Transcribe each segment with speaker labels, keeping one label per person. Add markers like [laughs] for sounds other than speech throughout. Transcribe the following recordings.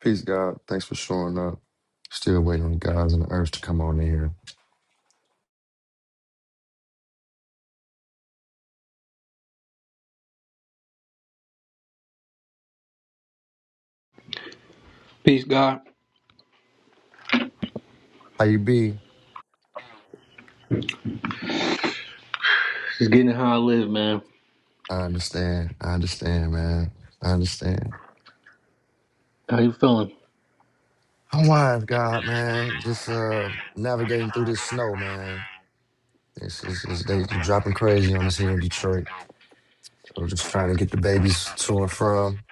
Speaker 1: Peace, God. Thanks for showing up. Still waiting on the guys and the urge to come on in here.
Speaker 2: Peace, God.
Speaker 1: How you be?
Speaker 2: Just getting how I live, man.
Speaker 1: I understand. I understand, man. I understand.
Speaker 2: How you feeling?
Speaker 1: I'm wise, God, man. Just uh navigating through this snow, man. It's, it's, it's they dropping crazy on us here in Detroit. So just trying to get the babies to and from.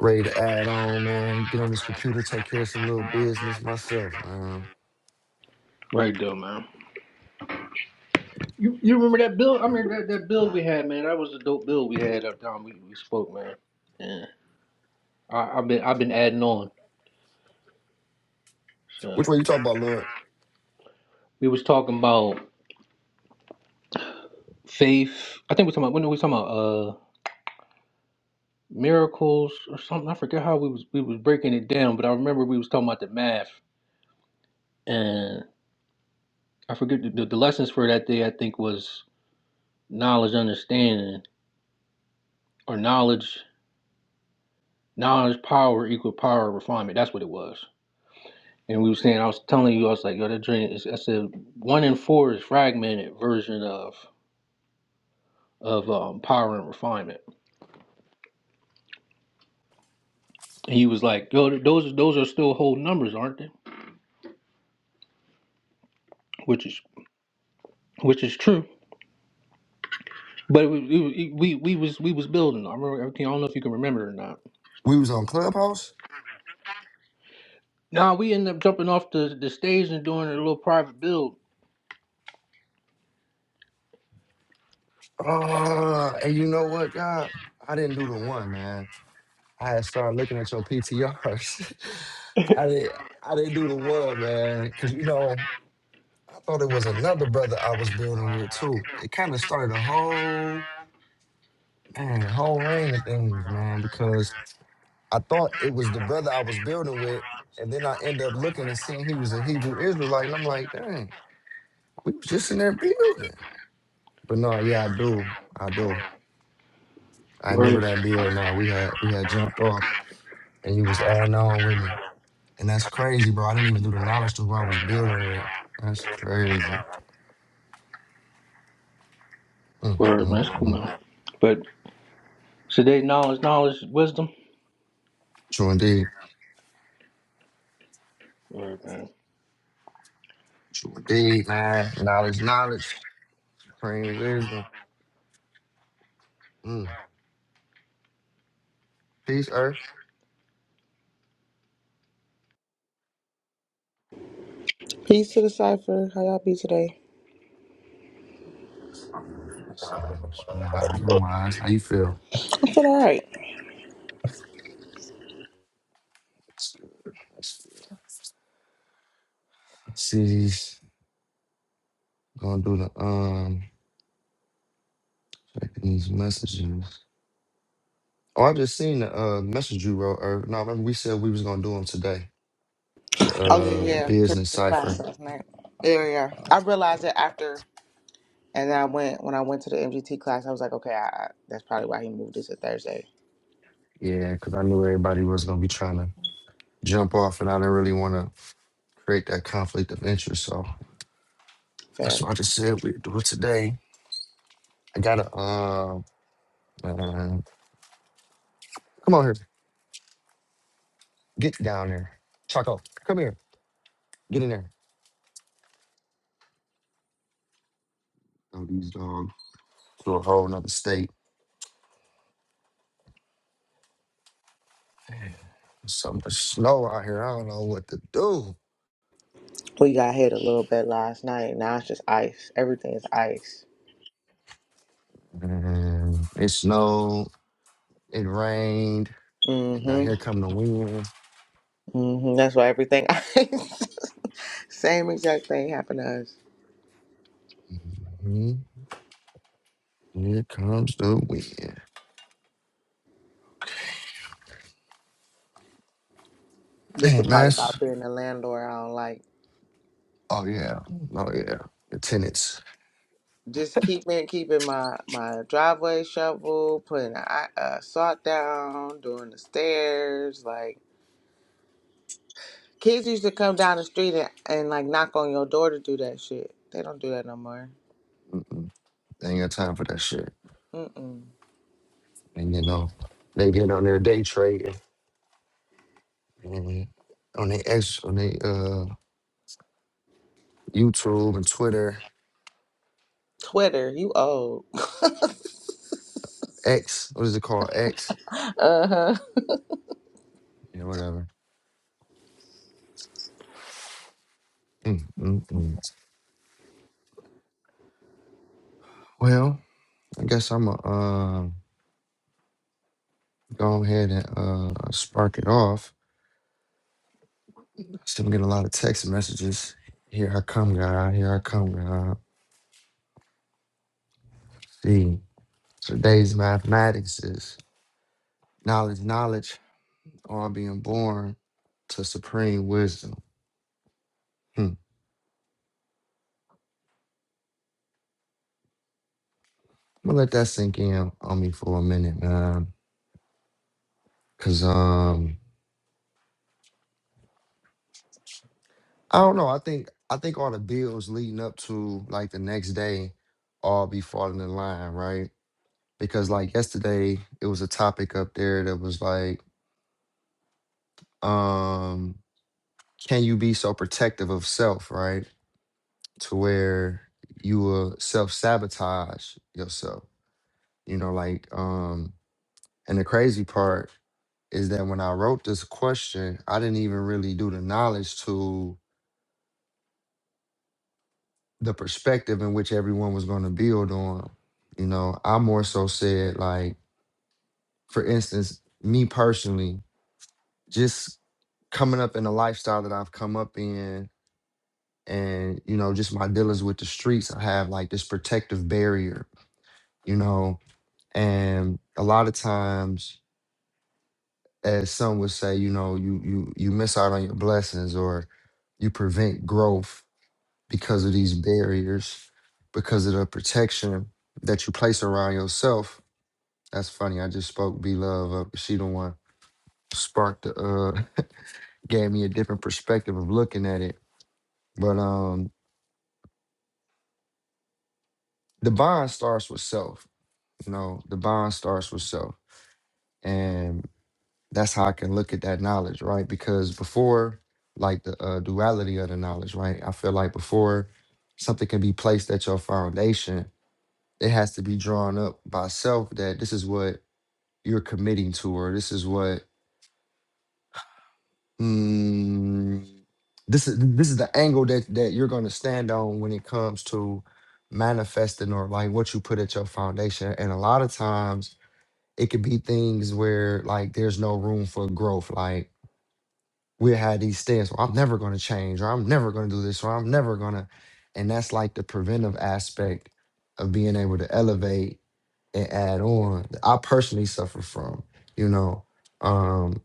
Speaker 1: Ready to add on, man. Get on this computer, take care of some little business myself, man.
Speaker 2: Right though, man. You you remember that bill? I mean that, that bill we had, man. That was a dope bill we had up time we, we spoke, man. Yeah. I, I've been I've been adding on. So
Speaker 1: Which one you talking about, Lord?
Speaker 2: we was talking about faith. I think we talking about when we talking about uh miracles or something. I forget how we was we was breaking it down, but I remember we was talking about the math and I forget the, the, the lessons for that day I think was knowledge understanding or knowledge Knowledge, power equal power, refinement. That's what it was. And we were saying, I was telling you, I was like, yo, that dream is. I said, one in four is fragmented version of of um, power and refinement. And he was like, yo, those those are still whole numbers, aren't they? Which is which is true. But we we, we we was we was building. I remember everything. I don't know if you can remember it or not.
Speaker 1: We was on Clubhouse?
Speaker 2: Now we ended up jumping off the, the stage and doing a little private build.
Speaker 1: Uh, and you know what, God? I didn't do the one, man. I had started looking at your PTRs. [laughs] I didn't I didn't do the one, man. Cause you know, I thought it was another brother I was building with too. It kind of started a whole man, a whole rain of things, man, because I thought it was the brother I was building with, and then I end up looking and seeing he was a Hebrew Israelite, and I'm like, dang, we was just in there building. But no, yeah, I do. I do. I remember
Speaker 2: Word,
Speaker 1: that bill. Nah, we had we had jumped off, and you was adding on with me, and that's crazy, bro. I didn't even do the knowledge to who I was building with. That's crazy. Mm,
Speaker 2: word, man,
Speaker 1: mm,
Speaker 2: that's cool,
Speaker 1: mm.
Speaker 2: man. But so they knowledge, knowledge, wisdom.
Speaker 1: True indeed.
Speaker 2: Alright, man.
Speaker 1: True indeed, man. Knowledge, knowledge, supreme wisdom. Mm. Peace, Earth.
Speaker 3: Peace to the cipher. How y'all be today?
Speaker 1: Nah, I'm wise. How you feel?
Speaker 3: I feel alright.
Speaker 1: See, these- gonna do the um checking these messages. Oh, I just seen the uh message you wrote, Earth. No, remember we said we was gonna do them today.
Speaker 3: Oh yeah,
Speaker 1: uh
Speaker 3: yeah. Cause
Speaker 1: business
Speaker 3: the class
Speaker 1: cipher.
Speaker 3: last night. Yeah, yeah. yeah. I realized it after, and then I went when I went to the MGT class. I was like, okay, I, I, that's probably why he moved it to Thursday.
Speaker 1: Yeah, because I knew everybody was gonna be trying to jump off, and I didn't really want to create that conflict of interest. So that's
Speaker 3: Fair.
Speaker 1: why I just said we do it today. I gotta uh, uh, come on here, get down there, Chaco, come here, get in there. Throw these dogs to a whole nother state. So much snow out here. I don't know what to do.
Speaker 3: We got hit a little bit last night. Now it's just ice. Everything is ice.
Speaker 1: And it snowed. It rained. Now
Speaker 3: Mm-hmm.
Speaker 1: here come the wind.
Speaker 3: Mm-hmm. That's why everything [laughs] ice. Same exact thing happened to us.
Speaker 1: Mhm. Here comes the wind.
Speaker 3: This
Speaker 1: Hey,
Speaker 3: the part
Speaker 1: Mass.
Speaker 3: about being a landlord I don't like.
Speaker 1: Oh yeah. Oh yeah. The tenants.
Speaker 3: just keep me keeping my my driveway shovel, putting a, i- uh salt down, doing the stairs. Like kids used to come down the street and, and like knock on your door to do that shit. They don't do that no more.
Speaker 1: They ain't got time for that shit.
Speaker 3: Mm-mm.
Speaker 1: And you know, they get on their day trading and on their X on their uh YouTube and Twitter.
Speaker 3: Twitter, you old. [laughs] uh
Speaker 1: X, what is it called? X?
Speaker 3: huh.
Speaker 1: Yeah, whatever. Mm, mm, mm. Well, I guess I'ma uh, go ahead and uh spark it off. Still getting a lot of text messages. Here I come, God, here I come, God. See. Today's mathematics is knowledge, knowledge. or I'm being born to supreme wisdom. Hmm. I'm gonna let that sink in on me for a minute, man. Cause um, I don't know. I think I think all the bills leading up to like the next day all be falling in line, right? Because like yesterday, it was a topic up there that was like, um, can you be so protective of self, right? To where you will self sabotage yourself. You know, like um And the crazy part is that when I wrote this question, I didn't even really do the knowledge to the perspective in which everyone was going to build on. You know, I more so said, like, for instance, me personally, just coming up in the lifestyle that I've come up in and, you know, just my dealings with the streets, I have like this protective barrier, you know, and a lot of times as some would say, you know, you you you miss out on your blessings or you prevent growth because of these barriers, because of the protection that you place around yourself. That's funny. I just spoke B Love up. She the one sparked the uh [laughs] gave me a different perspective of looking at it. But um the bond starts with self. You know, the bond starts with self. and. that's how I can look at that knowledge, right? Because before, like the uh, duality of the knowledge, right? I feel like before something can be placed at your foundation, it has to be drawn up by self that this is what you're committing to, or this is what mm, this is this is the angle that that you're going to stand on when it comes to manifesting or like what you put at your foundation. And a lot of times, it could be things where like there's no room for growth, like we had these stance well, i'm never going to change or i'm never going to do this or i'm never going to and that's like the preventive aspect of being able to elevate and add on that i personally suffer from you know um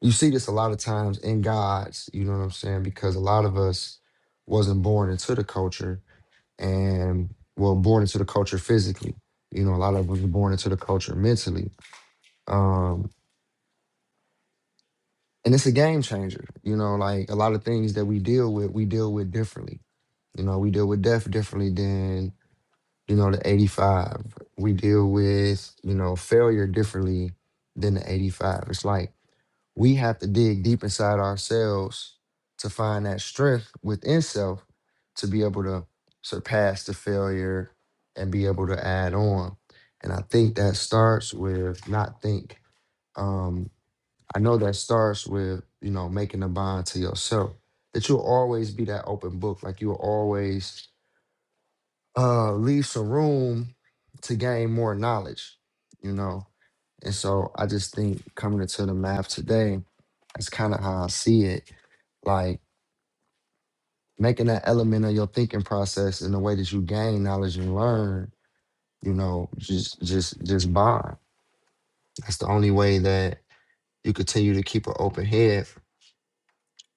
Speaker 1: you see this a lot of times in gods you know what i'm saying because a lot of us wasn't born into the culture and well born into the culture physically you know a lot of us were born into the culture mentally Um, and it's a game changer. You know, like a lot of things that we deal with, we deal with differently. You know, we deal with death differently than you know the eighty five. We deal with you know failure differently than the eighty five. It's like we have to dig deep inside ourselves to find that strength within self to be able to surpass the failure and be able to add on. And I think that starts with not think. Um, I know that starts with, you know, making a bond to yourself. That you'll always be that open book. Like you'll always uh leave some room to gain more knowledge, you know. And so I just think coming into the math today, that's kind of how I see it. Like making that element of your thinking process and the way that you gain knowledge and learn, you know, just just just bond. That's the only way that you continue to keep an open head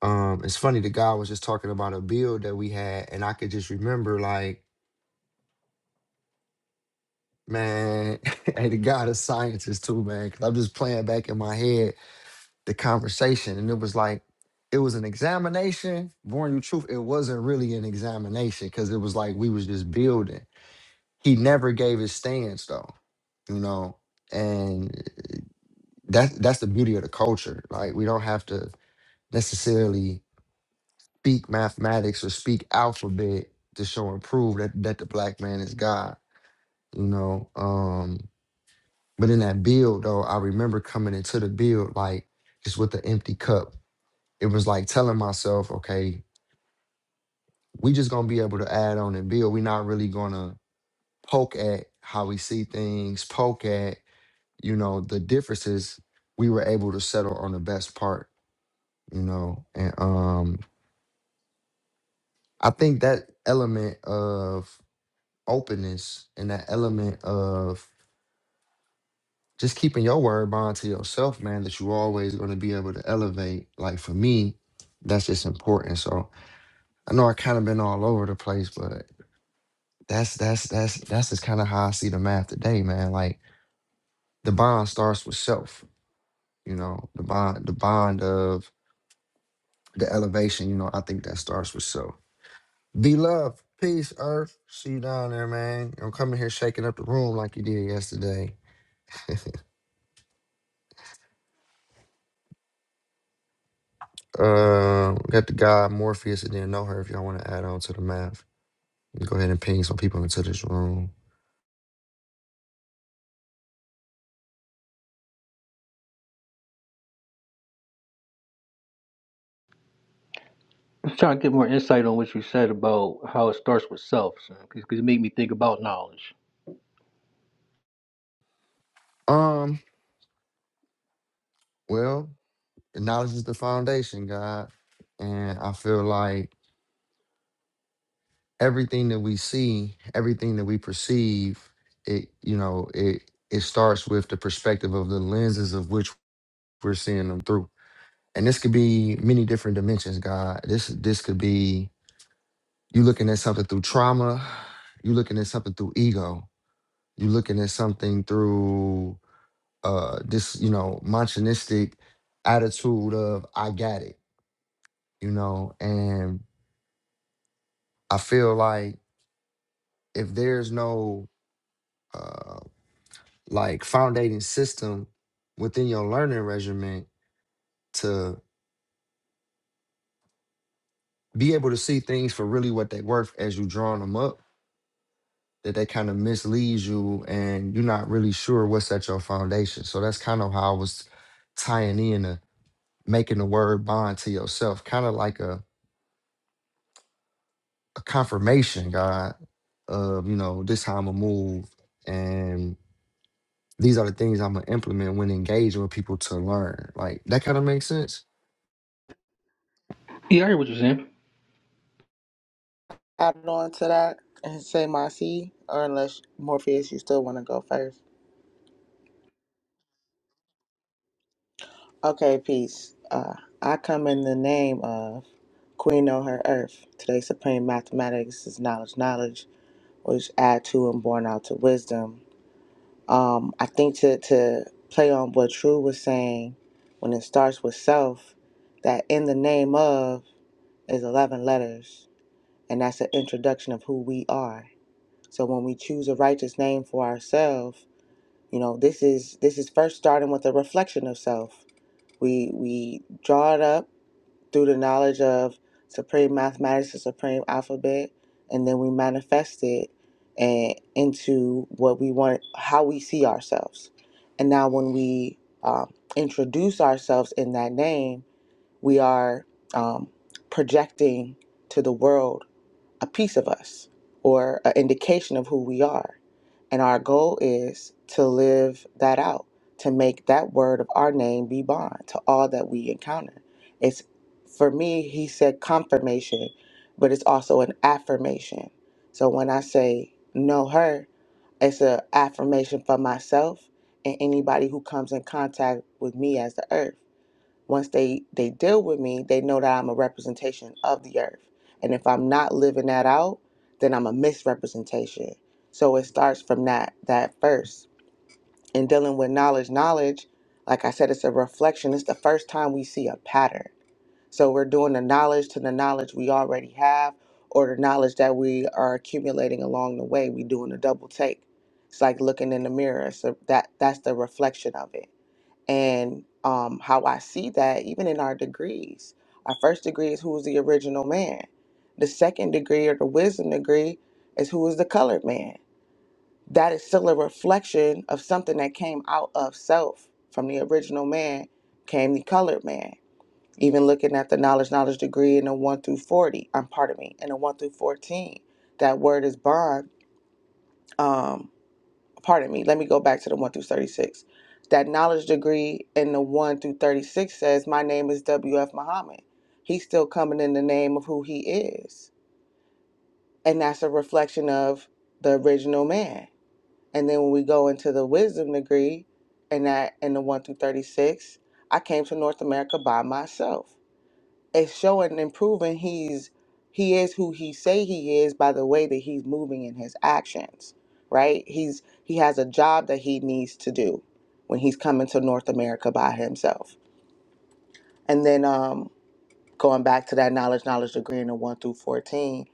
Speaker 1: Um, it's funny, the guy was just talking about a bill that we had, and I could just remember, like, man, [laughs] and the guy is scientist too, man, because I'm just playing back in my head the conversation, and it was like, it was an examination. Born you truth, it wasn't really an examination because it was like we was just building. He never gave his stance though, you know, and eh, eh, that's that's the beauty of the culture. Like we don't have to necessarily speak mathematics or speak alphabet to show and prove that, that the black man is God, you know. Um, but in that build though, I remember coming into the build like just with an empty cup. It was like telling myself, okay, we just gonna be able to add on and build. We're not really gonna poke at how we see things, poke at, you know, the differences. We were able to settle on the best part, you know. And um I think that element of openness and that element of just keeping your word bond to yourself, man, that you always going to be able to elevate. Like for me, that's just important. So I know I kind of been all over the place, but that's that's that's that's just kind of how I see the math today, man. Like the bond starts with self, you know, the bond, the bond of the elevation, you know, I think that starts with self. Be love, peace, earth. See you down there, man. Don't come in here shaking up the room like you did yesterday. [laughs] Uh, we got the guy Morpheus that didn't know her. If y'all want to add on to the math, go ahead and ping some people into this room.
Speaker 2: I'm trying to get more insight on what you said about how it starts with self, because it made me think about knowledge.
Speaker 1: Um, well, knowledge is the foundation, God, and I feel like everything that we see, everything that we perceive, it you know it it starts with the perspective of the lenses of which we're seeing them through, and this could be many different dimensions, God. This this could be you looking at something through trauma, you looking at something through ego You're looking at something through uh this, you know, machinistic attitude of I got it, you know, and I feel like if there's no uh like foundating system within your learning regimen to be able to see things for really what they're worth as you drawing them up, that they kind of misleads you and you're not really sure what's at your foundation. So that's kind of how I was tying in a making the word bond to yourself, kind of like a a confirmation, God, of you know this how I'm gonna move, and these are the things I'm gonna implement when engaging with people to learn. Like that kind of makes sense.
Speaker 2: Yeah, I hear what you're saying.
Speaker 3: Add on to that and say my C, or unless Morpheus, you still want to go first. Okay, peace. Uh, I come in the name of Queen on her earth. Today, supreme mathematics is knowledge, knowledge. which add to and born out to wisdom. Um, I think to, to play on what True was saying, when it starts with self, that in the name of is 11 letters, and that's an introduction of who we are. So when we choose a righteous name for ourselves, you know, this is this is first starting with a reflection of self. We we draw it up through the knowledge of supreme mathematics, the supreme alphabet, and then we manifest it and into what we want, how we see ourselves. And now, when we um, introduce ourselves in that name, we are um, projecting to the world a piece of us or an indication of who we are. And our goal is to live that out, to make that word of our name be bond to all that we encounter. It's for me, he said confirmation, but it's also an affirmation. So when I say know her, it's an affirmation for myself and anybody who comes in contact with me as the earth once they they deal with me they know that i'm a representation of the earth and if i'm not living that out then i'm a misrepresentation so it starts from that that first and dealing with knowledge knowledge like i said it's a reflection it's the first time we see a pattern so we're doing the knowledge to the knowledge we already have or the knowledge that we are accumulating along the way we doing a double take it's like looking in the mirror so that that's the reflection of it and um, how I see that even in our degrees. Our first degree is who was the original man. The second degree or the wisdom degree is who is the colored man. That is still a reflection of something that came out of self. From the original man came the colored man. Even looking at the knowledge, knowledge degree in the one through forty, I'm pardon me, in the one through fourteen. That word is bond. Um, pardon me, let me go back to the 1 through 36. That knowledge degree in the 1 through 36 says, My name is W.F. Muhammad. He's still coming in the name of who he is. And that's a reflection of the original man. And then when we go into the wisdom degree, and that in the 1 through 36, I came to North America by myself it's showing and proving he's he is who he say he is by the way that he's moving in his actions right he's he has a job that he needs to do when he's coming to north america by himself and then um going back to that knowledge knowledge degree in the 1 through 14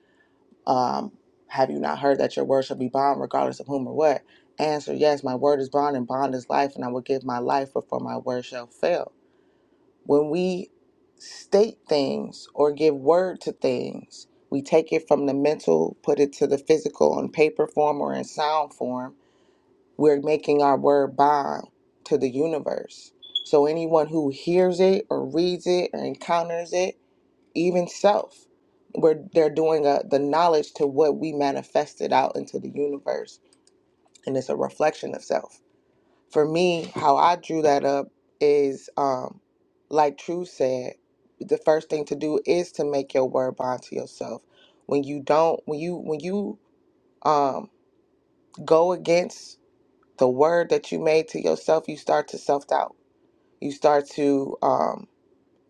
Speaker 3: um have you not heard that your word shall be bond regardless of whom or what answer yes my word is bond and bond is life and i will give my life before my word shall fail when we state things or give word to things, we take it from the mental, put it to the physical in paper form or in sound form. We're making our word bond to the universe. So anyone who hears it or reads it or encounters it, even self, we're, they're doing a, the knowledge to what we manifested out into the universe. And it's a reflection of self for me, how I drew that up is um, like True said, the first thing to do is to make your word bond to yourself. When you don't, when you when you um, go against the word that you made to yourself, you start to self doubt. You start to um,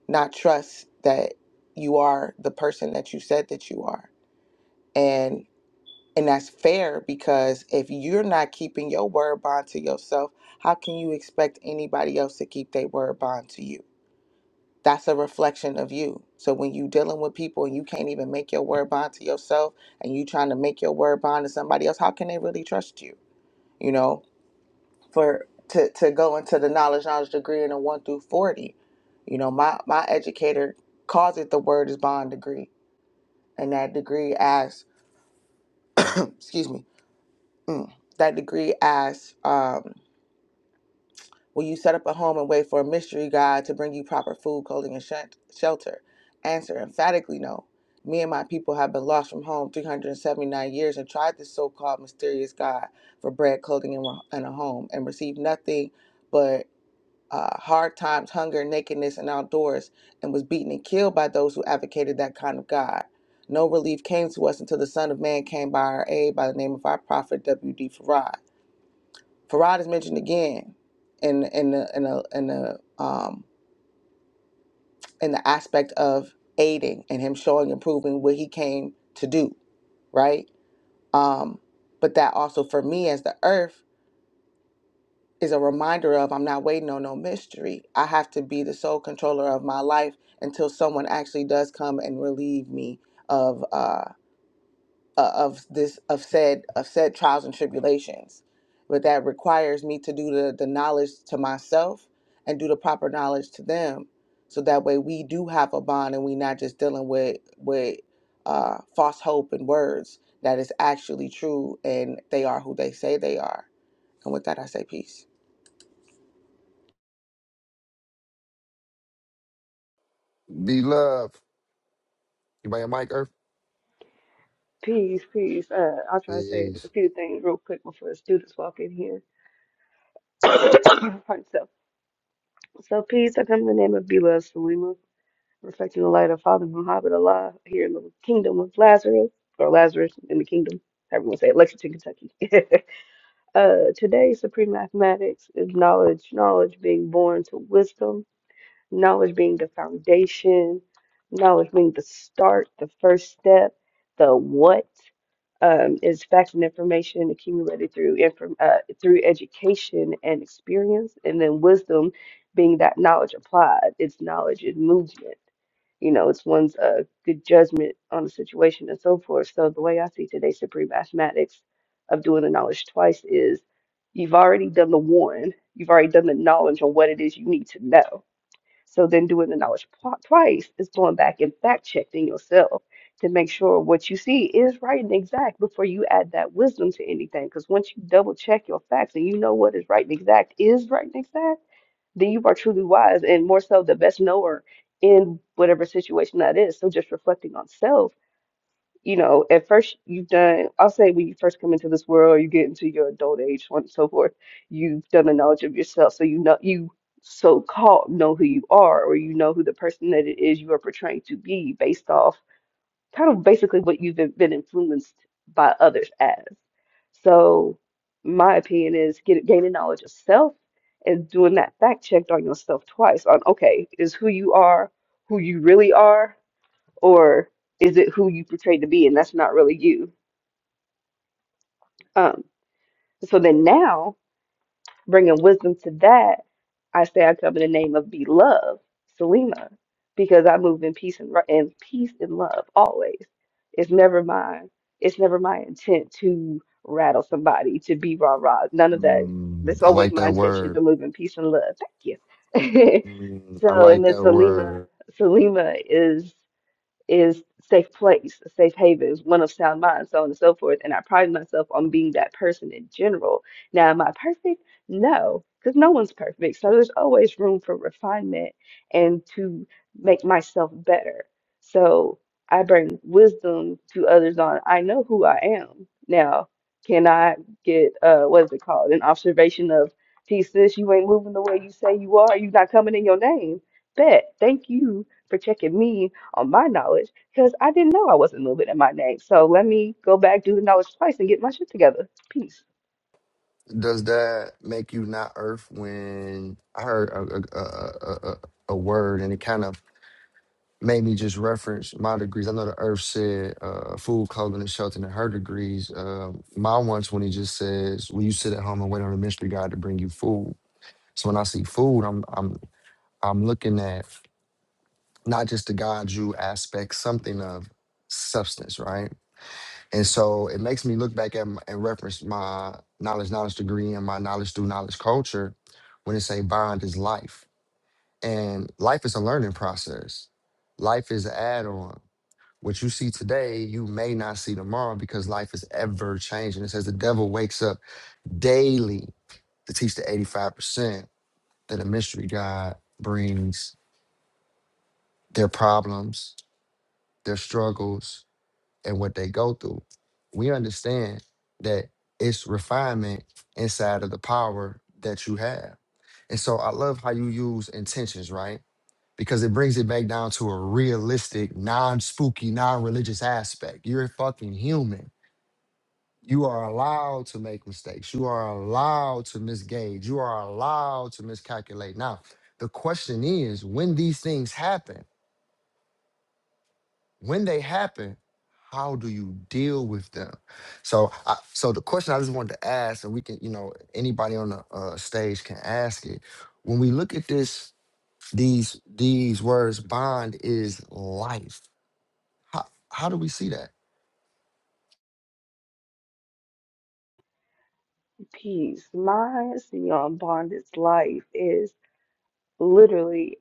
Speaker 3: not trust that you are the person that you said that you are. and. And that's fair because if you're not keeping your word bond to yourself, how can you expect anybody else to keep their word bond to you? That's a reflection of you. So when you dealing with people and you can't even make your word bond to yourself and you trying to make your word bond to somebody else, how can they really trust you? You know, for to, to go into the knowledge, knowledge degree in a one through forty. You know, my, my educator calls it the word is bond degree. And that degree as excuse me, mm, that degree as um, Will you set up a home and wait for a mystery God to bring you proper food, clothing, and shent- shelter? Answer emphatically no. Me and my people have been lost from home 379 years and tried this so called mysterious God for bread, clothing, and, and a home and received nothing but uh, hard times, hunger, nakedness, and outdoors, and was beaten and killed by those who advocated that kind of God. No relief came to us until the Son of Man came by our aid by the name of our prophet W.D. Farad. Farad is mentioned again in in the in the in the um in the aspect of aiding and him showing and proving what he came to do, right? Um, but that also for me as the earth is a reminder of I'm not waiting on no mystery. I have to be the sole controller of my life until someone actually does come and relieve me of uh uh, of this of said of said trials and tribulations but that requires me to do the, the knowledge to myself and do the proper knowledge to them so that way we do have a bond and we not just dealing with with uh, false hope and words that is actually true and they are who they say they are and with that i say peace
Speaker 1: Be love. You buy your mic, Earth.
Speaker 4: Peace, peace. Uh, I'll try to say a
Speaker 1: Peace.
Speaker 4: few things real quick before the students walk in here. [coughs] [clears throat] Pardon, so, so peace. I come in the name of beloved Salima, reflecting the light of Father Muhammad Allah here in the kingdom of Lazarus, or Lazarus in the kingdom. Everyone say it, Lexington, Kentucky. [laughs] uh, today, supreme mathematics is knowledge, knowledge being born to wisdom knowledge being the foundation, knowledge being the start, the first step, the what um, is facts and information accumulated through inform uh, through education and experience, and then wisdom being that knowledge applied. It's knowledge in movement. You know, it's one's uh, good judgment on the situation and so forth. So the way I see today's supreme mathematics of doing the knowledge twice is you've already done the one, you've already done the knowledge on what it is you need to know so then doing the knowledge po- twice is going back and fact checking yourself to make sure what you see is right and exact before you add that wisdom to anything. Because once you double check your facts and you know what is right and exact is right and exact, then you are truly wise and more so the best knower in whatever situation that is. So just reflecting on self you know, at first you've done, I'll say when you first come into this world, you get into your adult age, so on and so forth, you've done a knowledge of yourself. So you know, you so-called know who you are, or you know who the person that it is you are portraying to be based off kind of basically what you've been, been influenced by others as. So my opinion is get, gaining knowledge of self and doing that fact checked on yourself twice on, okay, is who you are who you really are? or is it who you portrayed to be and that's not really you um so then now bringing wisdom to that i say i come in the name of beloved selima because i move in peace and, ri- and peace and love always it's never my it's never my intent to rattle somebody to be rah rah none of that
Speaker 1: Mm,
Speaker 4: it's
Speaker 1: I
Speaker 4: always
Speaker 1: like
Speaker 4: my
Speaker 1: that
Speaker 4: intention
Speaker 1: word.
Speaker 4: to move in peace and love thank you [laughs]
Speaker 1: Mm, I
Speaker 4: so and
Speaker 1: like
Speaker 4: then
Speaker 1: that
Speaker 4: selima
Speaker 1: word.
Speaker 4: selima is is safe place, safe haven is one of sound mind, so on and so forth. And I pride myself on being that person in general. Now, am I perfect? No, because no one's perfect. So there's always room for refinement and to make myself better. So I bring wisdom to others on I know who I am. Now, can I get uh what is it called? An observation of T sis, you ain't moving the way you say you are, you not coming in your name. Bet. Thank you for checking me on my knowledge because I didn't know I wasn't moving in my name. So let me go back, do the knowledge twice, and get my shit together. Peace.
Speaker 1: Does that make you not Earth when I heard a a, a, a, a a word and it kind of made me just reference my degrees. I know the Earth said uh, food, clothing, and shelter in her degrees. Uh, my one's when he just says, "Will you sit at home and wait on the mystery God to bring you food?" So when I see food, I'm I'm I'm looking at not just the God you aspect, something of substance, right? And so it makes me look back at m- and reference my knowledge, knowledge degree, and my knowledge through knowledge culture when it say bond is life, and life is a learning process. Life is an add-on what you see today, you may not see tomorrow because life is ever changing. It says the devil wakes up daily to teach the 85% that a mystery God brings their problems, their struggles, and what they go through. We understand that it's refinement inside of the power that you have. And so I love how you use intentions, right? Because it brings it back down to a realistic, non spooky, non religious aspect. You're fucking human You are allowed to make mistakes. You are allowed to misgauge. You are allowed to miscalculate. Now, the question is when these things happen, when they happen, how do you deal with them? So, I, so the question I just wanted to ask, and we can, you know, anybody on the uh, stage can ask it. When we look at this, these these words, bond is life. How how do we see that?
Speaker 4: Peace. My Neon Bondage life is literally,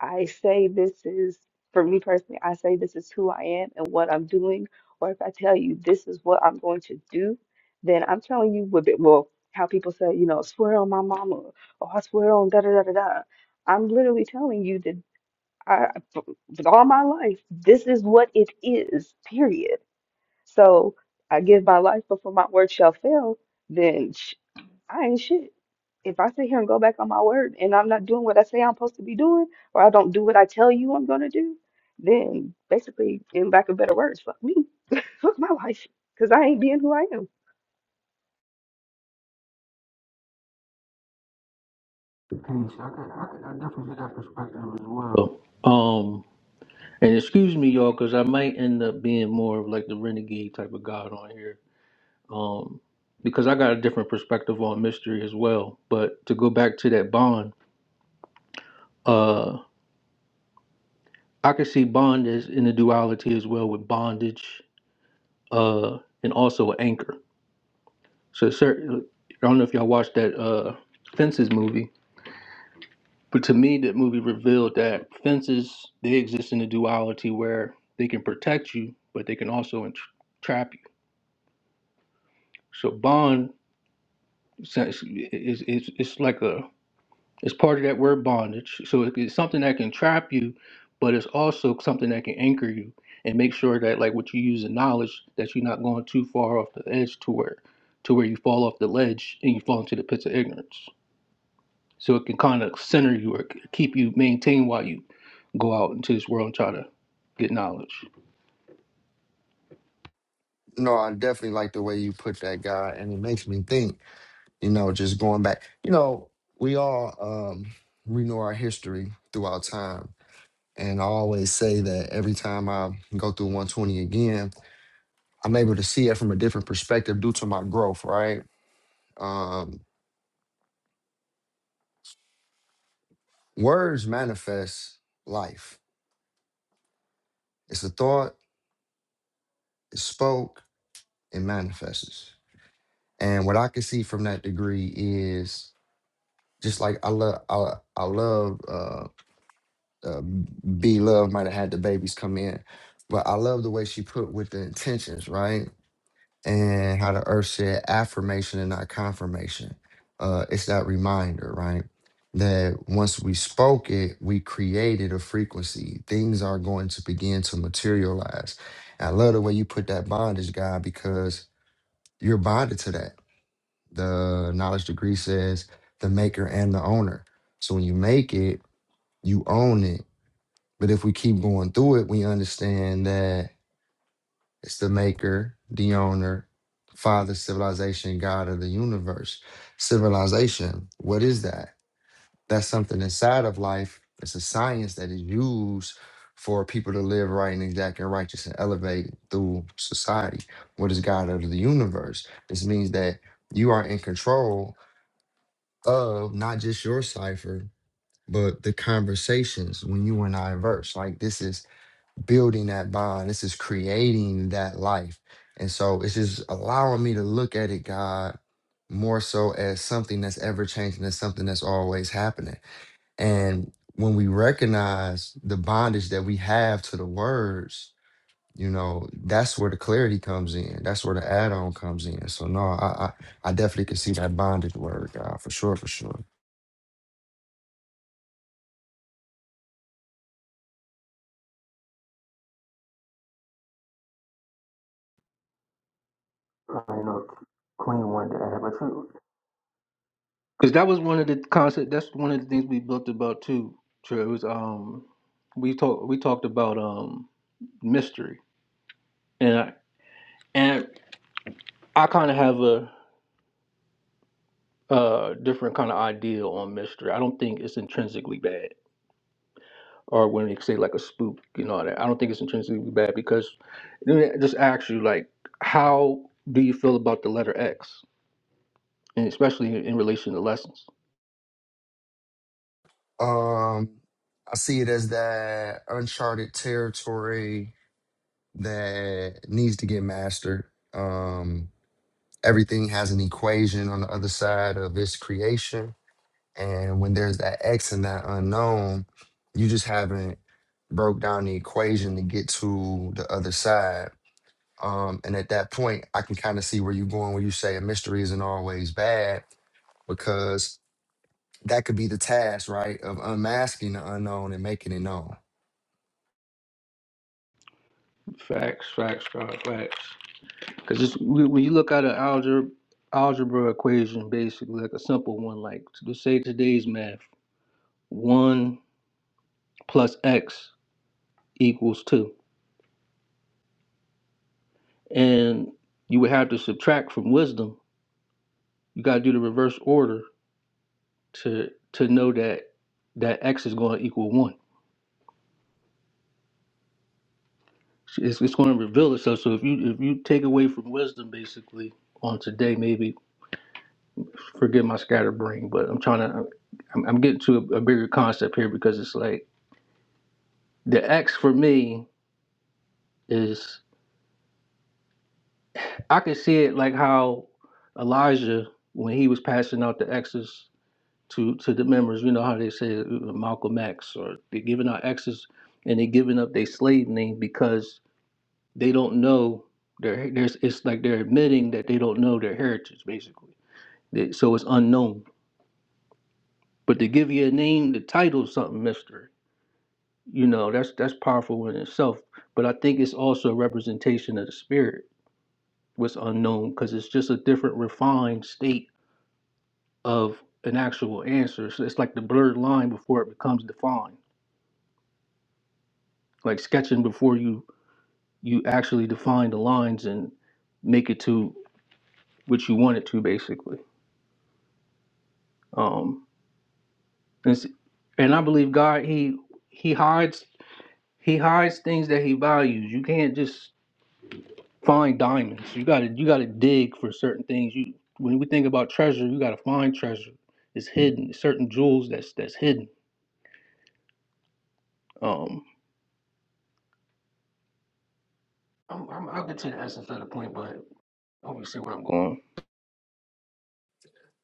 Speaker 4: I say this is, for me personally, I say this is who I am and what I'm doing. Or if I tell you this is what I'm going to do, then I'm telling you a bit more how people say, you know, swear on my mama or I swear on da da da da da. I'm literally telling you that I, f- with all my life, this is what it is, period. So I give my life before my word shall fail, then sh I ain't shit. If I sit here and go back on my word and I'm not doing what I say I'm supposed to be doing, or I don't do what I tell you I'm gonna do, then basically, in lack of better words, fuck me, [laughs] fuck my life, because I ain't being who I am.
Speaker 2: Bro. Um, and excuse me, y'all, because I might end up being more of like the renegade type of god on here, um, because I got a different perspective on mystery as well. But to go back to that bond, uh, I could see bond as in the duality as well with bondage, uh, and also anchor. So, sir, I don't know if y'all watched that uh, Fences movie But to me, that movie revealed that fences they exist in a duality where they can protect you, but they can also entrap you. So bond sense- is is it's like a it's part of that word bondage. So it- it's something that can trap you, but it's also something that can anchor you and make sure that like what you use in knowledge that you're not going too far off the edge to where to where you fall off the ledge and you fall into the pits of ignorance. So it can kind of center you or keep you maintained while you go out into this world and try to get knowledge.
Speaker 1: No, I definitely like the way you put that, guy, and it makes me think. you know, just going back. You know, we all um, renew our history throughout time. And I always say that every time I go through 120 again, I'm able to see it from a different perspective due to my growth, right? Um, words manifest life. It's a thought, it's spoke, it manifests. And what I can see from that degree is just like I love I, I love uh, uh, B Love might have had the babies come in, but I love the way she put with the intentions, right? And how the earth said affirmation and not confirmation. Uh, it's that reminder, right? That once we spoke it, we created a frequency. Things are going to begin to materialize. And I love the way you put that bondage, God, because you're bonded to that. The knowledge degree says the maker and the owner. So when you make it, you own it but if we keep going through it, we understand that it's the maker, the owner, father, civilization, God of the universe. Civilization, what is that? That's something inside of life. It's a science that is used for people to live right and exact and righteous and elevate through society. What is God of the universe? This means that you are in control of not just your cipher, but the conversations when you and I verse. Like this is building that bond. This is creating that life. And so it's just allowing me to look at it, God, more so as something that's ever changing, as something that's always happening. And when we recognize the bondage that we have to the words, you know, that's where the clarity comes in. That's where the add-on comes in. So no, I I, I definitely can see that bondage word, God, for sure, for sure.
Speaker 2: I know Queen wanted to add, but you Because that was one of the concept. That's one of the things we built about too. True, it was um, we talked we talked about um mystery, and I, and I kind of have a uh different kind of idea on mystery. I don't think it's intrinsically bad, or when they say like a spook and all that. I don't think it's intrinsically bad because let me just ask you like, how do you feel about the letter X, and especially in relation to lessons?
Speaker 1: Um, I see it as that uncharted territory that needs to get mastered. Um, everything has an equation on the other side of its creation. And when there's that X and that unknown, you just haven't broke down the equation to get to the other side. Um, and at that point, I can kind of see where you're going when you say a mystery isn't always bad, because that could be the task, right? Of unmasking the unknown and making it known.
Speaker 2: Facts, facts, God, facts. Because when when you look at an algebra algebra equation, basically like a simple one, like let's say today's math, one plus x equals two, and you would have to subtract from wisdom. You got to do the reverse order to to know that that x is going to equal one. It's, it's going to reveal itself. So if you if you take away from wisdom, basically on today, maybe forgive my scatterbrain, but I'm trying to, I'm, I'm getting to a, a bigger concept here because it's like the X for me is, I could see it like how Elijah, when he was passing out the X's to, to the members, you know how they say uh, Malcolm X, or they're giving out X's and they're giving up their slave name because they don't know their, there's, it's like they're admitting that they don't know their heritage, basically. They- So it's unknown. But to give you a name, the title, something mystery. you know that's that's powerful in itself but i think it's also a representation of the spirit what's unknown because it's just a different refined state of an actual answer so it's like the blurred line before it becomes defined like sketching before you you actually define the lines and make it to what you want it to basically um and, s- and i believe god he he hides he hides things that he values you can't just find diamonds. You gotta you gotta dig for certain things. You when we think about treasure, you gotta find treasure. It's hidden. Certain jewels that's that's hidden. Um, I'm, I'm, I'll get to the essence of the point, but I hope you see where I'm going.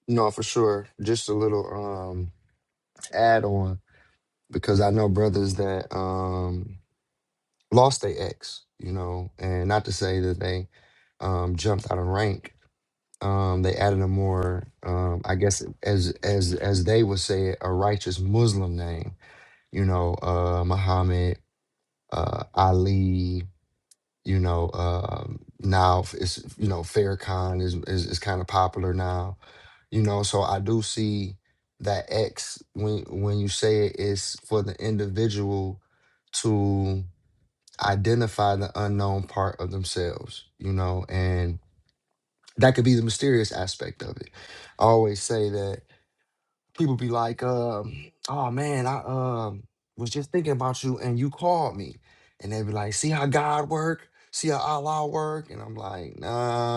Speaker 1: No, for sure. Just a little um add on. because I know brothers that um, lost their ex, you know, and not to say that they um, jumped out of rank. Um, they added a more, um, I guess, as as as they would say, it, a righteous Muslim name, you know, uh, Muhammad, uh, Ali you know um now f- it's you know Farrakhan is is, is kind of popular now you know so i do see that x when when you say it is for the individual to identify the unknown part of themselves you know and that could be the mysterious aspect of it i always say that people be like, um, "Oh man, I um was just thinking about you, and you called me," and they be like, "See how God work? See how Allah work?" And I'm like, "Nah."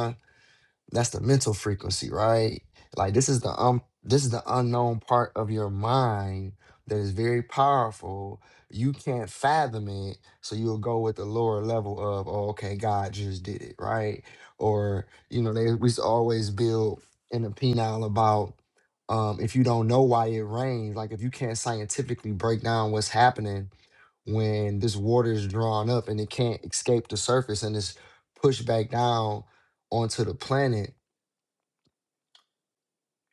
Speaker 1: That's the mental frequency, right? Like this is the um this is the unknown part of your mind that is very powerful. You can't fathom it, so you'll go with the lower level of, oh, okay, God just did it, right? Or you know, they we used to always build in the penile about um, if you don't know why it rains, like if you can't scientifically break down what's happening, when this water is drawn up and it can't escape the surface and it's pushed back down onto the planet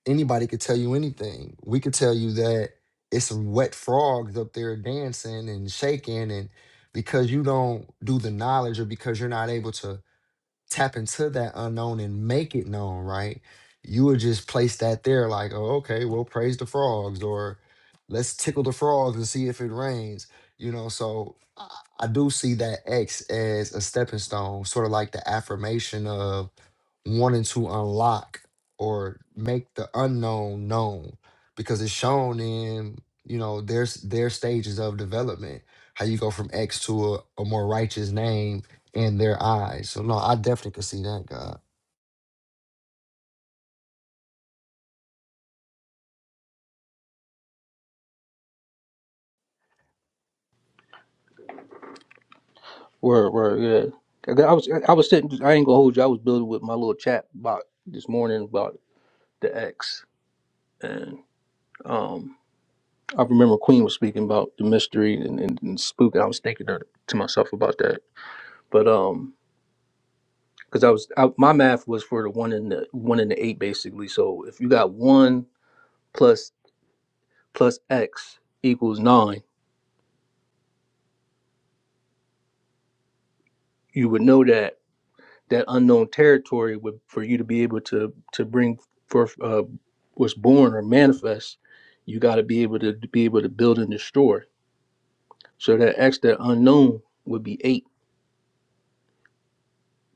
Speaker 1: anybody could tell you anything. We could tell you that it's some wet frogs up there dancing and shaking, and because you don't do the knowledge or because you're not able to tap into that unknown and make it known, right? You would just place that there, like, oh, okay, we'll praise the frogs, or let's tickle the frogs and see if it rains, you know. So I I do see that X as a stepping stone, sort of like the affirmation of wanting to unlock or make the unknown known, because it's shown in you know there's their stages of development, how you go from X to a, a more righteous name in their eyes. So no, I definitely could see that, God.
Speaker 2: Word, word, yeah. I I was I was sitting. I ain't gonna hold you. I was building with my little chat bot this morning about the X, and um, I remember Queen was speaking about the mystery and, and, and spook, and I was thinking to to myself about that. But um, because I was I, my math was for the one in the one in the eight basically. So if you got one plus plus x equals nine, you would know that that unknown territory would for you to be able to to bring forth uh, what's born or manifest. You got to be able to, to be able to build and destroy. So that x that unknown would be eight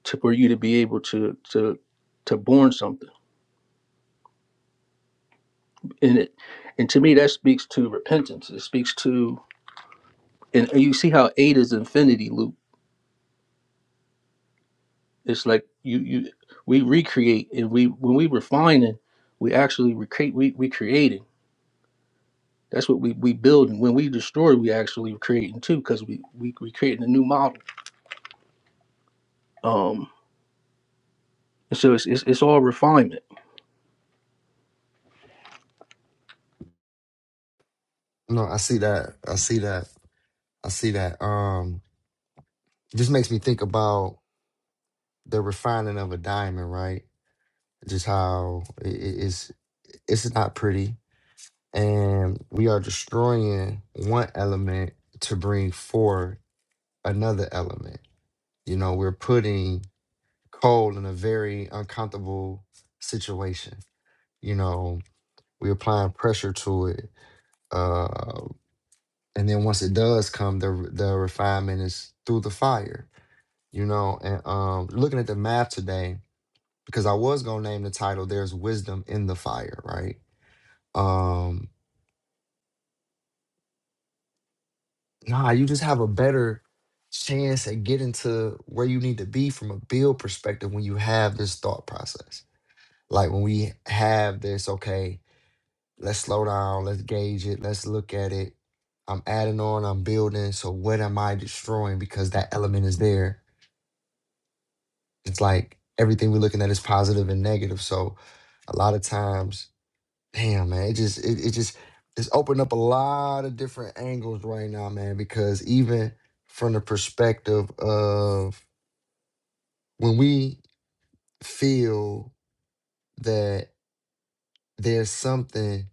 Speaker 2: to for you to be able to to to born something in it. And to me, that speaks to repentance. It speaks to and you see how eight is infinity loop It's like you you we recreate and we when we refining, we actually recreate we we creating. That's what we we build, and When we destroy, we actually creating too because we we we creating a new model. Um, and so it's it's, it's all refinement.
Speaker 1: No, I see that. I see that. I see that. Um, it just makes me think about the refining of a diamond, right? Just how i- i- it's it's not pretty, and we are destroying one element to bring forth another element. You know, we're putting coal in a very uncomfortable situation. You know, we're applying pressure to it. Uh. and then once it does come the the refinement is through the fire you know and um looking at the map today because i was going to name the title there's wisdom in the fire right um nah you just have a better chance at getting to where you need to be from a build perspective when you have this thought process like when we have this okay let's slow down let's gauge it let's look at it i'm adding on i'm building so what am i destroying because that element is there It's like everything we're looking at is positive and negative. So a lot of times, damn man, it just it, it just it's opened up a lot of different angles right now, man, because even from the perspective of when we feel that there's something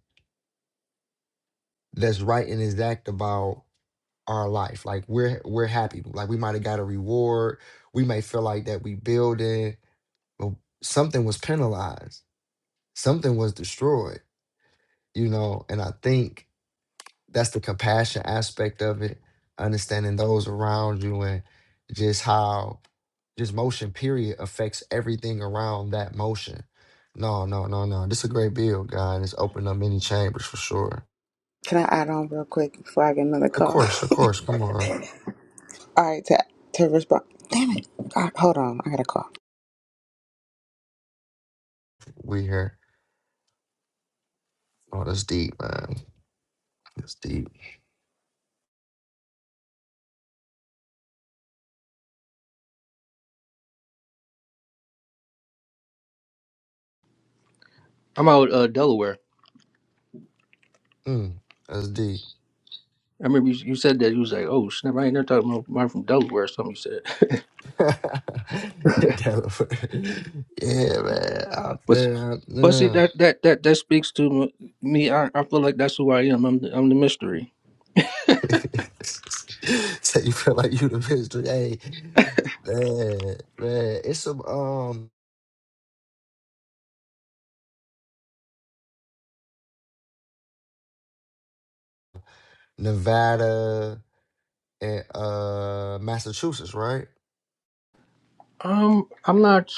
Speaker 1: that's right and exact about our life, like we're we're happy. Like we might have got a reward, we may feel like that we building, but something was penalized, something was destroyed you know and i think that's the compassion aspect of it understanding those around you and just how just motion period affects everything around that motion no no no no this is a great build guy and it's opened up many chambers for sure
Speaker 3: Can I add on real quick before I get another
Speaker 1: of
Speaker 3: call?
Speaker 1: course of course come on
Speaker 3: [laughs] all right to, to respond Damn it. God, hold on. I got a call.
Speaker 1: we here oh that's deep man that's deep
Speaker 2: I'm out uh, Delaware.
Speaker 1: mm, that's deep
Speaker 2: I remember you, you said that you was like, oh snap, I ain't never talking about mine from Delaware or something. You said,
Speaker 1: [laughs] Delaware. yeah man out
Speaker 2: [laughs] but
Speaker 1: there, out
Speaker 2: but see
Speaker 1: there.
Speaker 2: that that that that speaks to me. I, I feel like that's who I am. I'm the, I'm the mystery.
Speaker 1: [laughs] so you feel like you the mystery. Hey, man, man, it's some um Nevada and uh Massachusetts, right?
Speaker 2: Um, I'm not.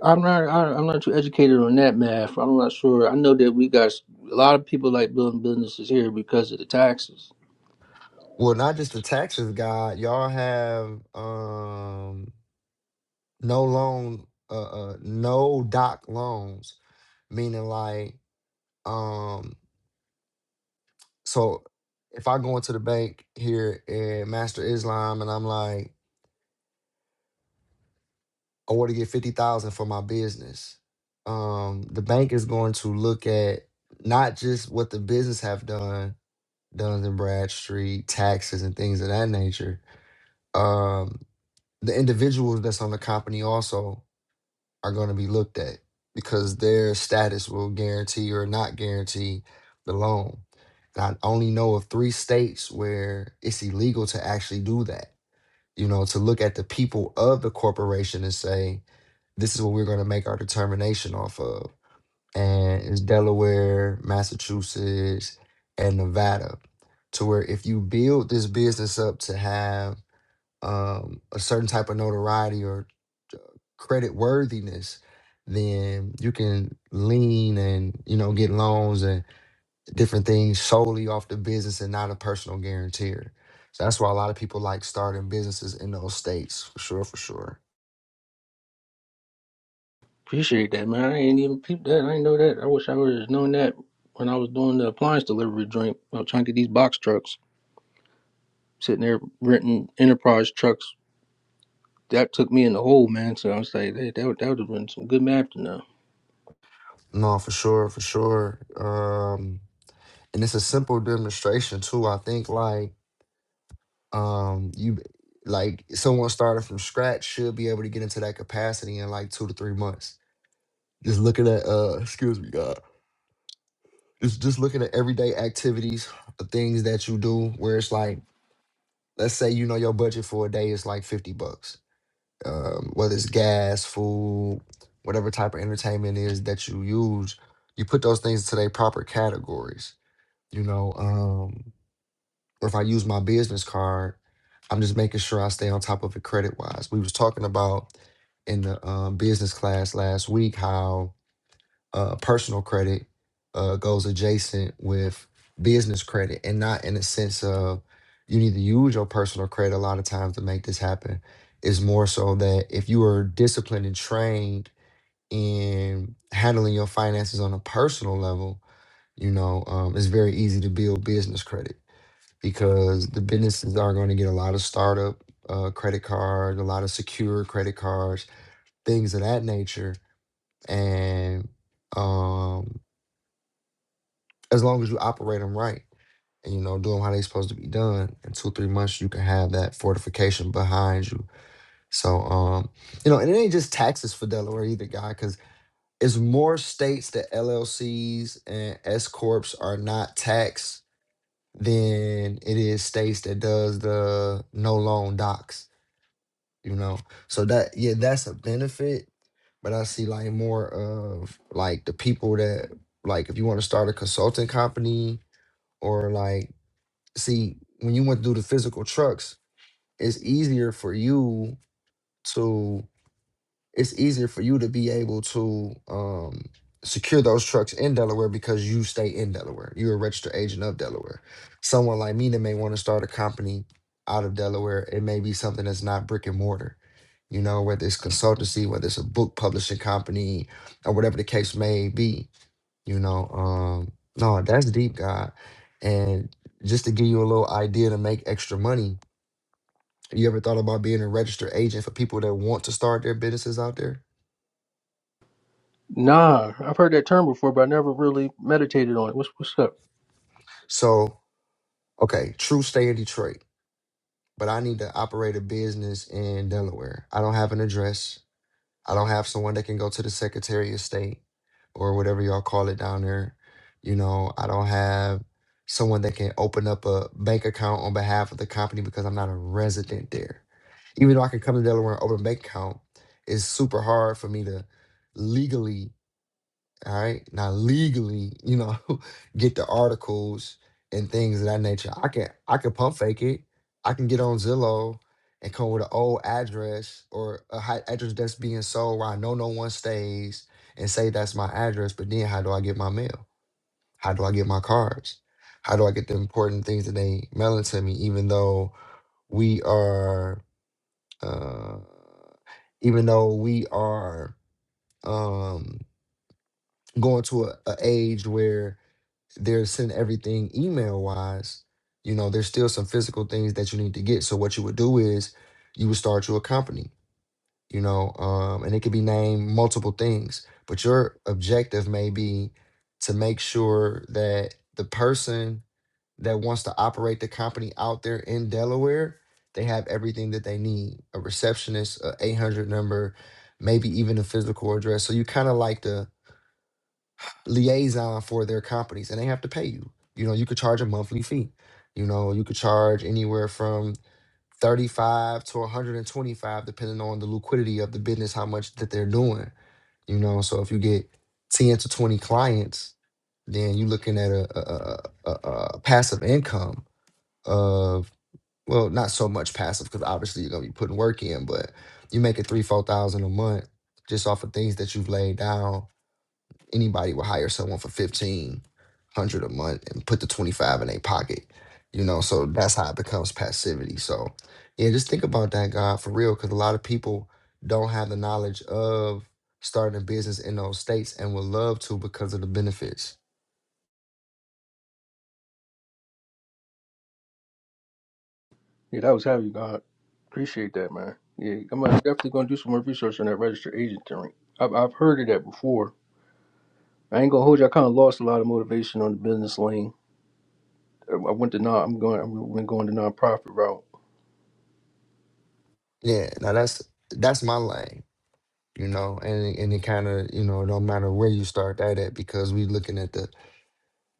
Speaker 2: I'm not. I- I'm not too educated on that math. I'm not sure. I know that we got s- a lot of people like building businesses here because of the taxes.
Speaker 1: Well, not just the taxes guy. Y'all have um no loan, uh, uh no doc loans, meaning like um so if I go into the bank here in Master Islam and I'm like I want to get fifty thousand for my business. Um, the bank is going to look at not just what the business have done, Duns and Bradstreet, taxes and things of that nature. Um, the individuals that's on the company also are going to be looked at because their status will guarantee or not guarantee the loan. And I only know of three states where it's illegal to actually do that. You know, to look at the people of the corporation and say, this is what we're going to make our determination off of. And it's Delaware, Massachusetts, and Nevada. To where if you build this business up to have um, a certain type of notoriety or uh, credit worthiness, then you can lean and you know get loans and different things solely off the business and not a personal guarantor. So that's why a lot of people like starting businesses in those states, for sure, for sure.
Speaker 2: Appreciate that, man. I ain't even peep that. I ain't know that. I wish I would have known that when I was doing the appliance delivery joint. I was trying to get these box trucks, sitting there renting enterprise trucks. That took me in the hole, man. So I was like, hey, that would, that would have been some good math to know.
Speaker 1: No, for sure, for sure. Um, and it's a simple demonstration too. I think like um you b- like someone started from scratch should be able to get into that capacity in like two to three months. Just looking at uh excuse me, God. Just just looking at everyday activities, the things that you do where it's like, let's say you know your budget for a day is like fifty bucks. Um, whether it's gas, food, whatever type of entertainment is that you use, you put those things into their proper categories You know, um, or if I use my business card, I'm just making sure I stay on top of it credit wise. We was talking about in the um, business class last week how uh, personal credit uh, goes adjacent with business credit and not in a sense of you need to use your personal credit a lot of times to make this happen It's more so that if you are disciplined and trained in handling your finances on a personal level you know um, it's very easy to build business credit because the businesses are going to get a lot of startup uh, credit cards, a lot of secure credit cards, things of that nature. And um, as long as you operate them right and, you know, do them how they're supposed to be done, in two, three months, you can have that fortification behind you. So, um, you know, and it ain't just taxes for Delaware either, guy, because it's more states that LLCs and S Corps are not taxed than it is states that does the no loan docs, you know. So that yeah, that's a benefit, but I see like more of like the people that like if you want to start a consulting company or like see when you went through the physical trucks, it's easier for you to it's easier for you to be able to um, secure those trucks in Delaware because you stay in Delaware. You're a registered agent of Delaware. Someone like me that may want to start a company out of Delaware, it may be something that's not brick and mortar. You know, whether it's consultancy, whether it's a book publishing company, or whatever the case may be. You know, um, no, that's deep, God. And just to give you a little idea to make extra money, you ever thought about being a registered agent for people that want to start their businesses out there?
Speaker 2: Nah, I've heard that term before, but I never really meditated on it. What's what's up?
Speaker 1: So, okay, true stay in Detroit, but I need to operate a business in Delaware. I don't have an address. I don't have someone that can go to the Secretary of State or whatever y'all call it down there. You know, I don't have someone that can open up a bank account on behalf of the company because I'm not a resident there. Even though I can come to Delaware and open a bank account, it's super hard for me to legally all right. Now legally, you know, [laughs] get the articles and things of that nature. I can I can pump fake it. I can get on Zillow and come with an old address or a high address that's being sold where I know no one stays and say that's my address. But then how do I get my mail? How do I get my cards? How do I get the important things that they mailing to me, even though we are uh even though we are um going to a, a age where they're sending everything email wise, you know, there's still some physical things that you need to get. So what you would do is you would start your company, you know, um, and it could be named multiple things, but your objective may be to make sure that the person that wants to operate the company out there in Delaware, they have everything that they need. A receptionist, a 800 number, maybe even a physical address. So you kind of like to liaison for their companies and they have to pay you. You know, you could charge a monthly fee. You know, you could charge anywhere from 35 to 125 depending on the liquidity of the business how much that they're doing. You know, so if you get 10 to 20 clients, then you're looking at a a, a, a a passive income of well, not so much passive because obviously you're gonna be putting work in, but you make it three, four thousand a month just off of things that you've laid down anybody would hire someone for fifteen hundred a month and put the twenty five in their pocket. You know, so that's how it becomes passivity. So yeah, just think about that, God, for real, because a lot of people don't have the knowledge of starting a business in those states and would love to because of the benefits.
Speaker 2: Yeah, that was heavy, God. Appreciate that, man. Yeah, I'm uh, definitely gonna do some more research on that registered agent thing. I've I've heard of that before. I ain't gonna hold you. I kind of lost a lot of motivation on the business lane. I I went to non. I'm going. I've been going the nonprofit route.
Speaker 1: Yeah, now that's that's my lane, you know, and it- and it kind of you know don't matter where you start that at because we looking at the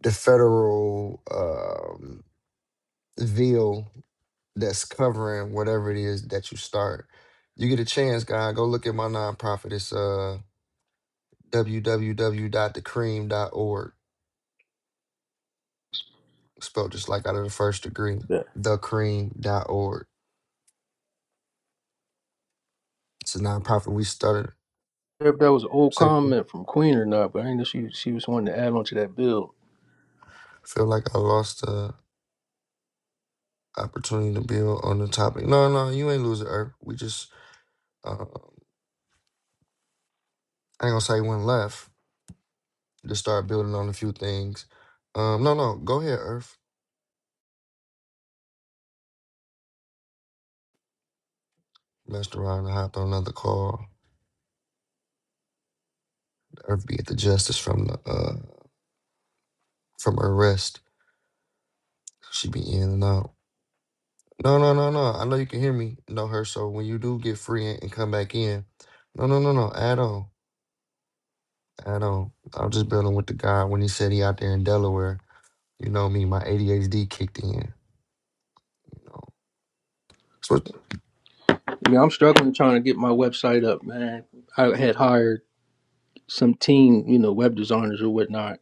Speaker 1: the federal um, veil that's covering whatever it is that you start. You get a chance, guy, go look at my nonprofit. It's uh w w w dot the cream dot org, spelled just like out of the first degree,
Speaker 2: Yeah.
Speaker 1: the cream dot org. It's a nonprofit we started.
Speaker 2: I don't know If that was an old
Speaker 1: Said again.
Speaker 2: comment from Queen or not, but I know she she was wanting to add on to that bill.
Speaker 1: Feel like I lost the opportunity to build on the topic. No, no, you ain't losing, Earth. We just, uh, I ain't gonna say one left. Just start building on a few things. Um, no, no, go ahead, Earth. Messed around and hopped on another call. Or be at the justice from the uh from her rest. She be in and out. No, no, no, no. I know you can hear me. No, her. So when you do get free and, and come back in, no, no, no, no. Add on, add on. I was just building with the guy when he said he out there in Delaware. You know me. My ADHD kicked in. You know. So what-
Speaker 2: I mean, I'm struggling trying to get my website up, man. I had hired some team, you know, web designers or whatnot.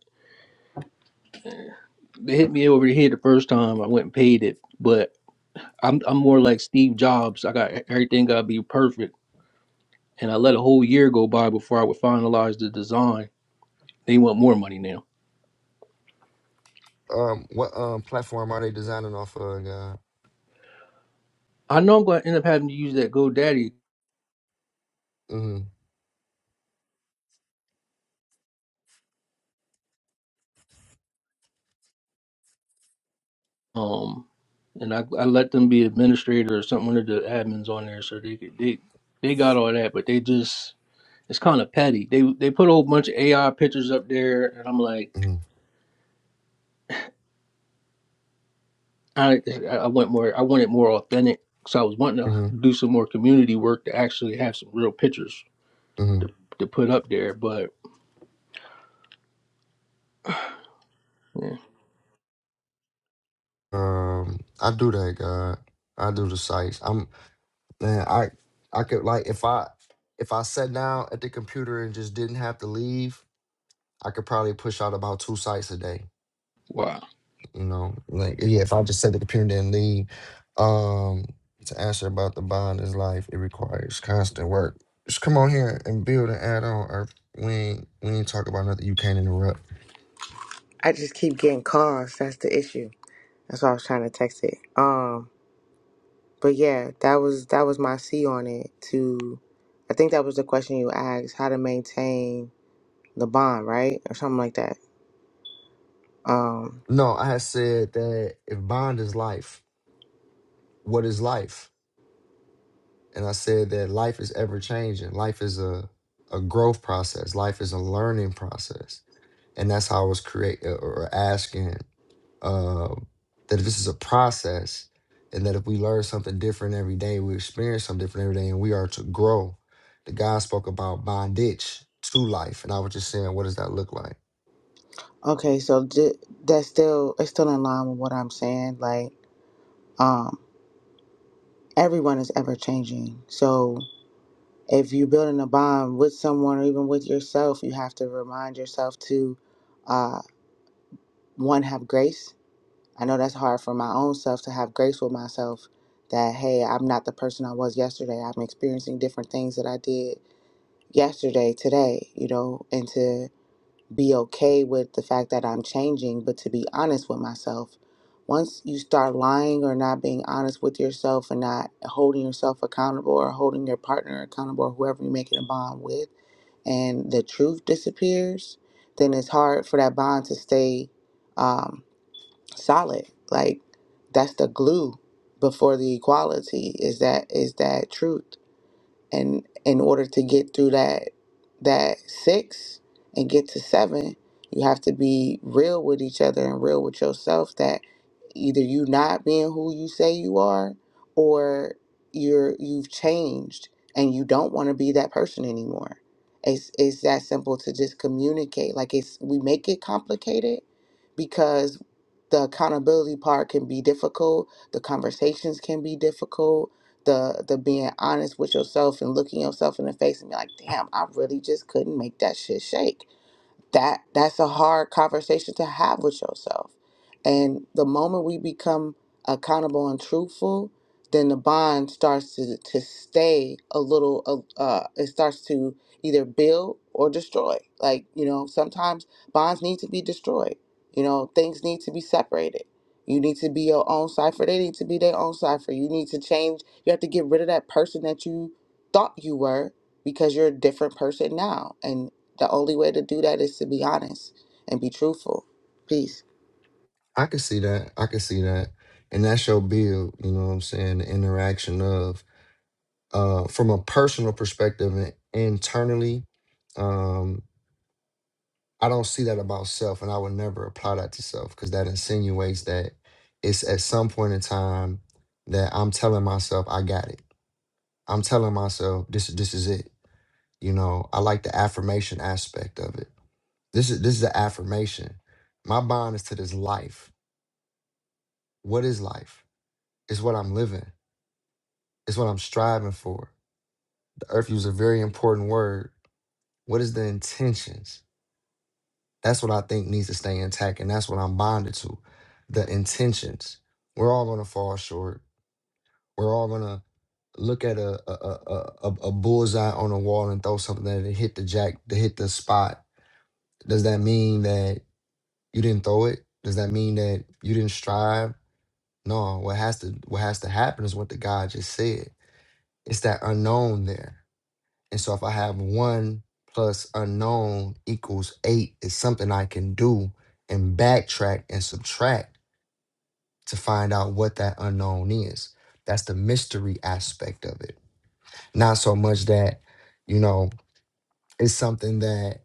Speaker 2: They hit me over the head the first time. I went and paid it, but. I'm I'm more like Steve Jobs. I got e, everything gotta be perfect, and I let a whole year go by before I would finalize the design. They want more money now.
Speaker 1: um, what um platform are they designing off of, God?
Speaker 2: I know I'm gonna end up having to use that GoDaddy,
Speaker 1: Mm-hmm,
Speaker 2: um, and I, I let them be administrator or something one of the admins on there, so they could they they got all that, but they just it's kind of petty. They they put a whole bunch of AI pictures up there, and I'm like,
Speaker 1: mm-hmm,
Speaker 2: I I want more. I wanted more authentic, so I was wanting to
Speaker 1: mm-hmm,
Speaker 2: do some more community work to actually have some real pictures to,
Speaker 1: mm-hmm.
Speaker 2: to put up there. But yeah,
Speaker 1: Um, I do that, God. I do the sites. I'm. Man, I I could like if I if I sat down at the computer and just didn't have to leave, I could probably push out about two sites a day.
Speaker 2: wow.
Speaker 1: You know, like yeah, if I just sat at the computer and didn't leave. Um, to answer about the bond is life, it requires constant work. Just come on here and build an add on, or we ain't we ain't talk about nothing you can't interrupt.
Speaker 3: i just keep getting calls that's the issue That's why I was trying to text it. Um, but yeah, that was that was my C on it. To, I think that was the question you asked: how to maintain the bond, right, or something like that. Um,
Speaker 1: No, I had said that if bond is life, what is life? and I said that life is ever changing. Life is a a growth process. Life is a learning process, and that's how I was create uh, or or asking um, that if this is a process, and that if we learn something different every day, we experience something different every day, and we are to grow. The guy spoke about bondage to life, and I was just saying, what does that look like?
Speaker 3: okay, so d- that's still it's still in line with what I'm saying. Like, um, everyone is ever changing, so if you're building a bond with someone or even with yourself, you have to remind yourself to, uh, one, have grace I know that's hard for my own self to have grace with myself that, hey, I'm not the person I was yesterday. I'm experiencing different things that I did yesterday, today, you know, and to be okay with the fact that I'm changing, but to be honest with myself. Once you start lying or not being honest with yourself and not holding yourself accountable or holding your partner accountable or whoever you're making a bond with, and the truth disappears, then it's hard for that bond to stay. um, solid. Like that's the glue before the equality is that is that truth and in order to get through that that six and get to seven you have to be real with each other and real with yourself that either you not being who you say you are or you're you've changed and you don't want to be that person anymore it's it's that simple to just communicate like it's we make it complicated because the accountability part can be difficult the conversations can be difficult the the being honest with yourself and looking yourself in the face and be like, damn, I really just couldn't make that shit shake that that's a hard conversation to have with yourself and the moment we become accountable and truthful then the bond starts to, to stay a little uh, uh, it starts to either build or destroy like you know sometimes bonds need to be destroyed you know things need to be separated you need to be your own cipher they need to be their own cipher you need to change you have to get rid of that person that you thought you were because you're a different person now And the only way to do that is to be honest and be truthful. Peace.
Speaker 1: I can see that. I can see that, and that's your build. You know what I'm saying? The interaction of uh, from a personal perspective and internally, um, I don't see that about self, and I would never apply that to self because that insinuates that it's at some point in time that I'm telling myself I got it. I'm telling myself this this is it. You know, I like the affirmation aspect of it. This is this is the affirmation. My bond is to this life. What is life? It's what I'm living. It's what I'm striving for. The earth used a very important word. What is the intentions? That's what I think needs to stay intact, and that's what I'm bonded to. The intentions. We're all gonna fall short. We're all gonna look at a a a, a, a bullseye on a wall and throw something that it hit the jack, to hit the spot. Does that mean that you didn't throw it? Does that mean that you didn't strive? No. What has to what has to happen is what the guy just said. It's that unknown there. And so if I have one plus unknown equals eight, it's something I can do and backtrack and subtract to find out what that unknown is. That's the mystery aspect of it. Not so much that, you know, it's something that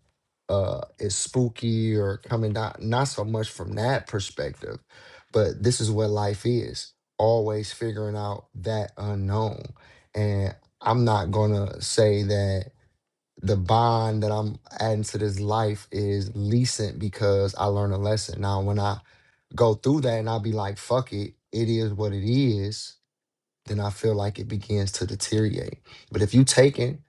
Speaker 1: uh is spooky or coming down, not so much from that perspective, but this is what life is. Always figuring out that unknown. And I'm not gonna say that the bond that I'm adding to this life is recent because I learned a lesson. Now, when I go through that and I be like, fuck it, it is what it is, then I feel like it begins to deteriorate. But if you taking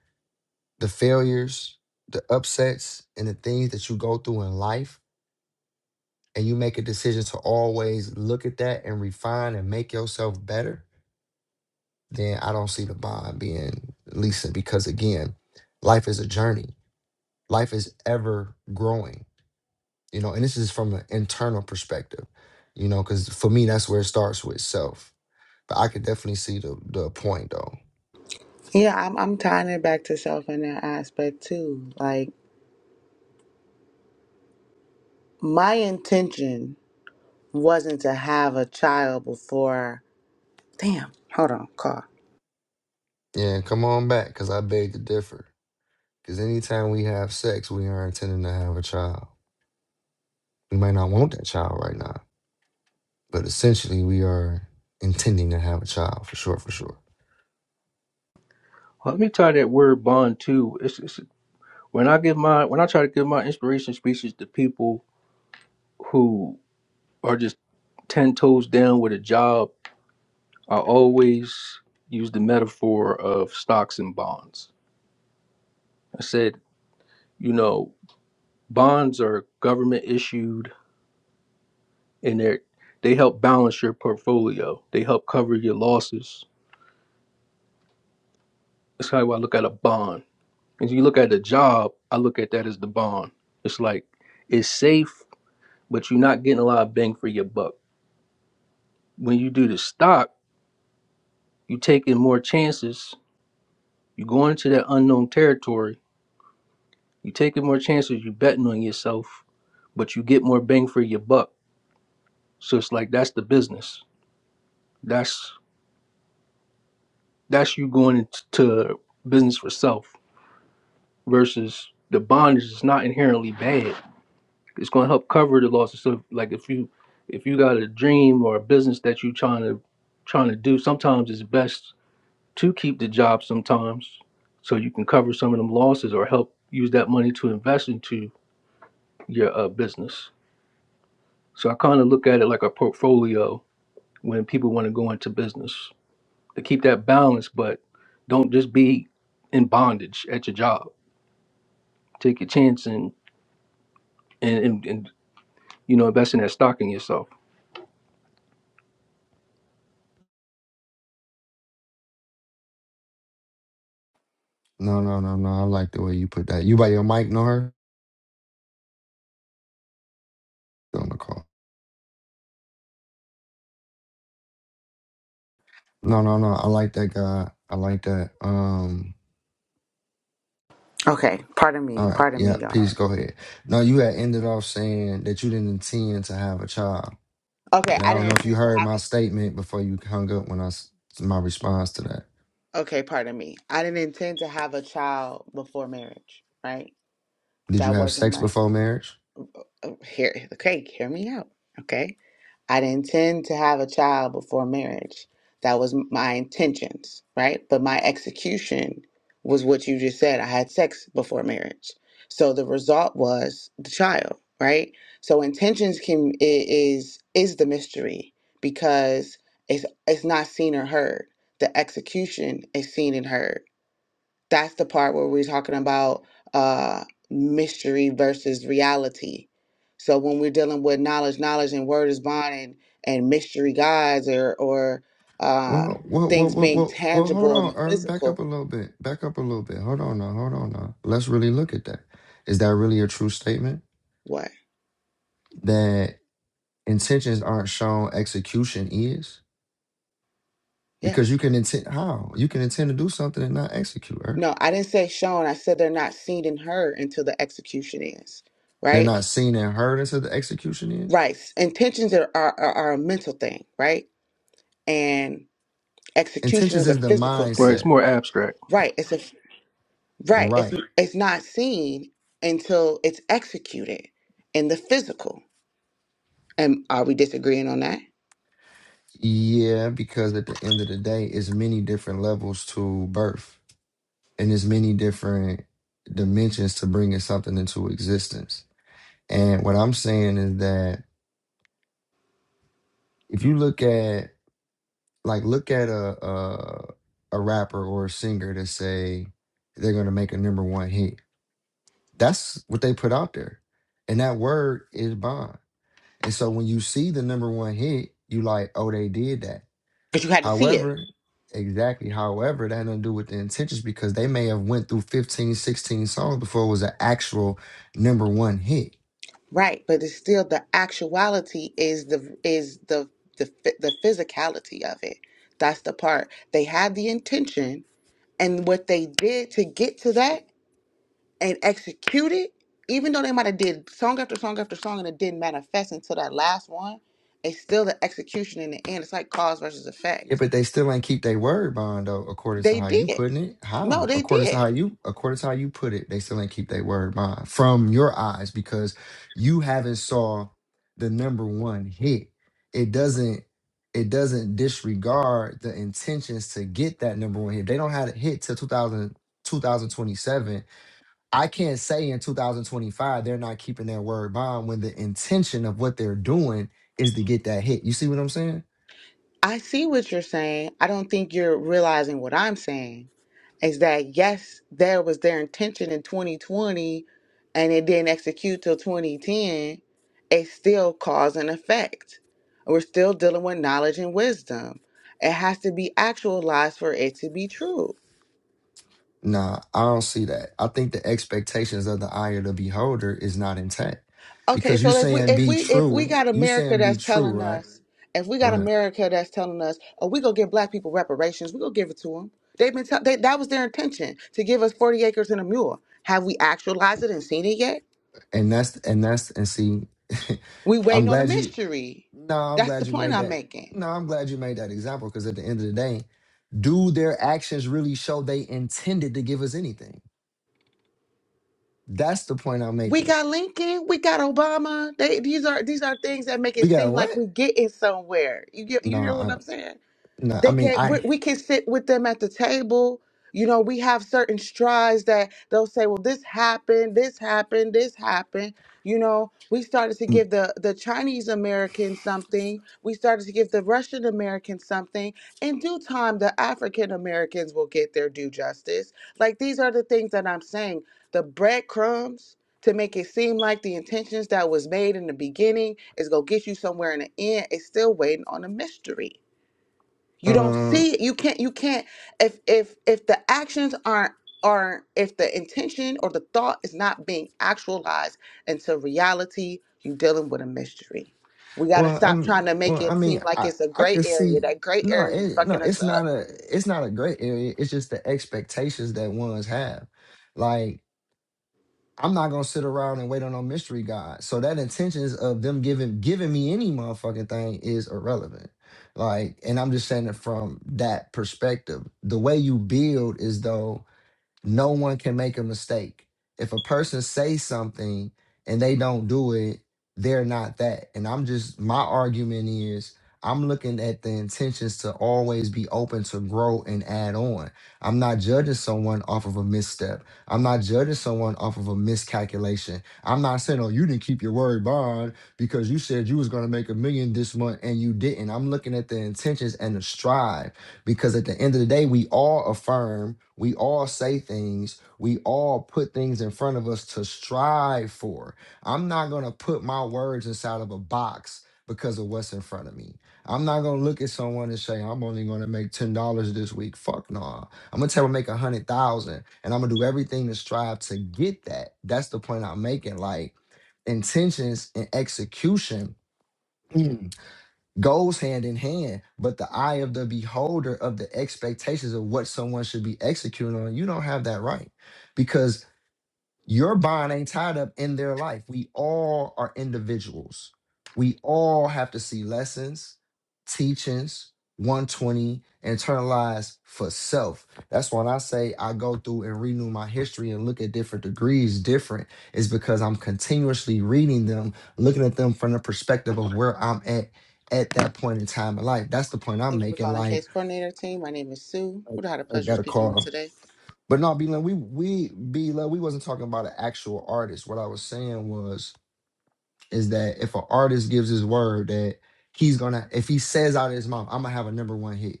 Speaker 1: the failures, the upsets, and the things that you go through in life, and you make a decision to always look at that and refine and make yourself better, then I don't see the bond being recent because again, life is a journey. Life is ever growing you know and this is from an internal perspective you know because for me that's where it starts with self but i could definitely see the the point though
Speaker 3: Yeah, I'm, I'm tying it back to self in that aspect too. Like, my intention wasn't to have a child before. Damn, hold on, call.
Speaker 1: yeah come on back because i beg to differ because anytime we have sex we are intending to have a child we might not want that child right now But essentially, we are intending to have a child for sure, for sure.
Speaker 2: Well, Let me tie that word bond too. It's, it's when I give my when I try to give my inspiration speeches to people who are just ten toes down with a job. I always use the metaphor of stocks and bonds. I said, you know, bonds are government issued, and they they help balance your portfolio. They help cover your losses. That's how I look at a bond As you look at the job, I look at that as the bond. It's like it's safe, but you're not getting a lot of bang for your buck. When you do the stock, you taking more chances. You going into that unknown territory. You taking more chances. You betting on yourself, but you get more bang for your buck. So it's like that's the business. That's that's you going into business for self versus the bond is not inherently bad. it's going to help cover the losses. So, like if you if you got a dream or a business that you're trying to trying to do, sometimes it's best to keep the job sometimes, so you can cover some of them losses or help use that money to invest into your uh, business. So I kind of look at it like a portfolio when people want to go into business to keep that balance, but don't just be in bondage at your job. Take your chance and and and, and you know invest in that stock in yourself.
Speaker 1: No, no, no, no. I like the way you put that. You by your mic, know her? Still on the call. No, no, no. I like that guy. I like that. Um.
Speaker 3: Okay, pardon
Speaker 1: All
Speaker 3: me,
Speaker 1: right.
Speaker 3: pardon
Speaker 1: Yeah.
Speaker 3: me, y'all.
Speaker 1: Peace. Go ahead. No, you had ended off saying that you didn't intend to have a child.
Speaker 3: Okay,
Speaker 1: And I
Speaker 3: I
Speaker 1: don't know
Speaker 3: didn't
Speaker 1: if you
Speaker 3: intend to
Speaker 1: heard
Speaker 3: have
Speaker 1: my
Speaker 3: a.
Speaker 1: statement before you hung up when I s- my response to that.
Speaker 3: Okay, pardon me. I didn't intend to have a child before marriage, right?
Speaker 1: Did you
Speaker 3: That
Speaker 1: have
Speaker 3: wasn't
Speaker 1: sex
Speaker 3: my.
Speaker 1: before marriage?
Speaker 3: Oh, here, okay, hear me out, okay? I didn't intend to have a child before marriage. That was my intentions, right? But my execution was what you just said. I had sex before marriage. So the result was the child, right? So intentions can i- is is the mystery because it's it's not seen or heard. The execution is seen and heard. That's the part where we're talking about uh, mystery versus reality. So when we're dealing with knowledge, knowledge and word is bond and, and mystery gods or or uh,
Speaker 1: Well, well, well,
Speaker 3: things
Speaker 1: well,
Speaker 3: being
Speaker 1: well, well hold
Speaker 3: tangible in
Speaker 1: on,
Speaker 3: the
Speaker 1: Irv. Back up
Speaker 3: physical.
Speaker 1: a little bit. Back up a little bit. Hold on now. Hold on now. Let's really look at that. Is that really a true statement?
Speaker 3: What?
Speaker 1: That intentions aren't shown, execution is? Because
Speaker 3: Yes.
Speaker 1: you can intend, how? You can intend to do something and not execute, Irv.
Speaker 3: No, I didn't say shown. I said they're not seen and heard until the execution is.
Speaker 1: They're
Speaker 3: Right.
Speaker 1: not seen and heard until the execution is?
Speaker 3: Right. Intentions are are, are are a mental thing. Right. And execution
Speaker 1: Intentions
Speaker 3: is a
Speaker 1: is the
Speaker 3: physical
Speaker 2: Right?
Speaker 3: thing.
Speaker 2: It's
Speaker 1: mindset.
Speaker 2: more abstract.
Speaker 3: Right. It's a Right. It's
Speaker 1: Right.
Speaker 3: it's not seen until it's executed in the physical. And are we disagreeing on that?
Speaker 1: Yeah, because at the end of the day, it's many different levels to birth, and there's many different dimensions to bringing something into existence. And what I'm saying is that if you look at, like, look at a a, a rapper or a singer that say they're going to make a number one hit, that's what they put out there, and that word is bond. And so when you see the number one hit, you like, oh, they did that.
Speaker 3: Because you had to see it,
Speaker 1: However, exactly however, that had nothing to do with the intentions because they may have went through 15, 16 songs before it was an actual number one hit.
Speaker 3: right? But it's still the actuality is the is the the phy- the physicality of it. That's the part they had the intention and what they did to get to that and execute it. Even though they might have did song after song after song and it didn't manifest until that last one, it's still the execution in the end. It's like cause versus
Speaker 1: Yeah,
Speaker 3: effect.
Speaker 1: but they still ain't keep their word bond though, according to
Speaker 3: They
Speaker 1: how you
Speaker 3: did.
Speaker 1: putting it.
Speaker 3: No,
Speaker 1: How?
Speaker 3: they
Speaker 1: According to
Speaker 3: did.
Speaker 1: how you according to how you put it, they still ain't keep their word bond from your eyes because you haven't saw the number one hit. It doesn't it doesn't disregard the intentions to get that number one hit. They don't have a hit till 2000 2027. I can't say in 2025 they're not keeping their word bond when the intention of what they're doing is to get that hit. You see what I'm saying?
Speaker 3: I see what you're saying. I don't think you're realizing what I'm saying is that yes, there was their intention in 2020 and it didn't execute till 2010. It's still cause and effect. We're still dealing with knowledge and wisdom. It has to be actualized for it to be true.
Speaker 1: Nah, I don't see that. I think the expectations of the eye of the beholder is not intact
Speaker 3: Okay,
Speaker 1: because you
Speaker 3: so if we
Speaker 1: saying
Speaker 3: if
Speaker 1: be
Speaker 3: we if we
Speaker 1: true,
Speaker 3: got
Speaker 1: you
Speaker 3: America
Speaker 1: saying be
Speaker 3: that's
Speaker 1: true,
Speaker 3: telling
Speaker 1: right?
Speaker 3: us, if we got
Speaker 1: Go ahead,
Speaker 3: America that's telling us, oh, we gonna give black people reparations, we gonna give it to them. They've been tell they, that was their intention to give us forty acres and a mule. Have we actualized it and seen it yet?
Speaker 1: and that's and that's and see, [laughs]
Speaker 3: We
Speaker 1: I'm
Speaker 3: waiting on a
Speaker 1: glad you.
Speaker 3: mystery.
Speaker 1: No, I'm
Speaker 3: That's
Speaker 1: glad
Speaker 3: the
Speaker 1: you
Speaker 3: point
Speaker 1: made
Speaker 3: I'm
Speaker 1: that.
Speaker 3: making.
Speaker 1: No, I'm glad you made that example because at the end of the day, do their actions really show they intended to give us anything? That's the point I'm
Speaker 3: We
Speaker 1: making
Speaker 3: got Lincoln, we got Obama. They, these are these are things that make
Speaker 1: We
Speaker 3: it
Speaker 1: got
Speaker 3: seem
Speaker 1: what?
Speaker 3: like we getting somewhere. You get
Speaker 1: No,
Speaker 3: you hear what
Speaker 1: I,
Speaker 3: I'm saying?
Speaker 1: no. I
Speaker 3: they
Speaker 1: mean,
Speaker 3: get we,
Speaker 1: I,
Speaker 3: we can sit with them at the table you know we have certain strides that they'll say well this happened this happened this happened you know we started to
Speaker 1: mm,
Speaker 3: give the the chinese american something we started to give the russian american something in due time the african americans will get their due justice like these are the things that i'm saying the breadcrumbs to make it seem like the intentions that was made in the beginning is going to get you somewhere in the end it's still waiting on a mystery you don't
Speaker 1: um,
Speaker 3: see it. You can't you can't if if if the actions aren't aren't if the intention or the thought is not being actualized into reality, you're dealing with a mystery. We gotta
Speaker 1: well,
Speaker 3: stop
Speaker 1: I'm,
Speaker 3: trying to make
Speaker 1: well, I
Speaker 3: it
Speaker 1: mean,
Speaker 3: seem like
Speaker 1: I,
Speaker 3: it's a
Speaker 1: I
Speaker 3: gray
Speaker 1: can
Speaker 3: area.
Speaker 1: see.
Speaker 3: That gray
Speaker 1: No,
Speaker 3: area be
Speaker 1: it, no,
Speaker 3: fucking us
Speaker 1: it's
Speaker 3: up.
Speaker 1: not a, it's not a great area. It's just the expectations that ones have. Like, I'm not gonna sit around and wait on no mystery god. So that intentions of them giving giving me any motherfucking thing is irrelevant. Like, and I'm just saying it from that perspective. The way you build is though no one can make a mistake. If a person says something and they don't do it, they're not that. And I'm just my argument is I'm looking at the intentions to always be open to grow and add on. I'm not judging someone off of a misstep. I'm not judging someone off of a miscalculation. I'm not saying, oh, you didn't keep your word bond because you said you was gonna make a million this month and you didn't. I'm looking at the intentions and the strive. Because at the end of the day, we all affirm, we all say things, we all put things in front of us to strive for. I'm not going to put my words inside of a box because of what's in front of me. I'm not going to look at someone and say, I'm only going to make $10 this week. Fuck no. I'm going to tell them make 100000 and I'm going to do everything to strive to get that. That's the point I'm making. Like intentions and execution goes hand in hand, but the eye of the beholder of the expectations of what someone should be executing on, you don't have that right. because. Your bond ain't tied up in their life. We all are individuals. We all have to see lessons, teachings, 120, internalized for self. That's when I say I go through and renew my history and look at different degrees different, is because I'm continuously reading them, looking at them from the perspective of where I'm at at that point in time in life. That's the point I'm
Speaker 3: Thank you for
Speaker 1: making.
Speaker 3: calling
Speaker 1: Like,
Speaker 3: Case Coordinator Team. My name is Sue.
Speaker 1: I
Speaker 3: Who I had the
Speaker 1: I
Speaker 3: pleasure of
Speaker 1: got a
Speaker 3: speaking
Speaker 1: call.
Speaker 3: with today?
Speaker 1: But no, B we we B we wasn't talking about an actual artist. What I was saying was is that if an artist gives his word that he's gonna if he says out of his mouth, I'm gonna have a number one hit.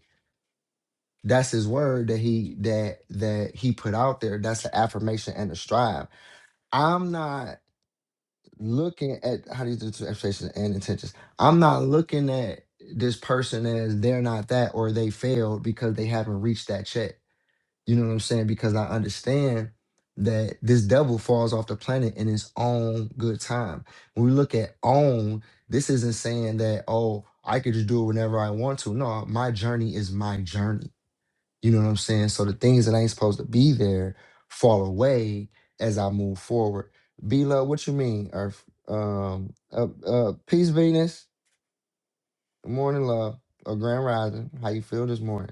Speaker 1: That's his word that he that that he put out there. That's an affirmation and a strive. I'm not looking at how do you do two expectations and intentions. I'm not looking at this person as they're not that or they failed because they haven't reached that check. You know what I'm saying? Because I understand that this devil falls off the planet in his own good time. When we look at own, this isn't saying that, oh, I could just do it whenever I want to. No, my journey is my journey. You know what I'm saying? So the things that ain't supposed to be there fall away as I move forward. B love, what you mean? Earth? um uh, uh peace Venus, morning love, or grand rising. How you feel this morning?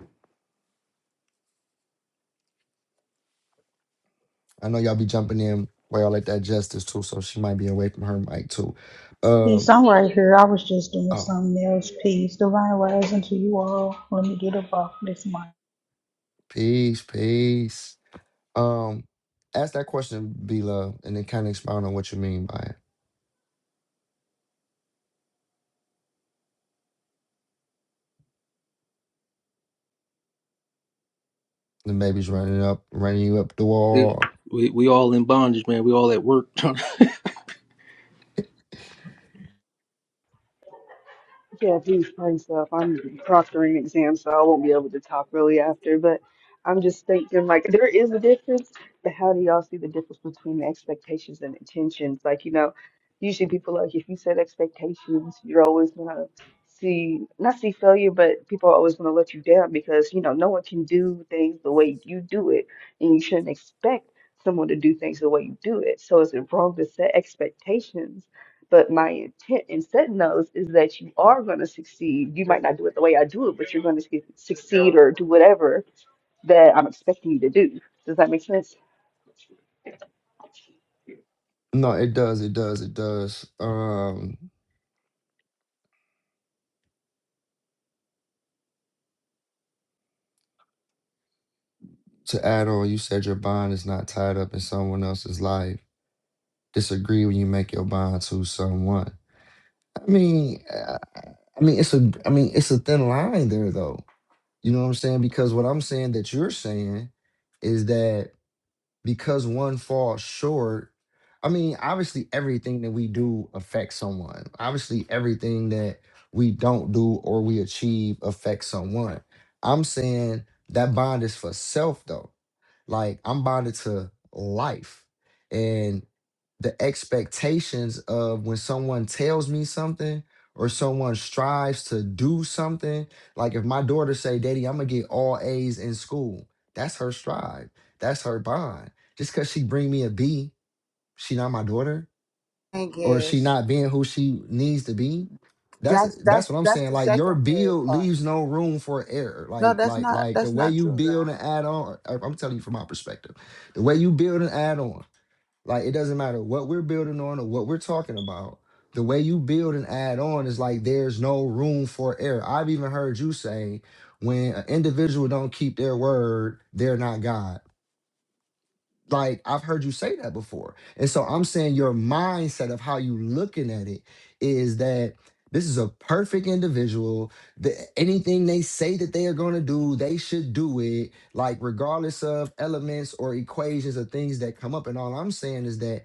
Speaker 1: I know y'all be jumping in while y'all at that justice too, so she might be away from her mic too. Um, oh, peace, peace. Um, ask that question, B Love, and then kind of expound on what you mean by it. The baby's running up, running you up the
Speaker 2: It,
Speaker 1: wall.
Speaker 2: we we all in bondage, man. We all at work. [laughs]
Speaker 4: Yeah, please pray stuff. I'm proctoring exams, so I won't be able to talk really after. But I'm just thinking, like, there is a difference. But how do y'all see the difference between the expectations and intentions? Like, you know, usually people like if you set expectations, you're always gonna see not see failure, but people are always gonna let you down because you know no one can do things the way you do it, and you shouldn't expect someone to do things the way you do it. So is it wrong to set expectations? But my intent in setting those is that you are going to succeed. You might not do it the way I do it, but you're going to succeed or do whatever that I'm expecting you to do. Does that make sense?
Speaker 1: No, it does, it does, it does. Um, to add on, you said your bond is not tied up in someone else's life. Disagree when you make your bond to someone. I mean, uh, I mean, it's a, I mean, it's a thin line there, though You know what I'm saying? Because what I'm saying that you're saying is that because one falls short, I mean, obviously everything that we do affects someone. Obviously everything that we don't do or we achieve affects someone. I'm saying that bond is for self though. Like I'm bonded to life and the expectations of when someone tells me something or someone strives to do something. Like if my daughter say, "Daddy, I'm gonna get all A's in school," that's her strive. That's her bond. Just because she bring me a B, she not my daughter
Speaker 3: I
Speaker 1: or she
Speaker 3: guess
Speaker 1: not being who she needs to be? That's
Speaker 3: that's
Speaker 1: that's
Speaker 3: that's
Speaker 1: what I'm
Speaker 3: that's
Speaker 1: saying.
Speaker 3: the
Speaker 1: Like your
Speaker 3: secondary
Speaker 1: build
Speaker 3: part.
Speaker 1: leaves no room for error.
Speaker 3: No,
Speaker 1: Like
Speaker 3: that's
Speaker 1: like
Speaker 3: not
Speaker 1: like the
Speaker 3: that's
Speaker 1: way
Speaker 3: not
Speaker 1: you
Speaker 3: true,
Speaker 1: build
Speaker 3: God.
Speaker 1: and add on. I- I'm telling you from my perspective, the way you build and add on. Like it doesn't matter what we're building on or what we're talking about. The way you build and add on is like there's no room for error. I've even heard you say when an individual don't keep their word, they're not God. Like I've heard you say that before. And so I'm saying your mindset of how you looking at it is that this is a perfect individual. That anything they say that they are going to do, they should do it, like regardless of elements or equations or things that come up. And all I'm saying is that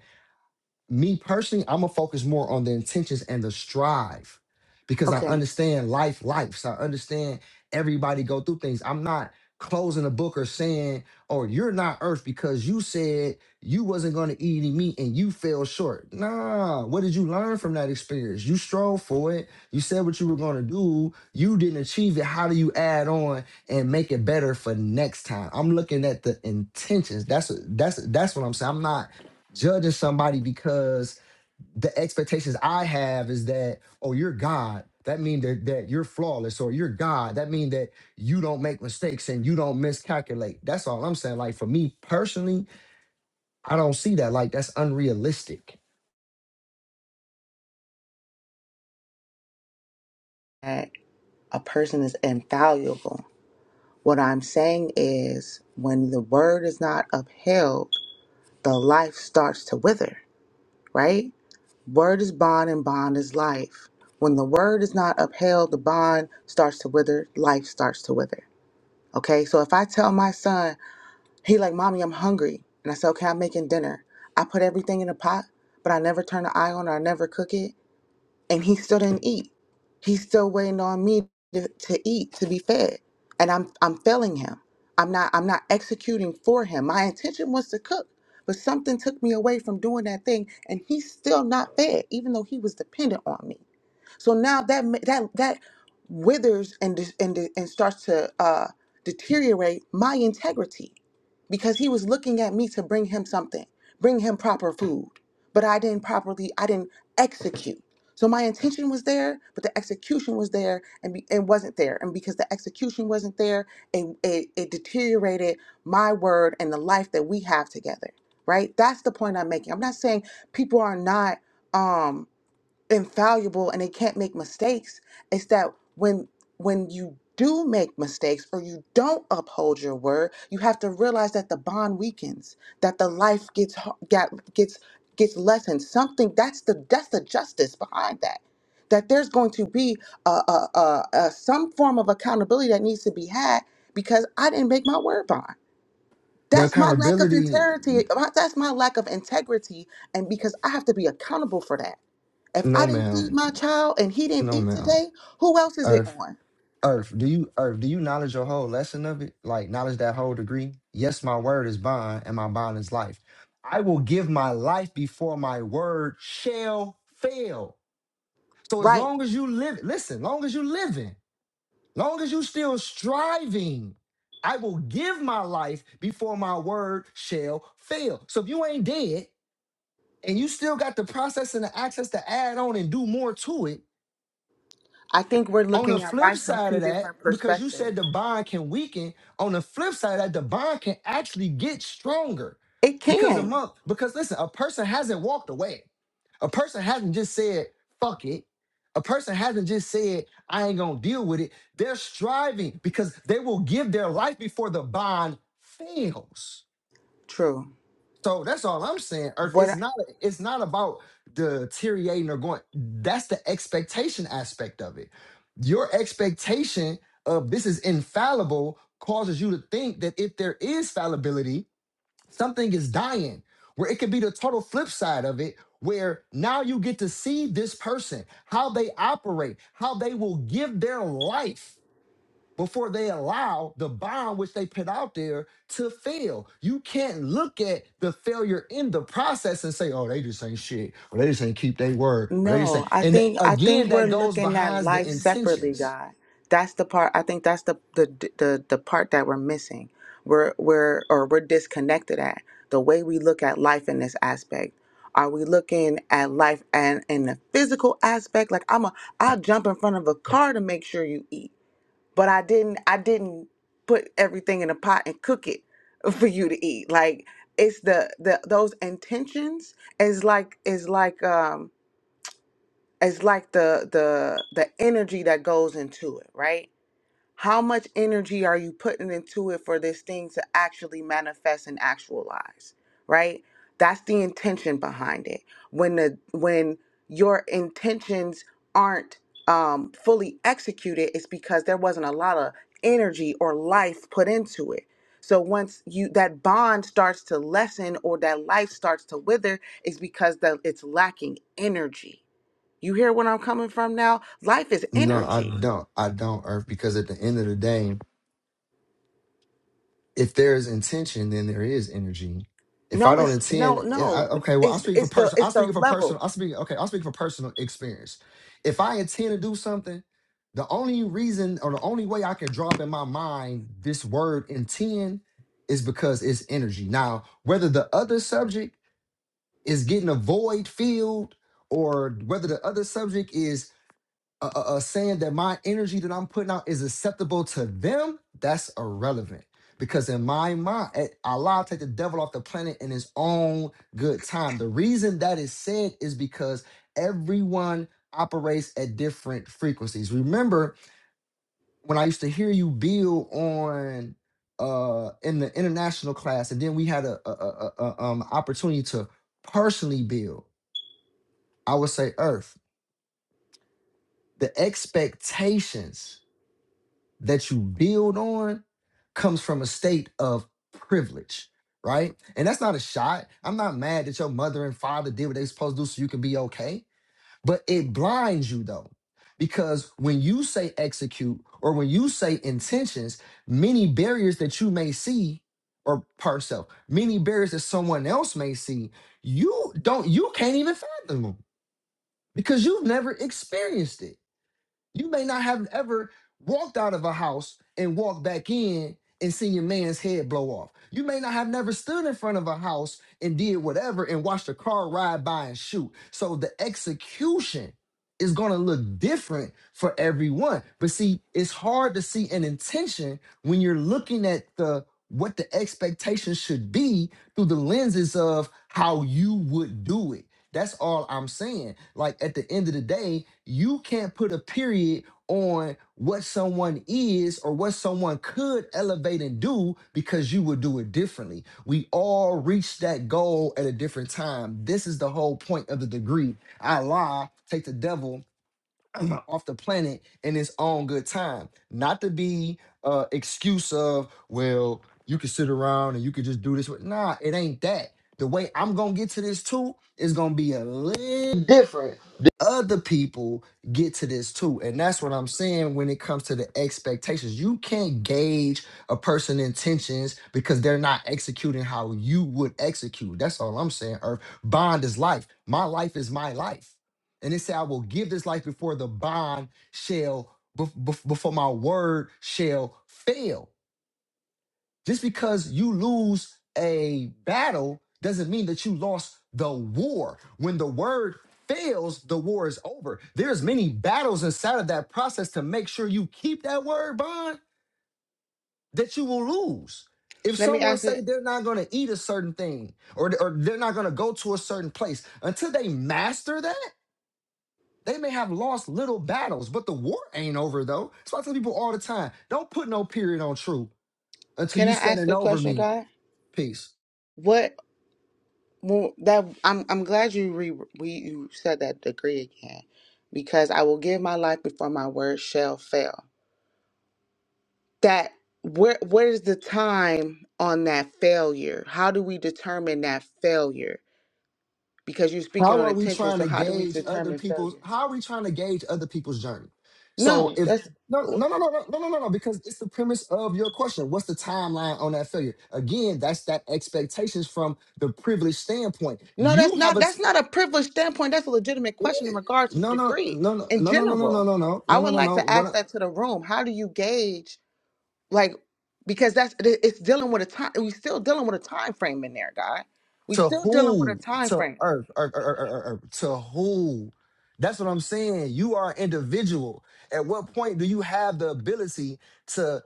Speaker 1: me personally, I'm gonna focus more on the intentions and the strive because I
Speaker 3: Okay.
Speaker 1: understand life, life. So I understand everybody go through things. I'm not closing a book or saying, "Oh, you're not Earth because you said you wasn't gonna eat any meat and you fell short." Nah, what did you learn from that experience? You strove for it. You said what you were gonna do. You didn't achieve it. How do you add on and make it better for next time? I'm looking at the intentions. That's that's that's what I'm saying. I'm not judging somebody because the expectations I have is that, oh, you're God. That means that, that you're flawless or you're God. That means that you don't make mistakes and you don't miscalculate. That's all I'm saying. Like for me personally, I don't see that. Like that's unrealistic.
Speaker 3: That a person is invaluable What I'm saying is, when the word is not upheld, the life starts to wither, right? Word is bond and bond is life. When the word is not upheld, the bond starts to wither, life starts to wither. Okay, so if I tell my son, he like, Mommy, I'm hungry, and I say, Okay, I'm making dinner. I put everything in a pot, but I never turn the eye on or I never cook it and he still didn't eat. He's still waiting on me to, to eat, to be fed. And I'm I'm failing him. I'm not I'm not executing for him. My intention was to cook, but something took me away from doing that thing and he's still not fed, even though he was dependent on me. So now that ma- that that withers and dis- and di- and starts to uh, deteriorate my integrity because he was looking at me to bring him something, bring him proper food, but I didn't properly, I didn't execute. So my intention was there, but the execution was there and be, it wasn't there. And because the execution wasn't there, it, it it deteriorated my word and the life that we have together. Right? That's the point I'm making. I'm not saying people are not. um infallible and they can't make mistakes it's that when when you do make mistakes or you don't uphold your word you have to realize that the bond weakens that the life gets ho- get, gets gets lessened something that's the that's the justice behind that that there's going to be a, a, a, a some form of accountability that needs to be had because i didn't make my word bond
Speaker 1: The
Speaker 3: that's my lack of
Speaker 1: accountability,
Speaker 3: integrity. That's my lack of integrity. And because I have to be accountable for that. If I
Speaker 1: no
Speaker 3: didn't feed
Speaker 1: ma'am.
Speaker 3: my child and he didn't
Speaker 1: No
Speaker 3: eat
Speaker 1: ma'am.
Speaker 3: today, who else is it
Speaker 1: Or
Speaker 3: on?
Speaker 1: Earth, do you Earth, do you knowledge your whole lesson of it? Like knowledge that whole degree? Yes, my word is bond, and my bond is life. I will give my life before my word shall fail. So as
Speaker 3: Right.
Speaker 1: long as you live, listen, long as you living, long as you still striving, I will give my life before my word shall fail. So if you ain't dead and you still got the process and the access to add on and do more to it,
Speaker 3: I think we're
Speaker 1: On the
Speaker 3: looking at
Speaker 1: flip
Speaker 3: life from
Speaker 1: side
Speaker 3: two
Speaker 1: of that,
Speaker 3: different
Speaker 1: because you said
Speaker 3: perspectives.
Speaker 1: the bond can weaken, on the flip side of that, the bond can actually get stronger.
Speaker 3: It
Speaker 1: Because a
Speaker 3: can.
Speaker 1: month, because listen, a person hasn't walked away. A person hasn't just said, fuck it. A person hasn't just said, I ain't gonna deal with it. They're striving because they will give their life before the bond fails.
Speaker 3: True.
Speaker 1: So that's all I'm saying, Earth.
Speaker 3: What?
Speaker 1: It's not it's not about deteriorating or going. That's the expectation aspect of it. Your expectation of this is infallible causes you to think that if there is fallibility, something is dying. Where it could be the total flip side of it, where now you get to see this person, how they operate, how they will give their life before they allow the bond which they put out there to fail. You can't look at the failure in the process and say, oh, they just ain't shit, or they just ain't keep their word, or they just ain't.
Speaker 3: No, I
Speaker 1: And
Speaker 3: think I think
Speaker 1: again,
Speaker 3: we're
Speaker 1: that goes
Speaker 3: looking at
Speaker 1: behind the
Speaker 3: life separately,
Speaker 1: intentions.
Speaker 3: God. That's the part I think that's the the the, the part that we're missing. We're we're or we're disconnected at the way we look at life in this aspect. Are we looking at life and in the physical aspect? Like I'm a I'll jump in front of a car to make sure you eat. But I didn't I didn't put everything in a pot and cook it [laughs] for you to eat. Like it's the the those intentions is like is like um it's like the the the energy that goes into it right how much energy are you putting into it for this thing to actually manifest and actualize right that's the intention behind it when the when your intentions aren't um fully executed it's because there wasn't a lot of energy or life put into it so once you that bond starts to lessen or that life starts to wither it's because that it's lacking energy you hear where I'm coming from now? Life is
Speaker 1: No, I
Speaker 3: energy.
Speaker 1: don't. I don't, Earth, because at the end of the day, if there is intention, then there is energy. If I
Speaker 3: No,
Speaker 1: don't
Speaker 3: it's no,
Speaker 1: intend, yeah,
Speaker 3: no.
Speaker 1: I, okay, well, I'm
Speaker 3: It's
Speaker 1: speaking for
Speaker 3: it's the
Speaker 1: personal.
Speaker 3: it's
Speaker 1: I'm
Speaker 3: the
Speaker 1: speaking for
Speaker 3: level.
Speaker 1: personal. I speak, okay, I'm speaking for personal experience. If I intend to do something, the only reason or the only way I can drop in my mind this word intend is because it's energy. Now, whether the other subject is getting a void filled or whether the other subject is uh, uh, uh, saying that my energy that I'm putting out is acceptable to them, that's irrelevant. Because in my mind, eh, Allah take the devil off the planet in his own good time. The reason that is said is because everyone operates at different frequencies. Remember when I used to hear you build on uh in the international class, and then we had a, a, a, a a, um opportunity to personally build. I would say Earth, the expectations that you build on comes from a state of privilege, right? And that's not a shot. I'm not mad that your mother and father did what they supposed to do so you can be okay. But it blinds you though, because when you say execute or when you say intentions, many barriers that you may see or herself, many barriers that someone else may see, you don't, you can't even fathom them because you've never experienced it. You may not have ever walked out of a house and walked back in and seen your man's head blow off. You may not have never stood in front of a house and did whatever and watched a car ride by and shoot. So the execution is going to look different for everyone. But see, it's hard to see an intention when you're looking at the what the expectation should be through the lenses of how you would do it that's all I'm saying. Like at the end of the day, you can't put a period on what someone is or what someone could elevate and do because you would do it differently. We all reach that goal at a different time. This is the whole point of the degree. I lie, take the devil [clears throat] off the planet in its own good time. Not to be uh excuse of, well, you can sit around and you can just do this. with-" Nah, it ain't that. The way I'm gonna get to this too is gonna be a little different. than Other people get to this too. And that's what I'm saying when it comes to the expectations. You can't gauge a person's intentions because they're not executing how you would execute. That's all I'm saying, Earth. Bond is life. My life is my life. And it said, I will give this life before the bond shall, bef- bef- before my word shall fail. Just because you lose a battle doesn't mean that you lost the war. When the word fails, the war is over. There's many battles inside of that process to make sure you keep that word bond that you will lose. If
Speaker 3: Let me
Speaker 1: someone
Speaker 3: ask
Speaker 1: say
Speaker 3: it.
Speaker 1: they're not going to eat a certain thing or, or they're not going to go to a certain place until they master that, They may have lost little battles, but the war ain't over though. So I tell people all the time, don't put no period on true until
Speaker 3: Can I
Speaker 1: you
Speaker 3: ask
Speaker 1: standing
Speaker 3: a
Speaker 1: over
Speaker 3: question,
Speaker 1: me.
Speaker 3: guy?
Speaker 1: Peace.
Speaker 3: What well, that I'm I'm glad you re we you said that degree again, because I will give my life before my word shall fail. That where where is the time on that failure? How do we determine that failure? Because you're speaking
Speaker 1: How
Speaker 3: on
Speaker 1: are we
Speaker 3: attention,
Speaker 1: trying
Speaker 3: so
Speaker 1: to
Speaker 3: how do we
Speaker 1: gauge other
Speaker 3: determine
Speaker 1: people's
Speaker 3: failure?
Speaker 1: how are we trying to gauge other people's journey? So
Speaker 3: No,
Speaker 1: if
Speaker 3: that's.
Speaker 1: no no no no no no no no no, because it's the premise of your question. What's the timeline on that failure? Again, that's that expectations from the privileged standpoint.
Speaker 3: No, that's
Speaker 1: You have
Speaker 3: not
Speaker 1: a t-
Speaker 3: that's not a privileged standpoint. That's a legitimate
Speaker 1: it
Speaker 3: question in
Speaker 1: is.
Speaker 3: regard to the
Speaker 1: No, no,
Speaker 3: degree
Speaker 1: no, no,
Speaker 3: in
Speaker 1: no, no, no, no, no,
Speaker 3: general.
Speaker 1: no, no, no,
Speaker 3: I
Speaker 1: no,
Speaker 3: would
Speaker 1: no,
Speaker 3: like
Speaker 1: no.
Speaker 3: to
Speaker 1: What?
Speaker 3: ask
Speaker 1: I-
Speaker 3: that to the room. How do you gauge like because that's it- it's dealing with a time we still dealing with a time frame in there, guy. We
Speaker 1: To
Speaker 3: still dealing with a
Speaker 1: who?
Speaker 3: time
Speaker 1: To
Speaker 3: frame.
Speaker 1: earth, earth, earth, earth, earth, earth. To who? That's what I'm saying. You are an individual. At what point do you have the ability to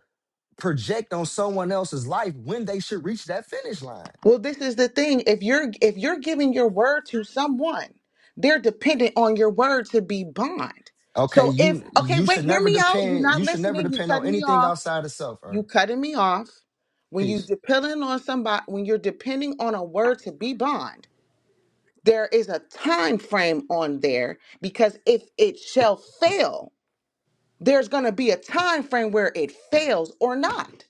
Speaker 1: project on someone else's life when they should reach that finish line?
Speaker 3: Well, this is the thing. If you're if you're giving your word to someone, they're dependent on your word to be bond.
Speaker 1: Okay,
Speaker 3: So
Speaker 1: you
Speaker 3: if okay,
Speaker 1: you should
Speaker 3: wait, hear
Speaker 1: never
Speaker 3: me out. You're
Speaker 1: depend.
Speaker 3: not
Speaker 1: You should never
Speaker 3: listening, you
Speaker 1: depend on
Speaker 3: cut me
Speaker 1: anything
Speaker 3: off.
Speaker 1: outside of self.
Speaker 3: You
Speaker 1: Earth.
Speaker 3: cutting me off when you
Speaker 1: Peace.
Speaker 3: depending on somebody when you're depending on a word to be bond. There is a time frame on there because if it shall fail, there's going to be a time frame where it fails or not,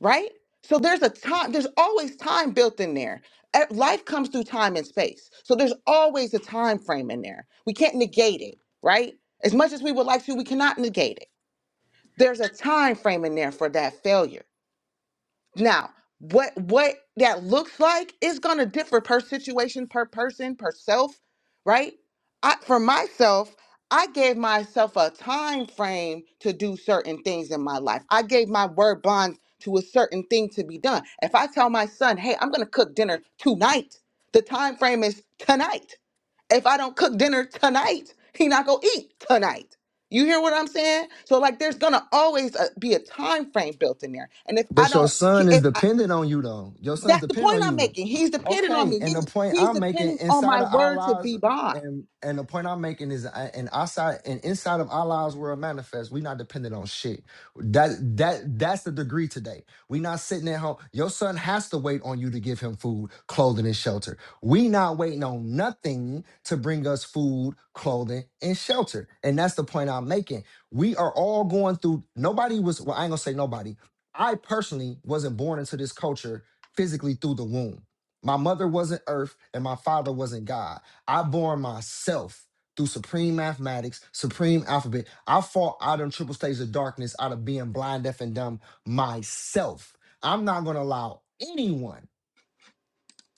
Speaker 3: right? So there's a time there's always time built in there. E- Life comes through time and space. So there's always a time frame in there. We can't negate it, right? As much as we would like to, we cannot negate it. There's a time frame in there for that failure Now, what what that looks like is going to differ per situation, per person, per self, right? I for myself, I gave myself a time frame to do certain things in my life. I gave my word bond to a certain thing to be done. If I tell my son, "Hey, I'm going to cook dinner tonight." The time frame is tonight if I don't cook dinner tonight, he not gonna eat tonight. You hear what I'm saying? So like, there's gonna always uh, be a time frame built in there. And if I
Speaker 1: But your
Speaker 3: don't,
Speaker 1: son is
Speaker 3: if I,
Speaker 1: dependent on you, though. Your son is
Speaker 3: that's the
Speaker 1: dependent
Speaker 3: point
Speaker 1: on
Speaker 3: I'm
Speaker 1: you.
Speaker 3: making. He's depending on
Speaker 1: Okay.
Speaker 3: me.
Speaker 1: And the
Speaker 3: He's
Speaker 1: point
Speaker 3: he's
Speaker 1: I'm making
Speaker 3: depending on
Speaker 1: inside
Speaker 3: my
Speaker 1: of our
Speaker 3: word to
Speaker 1: lives,
Speaker 3: be bond.
Speaker 1: and and the point I'm making is, uh, and outside and inside of our lives, we're a manifest. We're not dependent on shit. That that that's the degree today. we not sitting at home. Your son has to wait on you to give him food, clothing, and shelter. We not waiting on nothing to bring us food, clothing, and shelter. And that's the point I'm making. We are all going through. Nobody was. Well, I ain't gonna say nobody I personally wasn't born into this culture physically through the womb. My mother wasn't earth and my father wasn't God. I born myself through supreme mathematics, supreme alphabet. I fought out of triple stages of darkness, out of being blind, deaf, and dumb myself. I'm not going to allow anyone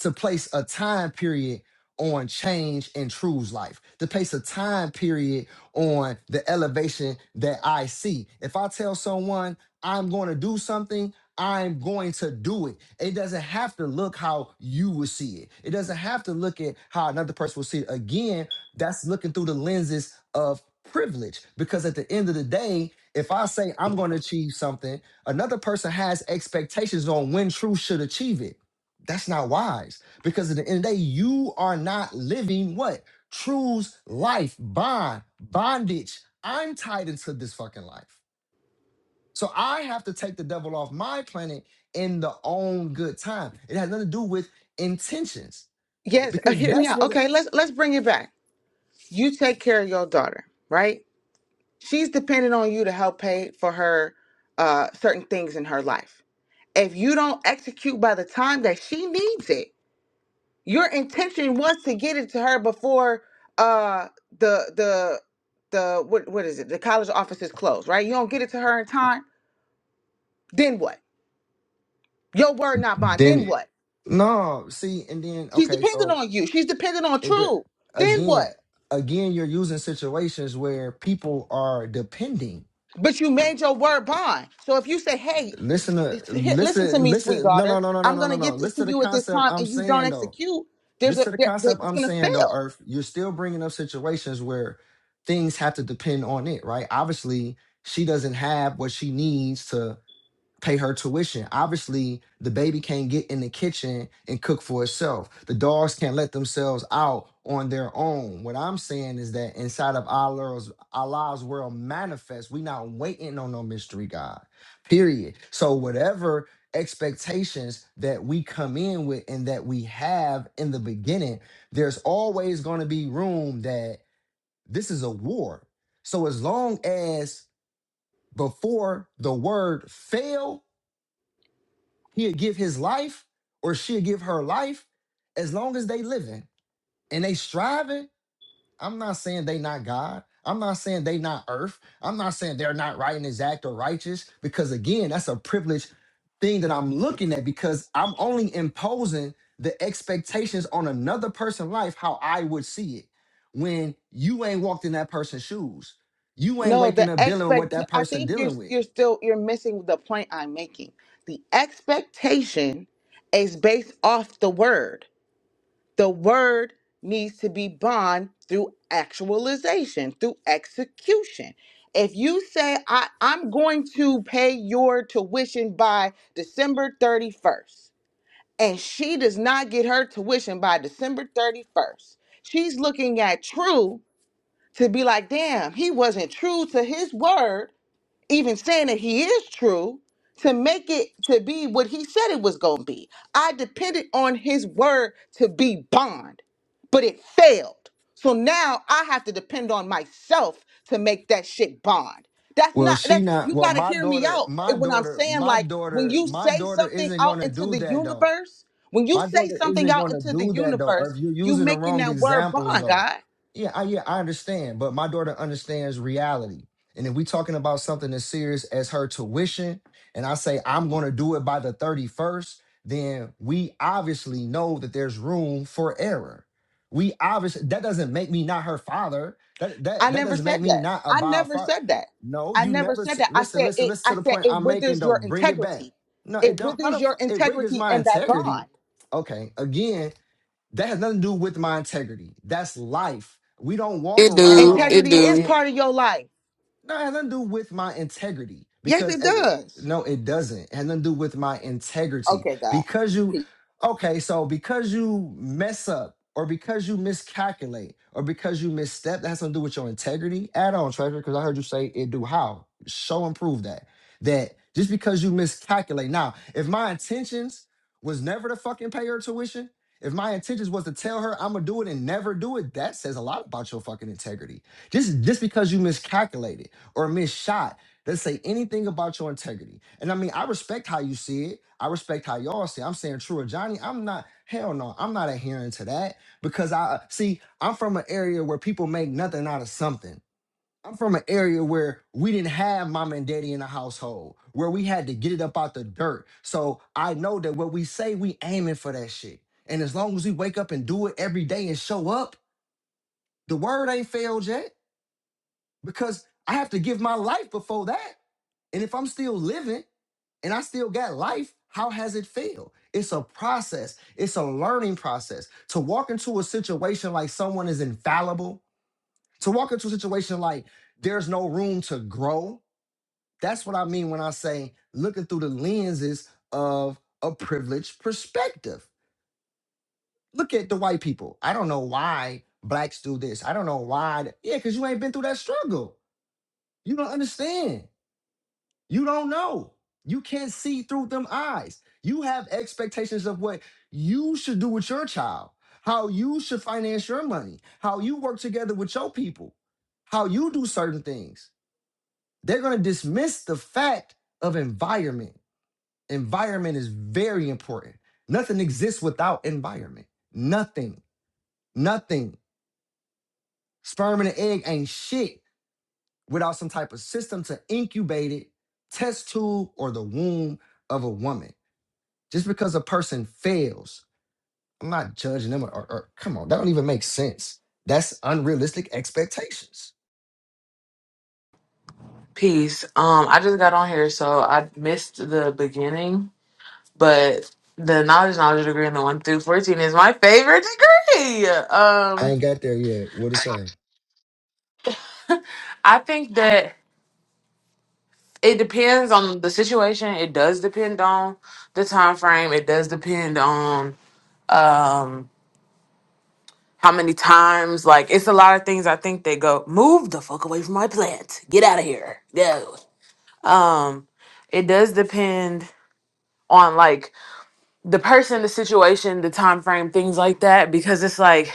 Speaker 1: to place a time period on change in True's life, to place a time period on the elevation that I see. If I tell someone I'm going to do something, I'm going to do it. It doesn't have to look how you will see it. It doesn't have to look at how another person will see it. Again, that's looking through the lenses of privilege because at the end of the day, if I say I'm going to achieve something, another person has expectations on when True should achieve it that's not wise because at the end of the day, you are not living what? True's life, bond, bondage. I'm tied into this fucking life. So I have to take the devil off my planet in the own good time. It has nothing to do with intentions
Speaker 3: Yes, uh,
Speaker 1: because
Speaker 3: hear me
Speaker 1: that's
Speaker 3: out.
Speaker 1: what it,
Speaker 3: Okay, let's let's bring it back. You take care of your daughter, right? She's dependent on you to help pay for her uh, certain things in her life. If you don't execute by the time that she needs it, Your intention was to get it to her before uh the the the what what is it? The college offices closed, right? You don't get it to her in time, then what? Your word not bond, then
Speaker 1: then
Speaker 3: what?
Speaker 1: no see and then
Speaker 3: She's
Speaker 1: okay
Speaker 3: dependent
Speaker 1: so
Speaker 3: on you. She's dependent on
Speaker 1: it the-
Speaker 3: true. Then what?
Speaker 1: again again you're using situations where people are depending
Speaker 3: But you made your word bond. So if you say, "Hey,
Speaker 1: Listen to
Speaker 3: it's- hit- listen to
Speaker 1: listen
Speaker 3: me, sweet
Speaker 1: listen. No no
Speaker 3: daughter.
Speaker 1: no no no
Speaker 3: I'm
Speaker 1: no no
Speaker 3: gonna
Speaker 1: no.
Speaker 3: get this to
Speaker 1: Listen to the
Speaker 3: you at this
Speaker 1: concept
Speaker 3: time,"
Speaker 1: I'm
Speaker 3: and you don't
Speaker 1: saying though.
Speaker 3: execute, there's a
Speaker 1: Listen to the
Speaker 3: there, there,
Speaker 1: concept
Speaker 3: it's
Speaker 1: I'm
Speaker 3: gonna
Speaker 1: saying though.
Speaker 3: fail.
Speaker 1: Earth, you're still bringing up situations where things have to depend on it, right? Obviously, she doesn't have what she needs to pay her tuition. Obviously, the baby can't get in the kitchen and cook for itself. The dogs can't let themselves out on their own. What I'm saying is that inside of Allah's Allah's world manifest, we not waiting on no mystery God. Period. So whatever expectations that we come in with and that we have in the beginning, there's always going to be room that this is a war. So as long as before the word fail He'll give his life or she'll give her life as long as they living and they striving. I'm not saying they not God. I'm not saying they not earth. I'm not saying they're not right and exact or righteous because again, that's a privileged thing that I'm looking at because I'm only imposing the expectations on another person's life how I would see it when you ain't walked in that person's shoes. You ain't
Speaker 3: No, the
Speaker 1: waking up dealing with what
Speaker 3: expect
Speaker 1: that
Speaker 3: I
Speaker 1: person
Speaker 3: think you're
Speaker 1: dealing with.
Speaker 3: you're still you're missing the point I'm making. The expectation is based off the word. The word needs to be bond through actualization, through execution. If you say I, I'm going to pay your tuition by December 31st, and she does not get her tuition by December 31st, she's looking at true to be like, damn, he wasn't true to his word even saying that he is true to make it to be what he said it was going to be. I depended on his word to be bond, but it failed. So now I have to depend on myself to make that shit bond. That's
Speaker 1: Well,
Speaker 3: not
Speaker 1: she
Speaker 3: that's
Speaker 1: not.
Speaker 3: you
Speaker 1: Well,
Speaker 3: got to
Speaker 1: my
Speaker 3: hear me
Speaker 1: daughter,
Speaker 3: out
Speaker 1: my
Speaker 3: And when I'm
Speaker 1: daughter,
Speaker 3: saying
Speaker 1: my
Speaker 3: like when
Speaker 1: daughter,
Speaker 3: you
Speaker 1: my
Speaker 3: say
Speaker 1: daughter
Speaker 3: something
Speaker 1: isn't
Speaker 3: out
Speaker 1: gonna
Speaker 3: into
Speaker 1: do
Speaker 3: the
Speaker 1: that though.
Speaker 3: universe, when you
Speaker 1: My
Speaker 3: say
Speaker 1: daughter
Speaker 3: something
Speaker 1: isn't
Speaker 3: out
Speaker 1: gonna
Speaker 3: into the
Speaker 1: do that though. Or
Speaker 3: universe,
Speaker 1: if you're
Speaker 3: you
Speaker 1: using the
Speaker 3: making
Speaker 1: wrong
Speaker 3: that word
Speaker 1: examples
Speaker 3: bond,
Speaker 1: though,
Speaker 3: God.
Speaker 1: yeah, I, yeah, I understand. But my daughter understands reality. And if we talking about something as serious as her tuition, and I say I'm gonna do it by the 31st, then we obviously know that there's room for error. We obviously that doesn't make me not her father. That
Speaker 3: I
Speaker 1: that that
Speaker 3: never
Speaker 1: doesn't make
Speaker 3: said
Speaker 1: me
Speaker 3: that.
Speaker 1: not a
Speaker 3: I
Speaker 1: Bob
Speaker 3: never
Speaker 1: father.
Speaker 3: said that.
Speaker 1: No,
Speaker 3: I
Speaker 1: you
Speaker 3: never
Speaker 1: never
Speaker 3: said
Speaker 1: s-
Speaker 3: that. I
Speaker 1: listen,
Speaker 3: said
Speaker 1: listen,
Speaker 3: it.
Speaker 1: listen
Speaker 3: I
Speaker 1: to the
Speaker 3: said
Speaker 1: point
Speaker 3: it
Speaker 1: I'm making
Speaker 3: withers
Speaker 1: though.
Speaker 3: your
Speaker 1: Bring it back.
Speaker 3: integrity.
Speaker 1: No, it
Speaker 3: It
Speaker 1: don't. How
Speaker 3: withers
Speaker 1: the
Speaker 3: your
Speaker 1: fuck it wiggles
Speaker 3: integrity
Speaker 1: my
Speaker 3: and that
Speaker 1: integrity
Speaker 3: bond.
Speaker 1: Okay. Again, that has nothing to do with my integrity. That's life. We don't walk
Speaker 5: It do.
Speaker 1: around.
Speaker 5: It
Speaker 3: Integrity is
Speaker 5: do.
Speaker 1: and.
Speaker 3: part of your life.
Speaker 1: No, it has nothing to do with my integrity
Speaker 3: Yes,
Speaker 1: because
Speaker 3: it
Speaker 1: uh, uh,
Speaker 3: does.
Speaker 1: no, it doesn't. It has nothing to do with my integrity
Speaker 3: Okay, God.
Speaker 1: because you, okay, so because you mess up or because you miscalculate or because you misstep, that has nothing to do with your integrity at all, Treasure. Because I heard you say it do. How? Show and prove that. That just because you miscalculate. Now, if my intentions was never to fucking pay her tuition, if my intentions was to tell her I'm gonna do it and never do it, that says a lot about your fucking integrity just just because you miscalculated, or Miss Shot that say anything about your integrity. And I mean, I respect how you see it. I respect how y'all see. It. I'm saying true or Johnny. I'm not. Hell no. I'm not adhering to that because I see. I'm from an area where people make nothing out of something. I'm from an area where we didn't have mom and daddy in the household, where we had to get it up out the dirt. So I know that what we say, we aiming for that shit. And as long as we wake up and do it every day and show up, the word ain't failed yet because I have to give my life before that. And if I'm still living and I still got life, how has it failed? It's a process, it's a learning process. To walk into a situation like someone is infallible, to walk into a situation like there's no room to grow. That's what I mean when I say looking through the lenses of a privileged perspective. Look at the white people. I don't know why blacks do this. I don't know why. th- Yeah, because you ain't been through that struggle. You don't understand. You don't know. You can't see through them eyes. You have expectations of what you should do with your child, how you should finance your money, how you work together with your people, how you do certain things. They're going to dismiss the fact of environment. Environment is very important. Nothing exists without environment. Nothing. Nothing. Sperm and an egg ain't shit without some type of system to incubate it, test tube, or the womb of a woman. Just because a person fails, I'm not judging them. Or, or- or- come on, that don't even make sense. That's unrealistic expectations.
Speaker 5: Peace. Um, I just got on here, so I missed the beginning, but the knowledge, knowledge degree, and the one through fourteen is my favorite degree.
Speaker 1: I
Speaker 5: Um,
Speaker 1: ain't got there yet. What it say?
Speaker 5: I think that it depends on the situation. It does depend on the time frame. It does depend on um how many times. Like, it's a lot of things. I think they go move the fuck away from my plant. Get out of here. Go. Um, it does depend on like the person, the situation, the time frame, things like that, because it's like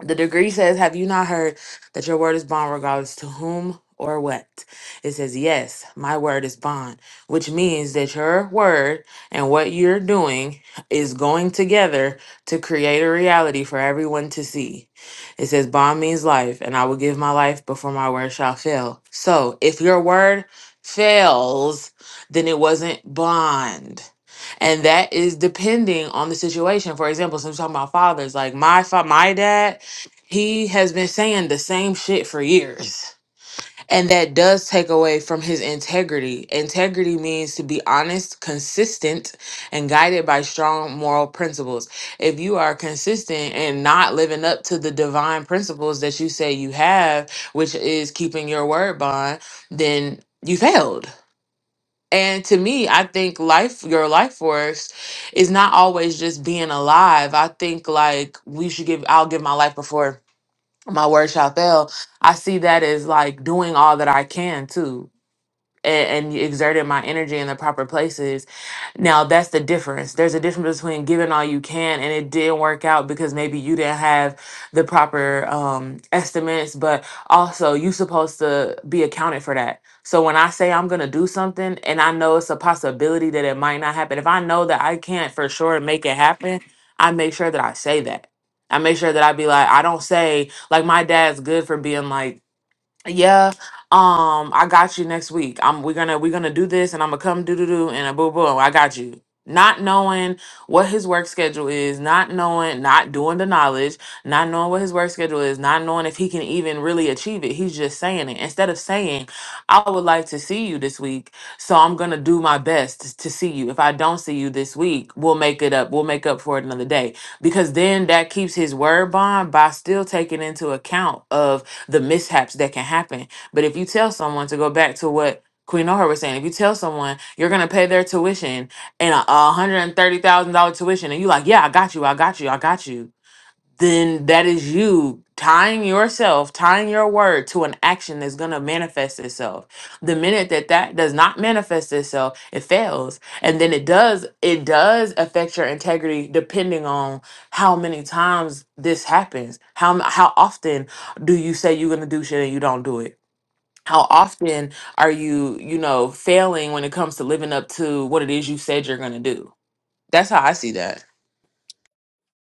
Speaker 5: the degree says, Have you not heard that your word is bond regardless to whom or what? It says, Yes, my word is bond, which means that your word and what you're doing is going together to create a reality for everyone to see. It says, Bond means life, and I will give my life before my word shall fail. So if your word fails, then it wasn't bond. And that is depending on the situation. For example, since we're talking about fathers, like my fa- my dad he has been saying the same shit for years. And that does take away from his integrity. Integrity means to be honest, consistent, and guided by strong moral principles. If you are consistent and not living up to the divine principles that you say you have, which is keeping your word bond, then you failed. And to me, I think life, your life force, is not always just being alive. I think like we should give, I'll give my life before my word shall fail. I see that as like doing all that I can too and, and exerted my energy in the proper places. Now that's the difference. There's a difference between giving all you can and it didn't work out because maybe you didn't have the proper um, estimates, but also you supposed to be accounted for that. So when I say I'm gonna do something and I know it's a possibility that it might not happen, if I know that I can't for sure make it happen, I make sure that I say that. I make sure that I be like, I don't say like my dad's good for being like yeah um i got you next week i'm we're gonna we're gonna do this and i'm gonna come do do do and a boo boo i got you not knowing what his work schedule is not knowing not doing the knowledge not knowing what his work schedule is not knowing if he can even really achieve it he's just saying it instead of saying i would like to see you this week so i'm gonna do my best to see you if i don't see you this week we'll make it up we'll make up for it another day because then that keeps his word bond by still taking into account of the mishaps that can happen. But if you tell someone to go back to what Queen O'Hara was saying, if you tell someone you're gonna pay their tuition and a a hundred and thirty thousand dollar tuition, and you like, yeah, I got you, I got you, I got you then that is you tying yourself, tying your word to an action that's going to manifest itself. The minute that that does not manifest itself, it fails. And then it does it does affect your integrity depending on how many times this happens. How m- how often do you say you're going to do shit and you don't do it? How often are you, you know, failing when it comes to living up to what it is you said you're going to do? That's how I see that.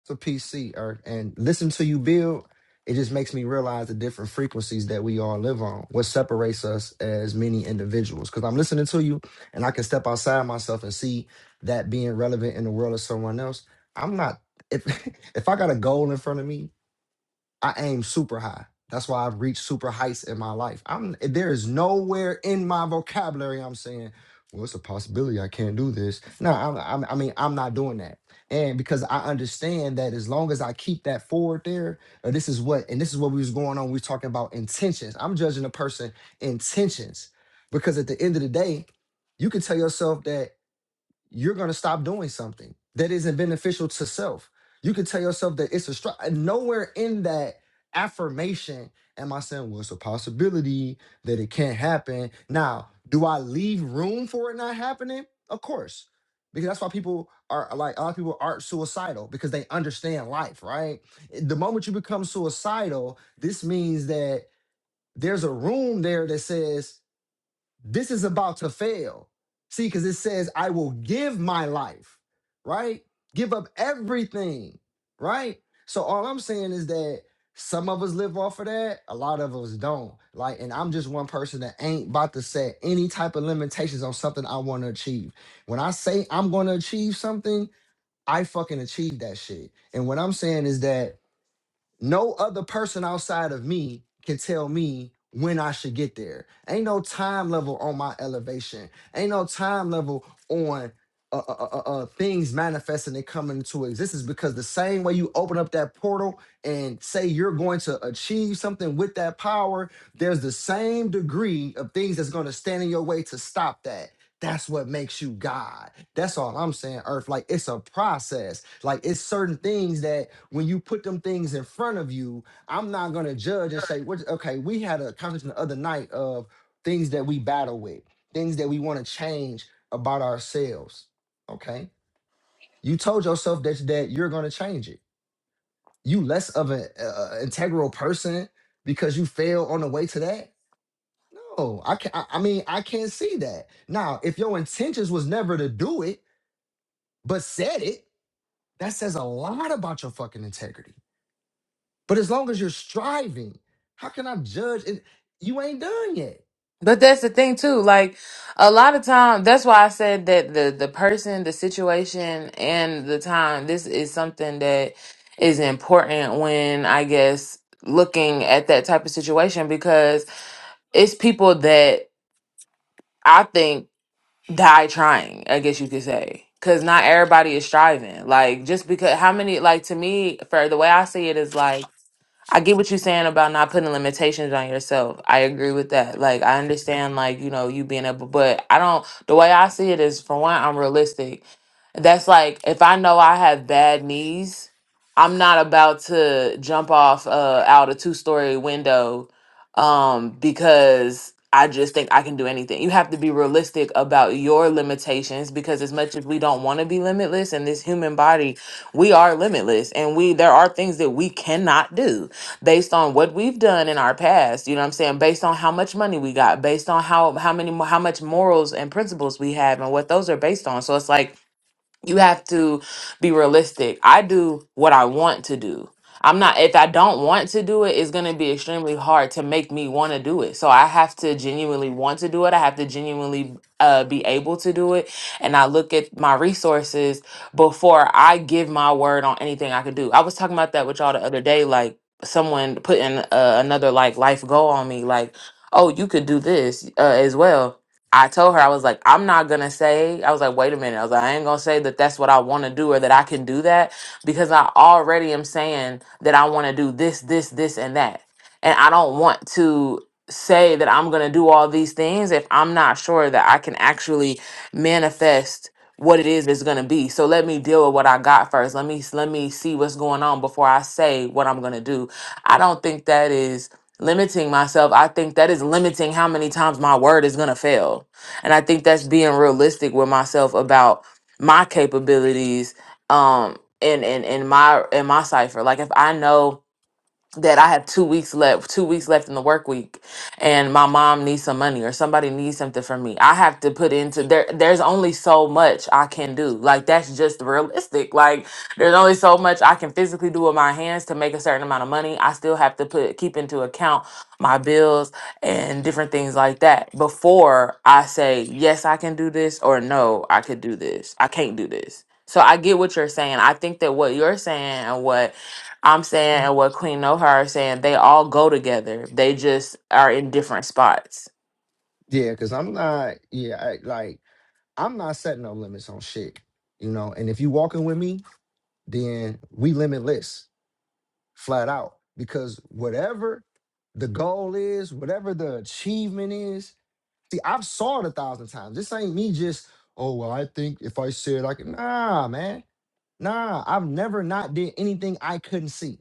Speaker 1: It's a PC, or and listen to you build. It just makes me realize the different frequencies that we all live on. What separates us as many individuals? Because I'm listening to you, and I can step outside myself and see that being relevant in the world of someone else. I'm not. If [laughs] if I got a goal in front of me I aim super high. That's why I've reached super heights in my life. I'm there is nowhere in my vocabulary I'm saying, well, it's a possibility I can't do this. No, I'm, I'm, I mean I'm not doing that. And because I understand that as long as I keep that forward there, uh, this is what and this is what we was going on. We was talking about intentions. I'm judging a person intentions because at the end of the day, you can tell yourself that you're going to stop doing something that isn't beneficial to self. You can tell yourself that it's a struggle. Nowhere in that affirmation am I saying, well, it's a possibility that it can't happen. Now, do I leave room for it not happening? Of course. Because that's why people are like, a lot of people aren't suicidal because they understand life, right? The moment you become suicidal, this means that there's a room there that says, this is about to fail. See, because it says, I will give my life, right? Give up everything, right? So all I'm saying is that some of us live off of that, a lot of us don't. Like, and I'm just one person that ain't about to set any type of limitations on something I want to achieve. When I say I'm going to achieve something, I fucking achieve that shit. And what I'm saying is that no other person outside of me can tell me when I should get there. Ain't no time level on my elevation. Ain't no time level on uh, uh, uh, uh, uh, things manifesting and coming into existence because the same way you open up that portal and say you're going to achieve something with that power, there's the same degree of things that's going to stand in your way to stop that. That's what makes you God. That's all I'm saying, Earth. Like it's a process like it's certain things that when you put them things in front of you, I'm not gonna judge and say, what okay, we had a conversation the other night of things that we battle with, things that we want to change about ourselves. Okay. You told yourself that that you're gonna change it. You less of an uh, integral person because you fail on the way to that. No, I can not I I mean I can't see that. Now, if your intentions was never to do it, but said it, that says a lot about your fucking integrity. But as long as you're striving, how can I judge? And you ain't done yet.
Speaker 5: But that's the thing too. Like a lot of time, that's why I said that the the person, the situation, and the time. This is something that is important when I guess looking at that type of situation because it's people that I think die trying, I guess you could say. Cause not everybody is striving. Like just because how many like to me for the way I see it is like I get what you're saying about not putting limitations on yourself. I agree with that. Like, I understand, like, you know, you being able, but I don't, the way I see it is, for one, I'm realistic. That's like, if I know I have bad knees, I'm not about to jump off uh, out a two story window um, because I just think I can do anything. You have to be realistic about your limitations because, as much as we don't want to be limitless in this human body, we are limitless and we there are things that we cannot do based on what we've done in our past, you know what I'm saying, based on how much money we got, based on how how many mo- how much morals and principles we have and what those are based on. So it's like you have to be realistic. I do what I want to do. I'm not, if I don't want to do it, it's going to be extremely hard to make me want to do it. So I have to genuinely want to do it. I have to genuinely uh, be able to do it. And I look at my resources before I give my word on anything I could do. I was talking about that with y'all the other day, like someone putting uh, another like life goal on me, like, oh, you could do this uh, as well I told her, I was like, I'm not going to say, I was like, wait a minute. I was like, I ain't going to say that that's what I want to do or that I can do that because I already am saying that I want to do this, this, this, and that. And I don't want to say that I'm going to do all these things if I'm not sure that I can actually manifest what it is it's going to be. So let me deal with what I got first. Let me let me see what's going on before I say what I'm going to do. I don't think that is limiting myself, I think that is limiting how many times my word is going to fail. And I think that's being realistic with myself about my capabilities um and and and my and my cipher. Like if I know that I have two weeks left, two weeks left in the work week, and my mom needs some money or somebody needs something from me. I have to put into there. There's only so much I can do. Like that's just realistic. Like there's only so much I can physically do with my hands to make a certain amount of money. I still have to put keep into account my bills and different things like that before I say yes, I can do this or no, I could do this. I can't do this. So I get what you're saying. I think that what you're saying and what I'm saying and what Queen Nohar is saying, they all go together. They just are in different spots.
Speaker 1: Yeah, because I'm not. Yeah, I, like I'm not setting no limits on shit. You know, and if you walking with me, then we limitless, flat out. Because whatever the goal is, whatever the achievement is, see, I've saw it a thousand times. This ain't me just. Oh well, I think if I said I can. Nah, man. Nah, I've never not did anything I couldn't see.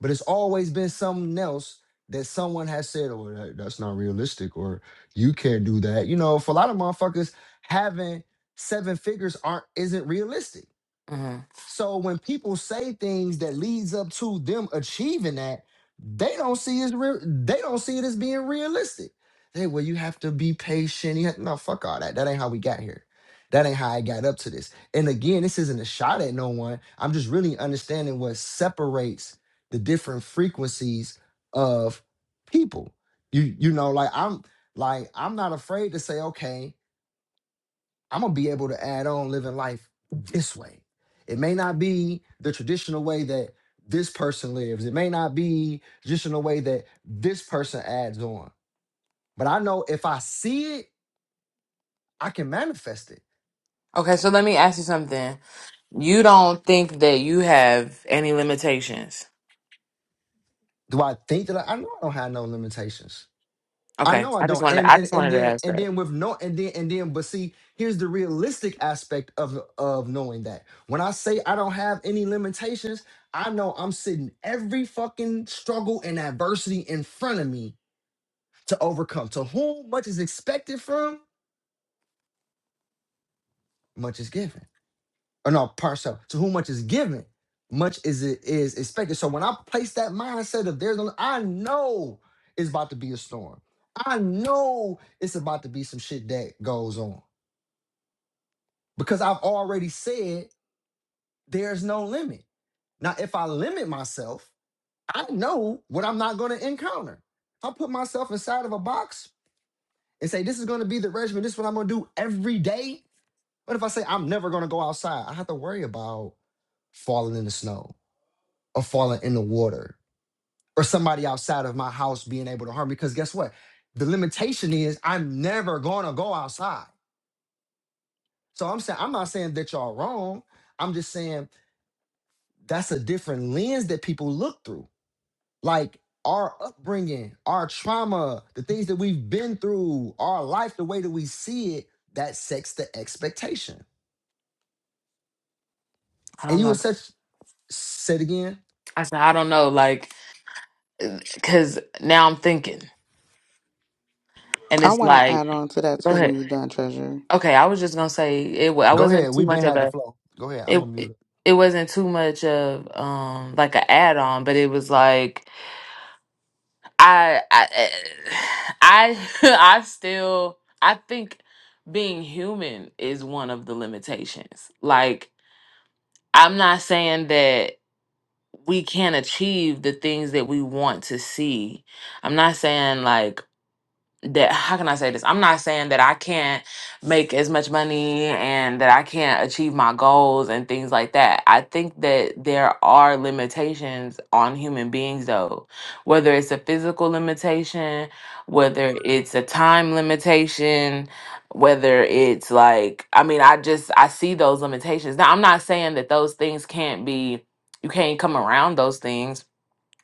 Speaker 1: But it's always been something else that someone has said, "Oh, that, that's not realistic," or "You can't do that." You know, for a lot of motherfuckers, having seven figures aren't isn't realistic.
Speaker 5: hmm
Speaker 1: So when people say things that leads up to them achieving that, they don't see it as real. They don't see it as being realistic. They well, you have to be patient. You have, no, fuck all that. That ain't how we got here. That ain't how I got up to this. And again, this isn't a shot at no one. I'm just really understanding what separates the different frequencies of people. You you know, like I'm like I'm not afraid to say okay. I'm gonna be able to add on living life this way. It may not be the traditional way that this person lives. It may not be traditional way that this person adds on. But I know if I see it, I can manifest it.
Speaker 5: Okay, so let me ask you something. You don't think that you have any limitations?
Speaker 1: Do I think that I, I know I don't have no limitations? I
Speaker 5: Okay,
Speaker 1: know I
Speaker 5: I just
Speaker 1: don't.
Speaker 5: wanted
Speaker 1: And
Speaker 5: I
Speaker 1: and
Speaker 5: just
Speaker 1: and
Speaker 5: wanted to
Speaker 1: then
Speaker 5: ask
Speaker 1: and
Speaker 5: that.
Speaker 1: then with no and then and then but see, here's the realistic aspect of of knowing that. When I say I don't have any limitations, I know I'm sitting every fucking struggle and adversity in front of me to overcome. To whom much is expected from, much is given. Or no, part so to whom much is given, much is it is expected. So when I place that mindset of there's no- I know it's about to be a storm. I know it's about to be some shit that goes on. because I've already said there's no limit. Now, if I limit myself, I know what I'm not going to encounter. If I put myself inside of a box and say, this is going to be the regimen, this is what I'm going to do every day. But if I say, I'm never going to go outside, I have to worry about falling in the snow or falling in the water or somebody outside of my house being able to harm me. Because guess what? The limitation is I'm never going to go outside. So I'm saying, I'm not saying that y'all wrong. I'm just saying that's a different lens that people look through. Like our upbringing, our trauma, the things that we've been through, our life, the way that we see it, that sets the expectation.
Speaker 5: I
Speaker 1: And
Speaker 5: don't
Speaker 1: you were
Speaker 5: know.
Speaker 1: such said again.
Speaker 5: I said I don't know, like, cause now I'm thinking, and
Speaker 3: I
Speaker 5: it's
Speaker 3: want to
Speaker 5: like,
Speaker 3: add on to that
Speaker 5: go
Speaker 3: too
Speaker 5: ahead.
Speaker 3: when you're done, Treasure.
Speaker 5: Okay, I was just gonna say it. wa- I
Speaker 1: Go ahead.
Speaker 5: wasn't too
Speaker 1: We've been
Speaker 5: much of
Speaker 1: had the
Speaker 5: a
Speaker 1: flow. Go ahead. I'm a
Speaker 5: it. It
Speaker 1: mute.
Speaker 5: it wasn't too much of um like an add on, but it was like I I I [laughs] I still I think being human is one of the limitations. Like I'm not saying that we can't achieve the things that we want to see. I'm not saying like that how can I say this? I'm not saying that I can't make as much money and that I can't achieve my goals and things like that. I think that there are limitations on human beings though, whether it's a physical limitation, whether it's a time limitation, whether it's like I mean, I just I see those limitations. Now, I'm not saying that those things can't be you can't come around those things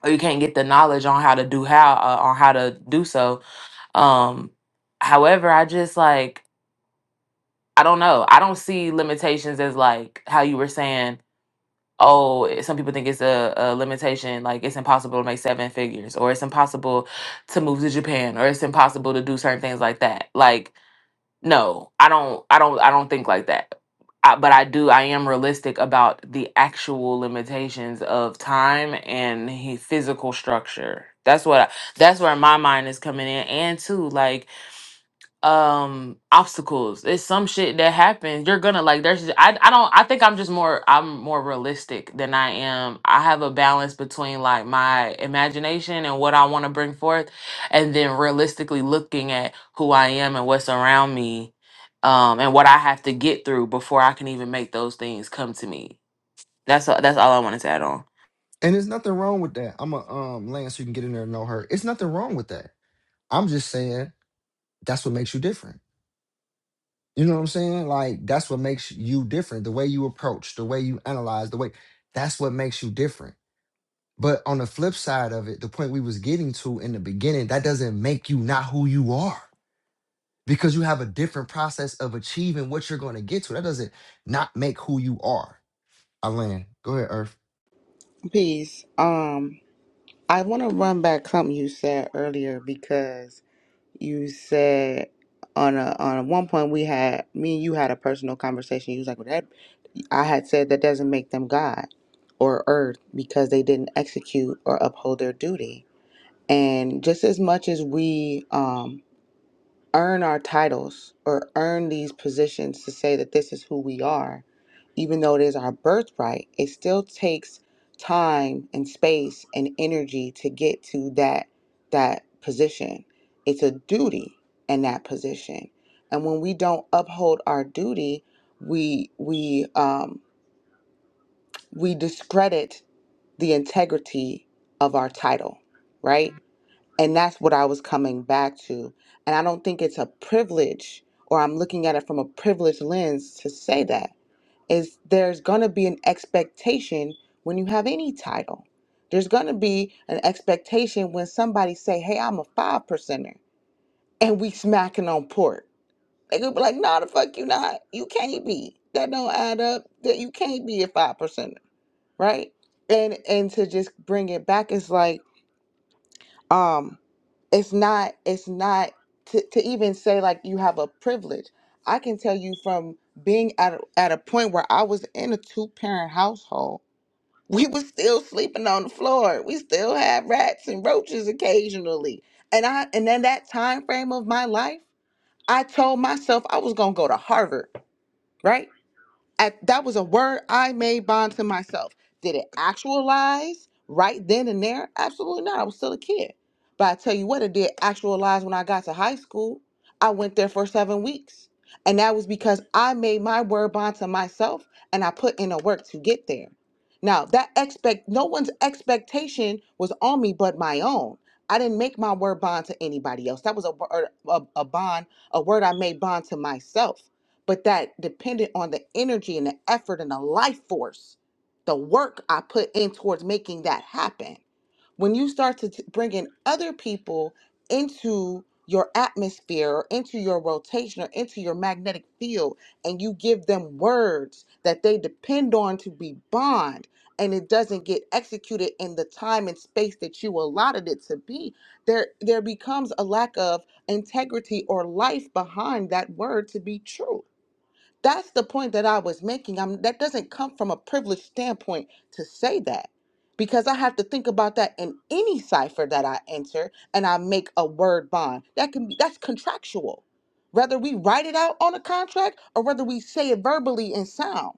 Speaker 5: or you can't get the knowledge on how to do how uh, on how to do so um, however, I just like I don't know. I don't see limitations as like how you were saying. Oh, eh, some people think it's a, a limitation, like it's impossible to make seven figures, or it's impossible to move to Japan, or it's impossible to do certain things like that. Like, no, I don't, I don't, I don't think like that. I, but I do, I am realistic about the actual limitations of time and he, physical structure. That's what, I, that's where my mind is coming in, and too, like um obstacles it's some shit that happens you're gonna like there's just- I, I don't i think i'm just more i'm more realistic than i am i have a balance between like my imagination and what i want to bring forth and then realistically looking at who i am and what's around me um and what i have to get through before i can even make those things come to me that's a- that's all i wanted to add on
Speaker 1: And there's nothing wrong with that. I'm a um Lance, you can get in there and know her. It's nothing wrong with that. I'm just saying that's what makes you different. You know what I'm saying? Like that's what makes you different. The way you approach, the way you analyze, the way that's what makes you different But on the flip side of it, the point we was getting to in the beginning, that doesn't make you not who you are because you have a different process of achieving what you're going to get to. That doesn't not make who you are. Alan, go ahead, Earth.
Speaker 3: Peace. Um, I want to run back something you said earlier because you said on a on a one point we had me and you had a personal conversation. You was like, "Well, that I had said that doesn't make them God or earth because they didn't execute or uphold their duty." And just as much as we um earn our titles or earn these positions to say that this is who we are, even though it is our birthright, it still takes time and space and energy to get to that that position. It's a duty in that position. And when we don't uphold our duty, we we um we discredit the integrity of our title, right? And that's what I was coming back to. And I don't think it's a privilege or I'm looking at it from a privileged lens to say that is there's going to be an expectation when you have any title. There's going to be an expectation when somebody say, "Hey, I'm a five percenter," and we smacking on port. They could be like, "No, the fuck you not. You can't be. That don't add up. That you can't be a five percenter, right?" And and to just bring it back it's like, um it's not it's not to, to even say like you have a privilege i can tell you from being at a, at a point where i was in a two parent household [laughs] we was still sleeping on the floor we still had rats and roaches occasionally and i and then that time frame of my life i told myself i was going to go to harvard right at, that was a word I made bond to myself. Did it actualize right then and there? Absolutely not. I was still a kid. But I tell you what, it did actualize when I got to high school. I went there for seven weeks. And that was because I made my word bond to myself and I put in the work to get there. Now that expect no one's expectation was on me but my own. I didn't make my word bond to anybody else. That was a, word- a, a bond, a word I made bond to myself but that depended on the energy and the effort and the life force, the work I put in towards making that happen. When you start to t- bring in other people into your atmosphere or into your rotation or into your magnetic field, and you give them words that they depend on to be bond, and it doesn't get executed in the time and space that you allotted it to be, there there becomes a lack of integrity or life behind that word to be true that's the point that I was making. I'm that doesn't come from a privileged standpoint to say that. Because I have to think about that in any cipher that I enter and I make a word bond. That can be that's contractual. Whether we write it out on a contract or whether we say it verbally in sound,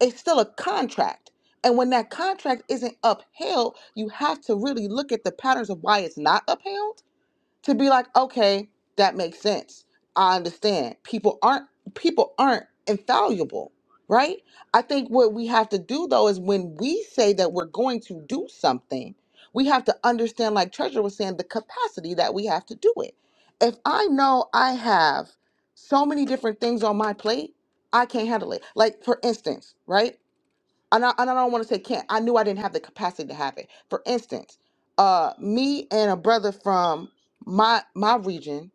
Speaker 3: it's still a contract. And when that contract isn't upheld, you have to really look at the patterns of why it's not upheld to be like, okay, that makes sense. I understand. People aren't people aren't infallible, right? I think what we have to do though is when we say that we're going to do something, we have to understand, like Treasure was saying, the capacity that we have to do it. If I know I have so many different things on my plate, I can't handle it. Like for instance, right? and I, and I don't want to say can't. I knew I didn't have the capacity to have it. For instance, uh, me and a brother from my my region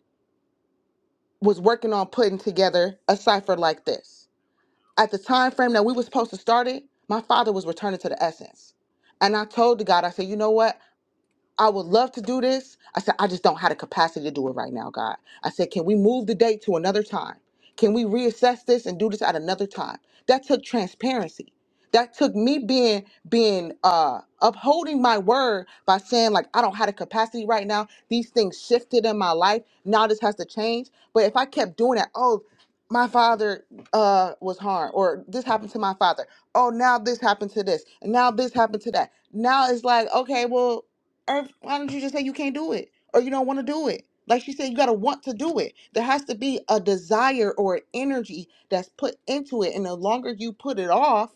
Speaker 3: was working on putting together a cipher like this. At the time frame that we were supposed to start it, my father was returning to the essence, and I told the God, I said, you know what? I would love to do this. I said, I just don't have the capacity to do it right now, God. I said, can we move the date to another time? Can we reassess this and do this at another time? That took transparency. That took me being being uh upholding my word by saying like I don't have the capacity right now. These things shifted in my life. Now this has to change. But if I kept doing that, oh, my father uh was harmed or this happened to my father. Oh, now this happened to this. And now this happened to that. Now it's like, okay, well, or why don't you just say you can't do it or you don't want to do it? Like she said, you got to want to do it. There has to be a desire or an energy that's put into it. And the longer you put it off,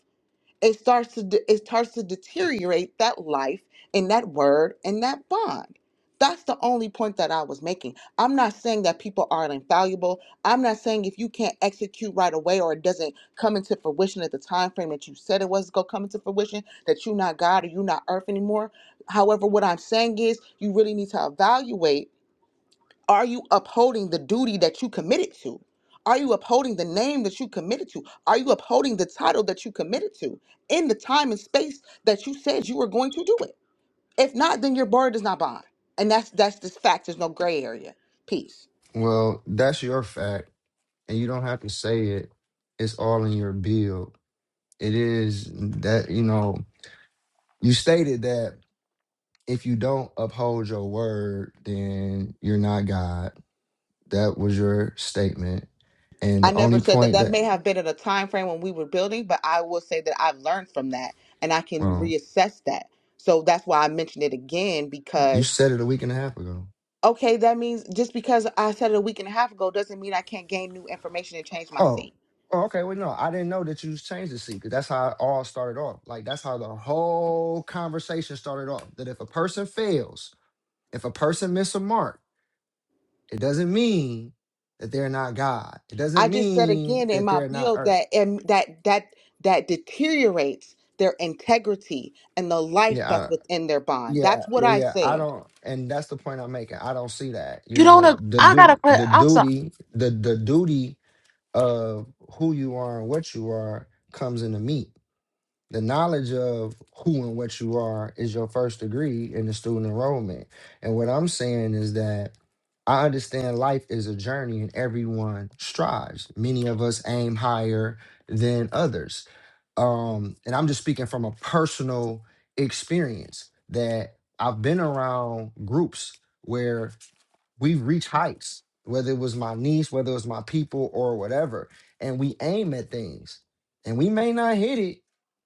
Speaker 3: it starts to de- it starts to deteriorate that life and that word and that bond that's the only point that i was making i'm not saying that people aren't infallible i'm not saying if you can't execute right away or it doesn't come into fruition at the time frame that you said it was going to come into fruition that you're not god or you're not earth anymore however what i'm saying is you really need to evaluate are you upholding the duty that you committed to? Are you upholding the name that you committed to? Are you upholding the title that you committed to in the time and space that you said you were going to do it? If not, then your word is not bond. And that's that's this fact. There's no gray area. Peace.
Speaker 1: Well, that's your fact, and you don't have to say it. It's all in your build. It is that you know you stated that if you don't uphold your word, then you're not God. That was your statement, and
Speaker 3: I
Speaker 1: the
Speaker 3: never
Speaker 1: only
Speaker 3: said that
Speaker 1: point
Speaker 3: that
Speaker 1: that.
Speaker 3: may have been at a time frame when we were building, but I will say that I've learned from that and I can reassess that. So that's why I mentioned it again
Speaker 1: You
Speaker 3: because
Speaker 1: said it a week and a half ago.
Speaker 3: Okay, that means just because I said it a week and a half ago doesn't mean I can't gain new information and change my
Speaker 1: Oh,
Speaker 3: seat.
Speaker 1: oh, okay. Well, no, I didn't know that you changed the seat because that's how it all started off. Like that's how the whole conversation started off. That if a person fails, if a person miss a mark, it doesn't mean that they're not God. It doesn't
Speaker 3: I just said
Speaker 1: mean
Speaker 3: again in
Speaker 1: that
Speaker 3: my
Speaker 1: they're not
Speaker 3: bill
Speaker 1: earth.
Speaker 3: that and that that that deteriorates their integrity and the life
Speaker 1: Yeah.
Speaker 3: that's
Speaker 1: I,
Speaker 3: within their bond.
Speaker 1: yeah,
Speaker 3: That's what
Speaker 1: yeah,
Speaker 3: I
Speaker 1: yeah. I
Speaker 3: said.
Speaker 1: don't, and that's the point I'm making. I don't see that. You
Speaker 5: you don't
Speaker 1: know, the duty, the duty, the the duty of who you are and what you are comes into meat. The knowledge of who and what you are is your first degree in the student enrollment. And what I'm saying is that I understand life is a journey and everyone strives. Many of us aim higher than others. Um, and I'm just speaking from a personal experience that I've been around groups where we've reached heights, whether it was my niece, whether it was my people or whatever. And we aim at things and we may not hit it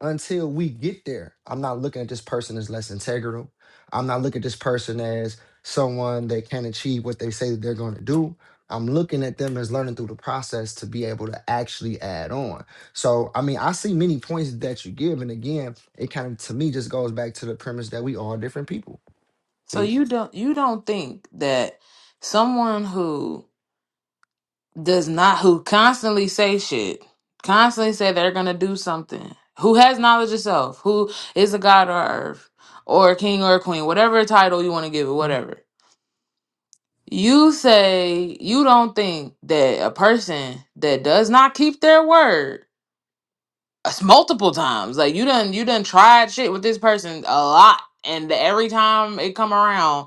Speaker 1: until we get there. I'm not looking at this person as less integral. I'm not looking at this person as someone that can't achieve what they say that they're going to do. I'm looking at them as learning through the process to be able to actually add on. So, I mean, I see many points that you give. And again, it kind of, to me, just goes back to the premise that we are different people.
Speaker 5: so
Speaker 1: Peace.
Speaker 5: you don't you don't think that someone who does not who constantly say shit, constantly say they're gonna do something. Who has knowledge of self? Who is a god or earth or a king or a queen, whatever title you want to give it, whatever. You say you don't think that a person that does not keep their word it's multiple times. Like you done you done tried shit with this person a lot, and every time it come around,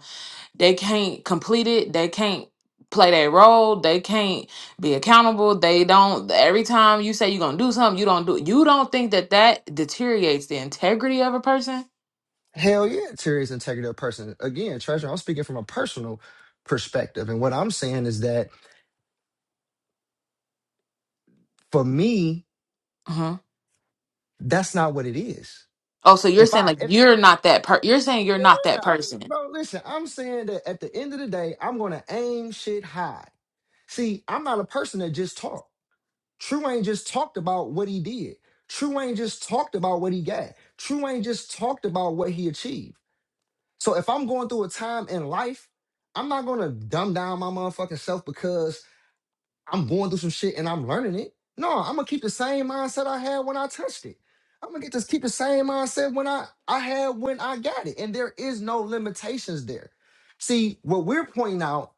Speaker 5: they can't complete it. They can't play their role. They can't be accountable. They don't. Every time you say you're gonna do something, you don't do. it. You don't think that that deteriorates the integrity of a person?
Speaker 1: Hell yeah, Terry integrity of person. Again, treasure, I'm speaking from a personal perspective. And what I'm saying is that for me,
Speaker 5: hmm
Speaker 1: that's not what it is.
Speaker 5: Oh, so you're
Speaker 1: If
Speaker 5: saying
Speaker 1: I,
Speaker 5: like
Speaker 1: if,
Speaker 5: you're not that per? You're saying you're not
Speaker 1: yeah,
Speaker 5: that
Speaker 1: I'm,
Speaker 5: person.
Speaker 1: bro, listen, I'm saying that at the end of the day, I'm going to aim shit high. See, I'm not a person that just talked. True ain't just talked about what he did. True ain't just talked about what he got. True ain't just talked about what he achieved. So if I'm going through a time in life, I'm not gonna dumb down my motherfucking self because I'm going through some shit and I'm learning it. No, I'm gonna keep the same mindset I had when I touched it. I'm gonna get to keep the same mindset when I I had when I got it, and there is no limitations there. See, what we're pointing out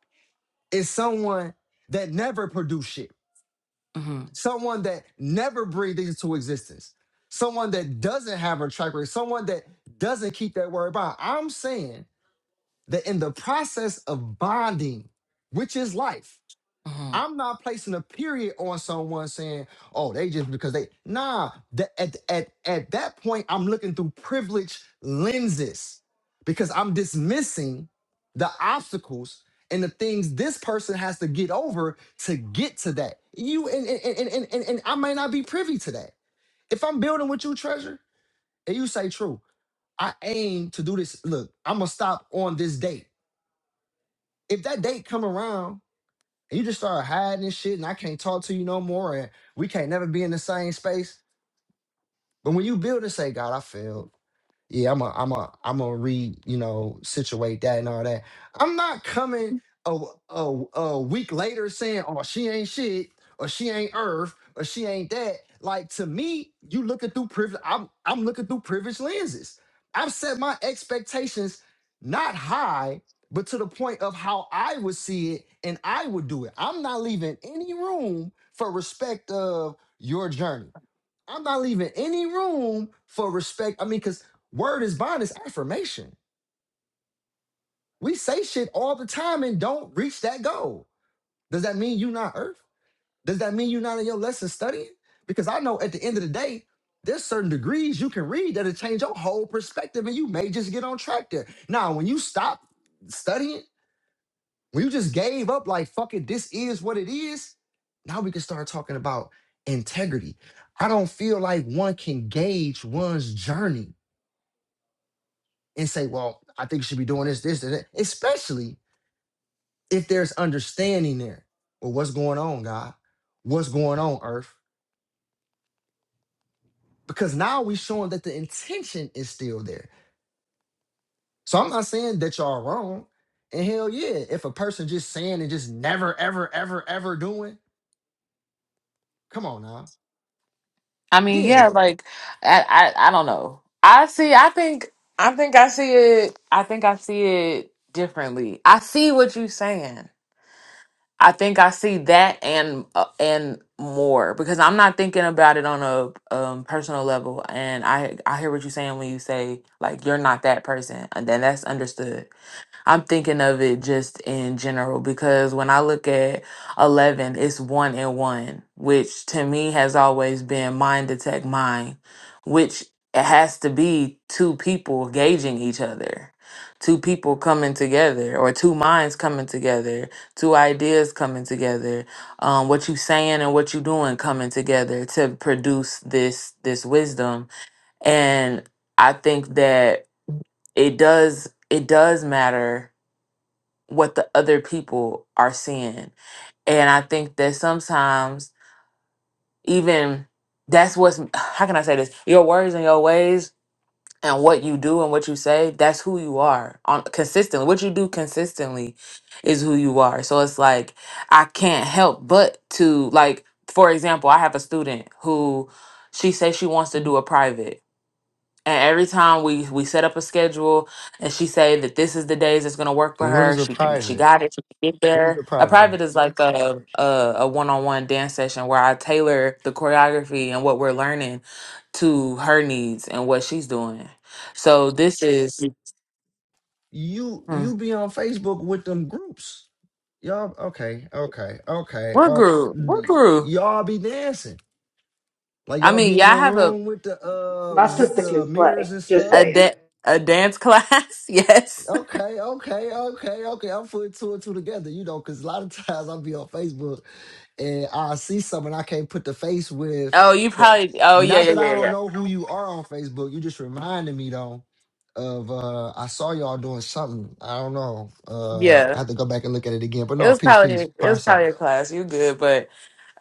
Speaker 1: is someone that never produced shit,
Speaker 5: hmm
Speaker 1: someone that never breathed into existence, someone that doesn't have a track record, someone that doesn't keep that word bond. I'm saying that in the process of bonding, which is life,
Speaker 5: hmm
Speaker 1: I'm not placing a period on someone saying, "Oh, they just because they." Nah, that at at at that point, I'm looking through privilege lenses because I'm dismissing the obstacles and the things this person has to get over to get to that. You and and and and, and, and I may not be privy to that. If I'm building with you, treasure, and you say, "True, I aim to do this." Look, I'm gonna stop on this date. If that date come around and you just start hiding and shit, and I can't talk to you no more, and we can't never be in the same space. But when you build and say, God, I failed yeah, I'm a, I'm a, I'm a re, you know, situate that and all that. I'm not coming a, a, a week later saying, oh, she ain't shit, or she ain't Earth, or she ain't that. Like to me, you looking through privilege. I'm, I'm looking through privileged lenses. I've set my expectations not high, but to the point of how I would see it and I would do it. I'm not leaving any room for respect of your journey. I'm not leaving any room for respect. I mean, because word is bond is affirmation. We say shit all the time and don't reach that goal. Does that mean you not earth? Does that mean you not in your lesson studying? Because I know at the end of the day, there's certain degrees you can read that'll change your whole perspective and you may just get on track there. Now, when you stop studying, when you just gave up, like, fuck it, this is what it is, now we can start talking about integrity. I don't feel like one can gauge one's journey and say, well, I think you should be doing this, this, and that, especially if there's understanding there. Well, what's going on, God? What's going on, earth? Because now we showing that the intention is still there. So I'm not saying that y'all are wrong. And hell yeah, if a person just saying and just never, ever, ever, ever doing, come on now.
Speaker 5: I mean,
Speaker 1: Yeah.
Speaker 5: yeah, like I, I, I don't know. I see. I think. I think I see it. I think I see it differently. I see what you're saying. I think I see that and uh, and more because I'm not thinking about it on a um, personal level, and I I hear what you're saying when you say like you're not that person, and then that's understood. I'm thinking of it just in general because when I look at 11, it's one and one, which to me has always been mind detect mind, which it has to be two people gauging each other, two people coming together, or two minds coming together, two ideas coming together, um, what you saying and what you doing coming together to produce this this wisdom. And I think that it does it does matter what the other people are seeing. And I think that sometimes even that's what's how can I say this? Your words and your ways and what you do and what you say, that's who you are on consistently. What you do consistently is who you are. So it's like I can't help but to like for example, I have a student who she says she wants to do a private and every time we we set up a schedule, and she say that this is the days that's gonna work for
Speaker 1: What
Speaker 5: her.
Speaker 1: is a
Speaker 5: She can- she
Speaker 1: private?
Speaker 5: got it. She can get
Speaker 1: What is a
Speaker 5: there. A
Speaker 1: private? Earth?
Speaker 5: private is like a a, a one on one dance session where I tailor the choreography and what we're learning to her needs and what she's doing. So this is mm,
Speaker 1: You
Speaker 5: mm,
Speaker 1: you be on Facebook with them groups. Y'all okay, okay, okay.
Speaker 5: we're
Speaker 1: Uh,
Speaker 5: grew we're grew.
Speaker 1: y'all be dancing Like
Speaker 5: I
Speaker 1: y'all
Speaker 5: mean,
Speaker 1: be in
Speaker 5: yeah, I
Speaker 1: a
Speaker 5: have a
Speaker 1: room with the uh
Speaker 4: My
Speaker 1: with
Speaker 4: sister can
Speaker 1: the mirrors
Speaker 4: slay.
Speaker 1: and
Speaker 4: Just
Speaker 5: a
Speaker 1: stuff.
Speaker 4: saying.
Speaker 5: da- a dance class. [laughs] yes.
Speaker 1: Okay, okay, okay, okay. I'm putting two and two together, you know, because a lot of [laughs] times I'll be on Facebook and I see something I can't put the face with.
Speaker 5: Oh, you
Speaker 1: The
Speaker 5: probably. Oh, yeah,
Speaker 1: not
Speaker 5: yeah,
Speaker 1: that I
Speaker 5: yeah,
Speaker 1: don't
Speaker 5: yeah,
Speaker 1: know who you are on Facebook. You just reminded me though of uh I saw y'all doing something. I don't know. Um I
Speaker 5: yeah.
Speaker 1: have to go back and look at it again. But
Speaker 5: It
Speaker 1: no,
Speaker 5: was
Speaker 1: peace,
Speaker 5: probably
Speaker 1: peace,
Speaker 5: it was
Speaker 1: parcel.
Speaker 5: probably a class. You good, but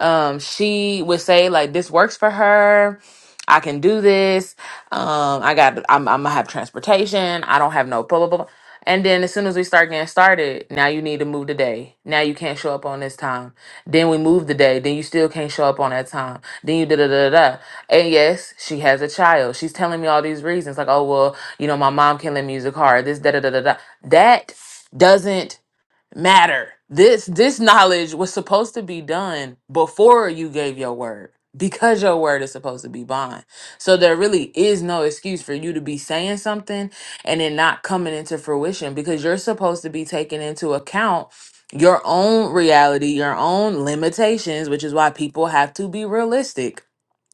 Speaker 5: um, she would say like this works for her. I can do this. Um, I got I'm I'm gonna have transportation. I don't have no blah blah blah. blah. And then as soon as we start getting started, now you need to move the day. Now you can't show up on this time. Then we move the day. Then you still can't show up on that time. Then you da da da da. da. And yes, she has a child. She's telling me all these reasons like, oh well, you know, my mom can lend me use a car. This da da da da da. That doesn't matter. This this knowledge was supposed to be done before you gave your word because your word is supposed to be bond. So there really is no excuse for you to be saying something and it not coming into fruition because you're supposed to be taking into account your own reality, your own limitations, which is why people have to be realistic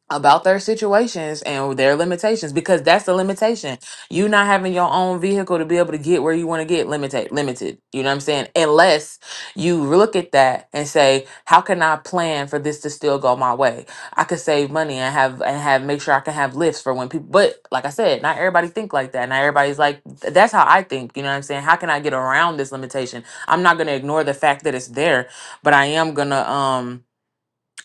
Speaker 5: about their situations and their limitations because that's the limitation. You not having your own vehicle to be able to get where you want to get limited limited. You know what I'm saying? Unless you look at that and say, how can I plan for this to still go my way? I could save money and have and have make sure I can have lifts for when people but like I said, not everybody think like that. Not everybody's like "Th- that's how I think. You know what I'm saying? How can I get around this limitation? I'm not gonna ignore the fact that it's there, but I am gonna um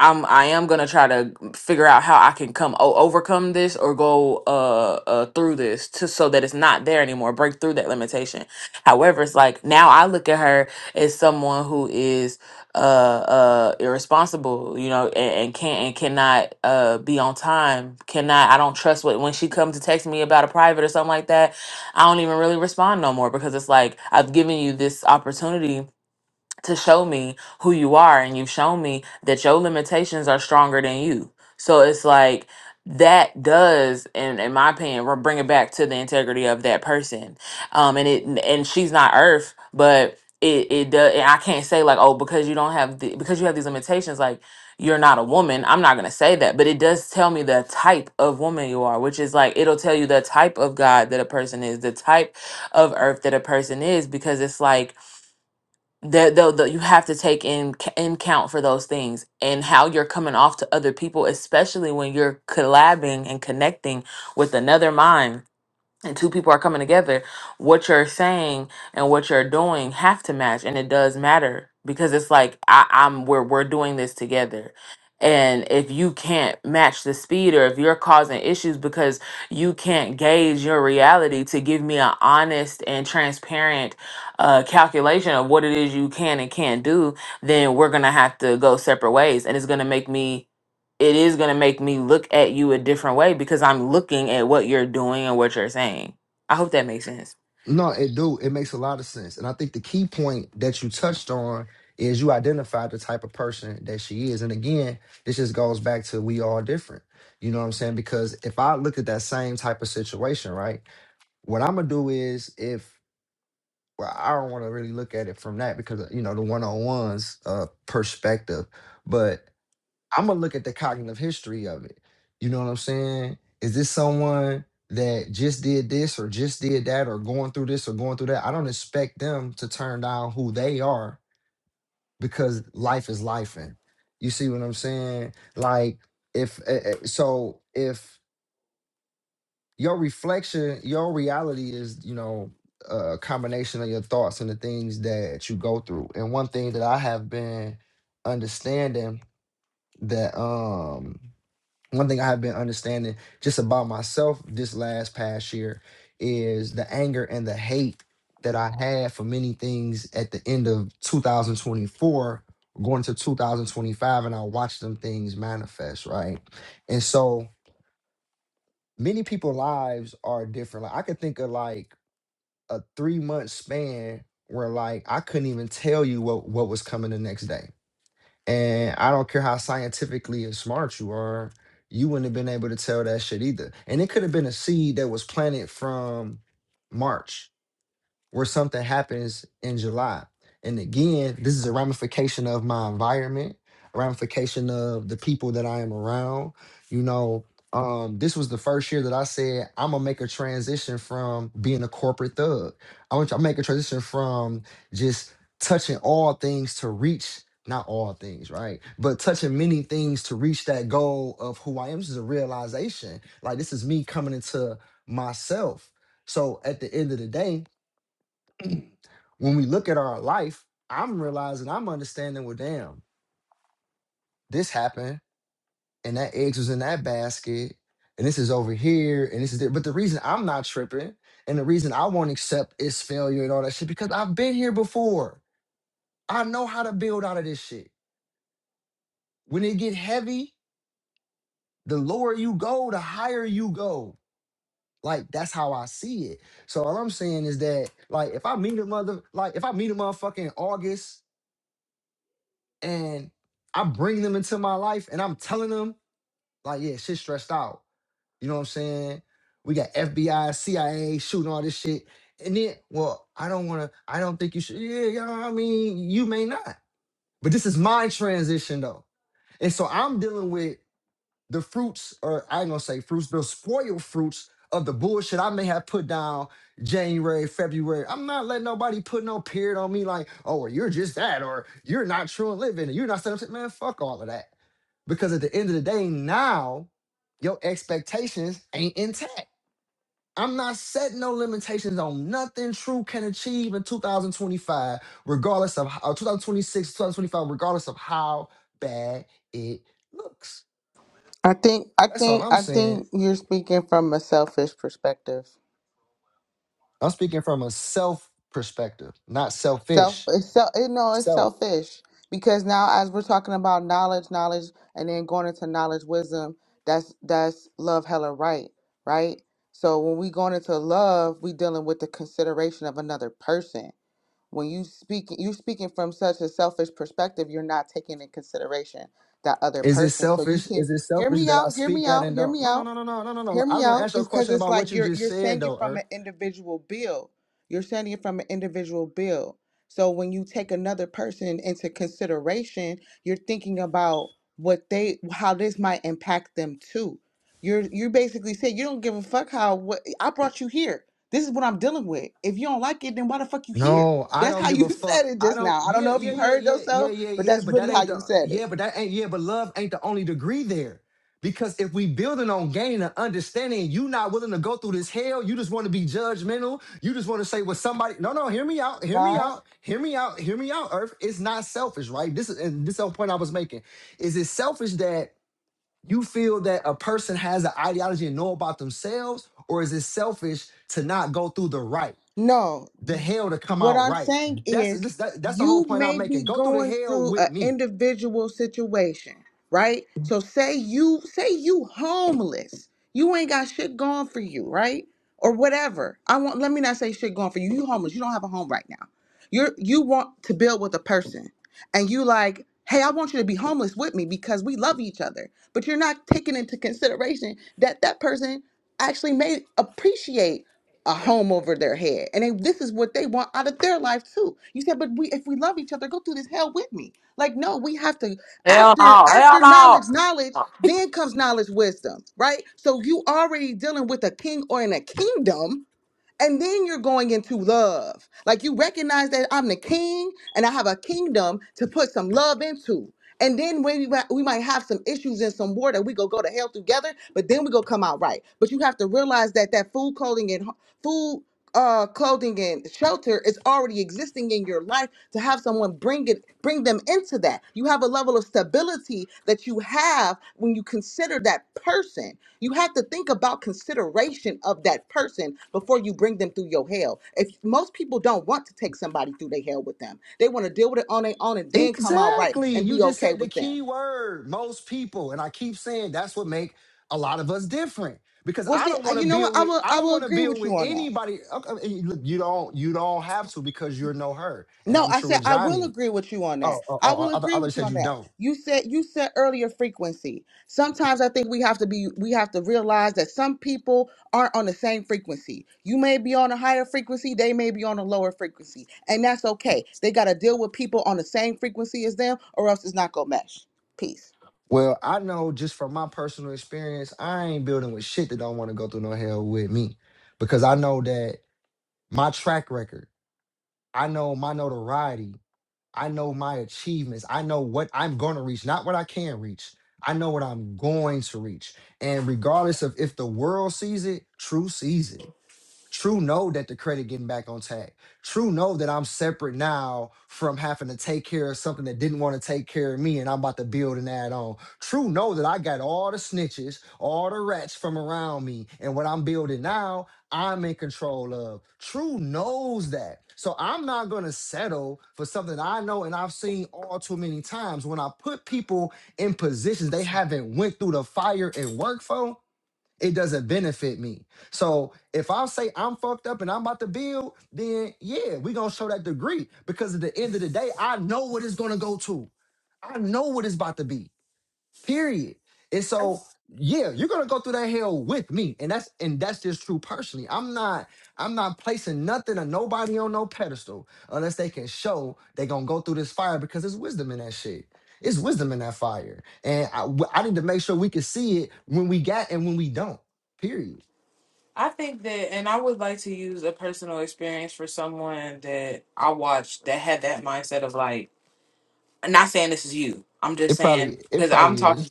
Speaker 5: I'm I am gonna try to figure out how I can come o- overcome this or go uh, uh through this to so that it's not there anymore, break through that limitation. However, it's like now I look at her as someone who is uh uh irresponsible, you know, and, and can't and cannot uh be on time, cannot I don't trust what when she comes to text me about a private or something like that, I don't even really respond no more because it's like I've given you this opportunity to show me who you are and you've shown me that your limitations are stronger than you so it's like that does in, in my opinion re- bring it back to the integrity of that person um and it and she's not earth but it it does i can't say like oh because you don't have the, because you have these limitations like you're not a woman i'm not going to say that but it does tell me the type of woman you are which is like it'll tell you the type of god that a person is the type of earth that a person is because it's like that though you have to take in c- in count for those things and how you're coming off to other people especially when you're collabing and connecting with another mind and two people are coming together, what you're saying and what you're doing have to match, and it does matter because it's like I, I'm we're we're doing this together. And if you can't match the speed, or if you're causing issues because you can't gauge your reality to give me an honest and transparent uh, calculation of what it is you can and can't do, then we're gonna have to go separate ways, and it's gonna make me it is going to make me look at you a different way because I'm looking at what you're doing and what you're saying. I hope that makes sense.
Speaker 1: No, it do. It makes a lot of sense. And I think the key point that you touched on is you identify the type of person that she is. And again, this just goes back to we all different. You know what I'm saying? Because if I look at that same type of situation, right? What I'm gonna do is if well, I don't want to really look at it from that because you know the one-on-one's uh perspective. But I'm gonna look at the cognitive history of it. You know what I'm saying? Is this someone that just did this or just did that or going through this or going through that? I don't expect them to turn down who they are because life is life. And you see what I'm saying? Like if eh, eh, so, if your reflection, your reality is you know a combination of your thoughts and the things that you go through. And one thing that I have been understanding that um one thing I have been understanding just about myself this last past year is the anger and the hate that I had for many things at the end of 2024 going to 2025 and I watched them things manifest, right? And so many people's lives are different. Like I could think of like a 3 month span where like I couldn't even tell you what what was coming the next day and I don't care how scientifically and smart you are, you wouldn't have been able to tell that shit either. And it could have been a seed that was planted from March where something happens in July. And again, this is a ramification of my environment, a ramification of the people that I am around. You know, um, this was the first year that I said I'm gonna make a transition from being a corporate thug. I want to make a transition from just touching all things to reach not all things, right? But touching many things to reach that goal of who I am. This is a realization. Like this is me coming into myself. So at the end of the day, [clears throat] when we look at our life, I'm realizing, I'm understanding, well, damn, this happened and that eggs was in that basket and this is over here and this is there. But the reason I'm not tripping and the reason I won't accept is failure and all that shit because I've been here before. I know how to build out of this shit. When it get heavy, the lower you go, the higher you go. Like that's how I see it. So all I'm saying is that, like, if I meet a mother, like, if I meet a motherfucker in August and I bring them into my life and I'm telling them, like, yeah, shit's stressed out. You know what I'm saying? We got FBI, CIA shooting all this shit. And then, well, I don't wanna, I don't think you should. Yeah, you know what I mean? You may not. But this is my transition though. And so I'm dealing with the fruits, or I ain't gonna say fruits, the spoiled fruits of the bullshit I may have put down January, February. I'm not letting nobody put no period on me like, oh, well, you're just that, or you're not true and living, and you're not saying, man, fuck all of that. Because at the end of the day, now your expectations ain't intact. I'm not setting no limitations on nothing true can achieve in 2025, regardless of how, 2026, 2025, regardless of how bad it looks.
Speaker 3: I think I
Speaker 1: That's all
Speaker 3: think
Speaker 1: I'm
Speaker 3: I
Speaker 1: saying.
Speaker 3: think you're speaking from a selfish perspective.
Speaker 1: I'm speaking from a self perspective, not
Speaker 3: Self,
Speaker 1: selfish.
Speaker 3: it's self, it, no, it's
Speaker 1: Self.
Speaker 3: selfish because now as we're talking about knowledge, knowledge, and then going into knowledge, wisdom, that's that's love, hella right, right. So when we going into love, we dealing with the consideration of another person. When you speak, you speaking from such a selfish perspective, you're not taking in consideration that other
Speaker 1: Is it
Speaker 3: person. So you
Speaker 1: selfish?
Speaker 3: can
Speaker 1: Is it
Speaker 3: hear
Speaker 1: selfish
Speaker 3: me
Speaker 1: that I
Speaker 3: out, hear
Speaker 1: speak
Speaker 3: me
Speaker 1: that
Speaker 3: out,
Speaker 1: and
Speaker 3: hear
Speaker 1: don't?
Speaker 3: me
Speaker 1: No, no,
Speaker 3: out
Speaker 1: no, no, no, no, no, no.
Speaker 3: hear
Speaker 1: I
Speaker 3: me
Speaker 1: was gonna
Speaker 3: out
Speaker 1: ask you a
Speaker 3: because
Speaker 1: question
Speaker 3: it's
Speaker 1: about
Speaker 3: like
Speaker 1: what you
Speaker 3: you're
Speaker 1: just
Speaker 3: you're
Speaker 1: said
Speaker 3: saying it
Speaker 1: though,
Speaker 3: from
Speaker 1: Earth.
Speaker 3: an individual bill you're saying it from an individual bill so when you take another person into consideration you're thinking about what they how this might impact them too you're you basically say you don't give a fuck how what i brought you here this is what i'm dealing with if you don't like it then why the fuck you here
Speaker 1: No, I
Speaker 3: that's
Speaker 1: don't
Speaker 3: how
Speaker 1: give a
Speaker 3: you [laughs] said
Speaker 1: fuck.
Speaker 3: it
Speaker 1: I
Speaker 3: just
Speaker 1: don't.
Speaker 3: now i don't
Speaker 1: Yeah,
Speaker 3: know if
Speaker 1: yeah,
Speaker 3: you
Speaker 1: yeah,
Speaker 3: heard
Speaker 1: yeah, yeah,
Speaker 3: yourself
Speaker 1: yeah,
Speaker 3: but
Speaker 1: yeah.
Speaker 3: that's
Speaker 1: But that
Speaker 3: really how
Speaker 1: ain't the.
Speaker 3: you said it
Speaker 1: Yeah, but that ain't. Yeah, but love ain't the only degree there. Because if we building on gain and understanding, you not willing to go through this hell. You just want to be judgmental. You just want to say what somebody. No, no. Hear me out. Hear me
Speaker 3: God.
Speaker 1: out. Hear me out. Hear me out. Earth. It's not selfish, right? This is and this is the whole point I was making. Is it selfish that you feel that a person has an ideology and know about themselves, or is it selfish to not go through the right?
Speaker 3: No,
Speaker 1: the hell to come
Speaker 3: what
Speaker 1: out
Speaker 3: I'm
Speaker 1: right.
Speaker 3: saying
Speaker 1: That's
Speaker 3: is
Speaker 1: this, that, that's the whole
Speaker 3: you
Speaker 1: point I'm
Speaker 3: may be
Speaker 1: making. Go through the
Speaker 3: going
Speaker 1: hell
Speaker 3: through
Speaker 1: with
Speaker 3: an
Speaker 1: me.
Speaker 3: individual situation, right? So say you say you homeless. You ain't got shit going for you, right? Or whatever. I want let me not say shit going for you. You homeless. You don't have a home right now. You're you want to build with a person. And you like, "Hey, I want you to be homeless with me because we love each other." But you're not taking into consideration that that person actually may appreciate a home over their head. And they, this is what they want out of their life too. You said, but we if we love each other, go through this hell with me. Like, no, we have to
Speaker 5: Hell
Speaker 3: after
Speaker 5: no. Hell
Speaker 3: after
Speaker 5: no.
Speaker 3: knowledge, knowledge, then comes knowledge, wisdom, right? So you already dealing with a king or in a kingdom and then you're going into love. Like you recognize that I'm the king and I have a kingdom to put some love into. And then when we, might- we might have some issues and some war that we go go to hell together, but then we go come out right. But you have to realize that that food, clothing, and ho- food, uh, clothing, and shelter is already existing in your life. To have someone bring it, bring them into that, you have a level of stability that you have when you consider that person. You have to think about consideration of that person before you bring them through your hell. If most people don't want to take somebody through their hell with them, they want to deal with it on their own and then come out right
Speaker 1: Exactly.
Speaker 3: and
Speaker 1: You
Speaker 3: be
Speaker 1: just
Speaker 3: okay
Speaker 1: said the
Speaker 3: with them.
Speaker 1: key word. Most people, and I keep saying that's what make a lot of us different. Because
Speaker 3: Well,
Speaker 1: I
Speaker 3: see,
Speaker 1: don't
Speaker 3: I-
Speaker 1: want to
Speaker 3: you know what?
Speaker 1: build
Speaker 3: I
Speaker 1: with
Speaker 3: will
Speaker 1: I
Speaker 3: I
Speaker 1: don't
Speaker 3: will
Speaker 1: want to
Speaker 3: agree
Speaker 1: build
Speaker 3: with
Speaker 1: with
Speaker 3: you on that.
Speaker 1: anybody. Okay, you- look, you don't you don't have to because you're no her. And
Speaker 3: No,
Speaker 1: I'm
Speaker 3: I
Speaker 1: sure
Speaker 3: said I will
Speaker 1: Johnny.
Speaker 3: agree with you on that.
Speaker 1: Oh, oh,
Speaker 3: I
Speaker 1: oh, oh,
Speaker 3: will
Speaker 1: other
Speaker 3: agree
Speaker 1: others
Speaker 3: with you
Speaker 1: said
Speaker 3: on
Speaker 1: you
Speaker 3: that.
Speaker 1: don't.
Speaker 3: You said you said earlier frequency. Sometimes I think we have to be we have to realize that some people aren't on the same frequency. You may be on a higher frequency, they may be on a lower frequency, and that's okay. They got to deal with people on the same frequency as them or else it's not going to mesh. Peace.
Speaker 1: Well, I know just from my personal experience, I ain't building with shit that don't want to go through no hell with me. Because I know that my track record I know my notoriety. I know my achievements. I know what I'm going to reach, not what I can reach. I know what I'm going to reach. And regardless of if the world sees it, truth sees it True know that the credit getting back on tag. True know that I'm separate now from having to take care of something that didn't want to take care of me and I'm about to build and add on. True know that I got all the snitches, all the rats from around me, and what I'm building now, I'm in control of. True knows that. So I'm not gonna settle for something I know and I've seen all too many times. When I put people in positions they haven't went through the fire and work for, it doesn't benefit me. So if I say I'm fucked up and I'm about to build, then yeah, we're gonna show that degree because at the end of the day, I know what it's gonna go to. I know what it's about to be. Period. And so, yeah, you're gonna go through that hell with me. And that's and that's just true personally. I'm not I'm not placing nothing or nobody on no pedestal unless they can show they gonna go through this fire because there's wisdom in that shit. It's wisdom in that fire. And I, w- I need to make sure we can see it when we got and when we don't. Period.
Speaker 5: I think that, and I would like to use a personal experience for someone that I watched that had that mindset of like, I'm not saying this is you. I'm just
Speaker 1: It probably
Speaker 5: saying,
Speaker 1: it
Speaker 5: because I'm
Speaker 1: probably
Speaker 5: talking.
Speaker 1: is.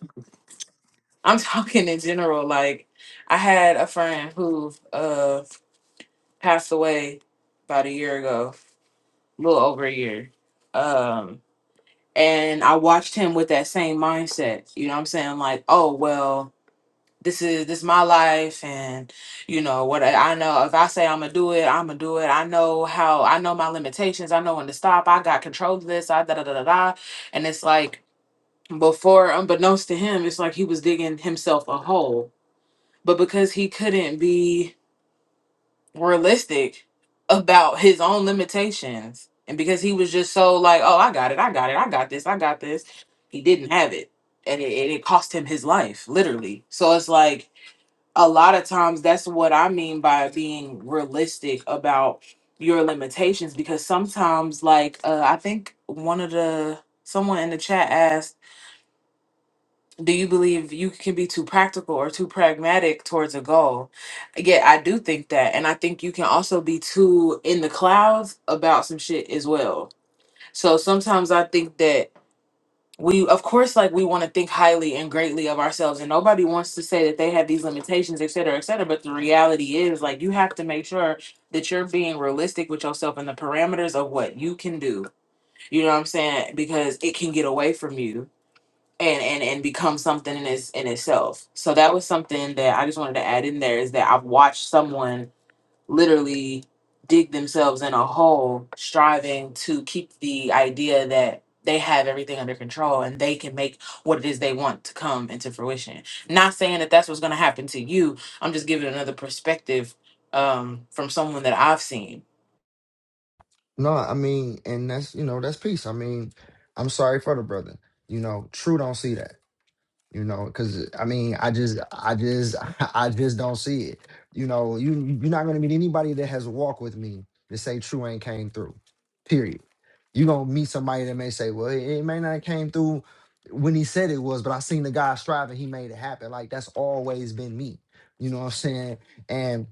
Speaker 5: I'm [laughs] talking in general. Like I had a friend who uh passed away about a year ago, a little over a year. Um, and I watched him with that same mindset. You know what I'm saying? Like, oh well, this is this my life and you know what I, I know if I say I'm gonna do it, I'm gonna do it. I know how I know my limitations, I know when to stop, I got control of this, I da da da da da. And it's like before unbeknownst to him, it's like he was digging himself a hole but because he couldn't be realistic about his own limitations and because he was just so like oh i got it i got it i got this i got this he didn't have it and it, and it cost him his life literally so it's like a lot of times that's what i mean by being realistic about your limitations because sometimes like uh, i think one of the someone in the chat asked do you believe you can be too practical or too pragmatic towards a goal? Yeah, I do think that. And I think you can also be too in the clouds about some shit as well. So sometimes I think that we, of course, like we want to think highly and greatly of ourselves, and nobody wants to say that they have these limitations, et cetera, et cetera. But the reality is, like, you have to make sure that you're being realistic with yourself and the parameters of what you can do. You know what I'm saying? Because it can get away from you and and and become something in its in itself. So that was something that I just wanted to add in there is that I've watched someone literally dig themselves in a hole striving to keep the idea that they have everything under control and they can make what it is they want to come into fruition. Not saying that that's what's going to happen to you. I'm just giving another perspective um, from someone that I've seen.
Speaker 1: No, I mean, and that's you know, that's peace. I mean, I'm sorry for the brother. You know, true don't see that. you know because i mean i just i just [laughs] i just don't see it you know you you're not going to meet anybody that has walked with me to say true ain't came through period you going to meet somebody that may say well it, it may not came through when he said it was but i seen the guy striving he made it happen like that's always been me you know what i'm saying And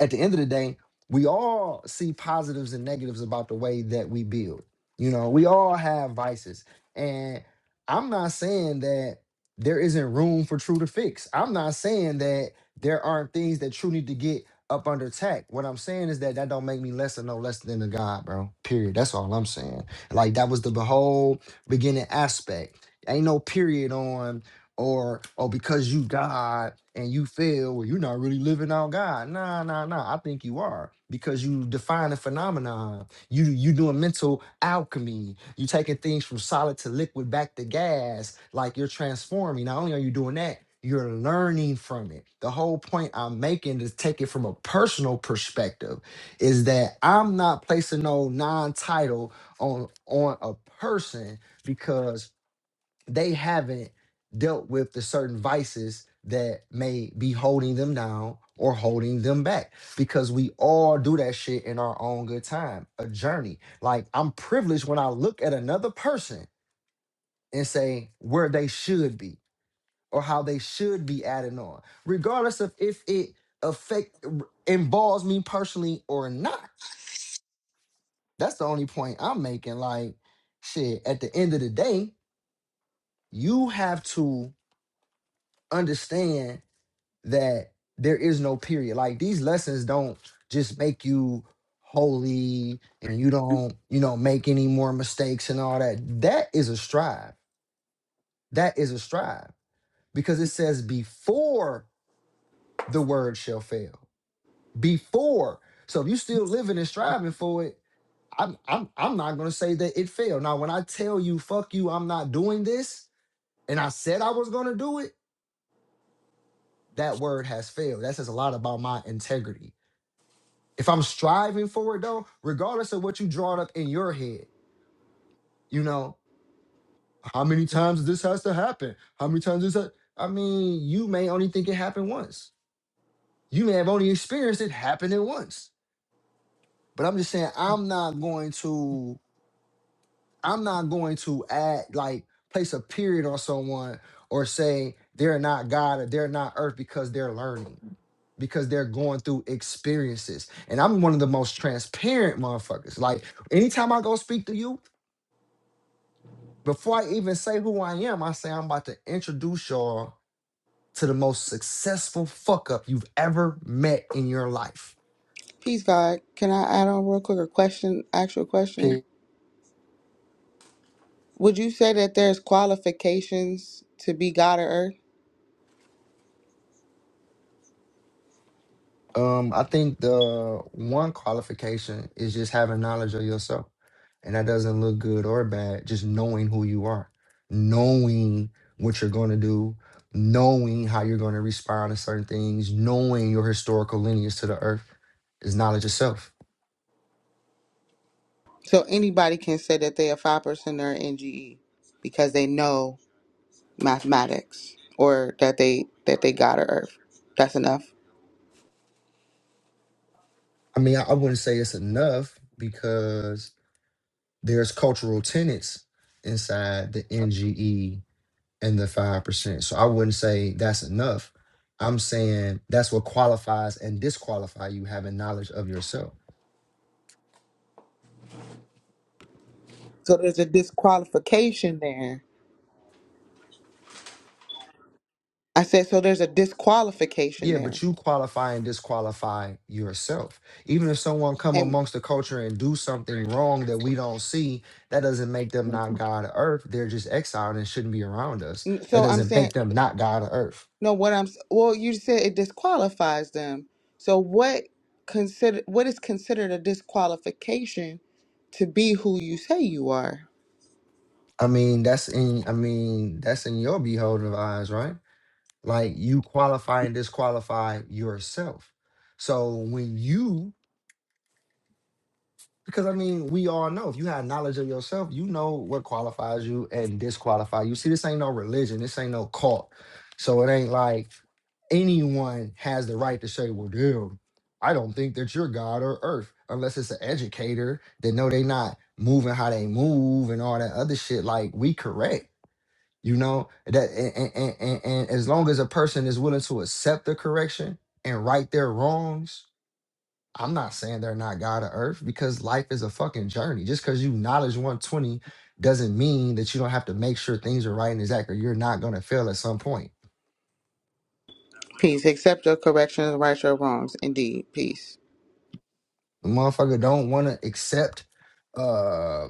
Speaker 1: at the end of the day, we all see positives and negatives about the way that we build. You know, we all have vices. And I'm not saying that there isn't room for True to fix. I'm not saying that there aren't things that True need to get up under attack. What I'm saying is that that don't make me less or no less than a God, bro. Period. That's all I'm saying. Like that was the whole beginning aspect. Ain't no period on or or because you died and you fail, well, you're not really living out God. Nah, nah, nah. I think you are because you define a phenomenon. You you doing mental alchemy. You taking things from solid to liquid back to gas. Like you're transforming. Not only are you doing that, you're learning from it. The whole point I'm making is take it from a personal perspective. Is that I'm not placing no non-title on on a person because they haven't dealt with the certain vices that may be holding them down or holding them back because we all do that shit in our own good time a journey like i'm privileged when i look at another person and say where they should be or how they should be adding on regardless of if it affect r- involves me personally or not that's the only point i'm making like shit at the end of the day you have to understand that there is no period. Like these lessons don't just make you holy and you don't, you know, make any more mistakes and all that. That is a strive. That is a strive because it says before the word shall fail. Before. So if you still living and striving for it, I'm I'm I'm not gonna say that it failed. Now when I tell you fuck you, I'm not doing this, and I said I was gonna do it, that word has failed. That says a lot about my integrity If I'm striving for it though, regardless of what you draw up in your head, you know, how many times this has to happen? How many times this? Ha- I mean, you may only think it happened once. You may have only experienced it happening once. But I'm just saying, I'm not going to, I'm not going to add like place a period on someone or say they're not God or they're not Earth because they're learning, because they're going through experiences. And I'm one of the most transparent motherfuckers. Like anytime I go speak to you. Before I even say who I am, I say I'm about to introduce y'all to the most successful fuck up you've ever met in your life.
Speaker 3: Peace God. Can I add on real quick a question, actual question?
Speaker 1: Pe-
Speaker 3: Would you say that there's qualifications to be God or earth?
Speaker 1: Um, I think the one qualification is just having knowledge of yourself. And that doesn't look good or bad, just knowing who you are, knowing what you're going to do, knowing how you're going to respond to certain things, knowing your historical lineage to the earth is knowledge itself.
Speaker 3: So anybody can say that they are five percenter in NGE, because they know mathematics or that they that they got a earth. That's enough.
Speaker 1: I mean, I, I wouldn't say it's enough because there's cultural tenets inside the NGE and the 5%. So I wouldn't say that's enough. I'm saying that's what qualifies and disqualify you having knowledge of yourself.
Speaker 3: So there's a disqualification there. I said so there's a disqualification
Speaker 1: Yeah, but
Speaker 3: there.
Speaker 1: you qualify and disqualify yourself. Even if someone come
Speaker 3: And
Speaker 1: amongst the culture and do something wrong that we don't see, that doesn't make them not God of earth. They're just exiled and shouldn't be around us.
Speaker 3: mm,
Speaker 1: That
Speaker 3: so I'm
Speaker 1: doesn't
Speaker 3: saying
Speaker 1: make them not God of earth.
Speaker 3: no what I'm s- well you said it disqualifies them. So what consider what is considered a disqualification to be who you say you are?
Speaker 1: I mean, that's in I mean, that's in your beholding of eyes, right? Like you qualify and disqualify yourself. So when you, because I mean, we all know if you have knowledge of yourself, you know what qualifies you and disqualify you. See, this ain't no religion, this ain't no cult. So it ain't like anyone has the right to say, well, damn, I don't think that you're God or earth, unless it's an educator that know they not moving how they move and all that other shit. Like we correct. You know that, and, and, and, and as long as a person is willing to accept the correction and right their wrongs, I'm not saying they're not God of Earth because life is a fucking journey. Just because you knowledge 120 doesn't mean that you don't have to make sure things are right and exact, or you're not gonna fail at some point.
Speaker 3: Peace. Accept your corrections, rights or wrongs. Indeed. Peace.
Speaker 1: The motherfucker don't want to accept uh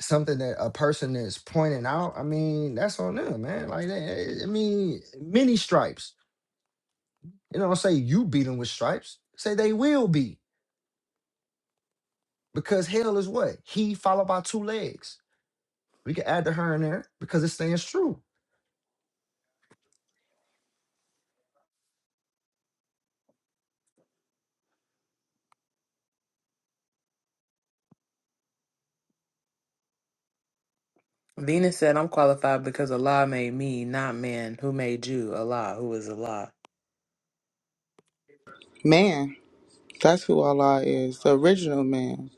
Speaker 1: something that a person is pointing out. I mean, that's on them, man. Like, they- I mean, many stripes. You know, say you beat them with stripes. Say they will be. Because hell is what? He followed by two legs. We can add the her in there because it stands true.
Speaker 5: Venus said, I'm qualified because Allah made me, not man. Who made you? Allah. Who is Allah?
Speaker 3: Man, that's who Allah is, the original man.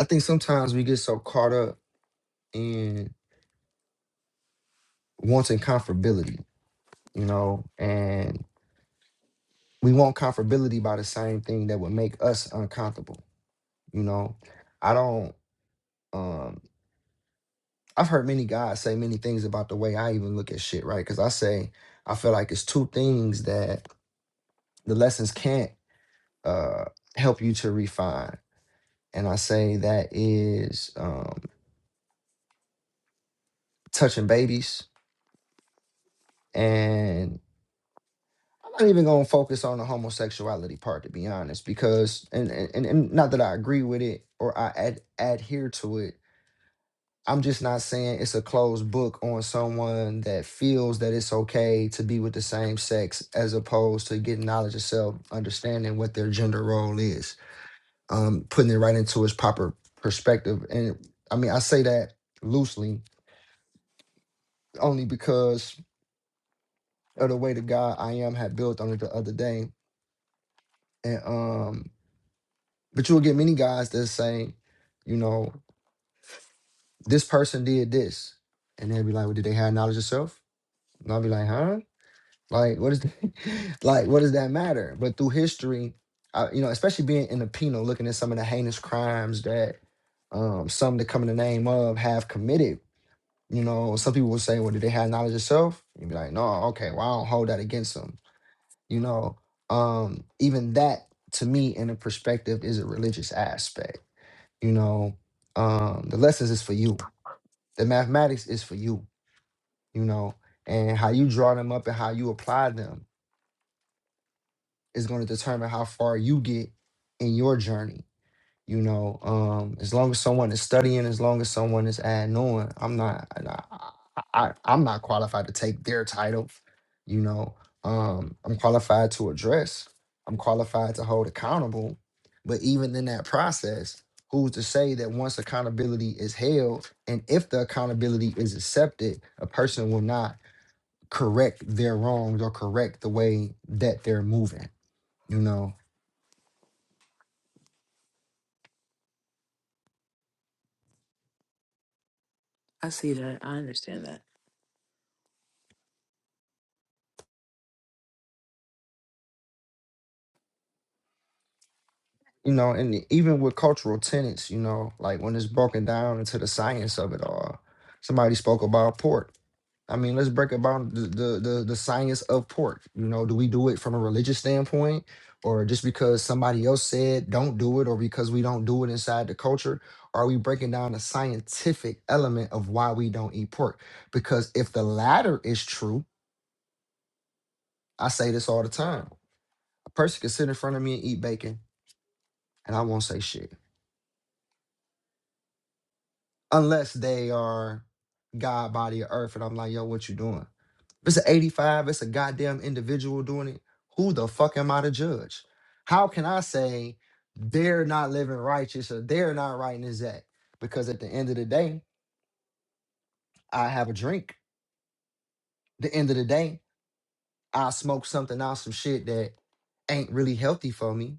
Speaker 1: I think sometimes we get so caught up in wanting comfortability, you know, and we want comfortability by the same thing that would make us uncomfortable, you know. I don't um I've heard many guys say many things about the way I even look at shit, right? Because I say I feel like it's two things that the lessons can't uh help you to refine. And I say that is um touching babies and i'm not even gonna focus on the homosexuality part to be honest because and and, and not that i agree with it or i ad- adhere to it i'm just not saying it's a closed book on someone that feels that it's okay to be with the same sex as opposed to getting knowledge of self understanding what their gender role is um putting it right into its proper perspective and i mean i say that loosely only because of the way the guy i am had built on it the other day And um, but you will get many guys that say, you know, this person did this, and they'll be like, well, did they have knowledge of self? And I'll be like, huh? Like, what is that? [laughs] like, what does that matter? But through history, I, you know, especially being in the penal, looking at some of the heinous crimes that um, some that come in the name of have committed. You know, some people will say, well, did they have knowledge of self? You'd be like, no, okay, well, I don't hold that against them. You know, um, even that to me in a perspective is a religious aspect you know um the lessons is for you the mathematics is for you you know and how you draw them up and how you apply them is going to determine how far you get in your journey You know, um, as long as someone is studying, as long as someone is adding on, I'm not, I, I, I- I'm not qualified to take their title. You know, um, I'm qualified to address. I'm qualified to hold accountable. But even in that process, who's to say that once accountability is held, and if the accountability is accepted, a person will not correct their wrongs or correct the way that they're moving. You know,
Speaker 5: I see that. I understand that.
Speaker 1: you know, and even with cultural tenets, you know, like when it's broken down into the science of it all, somebody spoke about pork. I mean, let's break about the, the the the science of pork. You know, do we do it from a religious standpoint, or just because somebody else said don't do it, or because we don't do it inside the culture? Are we breaking down the scientific element of why we don't eat pork? Because if the latter is true, I say this all the time: a person can sit in front of me and eat bacon, and I won't say shit unless they are God, body, or earth. And I'm like, yo, what you doing? If it's an 85, it's a goddamn individual doing it. Who the fuck am I to judge? How can I say they're not living righteous or they're not right in his act? Because at the end of the day, I have a drink. The end of the day, I smoke something out, some shit that ain't really healthy for me.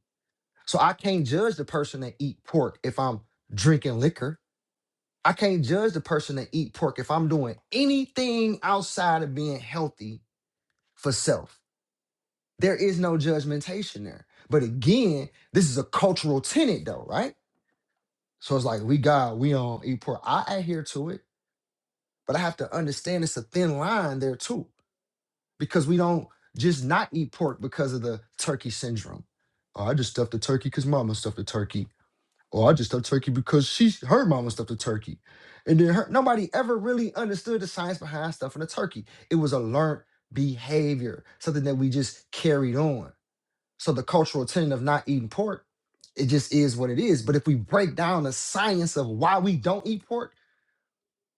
Speaker 1: So I can't judge the person that eat pork if I'm drinking liquor. I can't judge the person that eat pork if I'm doing anything outside of being healthy for self. There is no judgmentation there. But again, this is a cultural tenet though, right? So it's like we God, we don't eat pork. I adhere to it, but I have to understand it's a thin line there too, because we don't just not eat pork because of the turkey syndrome. Oh, I just stuffed the turkey because mama stuffed the turkey. Oh, I just stuffed turkey because she her mama stuffed a turkey. And then her, nobody ever really understood the science behind stuffing a turkey. It was a learned behavior, something that we just carried on. So the cultural tenet of not eating pork, it just is what it is. But if we break down the science of why we don't eat pork,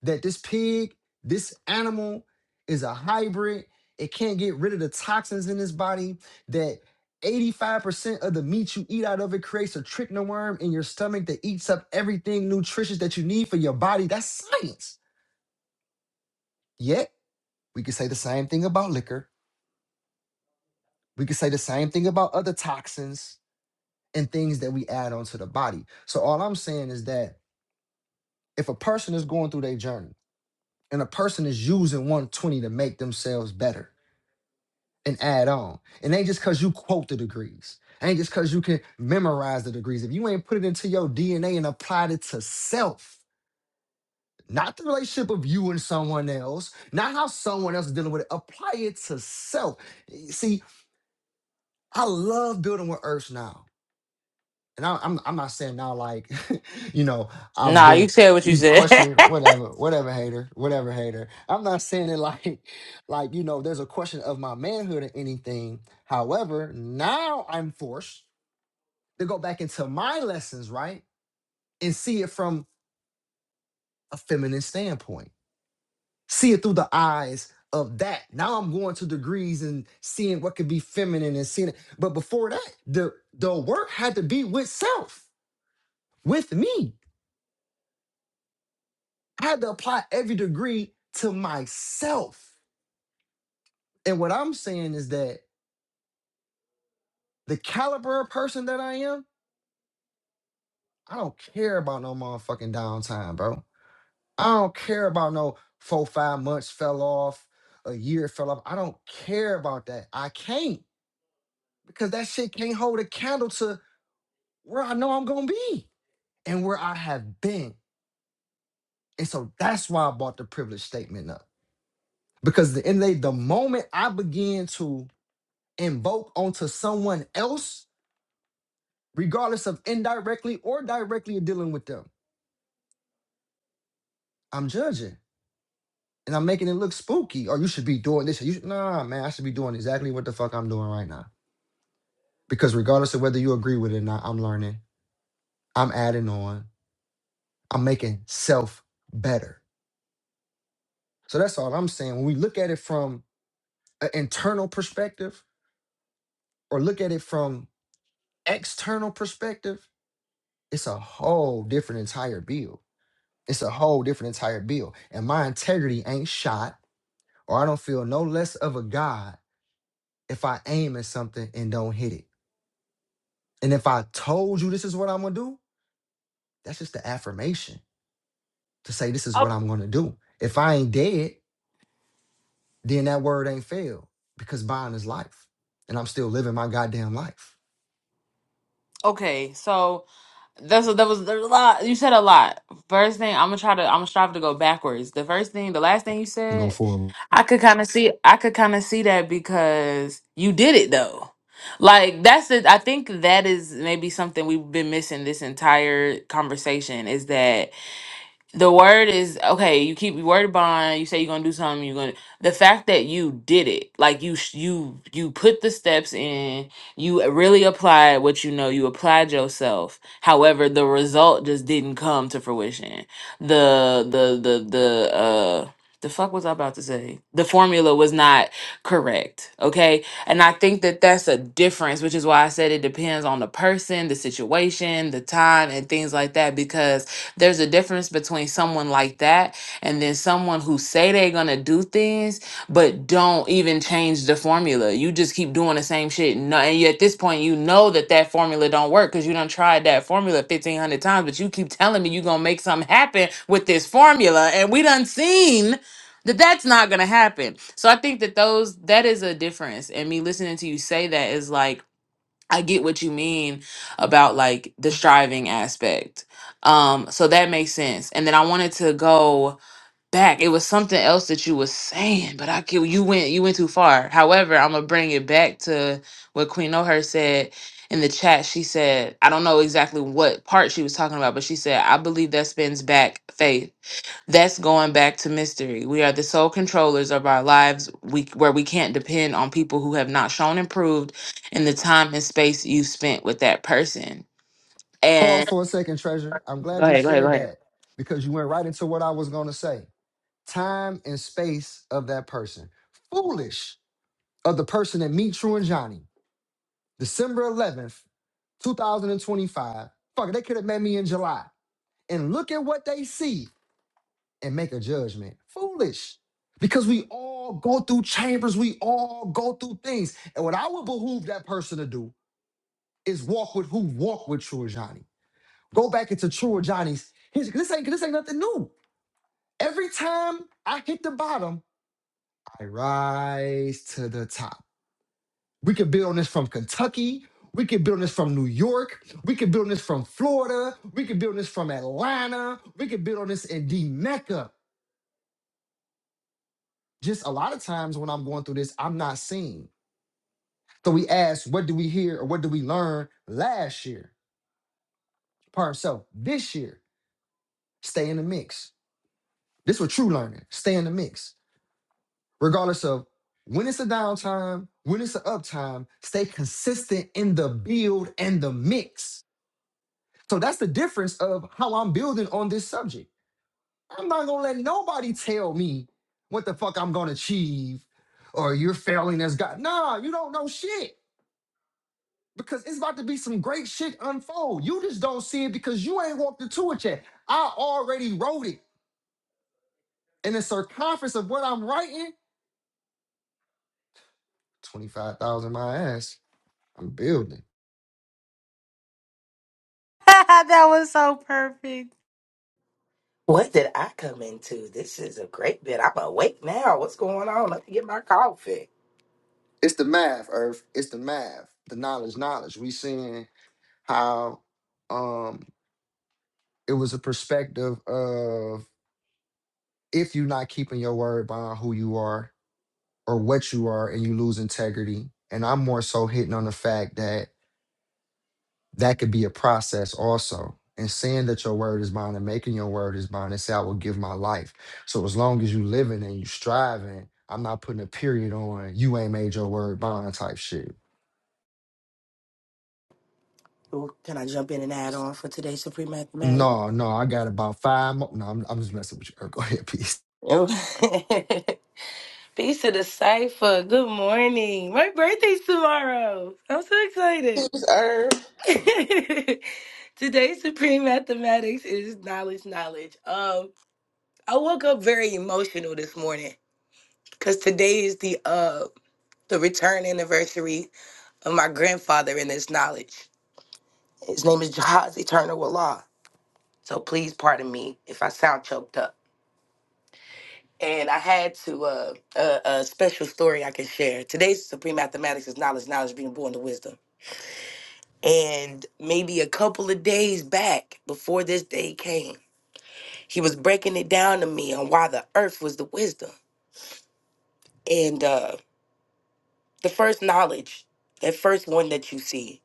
Speaker 1: that this pig, this animal is a hybrid. It can't get rid of the toxins in its body. That 85% of the meat you eat out of it creates a trichinoworm in your stomach that eats up everything nutritious that you need for your body. That's science. Yet, we could say the same thing about liquor. We could say the same thing about other toxins and things that we add onto the body. So, all I'm saying is that if a person is going through their journey and a person is using 120 to make themselves better, and add on. And ain't just because you quote the degrees. Ain't just because you can memorize the degrees. If you ain't put it into your DNA and applied it to self, not the relationship of you and someone else, not how someone else is dealing with it, apply it to self. See, I love building with Earth now and I, I'm I'm not saying now like [laughs] you know I've
Speaker 5: Nah,
Speaker 1: been
Speaker 5: you said what you
Speaker 1: you
Speaker 5: said. [laughs]
Speaker 1: question whatever whatever hater whatever hater. I'm not saying it [laughs] like like you know there's a question of my manhood or anything. However, now I'm forced to go back into my lessons right and see it from a feminine standpoint. See it through the eyes of that. Now I'm going to degrees and seeing what could be feminine and seeing it. But before that, the the work had to be with self, with me I had to apply every degree to myself. And what I'm saying is that the caliber of person that I am, I don't care about no motherfucking downtime, bro. I don't care about no four, five months fell off, a year fell off. I don't care about that. I can't because that shit can't hold a candle to where I know I'm going to be and where I have been. And so that's why I brought the privilege statement up because at the end of the day, the moment I begin to invoke onto someone else regardless of indirectly or directly you're dealing with them. I'm judging and I'm making it look spooky. Or you should be doing this. You should, nah, man, I should be doing exactly what the fuck I'm doing right now. Because regardless of whether you agree with it or not, I'm learning. I'm adding on. I'm making self better. So that's all I'm saying. When we look at it from an internal perspective or look at it from external perspective, it's a whole different entire bill. It's a whole different entire bill. And my integrity ain't shot or I don't feel no less of a God if I aim at something and don't hit it. And if I told you this is what I'm gonna do, that's just the affirmation to say this is what
Speaker 5: Oh,
Speaker 1: I'm gonna do. If I ain't dead, then that word ain't failed because buying is life. And I'm still living my goddamn life.
Speaker 5: okay, so that's a, that was there's a lot. You said a lot. First thing, I'm gonna try to I'm gonna strive to go backwards. The first thing, the last thing you
Speaker 1: And go
Speaker 5: said,
Speaker 1: forward.
Speaker 5: I could kind of see I could kind of see that because you did it though. Like that's the I think that is maybe something we've been missing this entire conversation is that The word is okay. You keep your word bond. You say you're gonna do something. You're gonna the fact that you did it, like you sh- you you put the steps in. You really applied what you know. You applied yourself. However, the result just didn't come to fruition. The the the the uh the fuck was I about to say? The formula was not correct. Okay, and I think that that's a difference, which is why I said it depends on the person, the situation, the time, and things like that. Because there's a difference between someone like that and then someone who say they're gonna do things but don't even change the formula. You just keep doing the same shit. No, and you, at this point, you know that that formula don't work because you done tried that formula fifteen hundred times. But you keep telling me you gonna make something happen with this formula, and we done seen that that's not gonna happen. So I think that those that is a difference. And me listening to you say that is like I get what you mean about like the striving aspect. Um, so that makes sense. And then I wanted to go back. It was something else that you were saying, but I get you went you went too far. However, I'm gonna bring it back to what Queen O'Hare said in the chat. She said, I don't know exactly what part she was talking about, but she said, I believe that spins back faith that's going back to mystery. We are the sole controllers of our lives, we, where we can't depend on people who have not shown improved in the time and space you spent with that person.
Speaker 1: Pause
Speaker 5: And
Speaker 1: for a second, treasure. I'm
Speaker 5: go
Speaker 1: glad you
Speaker 5: ahead, go ahead, go
Speaker 1: said that because you went right into what I was gonna say. Time and space of that person. Foolish of the person that meet you and Johnny. December 11th, 2025. Fuck, they could have met me in July. And look at what they see and make a judgment. Foolish. Because we all go through chambers, we all go through things. And what I would behoove that person to do is walk with who walk with True Johnny. Go back into True Johnny's. His, this ain't this ain't nothing new. Every time I hit the bottom, I rise to the top. We could build on this from Kentucky. We could build on this from New York. We could build on this from Florida. We could build on this from Atlanta. We could build on this in D Mecca. Just a lot of times when I'm going through this, I'm not seeing. So we ask, what do we hear or what do we learn last year? Pardon, so this year, stay in the mix. This was true learning. Stay in the mix. Regardless of when it's a downtime, when it's an uptime, stay consistent in the build and the mix So that's the difference of how I'm building on this subject. I'm not gonna let nobody tell me what the fuck I'm gonna achieve or you're failing as God. Nah, you don't know shit because it's about to be some great shit unfold. You just don't see it because you ain't walked into it yet. I already wrote it. And the circumference of what I'm writing, 25,000 my ass, I'm building.
Speaker 5: ahead.
Speaker 6: What did I come into? This is a great bit. I'm awake now. What's going on? Let me get my coffee.
Speaker 1: It's the math, Earth. It's the math, the knowledge, knowledge. We seeing how um it was a perspective of if you're not keeping your word behind who you are or what you are and you lose integrity. And I'm more so hitting on the fact that that could be a process also. And saying that your word is bond and making your word is bond and say, I will give my life. So as long as you living and you striving, I'm not putting a period on you ain't made your word bond type shit.
Speaker 6: Ooh, Can I jump in and add on for today's Supreme Mathematics?
Speaker 1: No, no, I got about five more. No, I'm, I'm just messing with you. Go ahead, [laughs] peace.
Speaker 6: Ooh. [laughs] Peace to the cipher. Good morning. My birthday's tomorrow. I'm so excited.
Speaker 3: Who's Herb?
Speaker 6: [laughs] today's Supreme Mathematics is knowledge, knowledge. Um, I woke up very emotional this morning because today is the uh the return anniversary of my grandfather and his knowledge. His name is Jahaz Eternal Allah. So please pardon me if I sound choked up. And I had to, uh, uh, a special story I can share. Today's Supreme Mathematics is Knowledge, Knowledge being born to Wisdom. And maybe a couple of days back, before this day came, he was breaking it down to me on why the earth was the wisdom. And uh, the first knowledge, that first one that you see,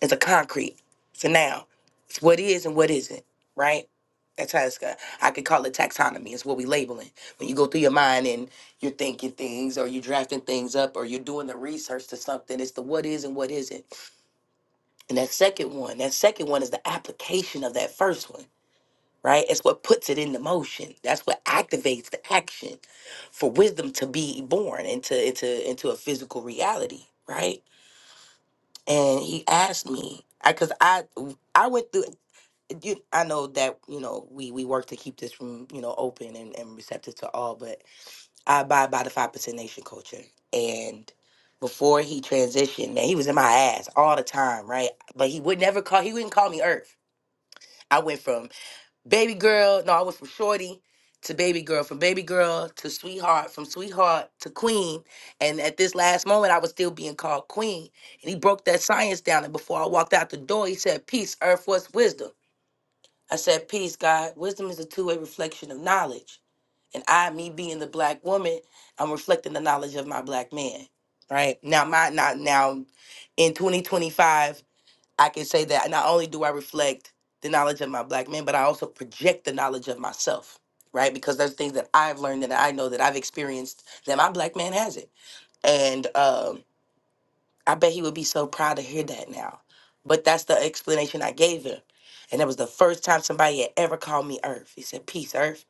Speaker 6: It's a concrete. It's a noun. It's what is and what isn't, right? That's how it's got. I could call it taxonomy. It's what we labeling. When you go through your mind and you're thinking things or you're drafting things up or you're doing the research to something, it's the what is and what isn't. And that second one, that second one is the application of that first one, right? It's what puts it into motion. That's what activates the action for wisdom to be born into into into a physical reality, right? And he asked me, I because I I went through you i know that you know we we work to keep this room you know open and, and receptive to all but i abide by the five percent nation culture and before he transitioned man he was in my ass all the time right but he would never call he wouldn't call me earth i went from baby girl no i went from shorty to baby girl from baby girl to sweetheart from sweetheart to queen and at this last moment i was still being called queen and he broke that science down and before i walked out the door he said peace earth was wisdom I said, Peace, God. Wisdom is a two way reflection of knowledge. And I, me being the black woman, I'm reflecting the knowledge of my black man. Right. Now my not now in 2025, I can say that not only do I reflect the knowledge of my black man, but I also project the knowledge of myself. Right. Because there's things that I've learned that I know that I've experienced that my black man has it. And um I bet he would be so proud to hear that now. But that's the explanation I gave him. And that was the first time somebody had ever called me Earth. He said, Peace, Earth.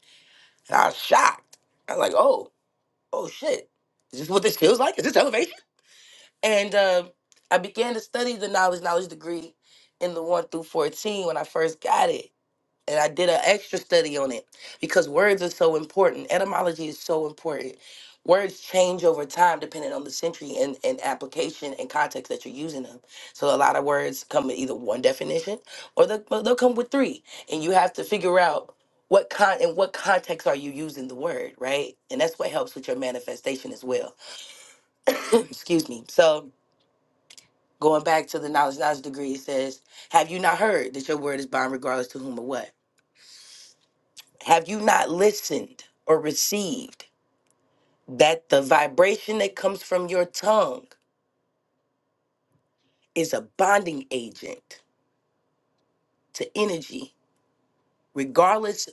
Speaker 6: And I was shocked. I was like, Oh, oh shit. Is this what this feels like? Is this elevation? And um, I began to study the knowledge, knowledge degree in the 1 through 14 when I first got it and I did an extra study on it because words are so important. Etymology is so important. Words change over time depending on the century and, and application and context that you're using them. So a lot of words come with either one definition or they'll, they'll come with three, and you have to figure out what con in what context are you using the word, right? And that's what helps with your manifestation as well. [clears throat] Excuse me. So going back to the knowledge knowledge degree, it says, "Have you not heard that your word is bond regardless to whom or what?" Have you not listened or received that the vibration that comes from your tongue is a bonding agent to energy, regardless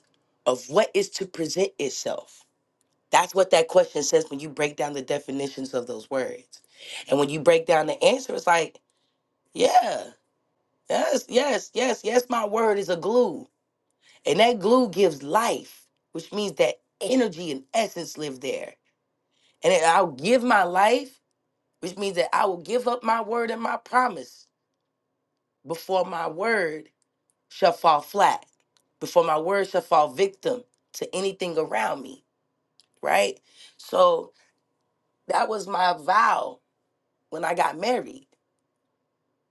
Speaker 6: of what is to present itself? That's what that question says when you break down the definitions of those words. And when you break down the answer, it's like, yeah, yes, yes, yes, yes, my word is a glue. And that glue gives life, which means that energy and essence live there. And I'll give my life which means that I will give up my word and my promise before my word shall fall flat, before my word shall fall victim to anything around me, right? So that was my vow when I got married.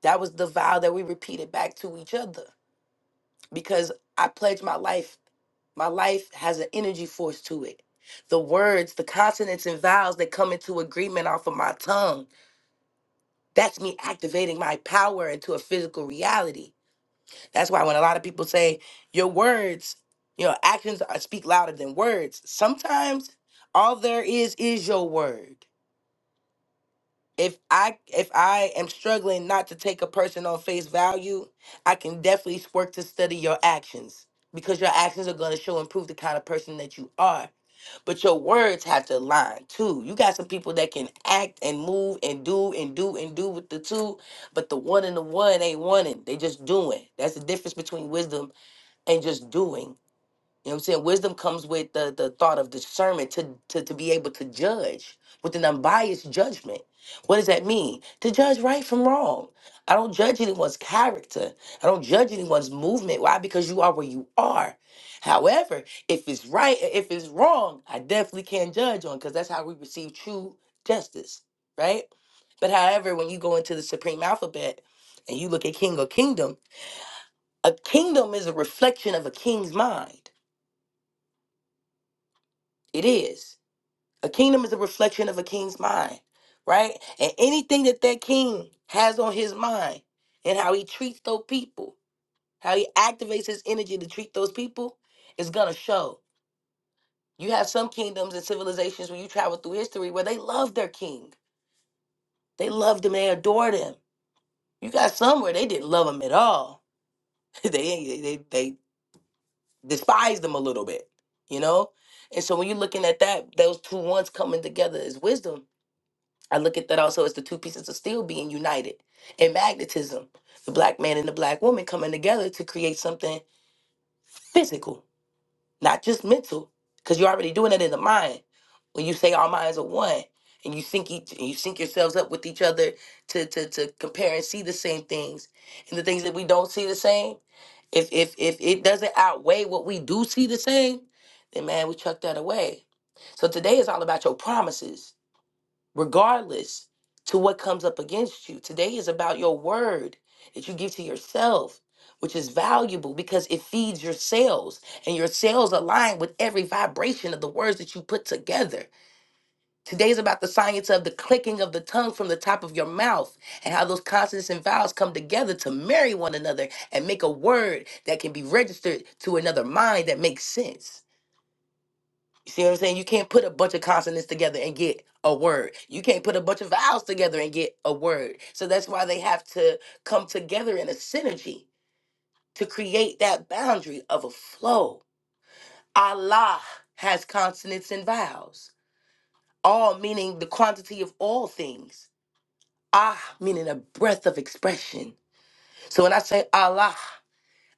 Speaker 6: That was the vow that we repeated back to each other because I pledged my life. My life has an energy force to it. The words, the consonants, and vowels that come into agreement off of my tongue, that's me activating my power into a physical reality That's why when a lot of people say your words, you know, actions are, speak louder than words. Sometimes all there is is your word. If I if I am struggling not to take a person on face value, I can definitely work to study your actions because your actions are going to show and prove the kind of person that you are. But your words have to align too. You got some people that can act and move and do and do and do with the two, but the one and the one ain't wanting. They just doing. That's the difference between wisdom and just doing. You know what I'm saying? Wisdom comes with the, the thought of discernment to, to, to be able to judge with an unbiased judgment. What does that mean? To judge right from wrong. I don't judge anyone's character. I don't judge anyone's movement. Why? Because you are where you are. However, if it's right, if it's wrong, I definitely can't judge on because that's how we receive true justice, right? But however, when you go into the supreme alphabet and you look at king or kingdom, a kingdom is a reflection of a king's mind. It is. A kingdom is a reflection of a king's mind, right? And anything that that king has on his mind and how he treats those people, how he activates his energy to treat those people is going to show. You have some kingdoms and civilizations when you travel through history where they love their king. They loved him, they adored him. You got some where they didn't love him at all. [laughs] they, they, they, they despise them a little bit, you know? And so when you're looking at that, those two ones coming together is wisdom. I look at that also as the two pieces of steel being united and magnetism, the black man and the black woman coming together to create something physical not just mental, because you're already doing it in the mind. When you say our minds are one, and you sync each, and you sync yourselves up with each other to to to compare and see the same things, and the things that we don't see the same. If if if it doesn't outweigh what we do see the same, then man, we chuck that away. So today is all about your promises regardless to what comes up against you. Today is about your word that you give to yourself, which is valuable because it feeds your cells and your cells align with every vibration of the words that you put together. Today is about the science of the clicking of the tongue from the top of your mouth and how those consonants and vowels come together to marry one another and make a word that can be registered to another mind that makes sense. You see what I'm saying? You can't put a bunch of consonants together and get a word. You can't put a bunch of vowels together and get a word. So that's why they have to come together in a synergy to create that boundary of a flow. Allah has consonants and vowels, all meaning the quantity of all things. Ah, meaning a breath of expression. So when I say Allah,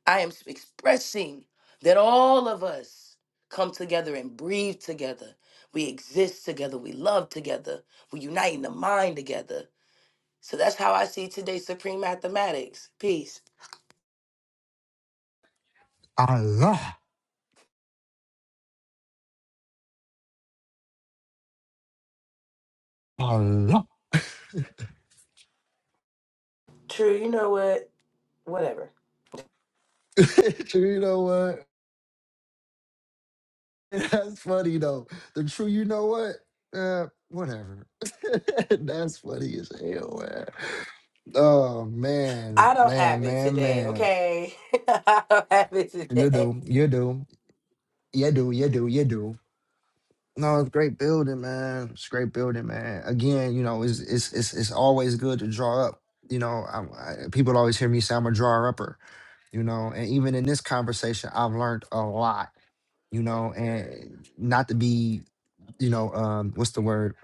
Speaker 6: I am expressing that all of us come together and breathe together. We exist together. We love together. We unite in the mind together. So that's how I see today's Supreme Mathematics. Peace.
Speaker 1: Allah, Allah.
Speaker 6: True, you know what? Whatever.
Speaker 1: [laughs] you know what? [laughs] That's funny though. The true, you know what? Uh, whatever. [laughs] That's funny as hell, man. Oh man,
Speaker 6: I don't
Speaker 1: man,
Speaker 6: have it
Speaker 1: man,
Speaker 6: today,
Speaker 1: man.
Speaker 6: okay? [laughs] I don't have it
Speaker 1: You
Speaker 6: today.
Speaker 1: do, you do, you do, you do, you do. No, it's great building, man. It's great building, man. Again, you know, it's it's it's, it's always good to draw up. You know, I, I, people always hear me say I'm a drawer upper. You know, and even in this conversation, I've learned a lot. You know, and not to be you know, um, what's the word?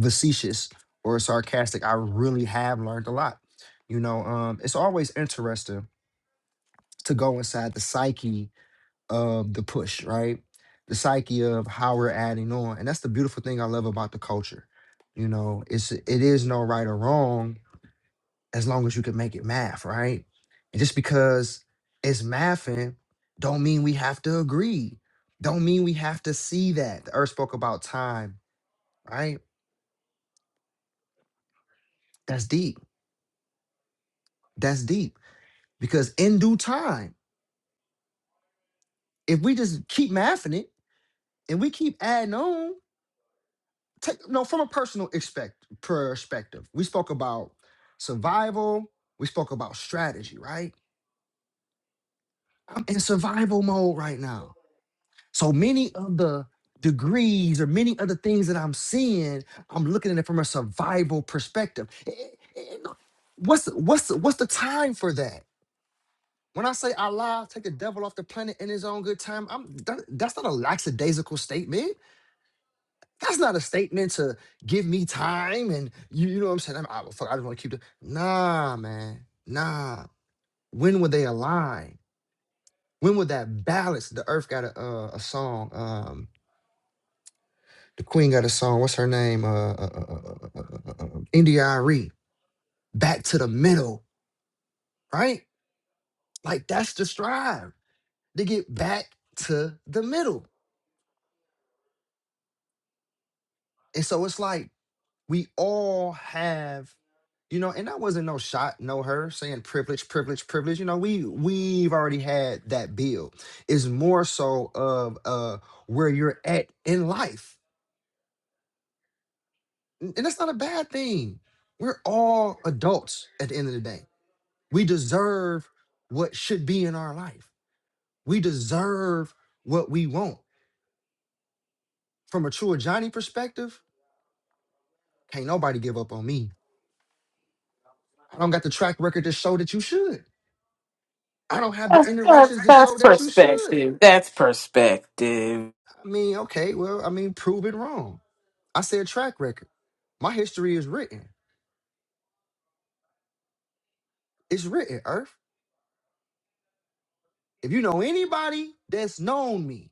Speaker 1: Facetious or sarcastic. I really have learned a lot. You know, um, it's always interesting to go inside the psyche of the push, right? The psyche of how we're adding on. And that's the beautiful thing I love about the culture. You know, it's it is no right or wrong as long as you can make it math, right? And just because it's mathing, don't mean we have to agree. Don't mean we have to see that. The earth spoke about time, right? That's deep. That's deep. Because in due time, if we just keep mathing it and we keep adding on, take no from a personal expect perspective. We spoke about survival. We spoke about strategy, right? I'm in survival mode right now. So many of the degrees or many of the things that I'm seeing, I'm looking at it from a survival perspective. Eh, eh, eh, no, What's what's what's the time for that? When I say Allah take the devil off the planet in his own good time, I'm that, that's not a lackadaisical statement. That's not a statement to give me time and you, you know what I'm saying. I'm, I, fuck, I just want to keep the nah, man, nah. When would they align? When would that balance? The Earth got a uh, a song. Um, the Queen got a song. What's her name? Uh, uh, uh, uh, uh, uh, uh, uh, uh, uh, India Ari. Back to the middle, right? Like that's the strive to get back to the middle. And so it's like we all have you know and that wasn't no shot no her saying privilege privilege privilege you know we we've already had that build it's more so of uh where you're at in life N- and that's not a bad thing we're all adults at the end of the day we deserve what should be in our life we deserve what we want from a true johnny perspective can't nobody give up on me i don't got the track record to show that you should I don't have the
Speaker 5: That's, that's,
Speaker 1: interactions to show
Speaker 5: that's
Speaker 1: that you should.
Speaker 5: perspective. That's perspective.
Speaker 1: I mean, okay, well, I mean, prove it wrong. I said track record. My history is written. It's written, Earth. If you know anybody that's known me,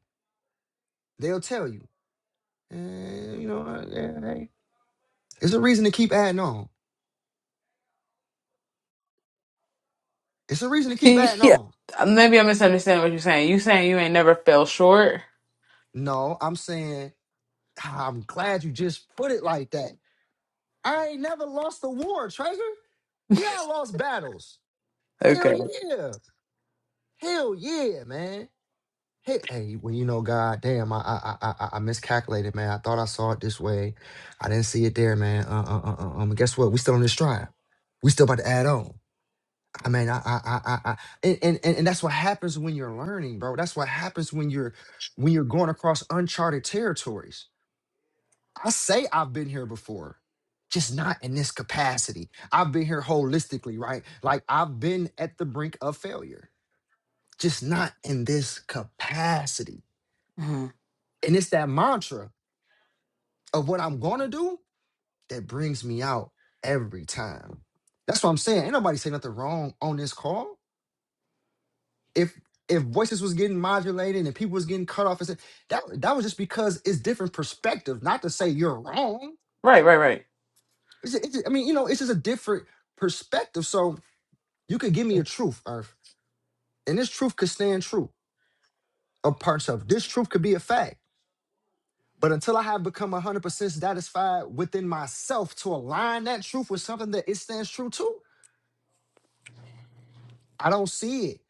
Speaker 1: they'll tell you. And you know, uh, yeah, hey. it's a reason to keep adding on. It's a reason to
Speaker 5: [laughs]
Speaker 1: keep adding
Speaker 5: yeah.
Speaker 1: on.
Speaker 5: Maybe I misunderstand what you're saying. You saying you ain't never fell short?
Speaker 1: No, I'm saying "Ah, I'm glad you just put it like that. I ain't never lost a war, Treasure. Yeah, I lost battles. Hell
Speaker 5: Okay.
Speaker 1: yeah. Hell yeah, man. Hey, hey, well, you know, God damn, I, I, I, I I miscalculated, man. I thought I saw it this way. I didn't see it there, man. Uh, uh, uh, uh, um, guess what? We still on this trial. We still about to add on. I mean, I, I, I, I, I and, and, and and that's what happens when you're learning, bro. That's what happens when you're, when you're going across uncharted territories. I say I've been here before, just not in this capacity. I've been here holistically, right? Like I've been at the brink of failure, just not in this capacity
Speaker 5: hmm
Speaker 1: And it's that mantra of what I'm gonna do that brings me out every time. That's what I'm saying. Ain't nobody saying nothing wrong on this call. If if voices was getting modulated and people was getting cut off, and said, that that was just because it's different perspective. Not to say you're wrong.
Speaker 5: Right, right, right.
Speaker 1: It's, it's, I mean, you know, it's just a different perspective. So you could give me a truth, Earth, and this truth could stand true. Or parts of this truth could be a fact. But until I have become 100% satisfied within myself to align that truth with something that it stands true to, I don't see it.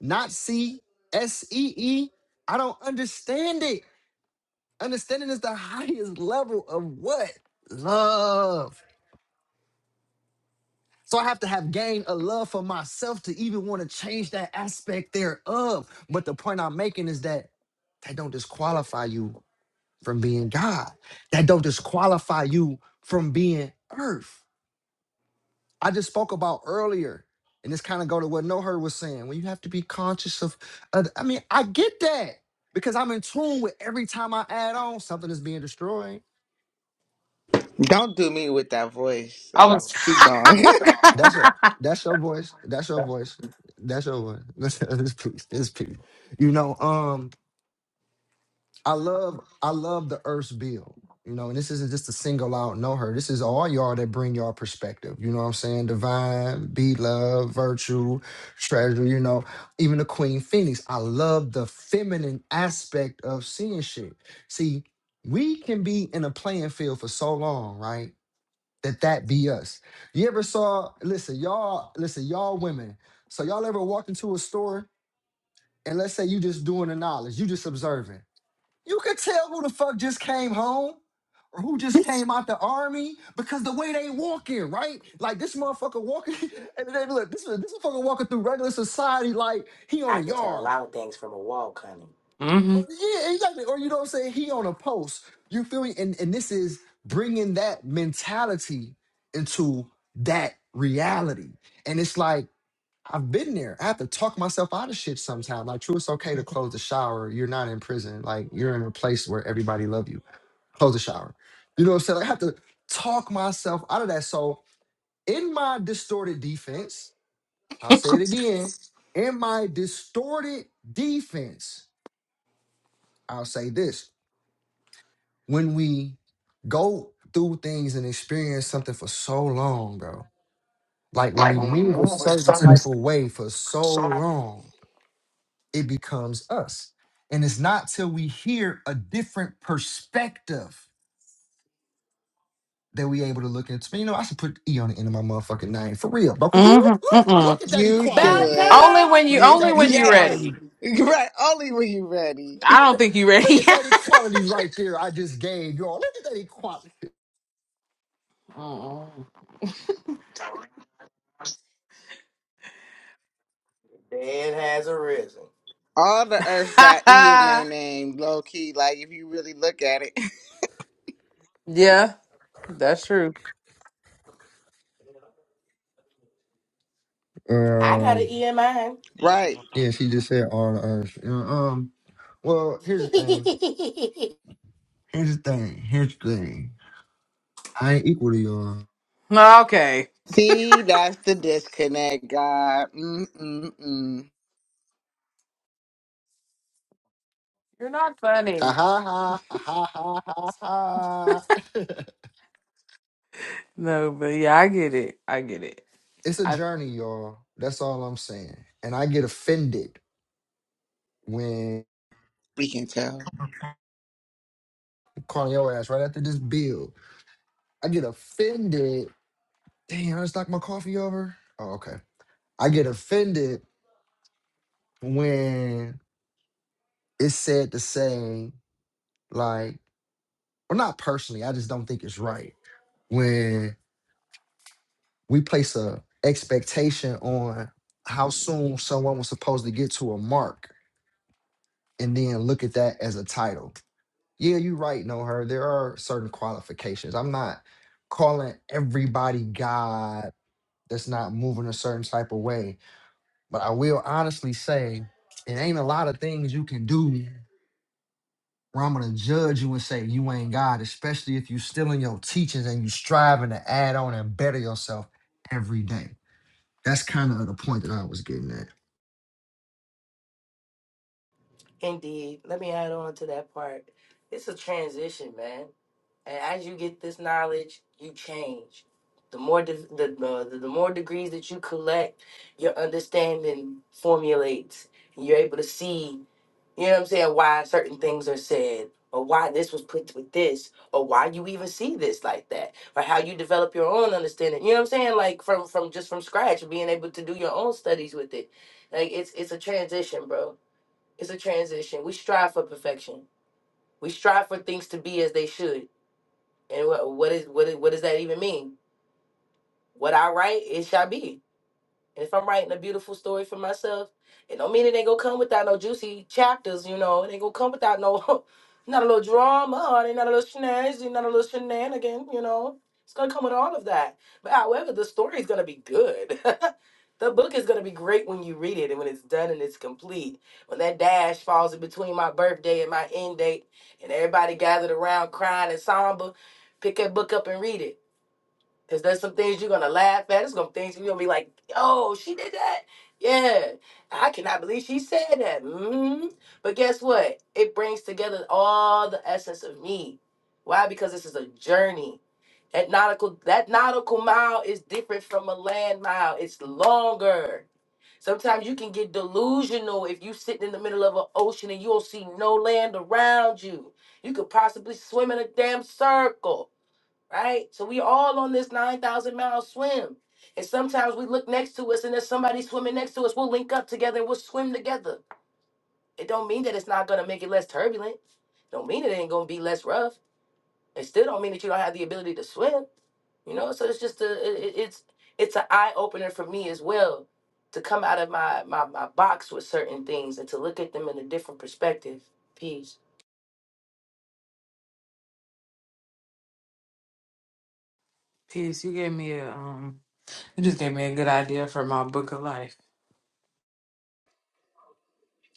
Speaker 1: Not see, S E E. I don't understand it. Understanding is the [laughs] highest level of what? Love. So I have to have gained a love for myself to even want to change that aspect thereof. But the point I'm making is that that don't disqualify you from being God. That don't disqualify you from being earth I just spoke about earlier, and this kind of go to what No Herd was saying. When you have to be conscious of, of- I mean, I get that because I'm in tune with every time I add on something is being destroyed.
Speaker 3: Don't do me with that voice,
Speaker 5: I
Speaker 3: so
Speaker 5: was. [laughs]
Speaker 3: keep going.
Speaker 1: That's your that's your voice. That's your voice. That's your voice. [laughs] This peace. This peace. You know. Um. I love I love the Earth's bill. You know, and this isn't just a single out know her. This is all y'all that bring y'all perspective. You know what I'm saying? Divine, be love, virtue, treasure, you know, even the Queen Phoenix. I love the feminine aspect of seeing shit. See, we can be in a playing field for so long, right? That that be us. You ever saw, listen, y'all, listen, y'all women. So y'all ever walk into a store and let's say you just doing the knowledge, you just observing. You could tell who the fuck just came home or who just came out the army because the way they walking, right? Like this motherfucker walking, [laughs] and then look, this this motherfucker walking through regular society like he on
Speaker 6: I
Speaker 1: a
Speaker 6: can tell a
Speaker 1: yard.
Speaker 6: lot of things from a walk, honey.
Speaker 1: Or,
Speaker 5: hmm
Speaker 1: yeah, exactly. Or you know what I'm saying? He on a post. You feel me? And and this is bringing that mentality into that reality. And it's like. I've been there. I have to talk myself out of shit sometimes. Like, true, it's okay to close the shower. You're not in prison. Like, you're in a place where everybody love you. Close the shower. You know what I'm saying? Like, I have to talk myself out of that. So, in my distorted defense, I'll say it again. In my distorted defense, I'll say this: when we go through things and experience something for so long, bro, like when
Speaker 5: Like
Speaker 1: we
Speaker 5: when we
Speaker 1: move a
Speaker 5: move with
Speaker 1: certain
Speaker 5: some.
Speaker 1: type of way for so long it becomes us. And it's not till we hear a different perspective that we able to look into. Man, you know, I should put E on the end of my motherfucking name for real, bro. 'cause look, look,
Speaker 5: hmm
Speaker 1: look at
Speaker 3: [laughs]
Speaker 1: that
Speaker 3: you
Speaker 1: equality.
Speaker 6: Bad
Speaker 1: Look
Speaker 3: should.
Speaker 5: Only
Speaker 6: time!
Speaker 5: when you
Speaker 1: at
Speaker 5: only
Speaker 3: You-
Speaker 1: that
Speaker 5: when you
Speaker 1: equality.
Speaker 3: yes.
Speaker 5: ready.
Speaker 1: Look
Speaker 3: Right, only when you ready.
Speaker 5: I
Speaker 1: at
Speaker 5: don't
Speaker 1: that,
Speaker 5: think you
Speaker 1: look
Speaker 5: ready.
Speaker 1: at that
Speaker 5: [laughs]
Speaker 1: equality right there. I just gave y'all. Look at that equality.
Speaker 5: Mm-mm.
Speaker 6: Dead has arisen.
Speaker 3: All the earth got E in
Speaker 5: [laughs]
Speaker 3: their name, low key, like if you really look at it.
Speaker 5: yeah, that's true.
Speaker 6: I got an
Speaker 1: Um,
Speaker 6: E in mine.
Speaker 3: [laughs] right.
Speaker 1: yeah, she just said all the earth. You know, Um, well, here's the thing.
Speaker 6: [laughs]
Speaker 1: Here's the thing. Here's the thing. I ain't equal to y'all.
Speaker 5: Okay.
Speaker 3: See, that's the disconnect, God. Mm-mm-mm.
Speaker 5: You're not
Speaker 1: Ha
Speaker 5: funny.
Speaker 1: ha ha ha ha ha ha. ha. [laughs]
Speaker 5: No, but yeah, I get it. I get it.
Speaker 1: it's a
Speaker 5: I
Speaker 1: journey, y'all. That's all I'm saying. And I get offended when
Speaker 3: We can tell.
Speaker 1: calling your ass right after this build. I get offended. Dang, I just knocked my coffee over. Oh, okay. I get offended when it's said to say, like, well, not personally, I just don't think it's right. When we place a expectation on how soon someone was supposed to get to a mark and then look at that as a title Yeah, you're right, no her. There are certain qualifications. I'm not calling everybody God that's not moving a certain type of way. But I will honestly say it ain't a lot of things you can do where I'm gonna judge you and say you ain't God, especially if you still in your teachings and you striving to add on and better yourself every day. That's kind of the point that I was getting at.
Speaker 6: Indeed. Let me add on to that part. It's a transition, man. And as you get this knowledge, you change. The more de- the, uh, the the more degrees that you collect, your understanding formulates. You're able to see, you know what I'm saying, why certain things are said, or why this was put with this, or why you even see this like that, or how you develop your own understanding. You know what I'm saying, like from from just from scratch, being able to do your own studies with it. Like it's it's a transition, bro it's a transition. We strive for perfection. We strive for things to be as they should. And what what is what is, what does that even mean? What I write, it shall be. And if I'm writing a beautiful story for myself, it don't mean it ain't gonna come without no juicy chapters, you know. It ain't gonna come without no, [laughs] not a little drama, or it ain't not a little shenanigans, not a little shenanigan, you know. It's gonna come with all of that. But however, the story is gonna be good. [laughs] the book is gonna be great when you read it and when it's done and it's complete. When that dash falls in between my birthday and my end date, and everybody gathered around crying and somber, pick that book up and read it Cause there's some things you're gonna laugh at. There's some things you're gonna be like, "Oh, she did that? Yeah, I cannot believe she said that." hmm But guess what? It brings together all the essence of me. Why? Because this is a journey. That nautical that nautical mile is different from a land mile. It's longer. Sometimes you can get delusional if you sitting in the middle of an ocean and you don't see no land around you. You could possibly swim in a damn circle right? So we all on this 9,000 mile swim. And sometimes we look next to us and there's somebody swimming next to us. We'll link up together and we'll swim together. It don't mean that it's not gonna make it less turbulent. Don't mean it ain't gonna be less rough. It still don't mean that you don't have the ability to swim. You know, so it's just a it, it- it's it's an eye opener for me as well to come out of my, my my box with certain things and to look at them in a different perspective. Peace,
Speaker 5: peace, you gave me a um you just gave me a good idea for my book of life.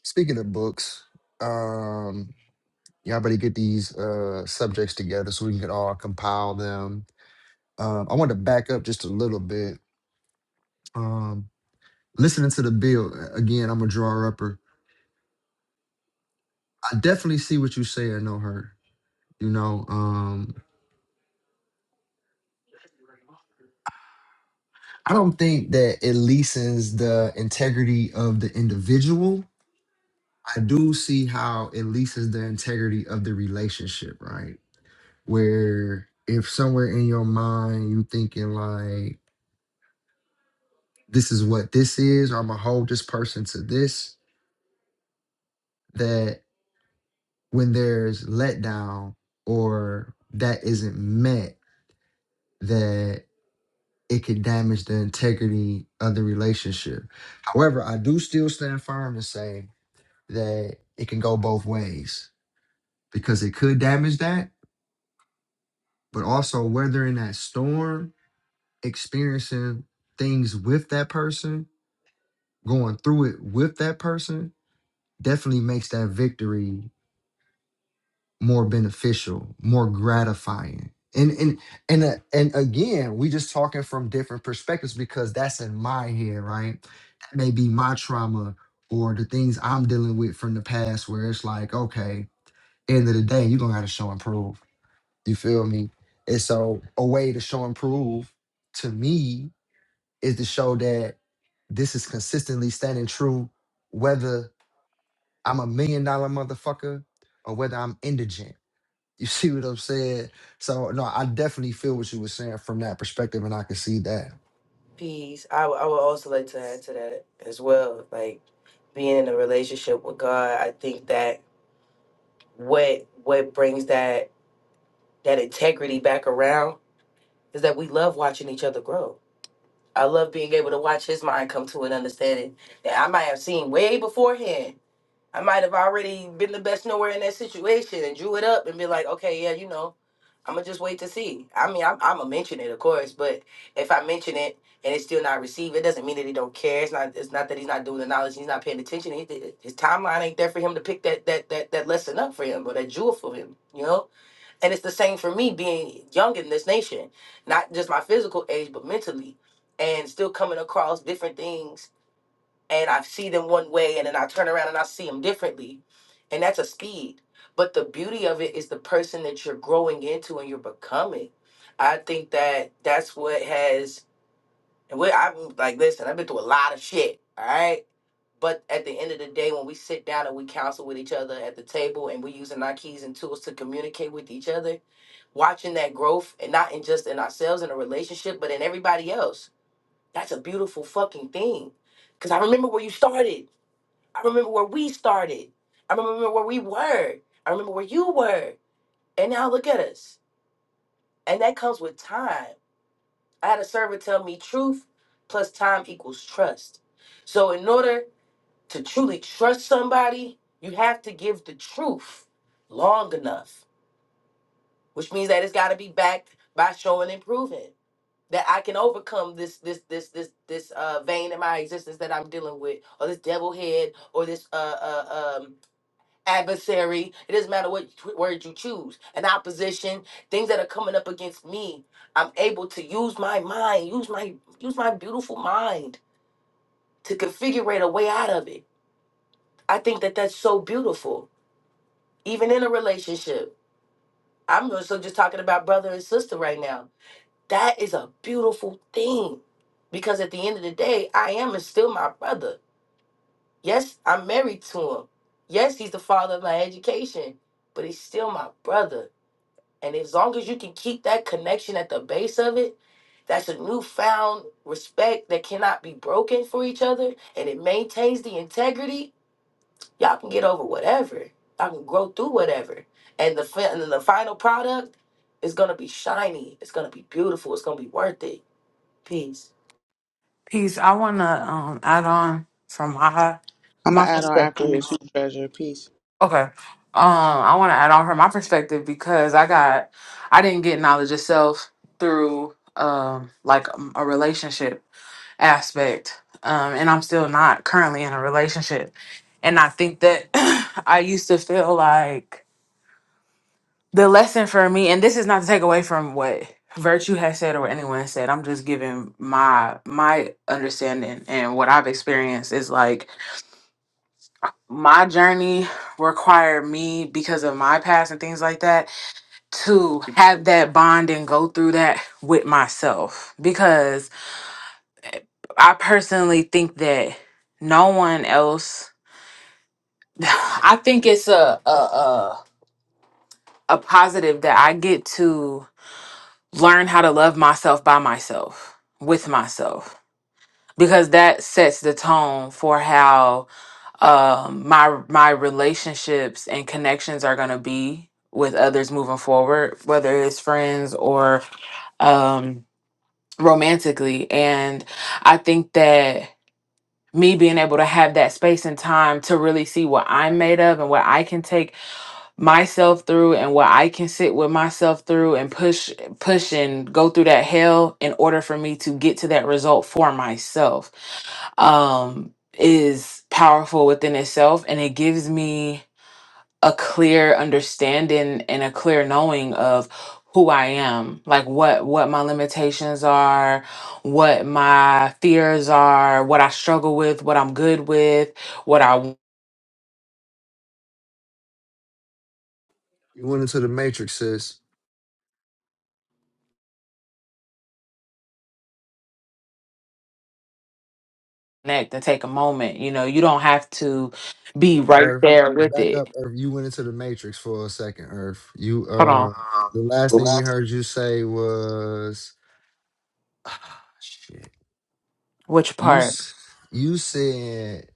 Speaker 1: Speaking of books, um, y'all better get these uh subjects together so we can all compile them. Um, I want to back up just a little bit. Um, listening to the bill uh, again, I'm a drawer upper. I definitely see what you say. I know her. You know, um, I don't think that it leases the integrity of the individual. I do see how it leases the integrity of the relationship, right? Where if somewhere in your mind you thinking like, this is what this is, or I'm gonna hold this person to this, that when there's letdown or that isn't met, that it could damage the integrity of the relationship. However, I do still stand firm and say that it can go both ways because it could damage that, but also whether in that storm, experiencing things with that person, going through it with that person, definitely makes that victory more beneficial, more gratifying. And and and uh, and again, we just talking from different perspectives because that's in my head, right? That may be my trauma or the things I'm dealing with from the past, where it's like, okay, end of the day, you're gonna have to show and prove You feel me? And so a way to show and prove to me is to show that this is consistently standing true, whether I'm a million dollar motherfucker or whether I'm indigent. [laughs] You see what I'm saying? So no, I definitely feel what you were saying from that perspective, and I can see that.
Speaker 6: peace. I would- I would also like to add to that as well. Like being in a relationship with God, I think that what what brings that that integrity back around is that we love watching each other grow. I love being able to watch his mind come to an understanding that I might have seen way beforehand. I might have already been the best nowhere in that situation and drew it up and be like, okay, yeah, you know, I'm gonna just wait to see. I mean, I'm, I'm gonna mention it, of course, but if I mention it and it's still not received, it doesn't mean that he don't care. It's not. It's not that he's not doing the knowledge. He's not paying attention. He, his timeline ain't there for him to pick that that that that lesson up for him or that jewel for him. You know. And it's the same for me being young in this nation, not just my physical age, but mentally, and still coming across different things and I see them one way and then I turn around and I see them differently. And that's a speed. But the beauty of it is the person that you're growing into and you're becoming. I think that that's what has, and what I'm like, listen, I've been through a lot of shit, all right? But at the end of the day, when we sit down and we counsel with each other at the table and we're using our keys and tools to communicate with each other, watching that growth and not in just in ourselves in a relationship, but in everybody else, that's a beautiful fucking thing. Because I remember where you started. I remember where we started. I remember where we were. I remember where you were. And now look at us. And that comes with time. I had a server tell me truth plus time equals trust. So, in order to truly trust somebody, you have to give the truth long enough, which means that it's got to be backed by showing and proving that I can overcome this this this this this uh, vein in my existence that I'm dealing with, or this devil head, or this uh, uh um adversary. It doesn't matter what tw- word you choose. An opposition, things that are coming up against me. I'm able to use my mind, use my use my beautiful mind to configure a way out of it. I think that that's so beautiful, even in a relationship. I'm also just talking about brother and sister right now. That is a beautiful thing because at the end of the day, I am still my brother. Yes, I'm married to him. Yes, he's the father of my education, but he's still my brother And as long as you can keep that connection at the base of it, that's a newfound respect that cannot be broken for each other and it maintains the integrity, y'all can get over whatever. Y'all can grow through whatever. And the fi- and the final product is gonna be shiny. It's gonna be beautiful. It's gonna be worth it. Peace.
Speaker 5: Peace, I wanna um add on from my
Speaker 3: I'm
Speaker 5: my
Speaker 3: going to add on after you
Speaker 5: perspective.
Speaker 3: too, treasure. Peace.
Speaker 5: Okay. Um, I want to add on from my perspective because I got, I didn't get knowledge itself through um like um, a relationship aspect, um, and I'm still not currently in a relationship, and I think that [clears throat] I used to feel like the lesson for me, and this is not to take away from what virtue has said or what anyone has said. I'm just giving my my understanding and what I've experienced is like my journey required me because of my past and things like that to have that bond and go through that with myself because I personally think that no one else [laughs] [sighs] I think it's a a a, a positive that I get to learn how to love myself by myself with myself because that sets the tone for how um my my relationships and connections are going to be with others moving forward whether it's friends or um romantically. And I think that me being able to have that space and time to really see what I'm made of and what I can take myself through and what I can sit with myself through and push push and go through that hell in order for me to get to that result for myself um is powerful within itself and it gives me a clear understanding and a clear knowing of who I am, like what what my limitations are, what my fears are, what I struggle with, what I'm good with, what I want
Speaker 1: You went into the matrix, sis.
Speaker 5: next, to take a moment. You know, you don't have to be right
Speaker 1: Earth,
Speaker 5: there with
Speaker 1: back up,
Speaker 5: it.
Speaker 1: Earth. You went into the matrix for a second, Earth. You
Speaker 5: Hold
Speaker 1: uh the last thing we
Speaker 5: on.
Speaker 1: heard you say was [sighs] shit.
Speaker 5: Which
Speaker 1: You
Speaker 5: part?
Speaker 1: s- you said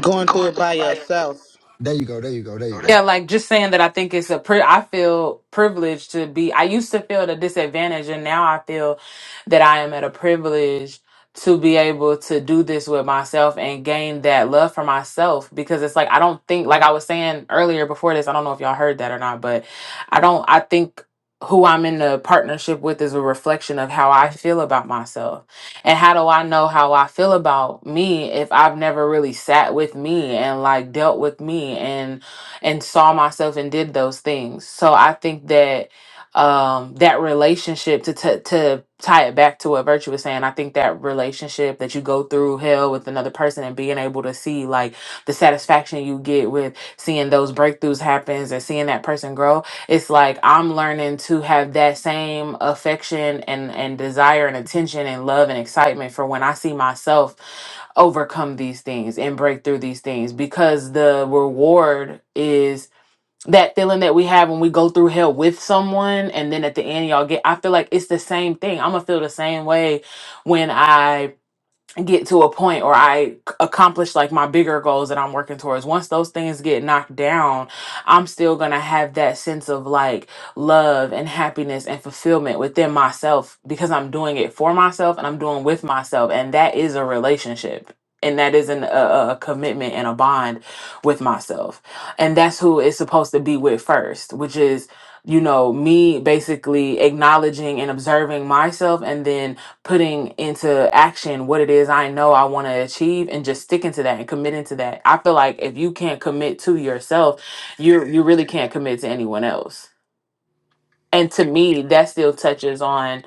Speaker 3: Going through it by yourself.
Speaker 1: there you go, there you go, there you
Speaker 5: Know that? Yeah,
Speaker 1: go.
Speaker 5: like just saying that I think it's a pri- I feel privileged to be. I used to feel at a disadvantage, and now I feel that I am at a privilege to be able to do this with myself and gain that love for myself because it's like I don't think like I was saying earlier before this. I don't know if y'all heard that or not, but I don't. I think who I'm in a partnership with is a reflection of how I feel about myself. And how do I know how I feel about me if I've never really sat with me and like dealt with me and saw myself and did those things. So I think that um that relationship to t- to tie it back to what virtue was saying i think that relationship that you go through hell with another person and being able to see like the satisfaction you get with seeing those breakthroughs happens and seeing that person grow it's like i'm learning to have that same affection and and desire and attention and love and excitement for when i see myself overcome these things and break through these things because the reward is that feeling that we have when we go through hell with someone and then at the end y'all get I feel like it's the same thing. I'm gonna feel the same way when I get to a point or I accomplish like my bigger goals that I'm working towards. Once those things get knocked down, I'm still going to have that sense of like love and happiness and fulfillment within myself because I'm doing it for myself and I'm doing with myself and that is a relationship. And that is an, a, a a commitment and a bond with myself. And that's who it's supposed to be with first, which is, you know, me basically acknowledging and observing myself and then putting into action what it is I know I want to achieve and just sticking to that and committing to that. I feel like if you can't commit to yourself, you you really can't commit to anyone else. And to me, that still touches on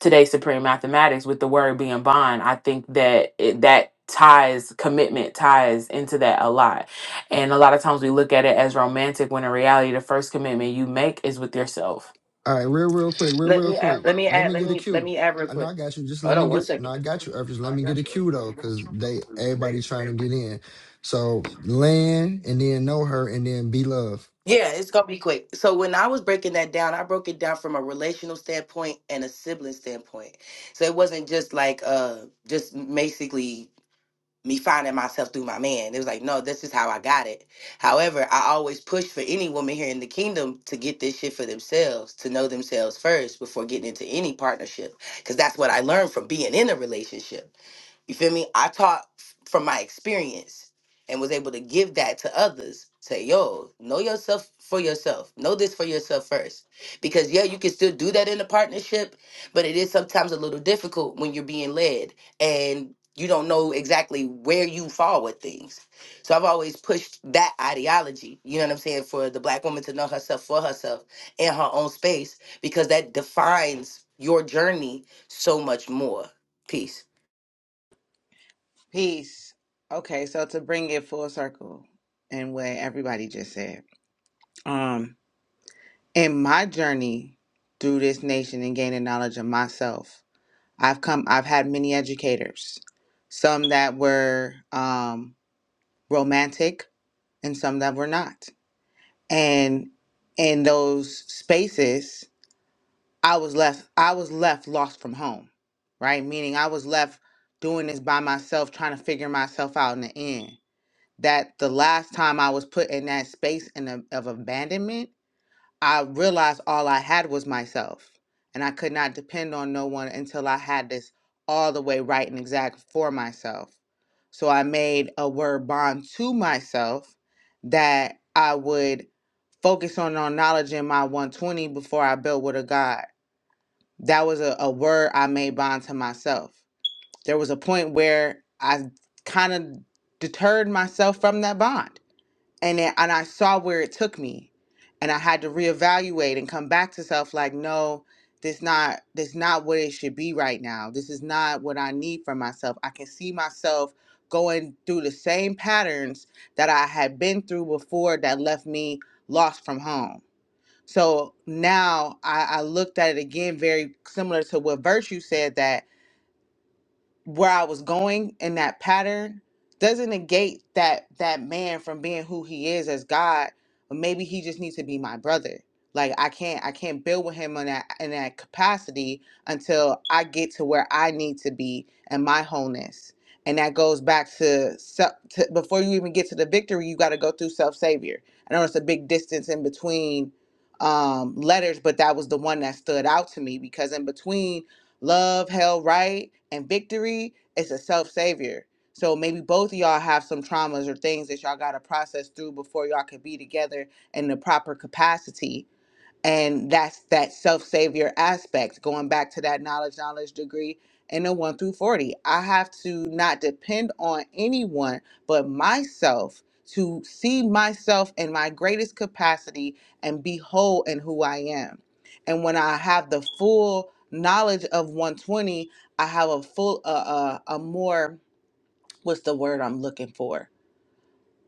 Speaker 5: today's supreme mathematics with the word being bond. I think that it, that ties commitment ties into that a lot. And a lot of times we look at it as romantic when in reality the first commitment you make is with yourself
Speaker 1: All right, real real quick, real
Speaker 6: Let
Speaker 1: real
Speaker 6: me add,
Speaker 1: quick.
Speaker 6: let me
Speaker 1: Let
Speaker 6: add
Speaker 1: me
Speaker 6: let
Speaker 1: get a
Speaker 6: me let
Speaker 1: cue.
Speaker 6: me add real
Speaker 1: I know I
Speaker 6: quick.
Speaker 1: got you. Just let
Speaker 6: Hold
Speaker 1: me
Speaker 6: on one
Speaker 1: get. No,
Speaker 6: second.
Speaker 1: I got you, Earth. Just Let me get a cue though, because they everybody trying to get in. So land and then know her and then be love.
Speaker 6: Yeah, it's gonna be quick. So when I was breaking that down, I broke it down from a relational standpoint and a sibling standpoint. So it wasn't just like uh just basically me finding myself through my man. It was like, no, this is how I got it. However, I always push for any woman here in the kingdom to get this shit for themselves, to know themselves first before getting into any partnership. Cause that's what I learned from being in a relationship. You feel me? I taught f- from my experience and was able to give that to others. Say, yo, know yourself for yourself. Know this for yourself first. Because, yeah, you can still do that in a partnership, but it is sometimes a little difficult when you're being led and you don't know exactly where you fall with things. So I've always pushed that ideology, you know what I'm saying, for the black woman to know herself for herself in her own space because that defines your journey so much more. Peace.
Speaker 3: Peace. Okay, so to bring it full circle and what everybody just said, um, in my journey through this nation and gaining knowledge of myself, I've come, I've had many educators, some that were um, romantic and some that were not. And in those spaces, I was left, I was left lost from home, right? Meaning I was left doing this by myself, trying to figure myself out in the end that the last time I was put in that space in a, of abandonment, I realized all I had was myself. And I could not depend on no one until I had this all the way right and exact for myself. So I made a word bond to myself that I would focus on on knowledge in my 120 before I built with a God. That was a, a word I made bond to myself. There was a point where I kind of deterred myself from that bond and it, and I saw where it took me, and I had to reevaluate and come back to self like, no, this not this not what it should be right now. This is not what I need for myself. I can see myself going through the same patterns that I had been through before that left me lost from home. So now I, I looked at it again, very similar to what Virtue said that where I was going in that pattern doesn't negate that that man from being who he is as God, but maybe he just needs to be my brother. Like I can't I can't build with him on that in that capacity until I get to where I need to be and my wholeness. And that goes back to, self, to before you even get to the victory, you got to go through self savior. I know it's a big distance in between um, letters, but that was the one that stood out to me because in between love, hell, right, and victory its a self savior. So maybe both of y'all have some traumas or things that y'all got to process through before y'all can be together in the proper capacity and that's that self-savior aspect going back to that knowledge knowledge degree in the 1 through 40 i have to not depend on anyone but myself to see myself in my greatest capacity and be whole in who i am and when i have the full knowledge of 120 i have a full uh, uh, a more what's the word i'm looking for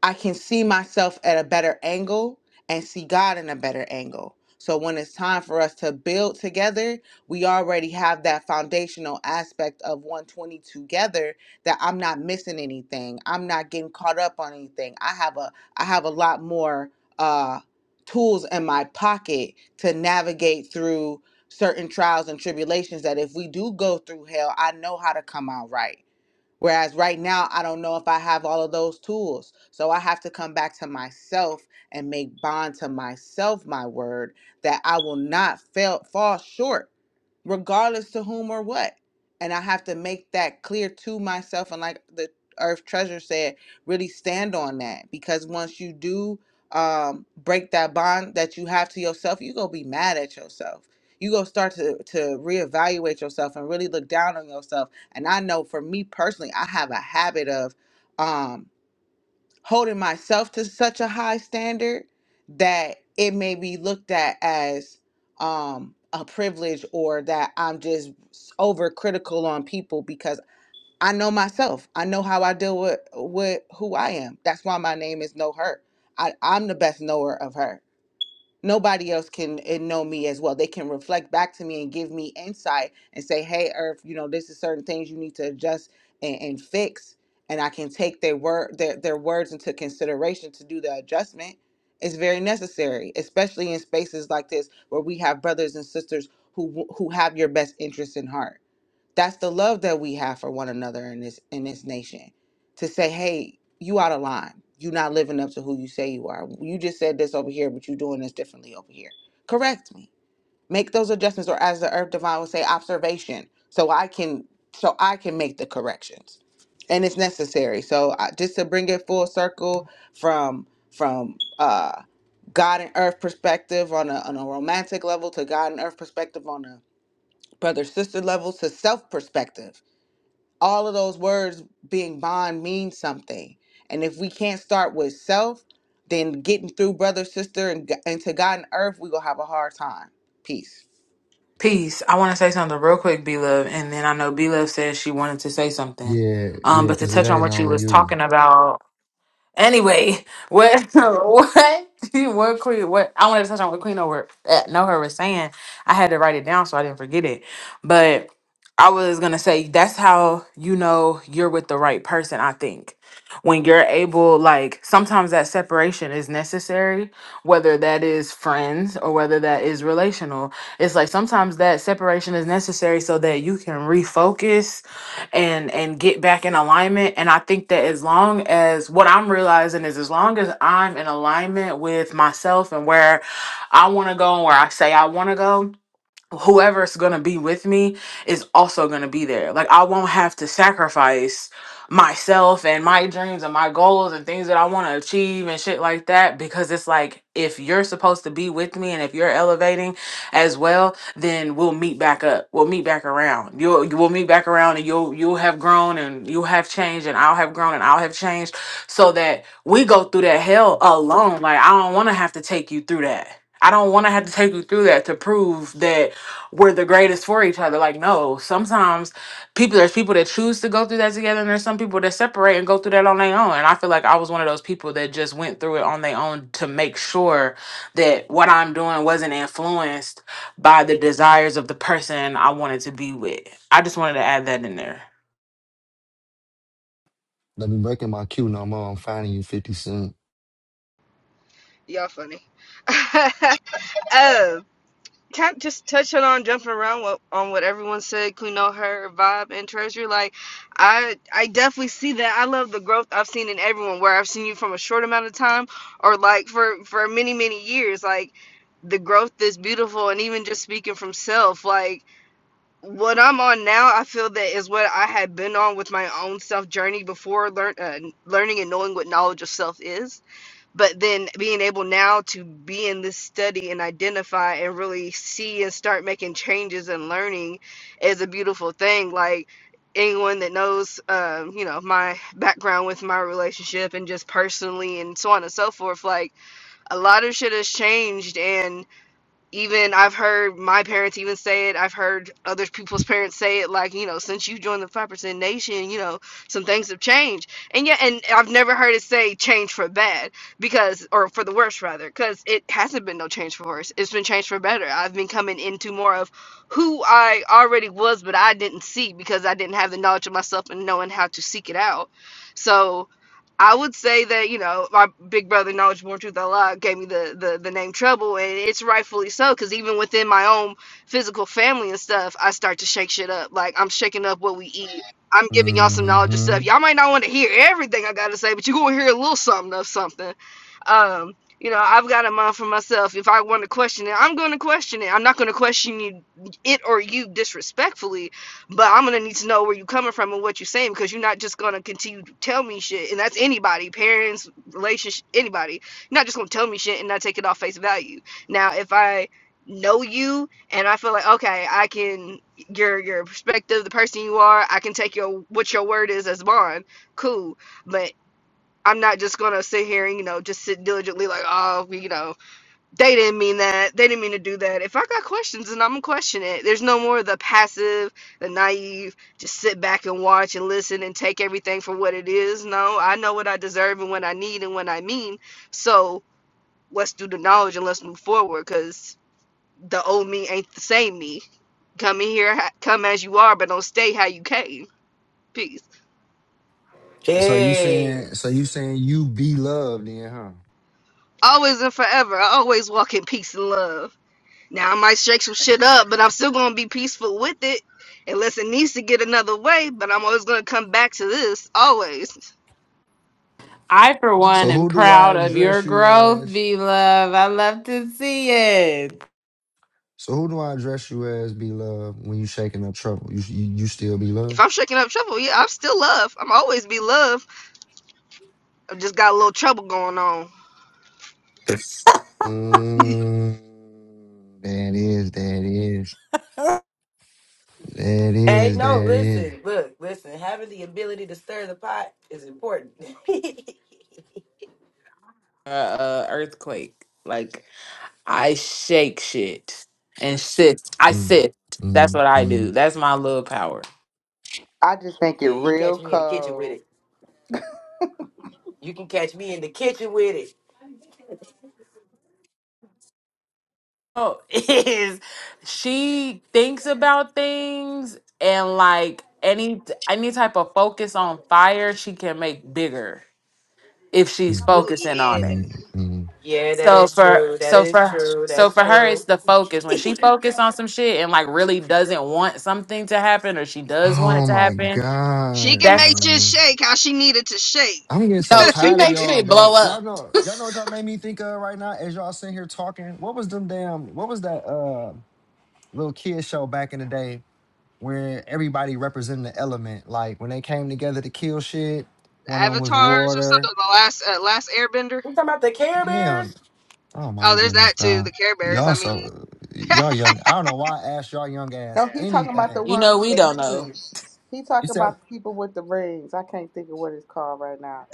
Speaker 3: I can see myself at a better angle and see God in a better angle. So when it's time for us to build together, we already have that foundational aspect of 120 together that I'm not missing anything. I'm not getting caught up on anything. I have a I have a lot more uh tools in my pocket to navigate through certain trials and tribulations that if we do go through hell, I know how to come out right. Whereas right now, I don't know if I have all of those tools. So I have to come back to myself and make bond to myself my word that I will not fail, fall short regardless to whom or what. And I have to make that clear to myself. And like the Earth Treasure said, really stand on that because once you do um, break that bond that you have to yourself, you're going to be mad at yourself. You're going to start to, to reevaluate yourself and really look down on yourself. And I know for me personally, I have a habit of. um, holding myself to such a high standard that it may be looked at as um a privilege or that I'm just overcritical on people because I know myself. I know how I deal with with who I am. That's why my name is No Hurt. I, I'm the best knower of her nobody else can uh, know me as well. They can reflect back to me and give me insight and say, "Hey, Earth, you know, this is certain things you need to adjust and, and fix." And I can take their word, their, their words into consideration to do the adjustment. It's very necessary, especially in spaces like this where we have brothers and sisters who w- who have your best interest in heart. That's the love that we have for one another in this in this nation. To say, hey, you out of line. You not living up to who you say you are. You just said this over here, but you are doing this differently over here. Correct me. Make those adjustments, or as the earth divine would say, observation, so I can so I can make the corrections. And it's necessary. So I, just to bring it full circle from from uh God and earth perspective on a on a romantic level to God and earth perspective on a brother sister level to self perspective all of those words being bond mean something. And if we can't start with self, then getting through brother, sister, and, g- and to God and earth, we're going to have a hard time. Peace.
Speaker 5: Peace. I want to say something real quick, B Love, and then I know B Love said she wanted to say something.
Speaker 1: Yeah,
Speaker 5: Um,
Speaker 1: yeah,
Speaker 5: but to
Speaker 1: because it
Speaker 5: touch on
Speaker 1: ain't
Speaker 5: what you
Speaker 1: on
Speaker 5: was
Speaker 1: you.
Speaker 5: talking about Anyway, what [laughs] what what Queen what I wanted to touch on what Queen over uh, know her was saying. I had to write it down so I didn't forget it. But I was gonna say that's how you know you're with the right person, I think. When you're able, like sometimes that separation is necessary, whether that is friends or whether that is relational. It's like sometimes that separation is necessary so that you can refocus and and get back in alignment and i think that as long as what i'm realizing is as long as i'm in alignment with myself and where i want to go and where i say i want to go whoever's going to be with me is also going to be there. Like I won't have to sacrifice myself and my dreams and my goals and things that I want to achieve and shit like that because it's like if you're supposed to be with me and if you're elevating as well, then we'll meet back up. We'll meet back around. You'll we'll meet back around and you'll you'll have grown and you'll have changed and I'll have grown and I'll have changed so that we go through that hell alone. Like I don't want to have to take you through that. I don't want to have to take you through that to prove that we're the greatest for each other. Like, no, sometimes people there's people that choose to go through that together, and there's some people that separate and go through that on their own. And I feel like I was one of those people that just went through it on their own to make sure that what I'm doing wasn't influenced by the desires of the person I wanted to be with. I just wanted to add that in there.
Speaker 1: Let me breaking my cue no more. I'm finding you fifty cent.
Speaker 4: Y'all funny. [laughs] um, kind just touching on jumping around what, on what everyone said, Kuno, her vibe and treasure. Like, I I definitely see that. I love the growth I've seen in everyone. Where I've seen you from a short amount of time, or like for for many many years. Like. the growth is beautiful and even just speaking from self like what i'm on now i feel that is what i had been on with my own self journey before learn, uh, learning and knowing what knowledge of self is but then being able now to be in this study and identify and really see and start making changes and learning is a beautiful thing like anyone that knows um, you know my background with my relationship and just personally and so on and so forth like a lot of shit has changed and even I've heard my parents even say it. I've heard other people's parents say it. Like you know, since you joined the Five Percent Nation, you know, some things have changed. And yet, and I've never heard it say change for bad because, or for the worse rather, because it hasn't been no change for worse. It's been changed for better. I've been coming into more of who I already was, but I didn't see because I didn't have the knowledge of myself and knowing how to seek it out. So I would say that you know my big brother, Knowledge Born Truth Allah, gave me the the, the name Trouble, and it's rightfully so because even within my own physical family and stuff, I start to shake shit up. Like I'm shaking up what we eat. I'm giving y'all some knowledge of
Speaker 1: Mm-hmm.
Speaker 4: stuff. Y'all might not want to hear everything I gotta say, but you gonna hear a little something of something. Um, you know, I've got a mind for myself. If I want to question it, I'm gonna question it. I'm not gonna question you, it or you disrespectfully but I'm gonna need to know where you're coming from and what you're saying because you're not just gonna continue to tell me shit, and that's anybody, parents, relationship, anybody. You're not just gonna tell me shit and not take it off face value. Now, if I know you and I feel like okay, I can your your perspective, the person you are, I can take your what your word is as bond, cool. But I'm not just gonna sit here and you know just sit diligently like oh you know they didn't mean that. They didn't mean to do that. If I got questions, then I'm gonna question it. There's no more of the passive, the naive, just sit back and watch and listen and take everything for what it is. No, I know what I deserve and what I need and what I mean. So let's do the knowledge and let's move forward because the old me ain't the same me. Come in here, ha- come as you are, but don't stay how you came. Peace.
Speaker 1: So you
Speaker 6: Hey.
Speaker 1: saying so you saying you be loved then, huh?
Speaker 4: Always and forever. I always walk in peace and love. Now I might shake some shit up, but I'm still gonna be peaceful with it, unless it needs to get another way. But I'm always gonna come back to this, always.
Speaker 5: I, for one,
Speaker 1: So
Speaker 5: am
Speaker 1: who do I
Speaker 5: proud of your
Speaker 1: address you
Speaker 5: growth,
Speaker 1: as?
Speaker 5: V Love. I love to see it. [laughs]
Speaker 1: So who do I address you as, be love, when you shaking up trouble? You you, you still be
Speaker 4: If
Speaker 1: love?
Speaker 4: I'm shaking up trouble, yeah, I'm still love. I'm always be love. I've just got a little trouble going on. [laughs]
Speaker 1: Mm, that is, that is, that
Speaker 6: Hey,
Speaker 1: is,
Speaker 6: no,
Speaker 1: that is.
Speaker 6: listen, look, listen. Having the ability to stir the pot is important. [laughs] yeah,
Speaker 5: Uh, uh, earthquake. Like, I shake shit and sit. I
Speaker 1: Mm,
Speaker 5: sit. That's
Speaker 1: mm,
Speaker 5: what I do.
Speaker 1: mm,
Speaker 5: That's my little power.
Speaker 3: I just think it
Speaker 6: you can catch
Speaker 3: real
Speaker 6: me in the kitchen with
Speaker 3: cold.
Speaker 6: it. You can catch me in the kitchen with it.
Speaker 5: Oh, [laughs] is she thinks about things and like any any type of focus on fire, she can make bigger if she's
Speaker 1: mm,
Speaker 4: Oh
Speaker 5: focusing
Speaker 4: yeah,
Speaker 5: on it.
Speaker 1: mm, mm.
Speaker 6: Yeah, that
Speaker 5: So
Speaker 6: is
Speaker 5: for
Speaker 6: true. That
Speaker 5: so
Speaker 6: is
Speaker 5: for
Speaker 6: true.
Speaker 5: so
Speaker 6: That's
Speaker 5: for her, it's
Speaker 6: true.
Speaker 5: the focus.
Speaker 6: [laughs]
Speaker 5: When
Speaker 6: you
Speaker 5: she focus on some shit and like really doesn't want something to happen, or she does want it
Speaker 1: Oh
Speaker 5: to
Speaker 1: my
Speaker 5: happen,
Speaker 4: she
Speaker 1: God,
Speaker 4: can make
Speaker 5: that's
Speaker 4: shit
Speaker 1: man.
Speaker 4: shake how she needed to shake.
Speaker 1: I'm getting so
Speaker 5: no. She
Speaker 1: tired of
Speaker 5: makes
Speaker 1: y'all,
Speaker 5: shit
Speaker 1: bro.
Speaker 5: blow
Speaker 1: Y'all
Speaker 5: up.
Speaker 1: know, y'all know what y'all made me think of right now as y'all sitting here talking. What was them damn? What was that uh little kid show back in the day? where everybody represented the element. Like when they came together to kill shit, one of them was
Speaker 4: Avatars or something.
Speaker 1: water.
Speaker 4: The last uh, last Airbender.
Speaker 6: talking about the Care
Speaker 1: Hell,
Speaker 6: Bears?
Speaker 1: oh my
Speaker 4: Oh, there's
Speaker 1: goodness,
Speaker 4: that too.
Speaker 1: bro.
Speaker 4: The Care Bears.
Speaker 1: Y'all
Speaker 4: I mean,
Speaker 1: so y'all young. I don't know why I asked y'all young
Speaker 3: No,
Speaker 1: ass
Speaker 3: he talking about the
Speaker 1: anything
Speaker 5: You
Speaker 3: ones
Speaker 5: know
Speaker 3: with
Speaker 5: we
Speaker 3: the
Speaker 5: don't know.
Speaker 3: rings. He talking
Speaker 1: except
Speaker 3: about the people with the rings. I can't think of what it's called right now.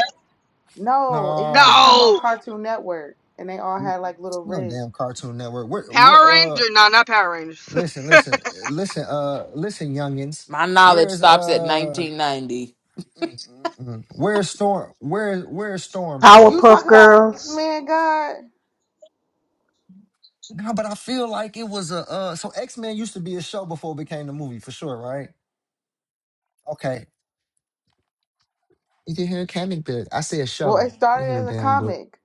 Speaker 3: No, it used to
Speaker 1: no,
Speaker 3: come on
Speaker 4: no
Speaker 3: Cartoon Network, and they all had like little
Speaker 1: no
Speaker 3: rings.
Speaker 1: damn Cartoon Network. What what?
Speaker 4: Power
Speaker 1: Uh,
Speaker 4: Rangers. No, not Power Rangers.
Speaker 1: listen, listen, listen. Uh, listen, youngins.
Speaker 5: My knowledge
Speaker 1: Where's
Speaker 5: stops at
Speaker 1: uh?
Speaker 5: 1990. First
Speaker 1: mm, mm, mm. Where's storm? Where where's storm from?
Speaker 3: You talk about X Men God?
Speaker 1: No, but I feel like it was a uh so X-Men used to be a show before it became the movie for sure, right? Okay. You can hear a comic book. I say a
Speaker 3: Well, it
Speaker 1: show. You
Speaker 3: started
Speaker 1: know
Speaker 3: as a
Speaker 1: damn book.
Speaker 3: comic.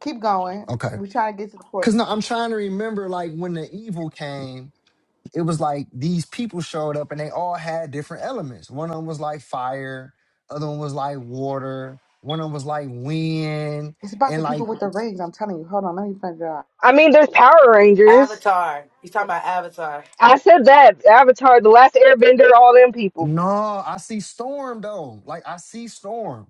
Speaker 3: Keep going.
Speaker 1: Okay.
Speaker 3: We're trying to get to the point.
Speaker 1: Cause no, I'm trying to remember like when the evil came, it was like these people showed up and they all had different elements. One of them was like fire, other one was like water, one of them was like wind,
Speaker 3: It's about
Speaker 1: and
Speaker 3: the people
Speaker 1: like
Speaker 3: with the rings. I'm telling you. Hold on, let me find it out.
Speaker 4: [laughs] I mean, there's Power Rangers.
Speaker 6: Avatar. He's talking about Avatar.
Speaker 4: I said that Avatar, the last Airbender, all them people.
Speaker 1: no, I see storm though. Like I see storm.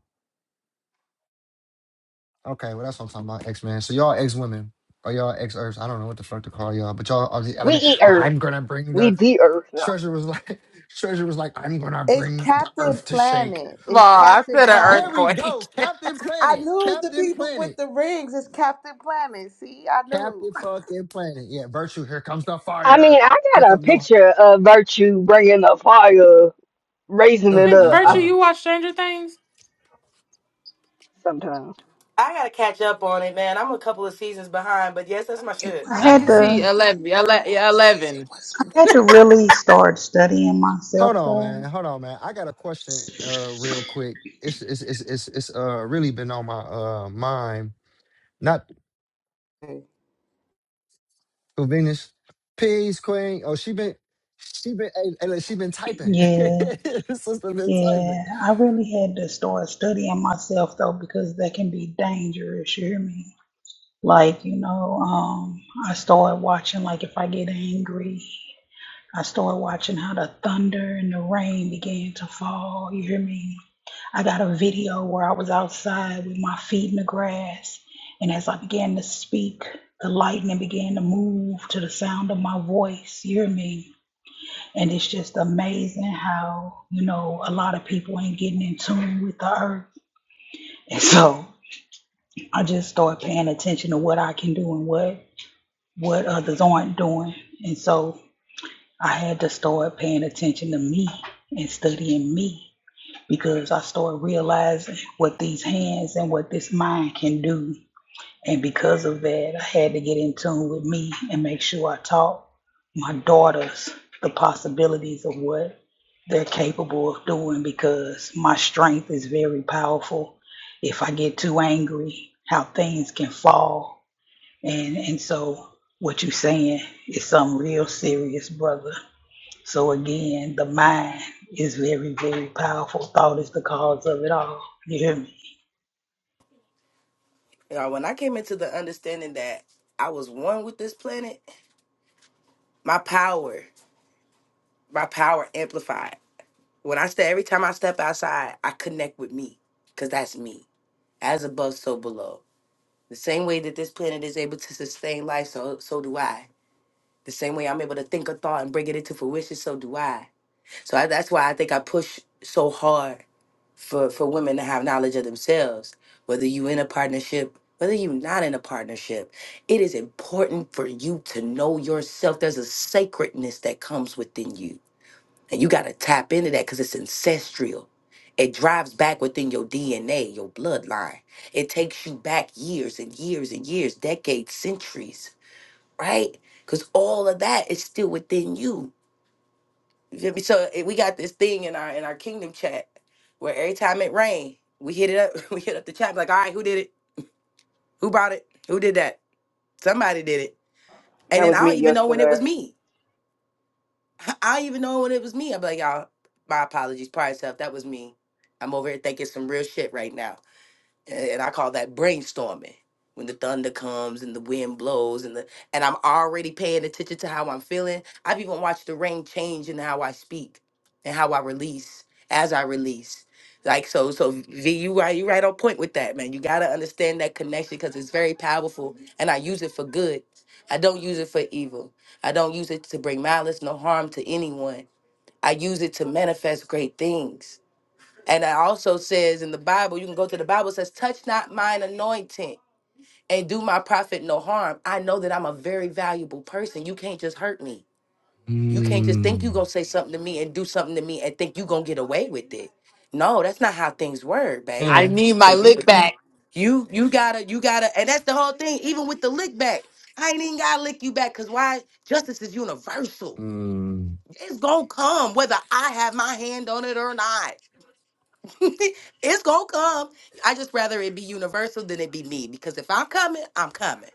Speaker 1: Okay, well that's what I'm talking about, X Men. So y'all X women or y'all X Earths? I don't know what the fuck to call y'all, but y'all are the
Speaker 4: We
Speaker 1: element.
Speaker 4: eat
Speaker 1: Well,
Speaker 4: Earth.
Speaker 1: I'm gonna bring
Speaker 4: We
Speaker 1: the
Speaker 4: the Earth.
Speaker 1: [laughs]
Speaker 4: No,
Speaker 1: treasure was like [laughs] treasure was like I'm gonna
Speaker 3: It's
Speaker 1: bring the
Speaker 3: Captain
Speaker 1: Earth to shake.
Speaker 3: Planet.
Speaker 5: of
Speaker 3: It's
Speaker 5: all, I
Speaker 3: Captain
Speaker 5: said an
Speaker 1: There
Speaker 3: Planet.
Speaker 1: we
Speaker 5: earthquake.
Speaker 1: go, Captain
Speaker 3: I
Speaker 1: Planet,
Speaker 3: knew it's the
Speaker 1: Captain
Speaker 3: people with
Speaker 1: Planet,
Speaker 3: the rings. It's Captain Planet. See, I knew.
Speaker 1: Captain
Speaker 3: [laughs]
Speaker 1: fucking Planet. Yeah, virtue. Here comes the
Speaker 4: I mean
Speaker 1: fire.
Speaker 4: I
Speaker 1: Here
Speaker 4: got a
Speaker 1: come no.
Speaker 4: picture of Virtue bringing the fire, raising
Speaker 1: Uh,
Speaker 5: [laughs]
Speaker 4: it
Speaker 1: uh,
Speaker 4: up. I,
Speaker 5: Virtue,
Speaker 1: uh.
Speaker 5: you watch Stranger Things?
Speaker 4: sometimes
Speaker 6: I gotta catch up on it, man. I'm a couple of seasons behind, but yes, that's my
Speaker 3: It
Speaker 6: shit.
Speaker 3: was
Speaker 5: I
Speaker 3: so
Speaker 5: can see
Speaker 3: good.
Speaker 5: 11. ele-
Speaker 3: The [laughs]
Speaker 5: yeah,
Speaker 3: last season
Speaker 5: 11.
Speaker 3: was
Speaker 1: Hold on, man. Hold on, man. I got a question, uh, real quick. It's it's it's it's, it's uh really been on my uh mind Not. Oh, Venus. Peace, Queen. Oh, she been she been hey, hey, look, she been typing. [laughs] Sister been typing.
Speaker 6: You know, when I came into the understanding that I was one with this planet, my power, my power amplified. When I step, every time I step outside, I connect with me, cause that's me, as above, so below. The same way that this planet is able to sustain life, so so do I. The same way I'm able to think a thought and bring it into fruition, so do I. So I, that's why I think I push so hard for for women to have knowledge of themselves. Whether you in a partnership, whether you are not in a partnership, it is important for you to know yourself. There's a sacredness that comes within you and you got to tap into that because it's ancestral. It drives back within your DNA, your bloodline. It takes you back years and years and years, decades, centuries, right? Because all of that is still within you. You feel me? So eh, we got this thing in our in our kingdom chat where every time it rain, we hit it up, [laughs] we hit up the chat like, all right, who did it? Who brought it? Who did that? Somebody did it. And
Speaker 4: that
Speaker 6: then I
Speaker 4: was me
Speaker 6: don't even know when it was
Speaker 4: yesterday.
Speaker 6: me. I I even know when it was me. I'm like, y'all, my apologies, prior self. That was me. I'm over here thinking some real shit right now and I call that brainstorming. When the thunder comes and the wind blows and the and I'm already paying attention to how I'm feeling. I've even watched the rain change in how I speak and how I release as I release. Like so, so V, you right, you right on point with that, man. You gotta understand that connection because it's very powerful, and I use it for good. I don't use it for evil. I don't use it to bring malice, no harm to anyone. I use it to manifest great things. And it also says in the Bible, you can go to the Bible, it says, touch not mine anointing and do my prophet no harm. I know that I'm a very valuable person. You can't just hurt me. You can't just think you're
Speaker 1: Mm.
Speaker 6: going to say something to me and do something to me and think you're going to get away with it. No, that's not how things work,
Speaker 5: I
Speaker 6: baby.
Speaker 1: Yeah.
Speaker 5: need
Speaker 6: So
Speaker 5: my
Speaker 6: you,
Speaker 5: lick back.
Speaker 6: you, you gotta, you gotta, and that's the whole thing. Even with the lick back, I ain't even gotta lick you back, cause why? Justice is universal.
Speaker 1: Mm.
Speaker 6: It's gonna come whether I have my hand on it or not. [laughs] it's gonna come. I just rather it be universal than it be me because if I'm coming, I'm coming.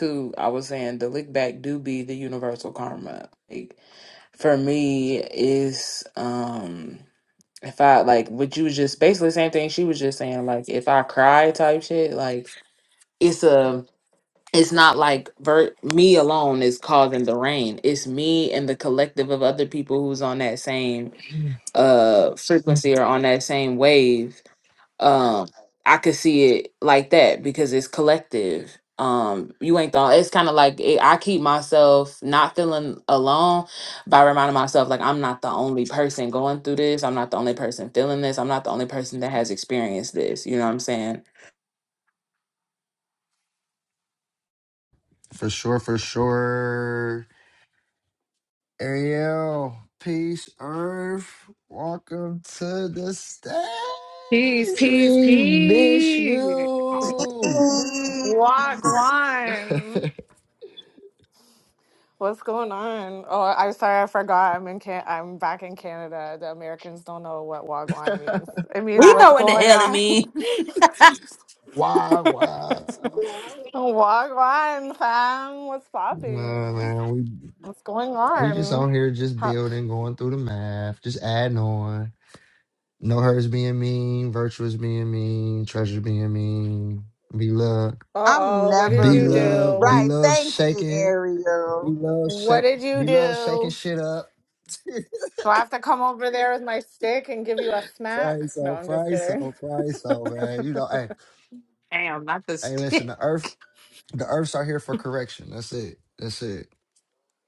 Speaker 5: Who I was saying, the lick back do be the universal karma. Like, for me, is um, if I like what you was just basically the same thing she was just saying, like if I cry type shit, like it's a it's not like ver- me alone is causing the rain. It's me and the collective of other people who's on that same uh frequency or on that same wave. Um, I could see it like that because it's collective. Um, you ain't thought it's kind of like it, I keep myself not feeling alone by reminding myself like I'm not the only person going through this. I'm not the only person feeling this. I'm not the only person that has experienced this. You know what I'm saying?
Speaker 1: For sure, for sure. Ariel, peace, Earth. Welcome to the stage.
Speaker 7: Peace, peace,
Speaker 1: We miss
Speaker 7: peace.
Speaker 1: you.
Speaker 3: good.
Speaker 7: Wagwan. What's going on? Oh, I'm sorry, I forgot. I'm in Can- I'm back in Canada. The Americans don't know what wagwan means.
Speaker 1: [laughs]
Speaker 7: It means
Speaker 5: We
Speaker 7: what's
Speaker 5: know what the
Speaker 7: going
Speaker 5: hell it
Speaker 7: on.
Speaker 5: means. [laughs]
Speaker 1: Why,
Speaker 7: [laughs]
Speaker 1: why?
Speaker 7: wagwan, fam. What's
Speaker 1: Nah,
Speaker 7: popping?
Speaker 1: man, we
Speaker 7: What's going
Speaker 1: we just
Speaker 7: on?
Speaker 1: on here just
Speaker 7: How-
Speaker 1: building, going through the math, just adding on. No hers being mean, virtuous being mean, treasure being mean, be love,
Speaker 3: I'm
Speaker 7: uh-oh, what did
Speaker 3: never
Speaker 1: be
Speaker 7: you
Speaker 3: mean.
Speaker 1: love, be
Speaker 7: do?
Speaker 3: Right.
Speaker 1: love
Speaker 3: Thank you,
Speaker 1: shaking, be
Speaker 3: Ariel.
Speaker 1: love
Speaker 7: What
Speaker 1: shake,
Speaker 7: did you
Speaker 1: be love
Speaker 7: do?
Speaker 1: shaking shit up. [laughs]
Speaker 7: So I have to come over there with my stick and give you a smack?
Speaker 1: praise
Speaker 7: No,
Speaker 1: so,
Speaker 7: I'm just
Speaker 1: praise
Speaker 7: kidding.
Speaker 1: so, praise so, man. You know, hey,
Speaker 5: Damn, not this.
Speaker 1: hey,
Speaker 5: [laughs]
Speaker 1: listen, the earth, the earth's out here for correction. That's it. That's it.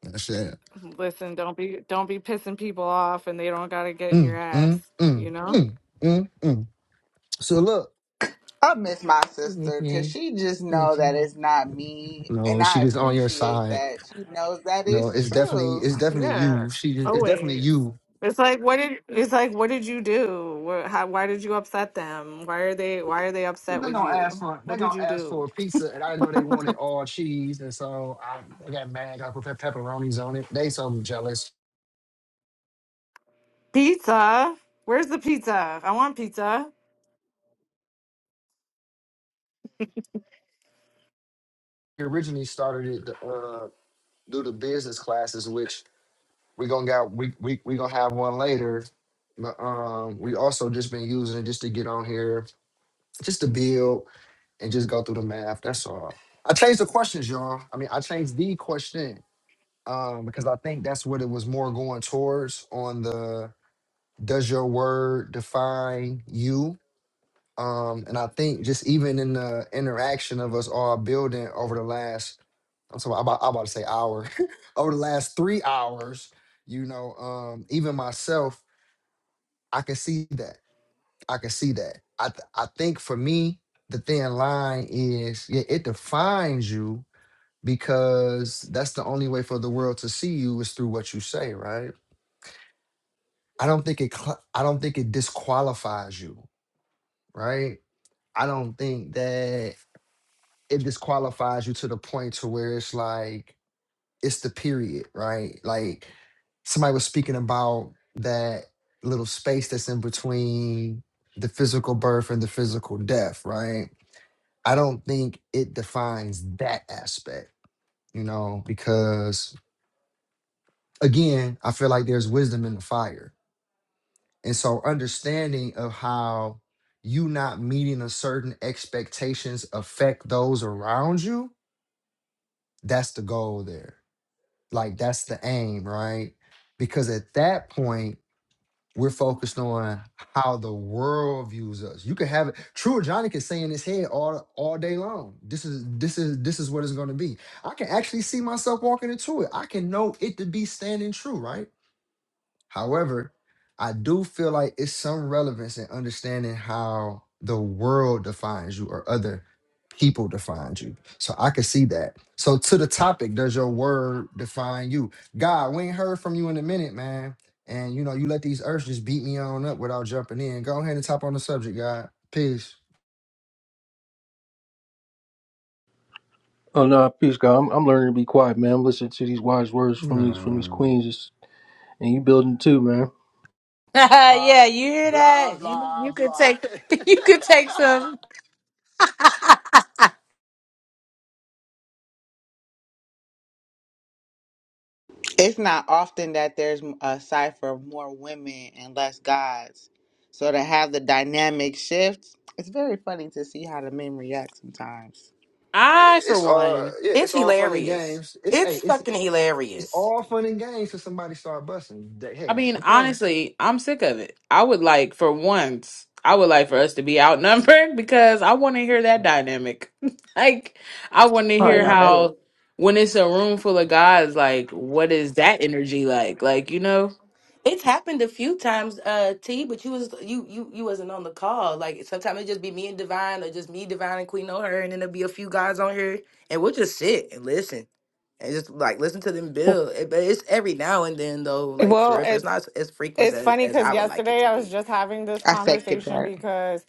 Speaker 1: That's it.
Speaker 7: Listen, don't be don't be pissing people off and they don't gotta get in your
Speaker 1: Mm,
Speaker 7: ass,
Speaker 1: mm,
Speaker 7: you
Speaker 1: mm,
Speaker 7: know?
Speaker 1: mm, mm, mm. So look.
Speaker 3: I miss my sister because
Speaker 1: Mhm,
Speaker 3: she just know
Speaker 1: mhm.
Speaker 3: that it's not me, and
Speaker 1: No, she
Speaker 3: I
Speaker 1: just on your
Speaker 3: appreciate
Speaker 1: side.
Speaker 3: that she knows that
Speaker 1: No,
Speaker 3: it's
Speaker 1: it's definitely,
Speaker 3: true.
Speaker 1: it's definitely
Speaker 7: Yeah.
Speaker 1: you. She, it's definitely
Speaker 7: Always.
Speaker 1: you
Speaker 7: It's like what did it's like what did you do? What, how, why did you upset them? Why are they why are they upset
Speaker 1: They
Speaker 7: with
Speaker 1: gonna ask
Speaker 7: you?
Speaker 1: for they
Speaker 7: What
Speaker 1: gonna
Speaker 7: did you
Speaker 1: ask for
Speaker 7: do?
Speaker 1: a pizza, and I didn't know they wanted all cheese, and so I, I got mad. I put pe- pepperonis on it. They so jealous.
Speaker 7: Pizza? Where's the pizza? I want pizza.
Speaker 1: We originally started it to, uh, do the business classes, which we gonna got we we we gonna have one later. But um, we also just been using it just to get on here, just to build and just go through the math. That's all. I changed the questions, y'all. I mean, I changed the question um, because I think that's what it was more going towards on the does your word define you? Um, and I think just even in the interaction of us all building over the last, I'm sorry, I'm about, I'm about to say hour, [laughs] over the last three hours, you know, um, even myself, I can see that. I can see that. I th- I think for me, the thin line is yeah, it defines you because that's the only way for the world to see you is through what you say, right? I don't think it. Cl- I don't think it disqualifies you, right? I don't think that it disqualifies you to the point to where it's like it's the period, right? Like somebody was speaking about that little space that's in between the physical birth and the physical death, right? I don't think it defines that aspect, you know, because again, I feel like there's wisdom in the fire. And so understanding of how you not meeting a certain expectations affect those around you That's the goal there. Like that's the aim, right? Because at that point, we're focused on how the world views us. You could have it. True Johnny can say in his head all all day long. This is this is this is what it's gonna be. I can actually see myself walking into it. I can know it to be standing true, right? However, I do feel like it's some relevance in understanding how the world defines you or other people define you. So I can see that. So to the topic, does your word define you? God, we ain't heard from you in a minute, man. And you know, you let these earths just beat me on up without jumping in. Go ahead and top on the subject, God. Peace.
Speaker 2: oh no, peace, God. I'm, I'm learning to be quiet, man. I'm listening to these wise words from these from these
Speaker 1: Mm.
Speaker 2: queens, It's- and you building too, man.
Speaker 5: [laughs]
Speaker 1: Uh,
Speaker 5: yeah, you hear
Speaker 1: blah
Speaker 5: that? You you
Speaker 1: blah
Speaker 5: could
Speaker 1: blah. [laughs]
Speaker 5: take [laughs] you could take some. [laughs]
Speaker 3: It's not often that there's a cipher of more women and less guys, so to have the dynamic shift, it's very funny to see how the men react sometimes.
Speaker 1: Yeah,
Speaker 5: I for
Speaker 1: it's all
Speaker 5: one,
Speaker 1: yeah,
Speaker 6: It's
Speaker 1: it's all fun and
Speaker 6: hilarious.
Speaker 1: games. It's hey,
Speaker 6: It's
Speaker 1: it's
Speaker 6: fucking
Speaker 1: It's
Speaker 6: hilarious.
Speaker 1: all fun and games till somebody start busting. They-
Speaker 5: I
Speaker 1: Hey,
Speaker 5: mean
Speaker 1: okay.
Speaker 5: honestly, I'm sick of it. I would like for once, I would like for us to be outnumbered [laughs] because I want to hear that dynamic. [laughs] like I want to
Speaker 7: Oh, I
Speaker 5: hear
Speaker 4: Same
Speaker 7: got it.
Speaker 4: here.
Speaker 5: how when it's a room full of guys, like what is that energy like? Like you know.
Speaker 6: It's happened a few times, uh, T, but you was you you you wasn't on the call. Like sometimes it just be me and Divine or just me, Divine and Queen O'Hara, and then there'll be a few guys on here and we'll just sit and listen. And just like listen to them build. It- But it's every now and then though, like for
Speaker 7: Well,
Speaker 6: real, for- it's
Speaker 7: it's
Speaker 6: not as, as frequent
Speaker 7: it's
Speaker 6: as
Speaker 7: funny
Speaker 6: as
Speaker 7: because
Speaker 6: I would like it
Speaker 7: yesterday
Speaker 6: to
Speaker 7: I was
Speaker 6: be.
Speaker 7: just having this
Speaker 3: I second
Speaker 7: conversation
Speaker 3: that.
Speaker 7: because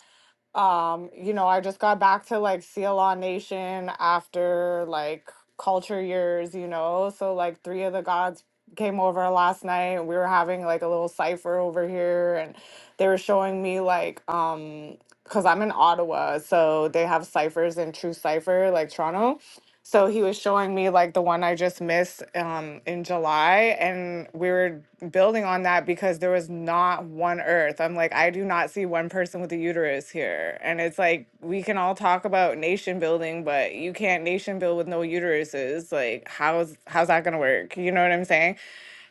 Speaker 7: Um, you know, I just got back to like CLA Nation after like culture years, you know. So like three of the gods came over last night and we were having like a little cipher over here and they were showing me like um because I'm in Ottawa, so they have ciphers in True Cipher, like Toronto. So he was showing me like the one I just missed um, in July, and we were building on that because there was not one Earth. I'm like, I do not see one person with a uterus here, and it's like we can all talk about nation building, but you can't nation build with no uteruses. Like, how's how's that gonna work? You know what I'm saying?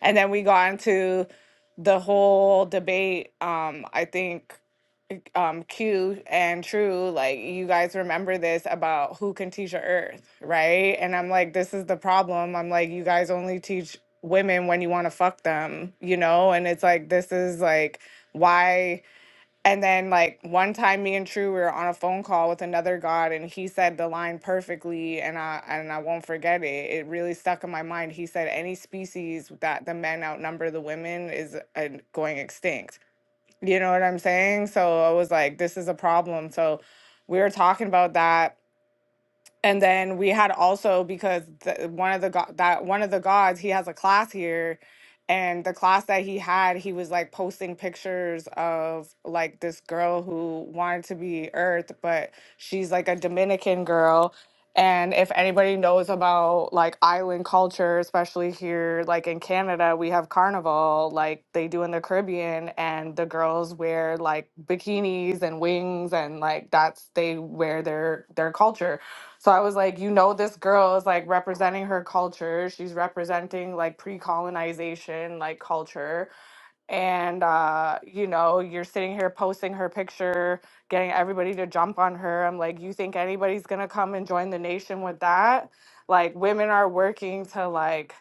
Speaker 7: And then we got into the whole debate. Um, I think um Q and True, like you guys remember this about who can teach your earth, right? And I'm like, this is the problem. I'm like, you guys only teach women when you want to fuck them, you know? And it's like this is like why and then like one time me and True we were on a phone call with another god and he said the line perfectly and I and I won't forget it. It really stuck in my mind. He said any species that the men outnumber the women is uh, going extinct you know what I'm saying? So I was like, this is a problem. So we were talking about that and then we had also because the, one of the go- that one of the gods he has a class here, and the class that he had he was like posting pictures of like this girl who wanted to be Earth, but she's like a Dominican girl. And if anybody knows about like island culture, especially here, like in Canada, we have carnival, like they do in the Caribbean, and the girls wear like bikinis and wings, and like that's they wear their their culture so I was like, you know, this girl is like representing her culture. She's representing like pre colonization, like culture and uh, you know you're sitting here posting her picture getting everybody to jump on her i'm like you think anybody's gonna come and join the nation with that like women are working to like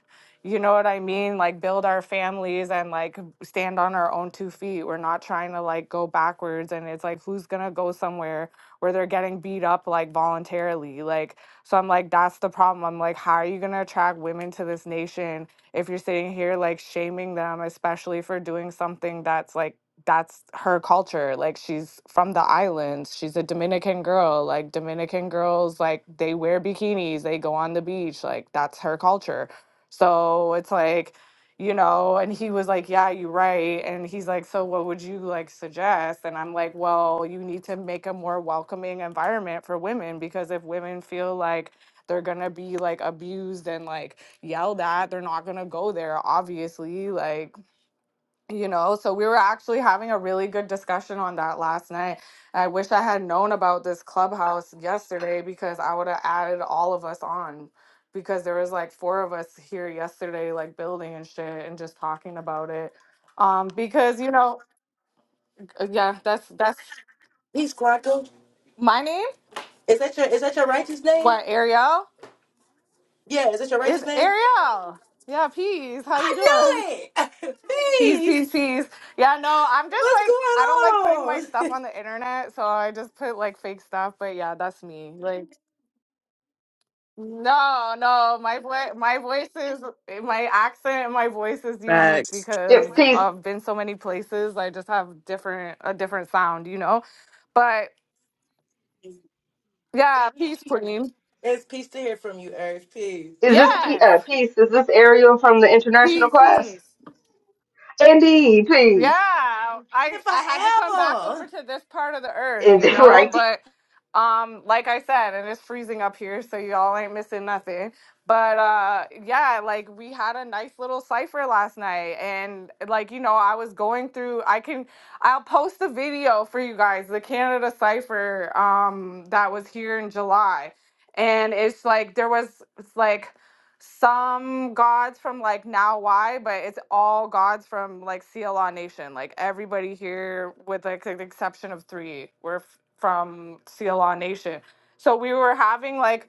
Speaker 7: you know what i mean like build our families and like stand on our own two feet we're not trying to like go backwards and it's like who's gonna go somewhere where they're getting beat up like voluntarily like so i'm like that's the problem i'm like how are you gonna attract women to this nation if you're sitting here like shaming them, especially for doing something that's like that's her culture. Like she's from the islands. She's a Dominican girl. Like Dominican girls, like they wear bikinis, they go on the beach. Like that's her culture. So it's like, you know, and he was like, Yeah, you're right. And he's like, So what would you like suggest? And I'm like, Well, you need to make a more welcoming environment for women because if women feel like they're gonna be like abused and like yelled at. They're not gonna go there, obviously. Like, you know, so we were actually having a really good discussion on that last night. I wish I had known about this clubhouse yesterday because I would have added all of us on because there was like four of us here yesterday, like building and shit and just talking about it. Um, because you know, uh, yeah, that's that's
Speaker 6: Peace, Quantum.
Speaker 7: my name.
Speaker 6: Is that your is that your righteous name?
Speaker 7: What Ariel
Speaker 6: Yeah, is that your
Speaker 7: It's
Speaker 6: righteous name?
Speaker 7: Ariel? Yeah, peace. How
Speaker 6: I
Speaker 7: you doing?
Speaker 6: knew it.
Speaker 7: Peace,
Speaker 6: [laughs]
Speaker 7: peace,
Speaker 6: peace.
Speaker 7: peace. Yeah, no, I'm just
Speaker 6: What's
Speaker 7: like I don't like putting my
Speaker 6: going
Speaker 7: stuff
Speaker 6: on?
Speaker 7: on the internet, so I just put like fake stuff. But yeah, that's me. Like no, no, my voice, my voice is my accent, and my voice is unique
Speaker 5: Facts.
Speaker 4: Yes,
Speaker 7: because
Speaker 4: peace.
Speaker 7: I've been so many places. I just have different a different sound, you know. But yeah, peace, queen.
Speaker 6: [laughs] it's peace to hear from you, Earth. Peace.
Speaker 4: Is this P-
Speaker 7: Yes,
Speaker 4: uh, peace? Is this Ariel from the international
Speaker 7: peace,
Speaker 4: class?
Speaker 7: peace.
Speaker 4: Indeed, peace.
Speaker 7: Yeah, I
Speaker 6: And
Speaker 7: I had to come back over
Speaker 6: Forever.
Speaker 7: to this part of the earth,
Speaker 4: Is
Speaker 7: you
Speaker 4: it [laughs]
Speaker 7: know,
Speaker 4: right?
Speaker 7: but um like I said, and it's freezing up here, so y'all ain't missing nothing. But uh yeah, like we had a nice little cipher last night and like you know, I was going through I can I'll post the video for you guys, the Canada cipher um that was here in July. And it's like there was it's like some gods from like Now Why, but it's all gods from like CLA Nation. Like everybody here, with like the exception of three, were f- from CLA Nation. So we were having like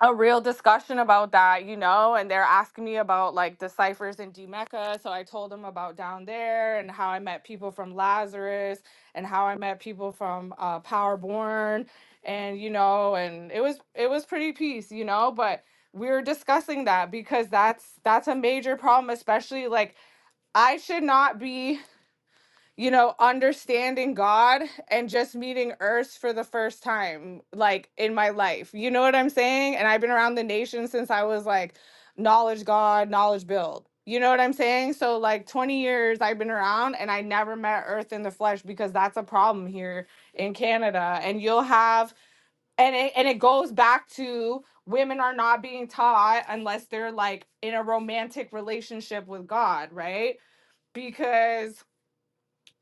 Speaker 7: a real discussion about that, you know, and they're asking me about like the ciphers in D Mecca. So I told them about down there and how I met people from Lazarus and how I met people from uh, Powerborn, and you know, and it was it was pretty peace, you know, but we were discussing that because that's that's a major problem, especially like I should not be you know, understanding God and just meeting Earth for the first time, like in my life. You know what I'm saying? And I've been around the nation since I was like, knowledge God, knowledge build. You know what I'm saying? So, like 20 years I've been around and I never met Earth in the flesh because that's a problem here in Canada. And you'll have, and it, and it goes back to women are not being taught unless they're like in a romantic relationship with God, right? Because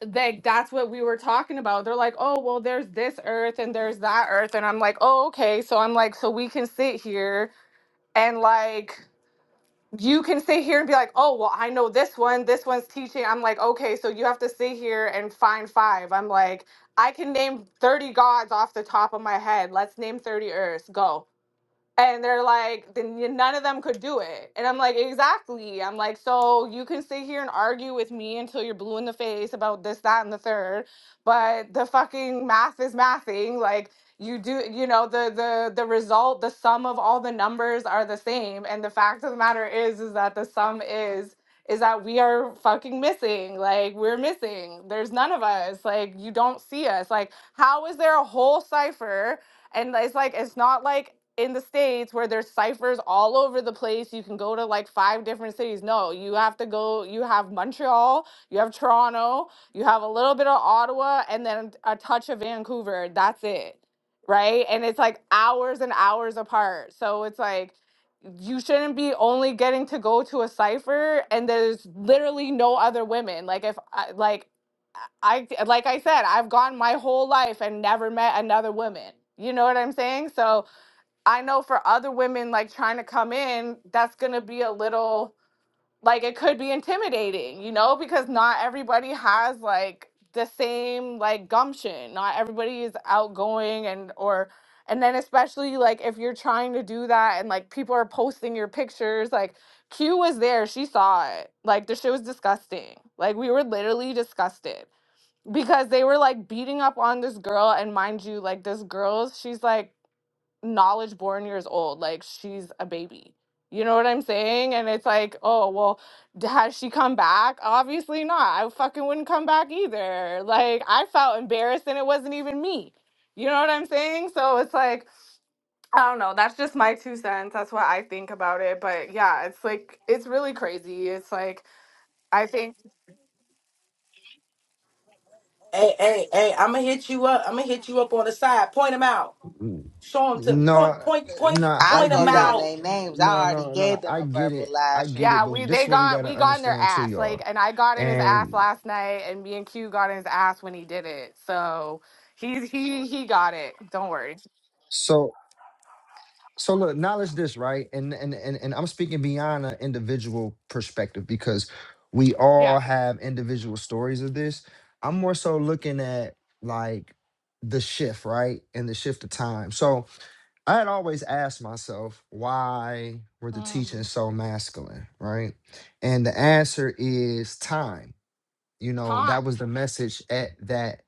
Speaker 7: like that's what we were talking about. They're like, oh, well, there's this earth and there's that earth. And I'm like, oh, okay. So I'm like, so we can sit here and like, you can sit here and be like, oh, well, I know this one. This one's teaching. I'm like, okay. So you have to sit here and find five. I'm like, I can name 30 gods off the top of my head. Let's name 30 earths. Go and they're like then you- none of them could do it and i'm like exactly i'm like so you can sit here and argue with me until you're blue in the face about this that and the third but the fucking math is mathing like you do you know the the the result the sum of all the numbers are the same and the fact of the matter is is that the sum is is that we are fucking missing like we're missing there's none of us like you don't see us like how is there a whole cipher and it's like it's not like in the states where there's ciphers all over the place. You can go to like five different cities. No, you have to go. You have Montreal, you have Toronto, you have a little bit of Ottawa, and then a touch of Vancouver. That's it, right? And it's like hours and hours apart. So it's like you shouldn't be only getting to go to a cipher and there's literally no other women like if I, like I like I said, I've gone my whole life and never met another woman. You know what I'm saying? So I know for other women like trying to come in, that's gonna be a little like it could be intimidating, you know, because not everybody has like the same like gumption. Not everybody is outgoing and or and then especially like if you're trying to do that and like people are posting your pictures, like Q was there, she saw it. Like the shit was disgusting. Like we were literally disgusted because they were like beating up on this girl and mind you like this girl she's like knowledge born years old like she's a baby you know what i'm saying and it's like oh well d- has she come back obviously not i fucking wouldn't come back either like i felt embarrassed and it wasn't even me you know what i'm saying so it's like i don't know that's just my two cents that's what i think about it but yeah it's like it's really crazy it's like i think
Speaker 6: Hey, hey, hey! I'm gonna hit you up. I'm gonna hit you up on the side. Point them out.
Speaker 1: Mm.
Speaker 6: Show them to
Speaker 1: No,
Speaker 6: point, point, point,
Speaker 1: no,
Speaker 3: I
Speaker 1: I
Speaker 6: point them
Speaker 3: go
Speaker 1: get
Speaker 3: down
Speaker 1: it.
Speaker 6: out.
Speaker 3: their names.
Speaker 1: No,
Speaker 3: I already
Speaker 1: no, no,
Speaker 3: gave them
Speaker 1: I
Speaker 3: a
Speaker 1: get
Speaker 3: verbal
Speaker 1: it. I get
Speaker 3: lashing.
Speaker 1: it.
Speaker 7: Yeah,
Speaker 1: But
Speaker 7: we
Speaker 1: this is
Speaker 7: they
Speaker 1: what we
Speaker 7: got
Speaker 1: gotta
Speaker 7: we got in their
Speaker 1: understand too,
Speaker 7: ass.
Speaker 1: y'all.
Speaker 7: Like and I got in his ass
Speaker 1: And
Speaker 7: last night and me and Q got in his ass when he did it. So he's he he got it. Don't worry.
Speaker 1: so, so look, knowledge this, right? And and and and I'm speaking beyond an individual perspective because we
Speaker 7: Yeah.
Speaker 1: all have individual stories of this. I'm more so looking at like the shift, right? And the shift of time. So I had always asked myself, why were the
Speaker 7: Um,
Speaker 1: teachings so masculine, right? And the answer is time. You know,
Speaker 7: Con.
Speaker 1: that was the message at that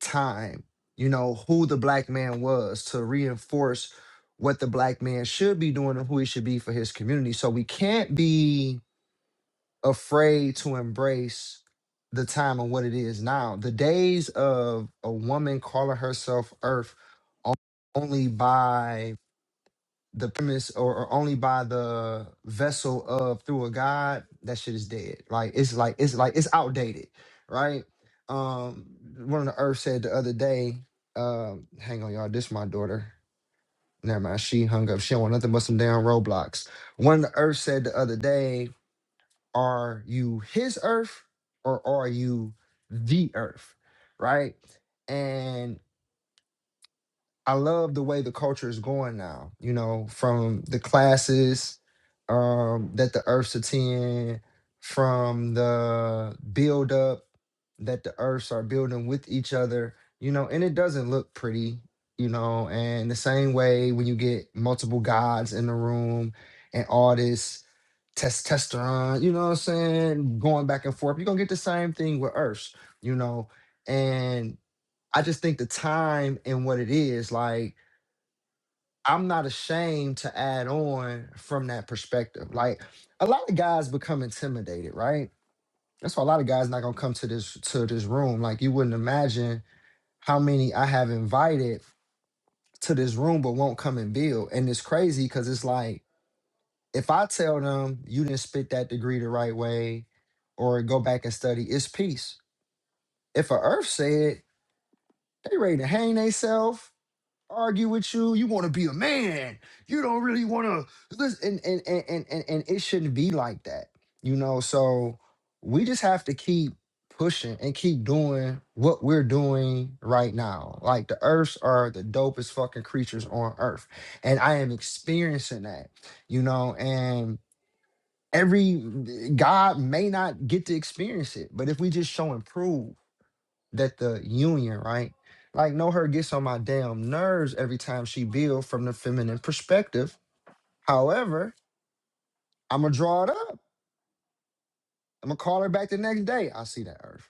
Speaker 1: time. You know, who the black man was to reinforce what the black man should be doing and who he should be for his community. So we can't be afraid to embrace the time and what it is now. The days of a woman calling herself Earth only by the premise or, or only by the vessel of through a god, that shit is dead. Like it's like it's like it's outdated, right? Um one of the earth said the other day, um, hang on y'all, this my daughter. Never mind, she hung up. She don't want nothing but some damn roadblocks. One of the earth said the other day, are you his earth or are you the earth? Right? And. I love the way the culture is going now, you know, from the classes um, that the Earths attend, from the build up that the Earths are building with each other, you know, and it doesn't look pretty, you know, and the same way when you get multiple gods in the room and all this testosterone, you know what I'm saying, going back and forth, you're going to get the same thing with Earths, you know, and I just think the time and what it is, like, I'm not ashamed to add on from that perspective. Like, a lot of guys become intimidated, right? That's why a lot of guys not gonna come to this to this room. Like, you wouldn't imagine how many I have invited to this room but won't come and build. And it's crazy because it's like, if I tell them you didn't spit that degree the right way or go back and study, it's peace. If a earth said they ready to hang themselves argue with you. You want to be a man. You don't really want to listen. And and, and and and and it shouldn't be like that, you know. So we just have to keep pushing and keep doing what we're doing right now. Like the Earths are the dopest fucking creatures on Earth, and I am experiencing that, you know. And every God may not get to experience it, but if we just show and prove that the union, right? Like, no, her gets on my damn nerves every time she builds from the feminine perspective. However, I'm gonna draw it up. I'm gonna call her back the next day. I see that, Earth.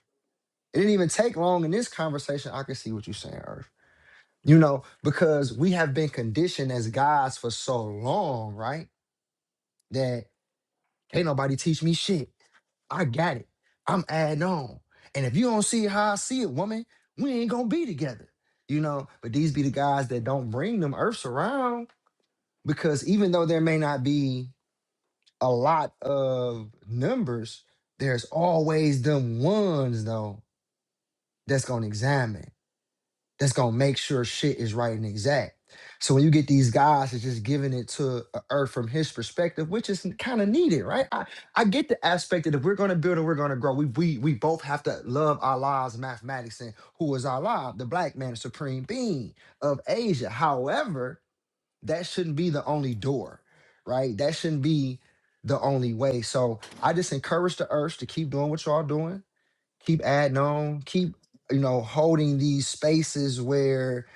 Speaker 1: It didn't even take long in this conversation. I can see what you're saying, Earth. You know, because we have been conditioned as guys for so long, right? That can't nobody teach me shit. I got it. I'm adding on. And if you don't see it how I see it, woman, we ain't gonna be together. You know, but these be the guys that don't bring them earths around because even though there may not be a lot of numbers, there's always them ones though that's gonna examine that's gonna make sure shit is right and exact. So when you get these guys that's just giving it to a Earth from his perspective, which is kind of needed, right? I, I get the aspect that if we're gonna build and we're gonna grow, we we we both have to love our lives, mathematics, and who is our live, the black man, supreme being of Asia. However, that shouldn't be the only door, right? That shouldn't be the only way. So I just encourage the Earth to keep doing what y'all doing keep adding on, keep, you know, holding these spaces where,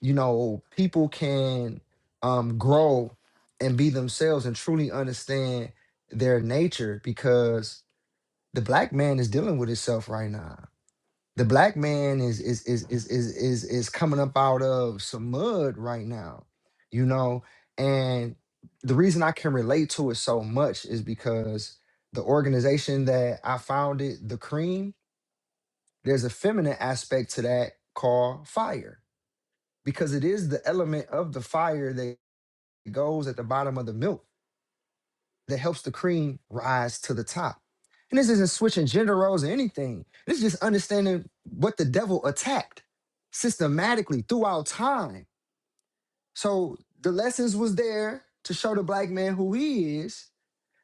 Speaker 1: you know, people can um grow and be themselves and truly understand their nature because the black man is dealing with himself right now. The black man is is is is is is, is coming up out of some mud right now, you know, and the reason I can relate to it so much is because the organization that I founded, the Cream, there's a feminine aspect to that called fire because it is the element of the fire that goes at the bottom of the milk that helps the cream rise to the top. And this isn't switching gender roles or anything. This is just understanding what the devil attacked systematically throughout time. So the lessons was there to show the black man who he is.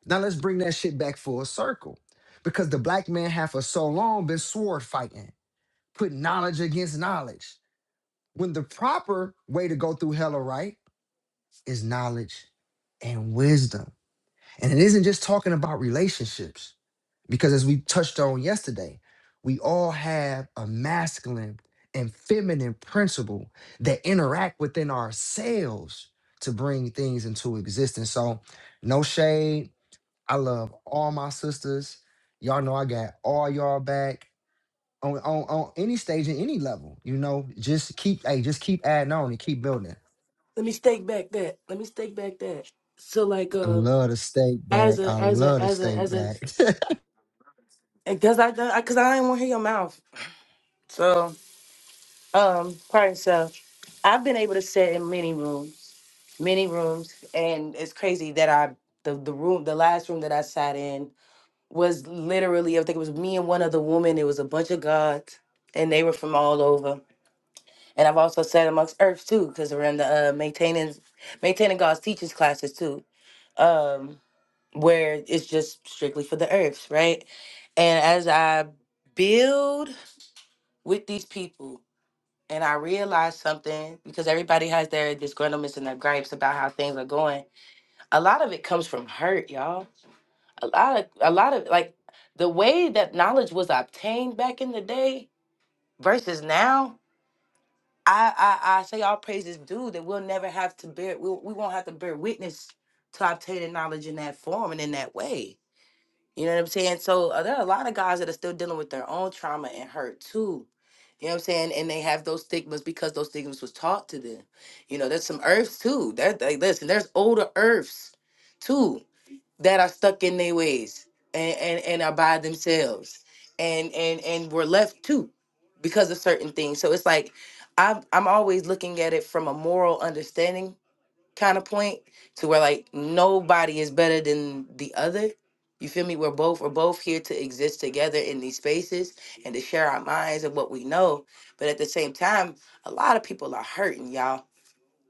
Speaker 1: Now let's bring that shit back full circle. Because the black man have for so long been sword fighting, putting knowledge against knowledge. When the proper way to go through hell or right is knowledge and wisdom. And it isn't just talking about relationships, because as we touched on yesterday, we all have a masculine and feminine principle that interact within ourselves to bring things into existence. So, no shade. I love all my sisters. Y'all know I got all y'all back on, on, on any stage and any level. You know, just keep, hey, just keep adding on and keep building.
Speaker 6: Let me stake back that. Let me stake back that. So like,
Speaker 1: I
Speaker 6: uh,
Speaker 1: love the steak
Speaker 6: as
Speaker 1: back. I
Speaker 6: a, as
Speaker 1: love
Speaker 6: a,
Speaker 1: the
Speaker 6: as a,
Speaker 1: steak
Speaker 6: as a,
Speaker 1: back.
Speaker 6: because I, because I didn't want to hear your mouth. So, um, pardon, so I've been able to sit in many rooms. many rooms and it's crazy that i the, the room the last room that i sat in was literally i think it was me and one other woman it was a bunch of gods and they were from all over and i've also sat amongst earths too because we're in the uh, maintaining maintaining god's teachers classes too um where it's just strictly for the earths right and as i build with these people and i realize something because everybody has their disgruntlements and their gripes about how things are going a lot of it comes from hurt, y'all. A lot of a lot of like the way that knowledge was obtained back in the day versus now. I I, I say all praises due that we'll never have to bear we, we won't have to bear witness to obtaining knowledge in that form and in that way. You know what I'm saying? So uh, there are a lot of guys that are still dealing with their own trauma and hurt too. You know what I'm saying? And they have those stigmas because those stigmas was taught to them. You know, there's some earths too. That they, listen, there's older earths too that are stuck in their ways and, and and are by themselves and and and were left too because of certain things so it's like i'm i'm always looking at it from a moral understanding kind of point to where like nobody is better than the other you feel me we're both we're both here to exist together in these spaces and to share our minds and what we know but at the same time a lot of people are hurting y'all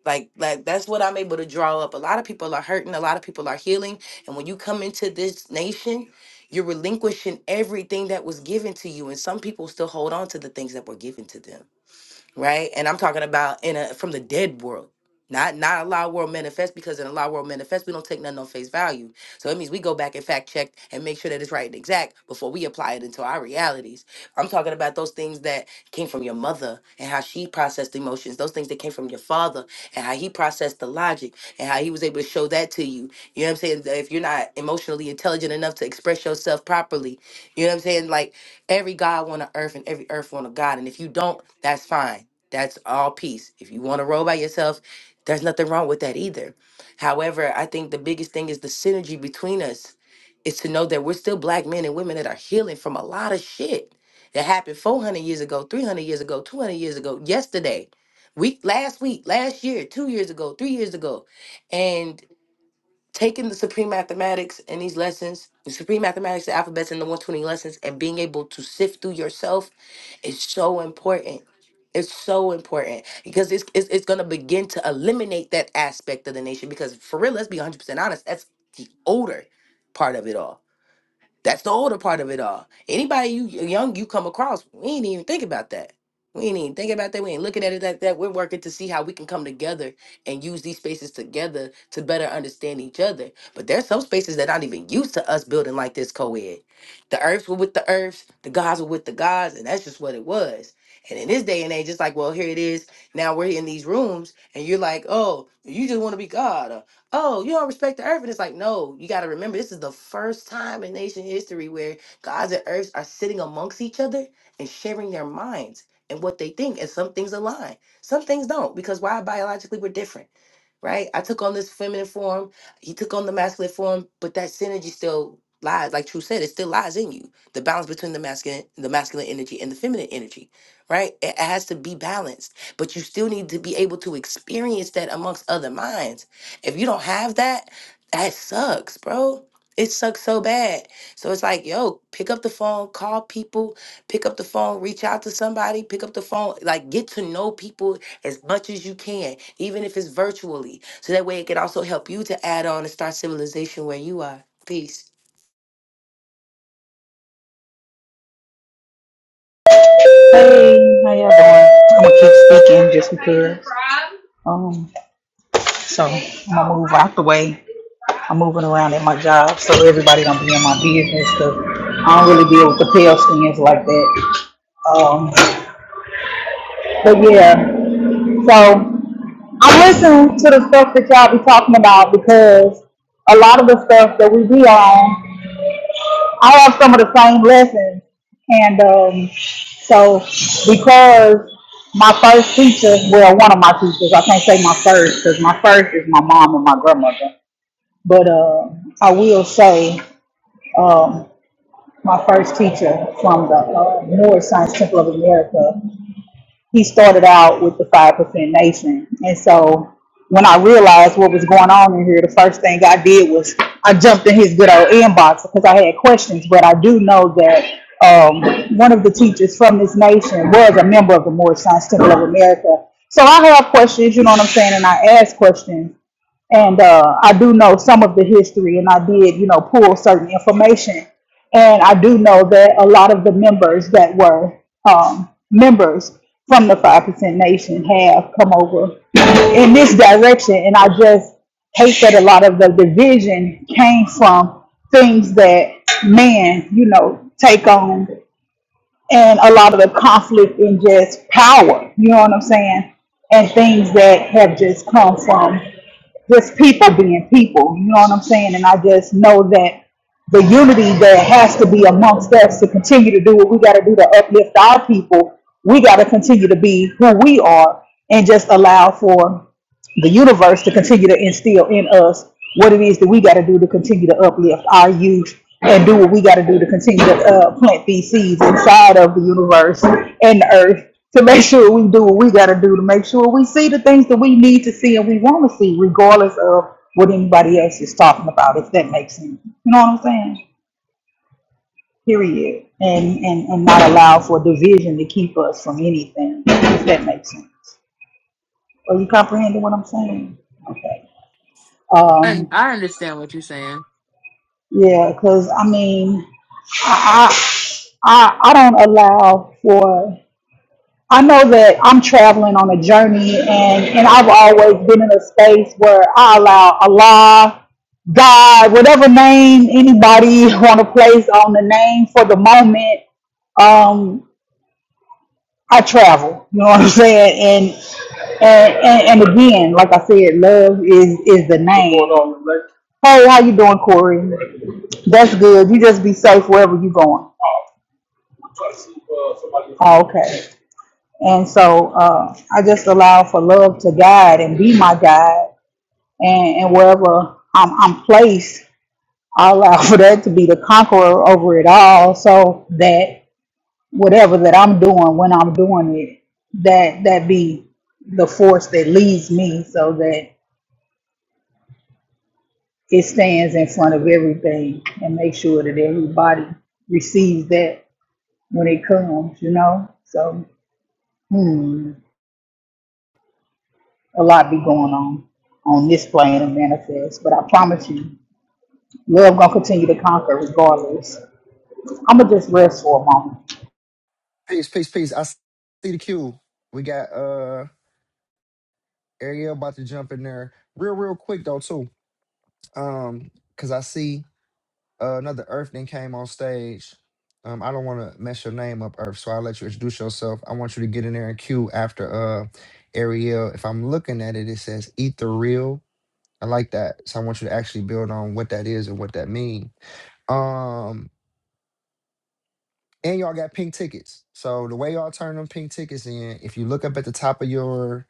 Speaker 6: like, like that's what I'm able to draw up. A lot of people are hurting, a lot of people are healing. And when you come into this nation, you're relinquishing everything that was given to you. And some people still hold on to the things that were given to them right? And I'm talking about in a from the dead world, not not a lot world manifest because in a lot world manifest we don't take nothing on face value. So it means we go back and fact check and make sure that it's right and exact before we apply it into our realities. I'm talking about those things that came from your mother and how she processed emotions, those things that came from your father and how he processed the logic and how he was able to show that to you. You know what I'm saying? If you're not emotionally intelligent enough to express yourself properly, you know what I'm saying? Like Every God want a earth and every earth want a God. And if you don't, that's fine. That's all peace. If you want to roll by yourself, there's nothing wrong with that either. However, I think the biggest thing is the synergy between us is to know that we're still black men and women that are healing from a lot of shit that happened 400 years ago, 300 years ago, 200 years ago, yesterday, week, last week, last year, two years ago, three years ago taking the supreme mathematics and these lessons the supreme mathematics the alphabets and the 120 lessons and being able to sift through yourself is so important it's so important because it's, it's, it's going to begin to eliminate that aspect of the nation because for real let's be 100% honest that's the older part of it all that's the older part of it all. Anybody you young you come across, we ain't even think about that. We ain't even think about that. We ain't looking at it like that. We're working to see how we can come together and use these spaces together to better understand each other. But there's some spaces that not even used to us building like this co-ed. The earths were with the earths, the gods were with the gods, and that's just what it was. And in this day and age, it's like, well, here it is. Now we're in these rooms, and you're like, oh, you just want to be God. or oh, you don't respect the earth. And it's like, no, you got to remember, this is the first time in nation history where gods and earths are sitting amongst each other and sharing their minds and what they think. And some things align, some things don't, because why biologically we're different right? I took on this feminine form, he took on the masculine form, but that synergy still lies. Like True said, it still lies in you. The balance between the masculine, the masculine energy and the feminine energy, right? It it has to be balanced, but you still need to be able to experience that amongst other minds. If you don't have that, that sucks, bro. It sucks so bad. So it's like, yo, pick up the phone, call people, pick up the phone, reach out to somebody, pick up the phone, like get to know people as much as you can, even if it's virtually. So that way it can also help you to add on and start civilization where you are. Peace.
Speaker 8: my first teacher, well, one of my teachers, I can't say my first because my first is my mom and my grandmother. But uh, I will say um, my first teacher from the uh, Moore Science Temple of America he started out with the five percent nation. And so when I realized what was going on in here, the first thing I did was I jumped in his good old inbox because I had questions. But I do know that um, one of the teachers from this nation was a member of the Moorish Science Temple of America. So I have questions, you know what I'm saying, and I ask questions and uh, I do know some of the history, and I did, you know, pull certain information, and I do know that a lot of the members that were um, members from the Five Percent Nation have come over in this direction, and I just hate that a lot of the division came from things that man, you know, take on and a lot of the conflict in just power, you know what I'm saying? And things that have just come from just people being people, you know what I'm saying? And I just know that the unity that has to be amongst us to continue to do what we got to do to uplift our people, we got to continue to be who we are and just allow for the universe to continue to instill in us what it is that we got to do to continue to uplift our youth and do what we got to do to continue to uh, plant these seeds inside of the universe and the earth to make [laughs] sure we do what we got to do to make sure we see the things that we need to see and we want to see, regardless of what anybody else is talking about, if that makes sense. You know what I'm saying? Period. And, and, and not allow for division to keep us from anything, if that makes sense. Are you comprehending what I'm saying? Okay. Um,
Speaker 5: I, I understand what you're saying.
Speaker 8: Yeah, because I mean, I, I I I don't allow for. I know that I'm traveling on a journey, and and I've always been in a space where I allow Allah, God, whatever name anybody [laughs] want to place on the name for the moment. Um, I travel. You know what I'm saying? And and and, and again, like I said, love is is the name. Hey, how you doing, Corey? That's good. You just be safe wherever you going. Oh, okay. And so uh, I just allow for love to guide and be my guide. And, and wherever I'm, I'm placed, I allow [laughs] for that to be the conqueror over it all. So that whatever that I'm doing, when I'm doing it, that that be it stands in front of everything and make sure that everybody receives that when it comes. You know, a lot be going on on this plane and manifest, but I promise you, love gonna continue to conquer regardless. I'm gonna
Speaker 1: [laughs] peace, peace, peace. I see the queue. We got uh Ariel about to jump in there real, real quick though too. Um, cause I see uh, another Earthling came on stage. Um, I don't want to mess your name up, Earth. So I'll let you introduce yourself. I want you to get in there and queue after uh Ariel. If I'm looking at it, it says eat the real. I like that. So I want you to actually build on what that is and what that means. Um. and y'all got pink tickets. So the way y'all turn them pink tickets in, if you look up at the top of your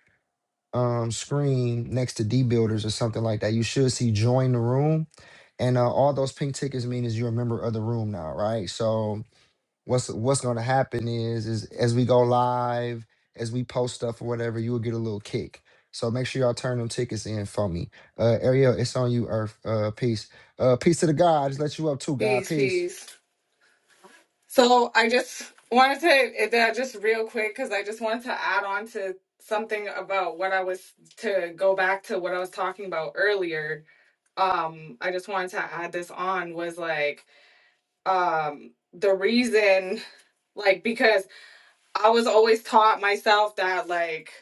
Speaker 1: um, screen next to D Builders or something like that, you should see join the room. And uh, all those pink tickets mean is you're a member of the room now, right? So what's what's going to happen is is as we go live, as we post stuff or whatever, you will get a little kick. So make sure y'all turn them tickets in for me. Uh, Ariel, it's on you, Earth. Uh, peace. Uh, peace to the God. Just let you up too, God.
Speaker 7: Peace,
Speaker 1: Peace.
Speaker 7: peace. So I just wanted to, uh, just real quick, because I just wanted to add on to something about what I was, to go back to what I was talking about earlier. Um, I just wanted to add this on was like, um, the reason, like because. I was always taught myself that like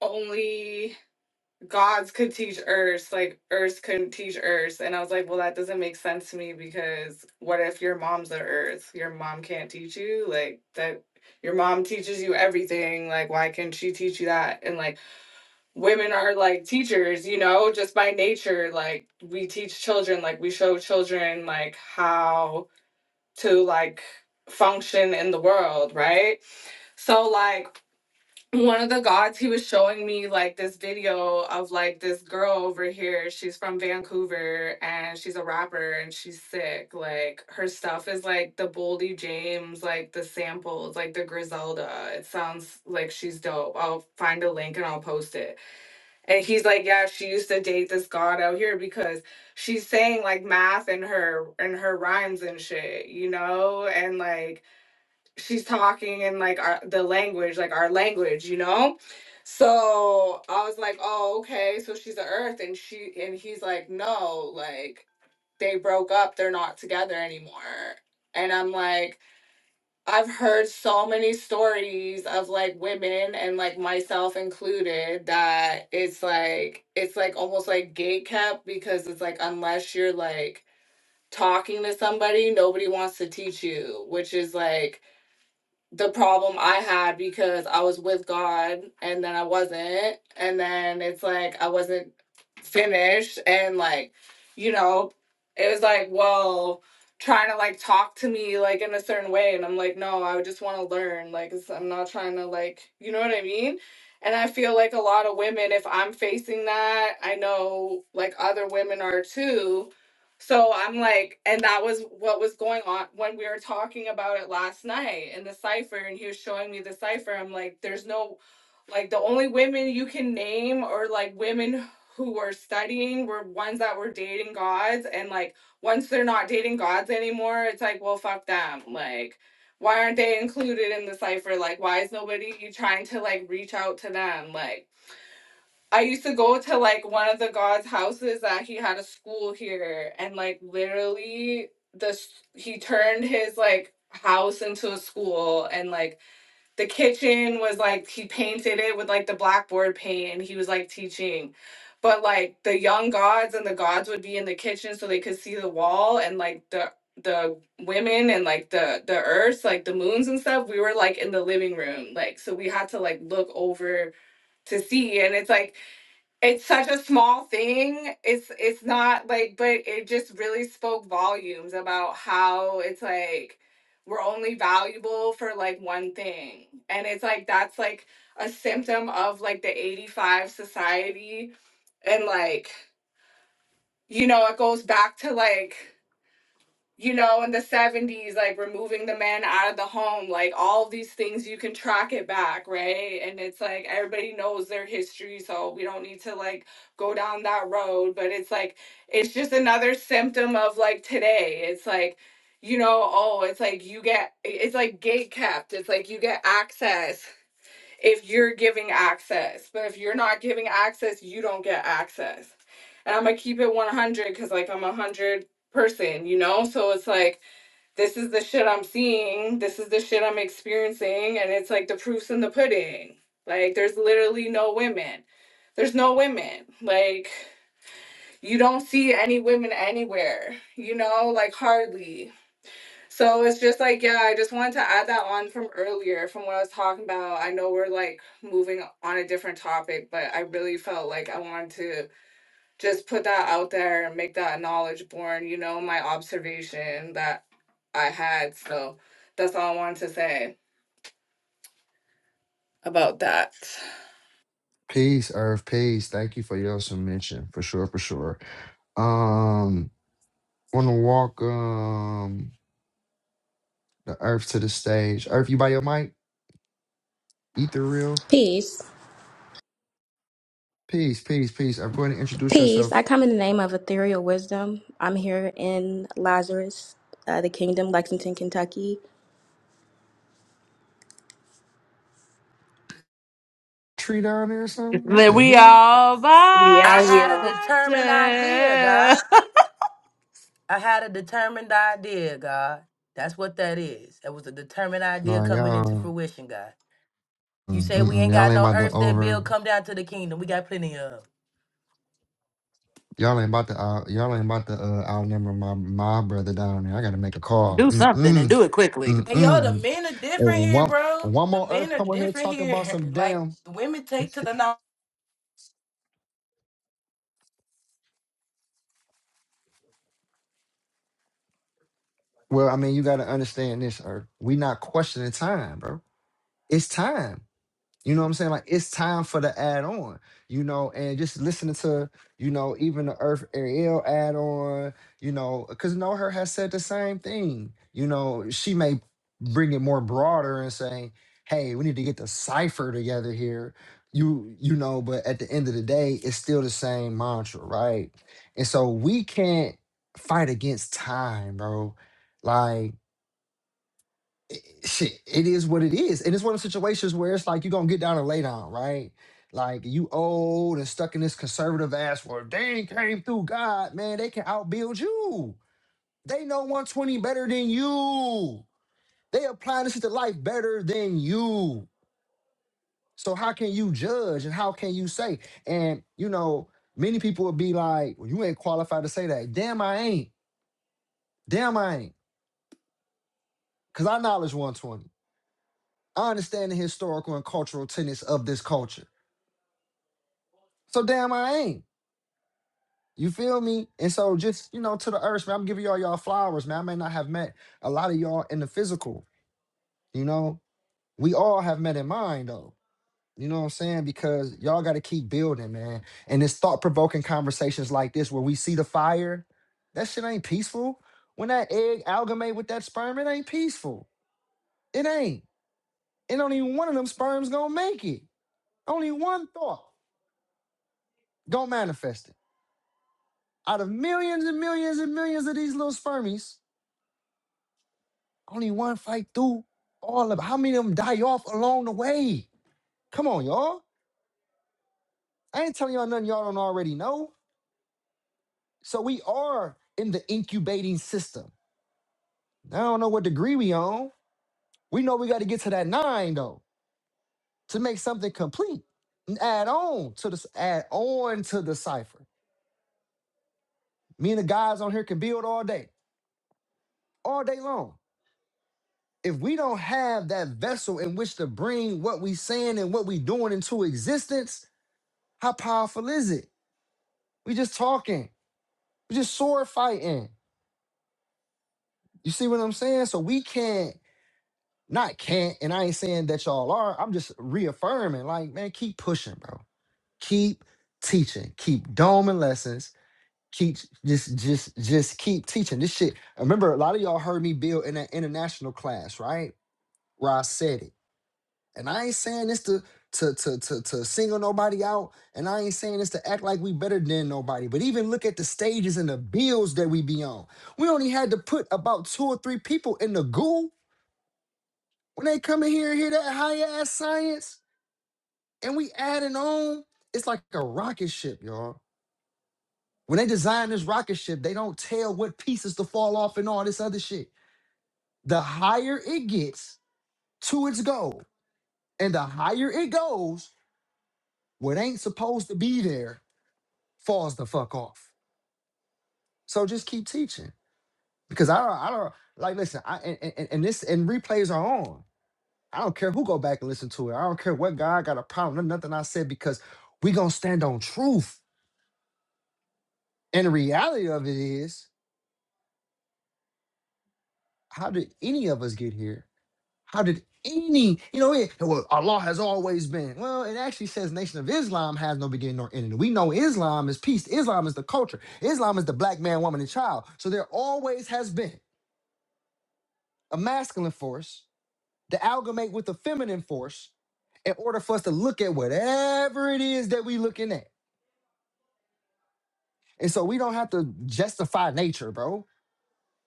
Speaker 7: only gods could teach earth, like earth couldn't teach earth. And I was like, well, that doesn't make sense to me because what if your mom's the earth? Your mom can't teach you? Like that your mom teaches you everything. Like, why can't she teach you that? And like women are like teachers, you know, just by nature. Like we teach children, like we show children like how to like function in the world, right? So like one of the gods he was showing me like this video of like this girl over here she's from vancouver and she's a rapper and she's sick like her stuff is like the boldy james like the samples like the griselda it sounds like she's dope i'll find a link and i'll post it and he's like yeah she used to date this god out here because she's saying like math in her in her rhymes and shit you know and like she's talking in like our the language, like our language, you know? So I was like, Oh, okay, so she's the earth and she and he's like, No, like they broke up, they're not together anymore. And I'm like, I've heard so many stories of like women and like myself included that it's like it's like almost like gate kept because it's like unless you're like talking to somebody, nobody wants to teach you, which is like the problem I had because I was with God and then I wasn't. And then it's like I wasn't finished. And like, you know, it was like, well, trying to like talk to me like in a certain way. And I'm like, no, I just want to learn. Like, it's, I'm not trying to like, you know what I mean? And I feel like a lot of women, if I'm facing that, I know like other women are too so I'm like, and that was what was going on when we were talking about it last night in the cipher, and he was showing me the cipher. I'm like, there's no, like, the only women you can name or like women who were studying were ones that were dating gods, and like, once they're not dating gods anymore, it's like, well, fuck them. Like, why aren't they included in the cipher? Like, why is nobody trying to like reach out to them? Like, I used to go to like one of the god's houses that he had a school here, and like literally, the he turned his like house into a school, and like the kitchen was like he painted it with like the blackboard paint, and he was like teaching. But like the young gods and the gods would be in the kitchen so they could see the wall, and like the the women and like the the earths, like the moons and stuff, we were like in the living room, like so we had to like look over to see, and it's like it's such a small thing it's it's not like but it just really spoke volumes about how it's like we're only valuable for like one thing and it's like that's like a symptom of like the 85 society and like you know it goes back to like you know, in the 70s, like removing the man out of the home, like all of these things, you can track it back, right? And it's like everybody knows their history, so we don't need to like go down that road. But it's like, it's just another symptom of like today. It's like, you know, oh, it's like you get, it's like gate kept. It's like you get access if you're giving access. But if you're not giving access, you don't get access. And I'm gonna keep it 100 because like I'm a hundred person, you know. So it's like this is the shit I'm seeing, this is the shit I'm experiencing, and it's like the proof's in the pudding. Like there's literally no women. There's no women. Like you don't see any women anywhere, you know, like hardly. So it's just like, yeah, I just wanted to add that on from earlier, from what I was talking about. I know we're like moving on a different topic, but I really felt like I wanted to just put that out there and make that knowledge born, you know, my observation that I had. So that's all I wanted to say about that.
Speaker 1: Peace, Earth, peace. Thank you for your submission, for sure, for sure. Um, want to walk um the Earth to the stage. Earth, you by your mic? Ether real.
Speaker 9: Peace.
Speaker 1: Peace, peace, peace. I'm going to introduce
Speaker 9: Peace. I
Speaker 1: yourself.
Speaker 9: come in the name of ethereal wisdom. I'm here in Lazarus, uh, the kingdom, Lexington, Kentucky.
Speaker 1: Tree down there or something? What
Speaker 5: That
Speaker 1: the
Speaker 5: we
Speaker 1: hell?
Speaker 5: all by
Speaker 6: I had a determined idea, God.
Speaker 5: ourselves. [laughs]
Speaker 6: I had a determined idea, God. That's what that is. That was a determined
Speaker 1: No,
Speaker 6: idea coming into
Speaker 1: y'all,
Speaker 6: fruition, God. You say we
Speaker 1: mm-mm,
Speaker 6: ain't
Speaker 1: y'all
Speaker 6: got
Speaker 1: ain't
Speaker 6: no
Speaker 1: about to
Speaker 6: earth that
Speaker 1: over.
Speaker 6: build, come down to the kingdom. We got plenty of 'em.
Speaker 1: Y'all ain't about to. Uh, y'all ain't about to uh, outnumber my my brother down there. I gotta make a call.
Speaker 5: Do
Speaker 1: Mm
Speaker 5: something and
Speaker 1: mm
Speaker 5: do it quickly.
Speaker 1: mm
Speaker 6: Hey, yo, the
Speaker 1: mm.
Speaker 6: men are different
Speaker 1: And
Speaker 6: here,
Speaker 1: one
Speaker 6: bro.
Speaker 1: one
Speaker 6: The
Speaker 1: more Earth
Speaker 6: men are
Speaker 1: come over here
Speaker 6: different
Speaker 1: talking about
Speaker 6: here.
Speaker 1: some
Speaker 6: [laughs] Like,
Speaker 1: damn
Speaker 6: women take to the
Speaker 1: Well, I mean, you got to understand this, Earth. we not questioning time, bro. It's time. You know what I'm saying? Like it's time for the add on. You know, and just listening to you know even the Earth Ariel add on. You know, because know her has said the same thing. You know, she may bring it more broader and say, "Hey, we need to get the cipher together here." You you know, but at the end of the day, it's still the same mantra, right? And so we can't fight against time, bro. Like eh, shit, it is what it is. And it's one of the situations where it's like you're gonna get down and lay down, right? Like you old and stuck in this conservative ass world. They ain't came through God, man. They can outbuild you. They know 120 better than you. They apply this to life better than you. So how can you judge and how can you say? And you know, many people would be like, Well, you ain't qualified to say that. Damn, I ain't. Damn, I ain't. Cause I knowledge 120. I understand the historical and cultural tenets of this culture. So damn, I ain't. You feel me? And so just, you know, to the earth, man, I'm giving y'all y'all flowers, man. I may not have met a lot of y'all in the physical, you know. We all have met in mind though. You know what I'm saying? Because y'all gotta keep building, man. And it's thought-provoking conversations like this where we see the fire. That shit ain't peaceful. When that egg amalgamate with that sperm, it ain't peaceful. It ain't. And only one of them sperms gonna make it. Only one thought gonna manifest it. Out of millions and millions and millions of these little spermies, Only one fight through all of how many of them die off along the way? Come on, y'all. I ain't telling y'all nothing y'all don't already know. So we are in the incubating system. I don't know what degree we on. We know we got to get to that nine though to make something complete and add on to this, add on to the cipher. Me and the guys on here can build all day, all day long. If we don't have that vessel in which to bring what we saying and what we doing into existence, how powerful is it? We just talking. We just sword fighting. You see what I'm saying? So we can't, not can't, and I ain't saying that y'all are. I'm just reaffirming, like, man, keep pushing, bro. Keep teaching. Keep doming lessons. Keep just just just keep teaching this shit. I Remember, a lot of y'all heard me build in that international class, right? Where I said it. And I ain't saying this to to to to to single nobody out, and I ain't saying this to act like we better than nobody. But even look at the stages and the bills that we be on. We only had to put about two or three people in the goo when they come in here and hear that high ass science, and we adding on. It's like a rocket ship, y'all. When they design this rocket ship, they don't tell what pieces to fall off and all this other shit. The higher it gets to its goal, and the higher it goes, what ain't supposed to be there falls the fuck off. So just keep teaching because I don't, I don't like listen. I and, and, and this and replays are on. I don't care who go back and listen to it. I don't care what guy got a problem. There's nothing I said because we gonna stand on truth. And the reality of it is, how did any of us get here? How did any you know? It, well, Allah has always been. Well, it actually says Nation of Islam has no beginning nor ending. We know Islam is peace. Islam is the culture. Islam is the black man, woman, and child. So there always has been a masculine force to amalgamate with the feminine force in order for us to look at whatever it is that we looking at. And so we don't have to justify nature, bro.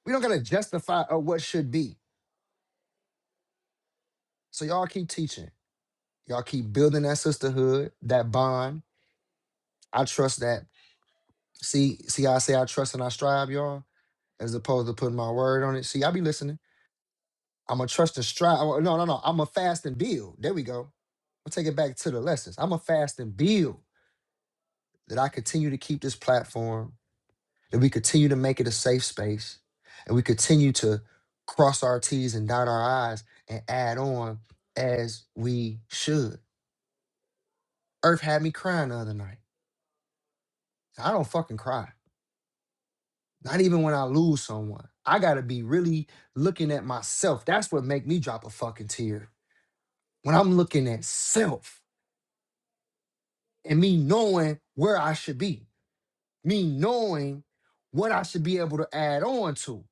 Speaker 1: We don't gotta justify uh, what should be. So y'all keep teaching. Y'all keep building that sisterhood, that bond. I trust that. See, see, how I say I trust and I strive, y'all, as opposed to putting my word on it. See, I be listening. I'm a trust and strive. oh, No, no, no. I'm a fast and build. There we go. I'll take it back to the lessons. I'm a fast and build that I continue to keep this platform that we continue to make it a safe space and we continue to cross our T's and dot our I's and add on as we should. Earth had me crying the other night. I don't fucking cry. Not even when I lose someone. I gotta be really looking at myself. That's what make me drop a fucking tear. When I'm looking at self and me knowing where I should be, me knowing what I should be able to add on to.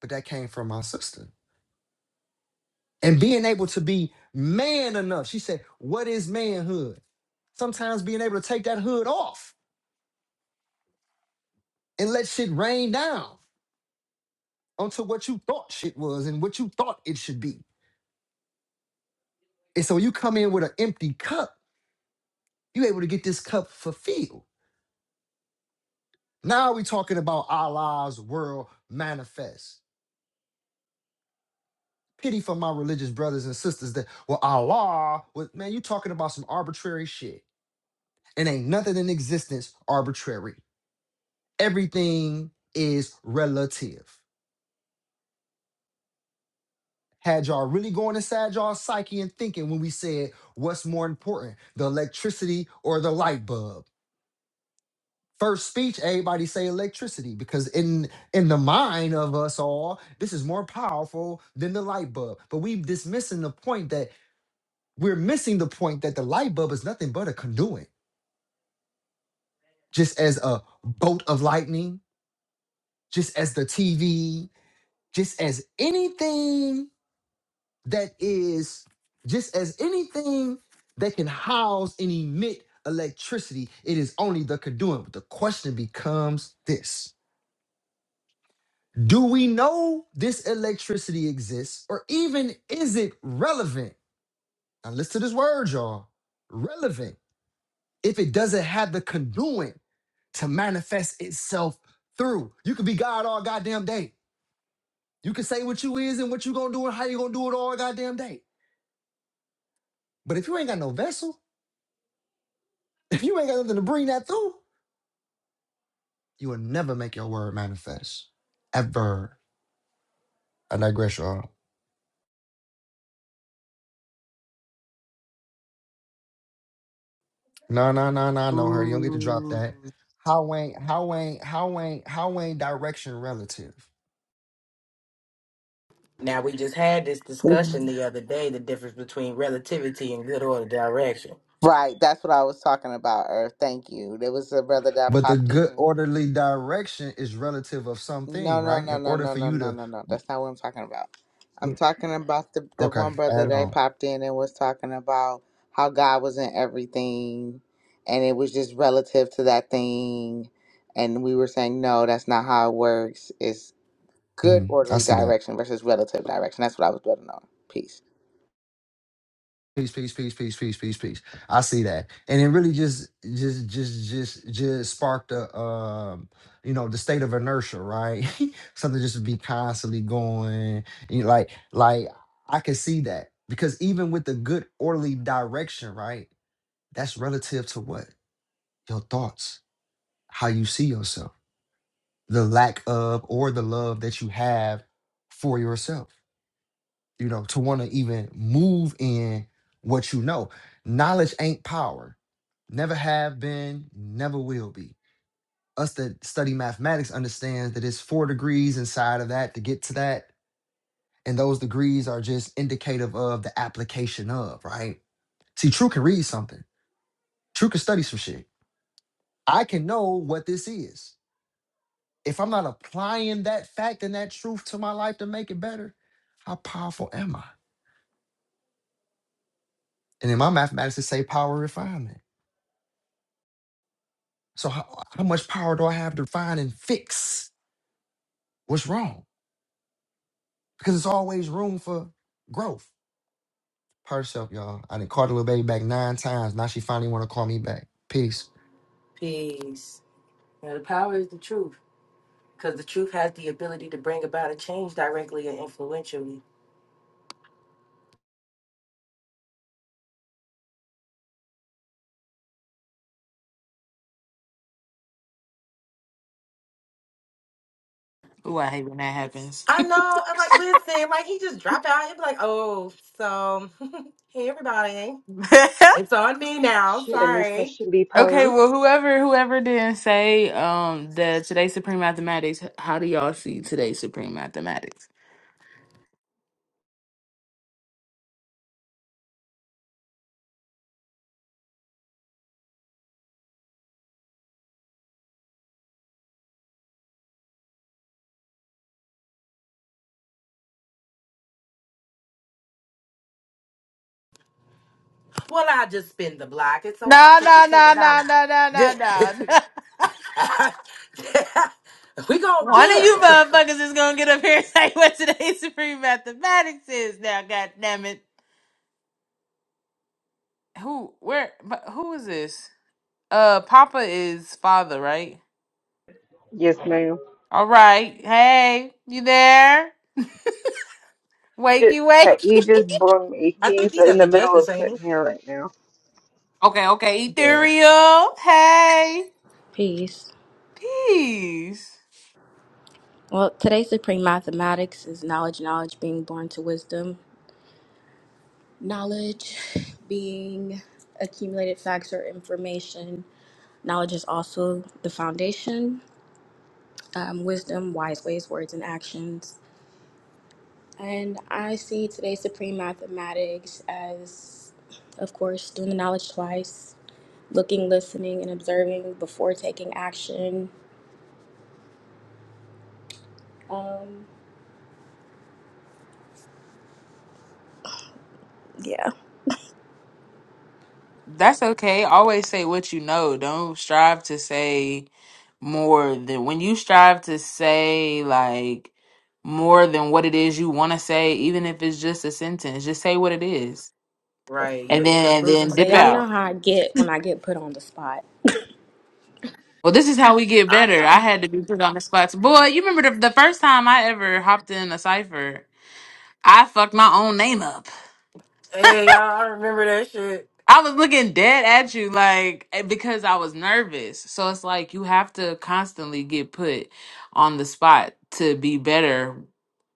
Speaker 1: But that came from my sister. and being able to be man enough. She said, What is manhood? Sometimes being able to take that hood off and let shit rain down onto what you thought shit was and what you thought it should be. And so you come in with an empty cup, you're able to get this cup fulfilled. Now we talking about Allah's world manifest. Pity for my religious brothers and sisters that, well, Allah, was, man, you talking about some arbitrary shit. And ain't nothing in existence arbitrary. everything is relative. Had y'all really going inside y'all psyche and thinking when we said what's more important, the electricity or the light bulb? First speech, everybody say electricity because in in the mind of us all, this is more powerful than the light bulb. But we dismissing the point that we're missing the point that the light bulb is nothing but a conduit, just as a bolt of lightning, just as the TV, just as anything that is just as anything that can house and emit electricity, it is only the conduit. But the question becomes this Do we know this electricity exists, or even is it relevant? Now, listen to this word, y'all relevant if it doesn't have the conduit to manifest itself through. You could be God all goddamn day. You can say what you is and what you gonna do and how you gonna do it all goddamn day. But if you ain't got no vessel, If you ain't got nothing to bring that through, you will never make your word manifest. Ever. I digress, y'all. No, no, no, no, no, her. You don't get to drop
Speaker 5: Ooh,
Speaker 1: that. How ain't, how ain't, how ain't, how ain't direction relative?
Speaker 6: Now we just had this discussion
Speaker 3: Mhm.
Speaker 6: the other day, the difference between relativity and good order direction.
Speaker 3: Right, that's what I was talking about, Earth. Thank you. There was a brother that
Speaker 1: But the
Speaker 3: popped in
Speaker 1: good
Speaker 3: here.
Speaker 1: orderly direction is relative of something,
Speaker 3: No, no,
Speaker 1: right?
Speaker 3: no,
Speaker 1: In
Speaker 3: no,
Speaker 1: order
Speaker 3: no,
Speaker 1: for
Speaker 3: no,
Speaker 1: you
Speaker 3: no,
Speaker 1: to,
Speaker 3: no, no. That's not what I'm talking about. I'm
Speaker 1: mm,
Speaker 3: talking about the the
Speaker 1: okay,
Speaker 3: one brother
Speaker 1: add
Speaker 3: that
Speaker 1: on.
Speaker 3: popped in and was talking about how God was in everything, and it was just relative to that thing, and we were saying no, that's not how it works. It's good
Speaker 1: Mhm. I
Speaker 3: orderly
Speaker 1: see that.
Speaker 3: direction versus relative direction. That's what I was building on. Peace.
Speaker 1: peace, peace, peace, peace, peace, peace, peace. I see that, and it really just, just, just, just, just sparked a, um, you know, the state of inertia, right? [laughs] Something just to be constantly going, you know, like, like I can see that because even with the good orderly direction, right? That's relative to what your thoughts, how you see yourself, the lack of or the love that you have for yourself you know, to want to even move in what you know. Knowledge ain't power. Never have been, never will be. Us that study mathematics understands that it's four degrees inside of that to get to that. And those degrees are just indicative of the application of, right? See, True can read something. True can study some shit. I can know what this is. If I'm not applying that fact and that truth to my life to make it better, how powerful am I? And in my mathematics, it say power refinement So how, how much power do I have to find and fix what's wrong? Because it's always room for growth. Herself, y'all. I didn't call the little baby back nine times. Now she finally want to call me back. Peace.
Speaker 6: Peace. Now the power is the truth. Because the truth has the ability to bring about a change directly and influentially.
Speaker 5: Ooh I hate when that happens.
Speaker 6: I know. I'm like, listen, like he just dropped out. He'd be like, oh, so [laughs] hey everybody.
Speaker 5: [laughs]
Speaker 6: It's on me now.
Speaker 4: Should a new
Speaker 6: Sorry.
Speaker 4: question be
Speaker 5: Okay,
Speaker 4: posed?
Speaker 5: well, whoever whoever didn't say um the today's Supreme Mathematics, how do y'all see today's Supreme Mathematics?
Speaker 6: Well, I just spin the block. And so I'll
Speaker 5: No,
Speaker 6: take it
Speaker 5: no,
Speaker 6: to the
Speaker 5: no,
Speaker 6: dollar.
Speaker 5: no, no, no,
Speaker 6: [laughs]
Speaker 5: no, no.
Speaker 6: we
Speaker 5: [laughs]
Speaker 6: gonna
Speaker 5: One of
Speaker 6: build.
Speaker 5: you motherfuckers is gonna get up here and [laughs] say what today's supreme mathematics is now, god damn it. Who where but who is this? Uh Papa is father, right?
Speaker 4: Yes, ma'am.
Speaker 5: All right. Hey, you there?
Speaker 4: Just,
Speaker 5: Wakey,
Speaker 4: hey, he
Speaker 5: wakey.
Speaker 4: just bummed me.
Speaker 6: [laughs] I think
Speaker 4: He's
Speaker 6: he's
Speaker 4: in
Speaker 6: at the
Speaker 4: the middle
Speaker 6: justice,
Speaker 4: of
Speaker 6: ain't he?
Speaker 4: cutting hair right now.
Speaker 5: Okay, okay.
Speaker 6: Yeah,
Speaker 5: Ethereal. Hey.
Speaker 9: Peace.
Speaker 5: Peace.
Speaker 9: Well, today's supreme mathematics is knowledge, knowledge being born to wisdom, knowledge being accumulated facts or information. Knowledge is also the foundation, um, wisdom, wise ways, words, and actions. And I see today's supreme mathematics as, of course, doing the knowledge twice, looking, listening, and observing before taking action. Um, yeah.
Speaker 5: That's okay. Always say what you know. Don't strive to say more than when you strive to say like more than what it is you want to say, even if it's just a sentence, just say what it is.
Speaker 6: right. You
Speaker 5: And
Speaker 6: end
Speaker 5: then
Speaker 6: up
Speaker 5: and then
Speaker 6: losing the
Speaker 9: So
Speaker 5: dip
Speaker 9: y'all
Speaker 6: bill.
Speaker 9: know
Speaker 5: out.
Speaker 9: how I get when I get put on the spot.
Speaker 5: Well, this is how we get
Speaker 9: I
Speaker 5: better.
Speaker 9: know.
Speaker 5: I had to be put on the spot. Boy, you remember the, the first time I ever hopped in a cipher, I fucked my own name up.
Speaker 6: Hey, y'all, I remember that shit.
Speaker 5: I was looking dead at you, like eh, because I was nervous. So it's like you have to constantly get put on the spot to be better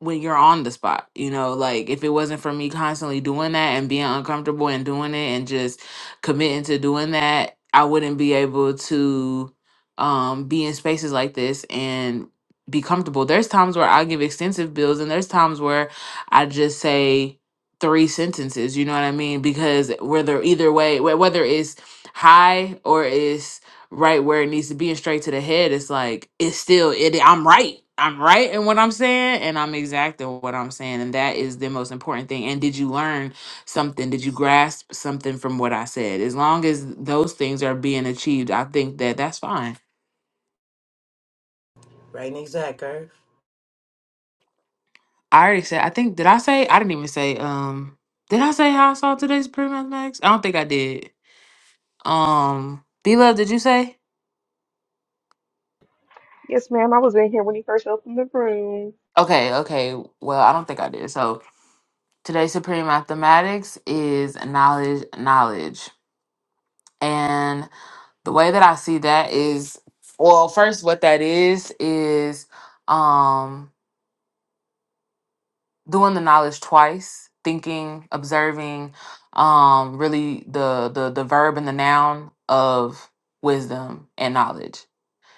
Speaker 5: when you're on the spot. You know, like if it wasn't for me constantly doing that and being uncomfortable and doing it and just committing to doing that, I wouldn't be able to um be in spaces like this and be comfortable. There's times where I give extensive bills and there's times where I just say three sentences you know what i mean because whether either way wh- whether it's high or it's right where it needs to be and straight to the head it's like it's still it i'm right i'm right in what i'm saying and i'm exact in what i'm saying and that is the most important thing and did you learn something did you grasp something from what i said as long as those things are being achieved i think that that's fine
Speaker 6: Right, in the exact, girl.
Speaker 5: i already said i think did i say i didn't even say um did i say how i saw today's pre-mathematics i don't think i did Um, B Love, did you say?
Speaker 4: Yes, ma'am. I was in here when you first opened the room.
Speaker 5: Okay, okay. Well, I don't think I did. So today, Supreme Mathematics is knowledge, knowledge. And the way that I see that is, well, first, what that is, is um, doing the knowledge twice, thinking, observing, um, really the, the, the verb and the noun of wisdom and knowledge.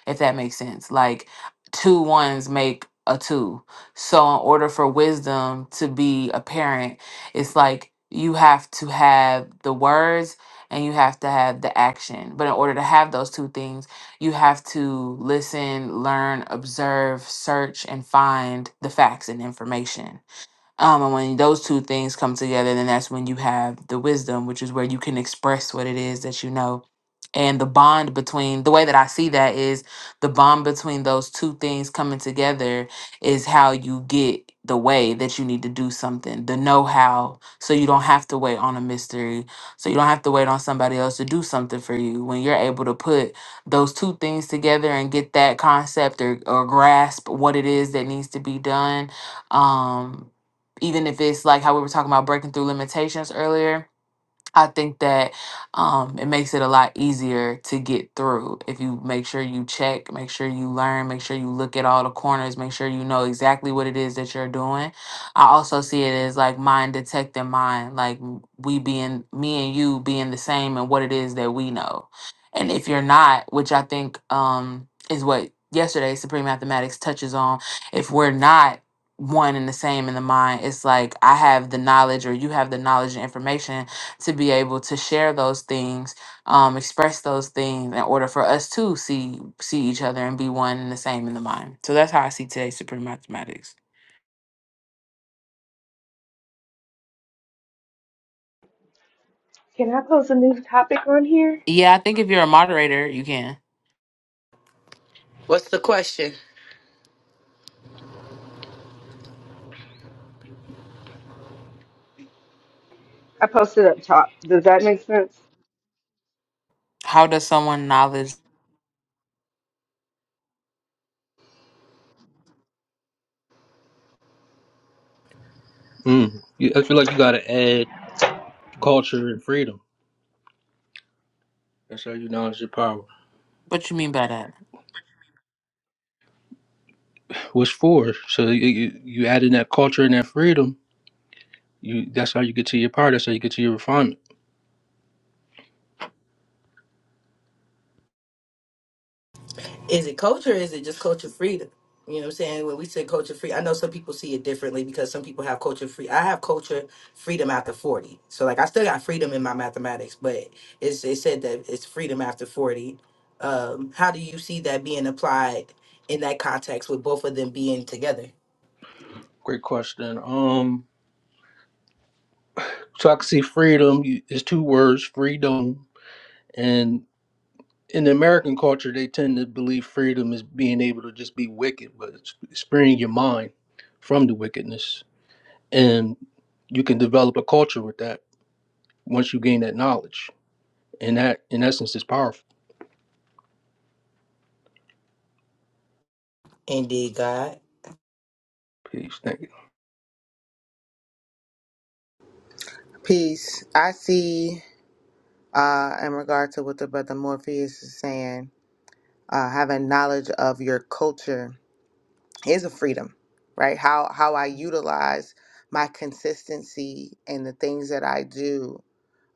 Speaker 5: if that makes sense. Like two ones make a two. So in order for wisdom to be apparent, it's like you have to have the words and you have to have the action. But in order to have those two things, you have to listen, learn, observe, search, and find the facts and information um, and when those two things come together, then that's when you have the wisdom, which is where you can express what it is that you know. And the bond between the way that I see that is the bond between those two things coming together is how you get the way that you need to do something, the know how. So you don't have to wait on a mystery. So you don't have to wait on somebody else to do something for you. When you're able to put those two things together and get that concept or, or grasp what it is that needs to be done, um even if it's like how we were talking about breaking through limitations earlier I think that um, it makes it a lot easier to get through if you make sure you check, make sure you learn, make sure you look at all the corners, make sure you know exactly what it is that you're doing. I also see it as like mind detecting mind, like m- we being, me and you being the same and what it is that we know. And if you're not, which I think um, is what yesterday Supreme Mathematics touches on, if we're not one and the same in the mind, it's like I have the knowledge or you have the knowledge and information to be able to share those things, um, express those things in order for us to see see each other and be one and the same in the mind. So that's how I see today's Supreme Mathematics.
Speaker 4: Can I post a new topic on here?
Speaker 5: Yeah, I think if you're a moderator, you can.
Speaker 6: What's the question?
Speaker 4: I posted up top. Does that make sense?
Speaker 5: How does someone knowledge
Speaker 2: Mm. You, I feel like you got to add culture and freedom. That's how you acknowledge your power.
Speaker 5: what you mean by that?
Speaker 2: What's for? So you, you you add in that culture and that freedom. You that's how you get to your power. That's how you get to your refinement.
Speaker 6: Is it culture or is it just culture freedom? You know what I'm saying? When we say culture free, I know some people see it differently because some people have culture free. I have culture freedom after 40. So, like, I still got freedom in my mathematics, but it's, it said that it's freedom after 40. Um, how do you see that being applied in that context with both of them being together?
Speaker 2: Great question. Um, so I can see freedom. You, it's two words: freedom and in the American culture, they tend to believe freedom is being able to just be wicked, but it's freeing your mind from the wickedness. And you can develop a culture with that once you gain that knowledge. And that, in essence, is powerful.
Speaker 6: Indeed, God.
Speaker 2: Peace. Thank you.
Speaker 3: Peace. I see. Uh, in regard to what the brother Morpheus is saying, uh, having knowledge of your culture is a freedom, right? How how I utilize my consistency and the things that I do,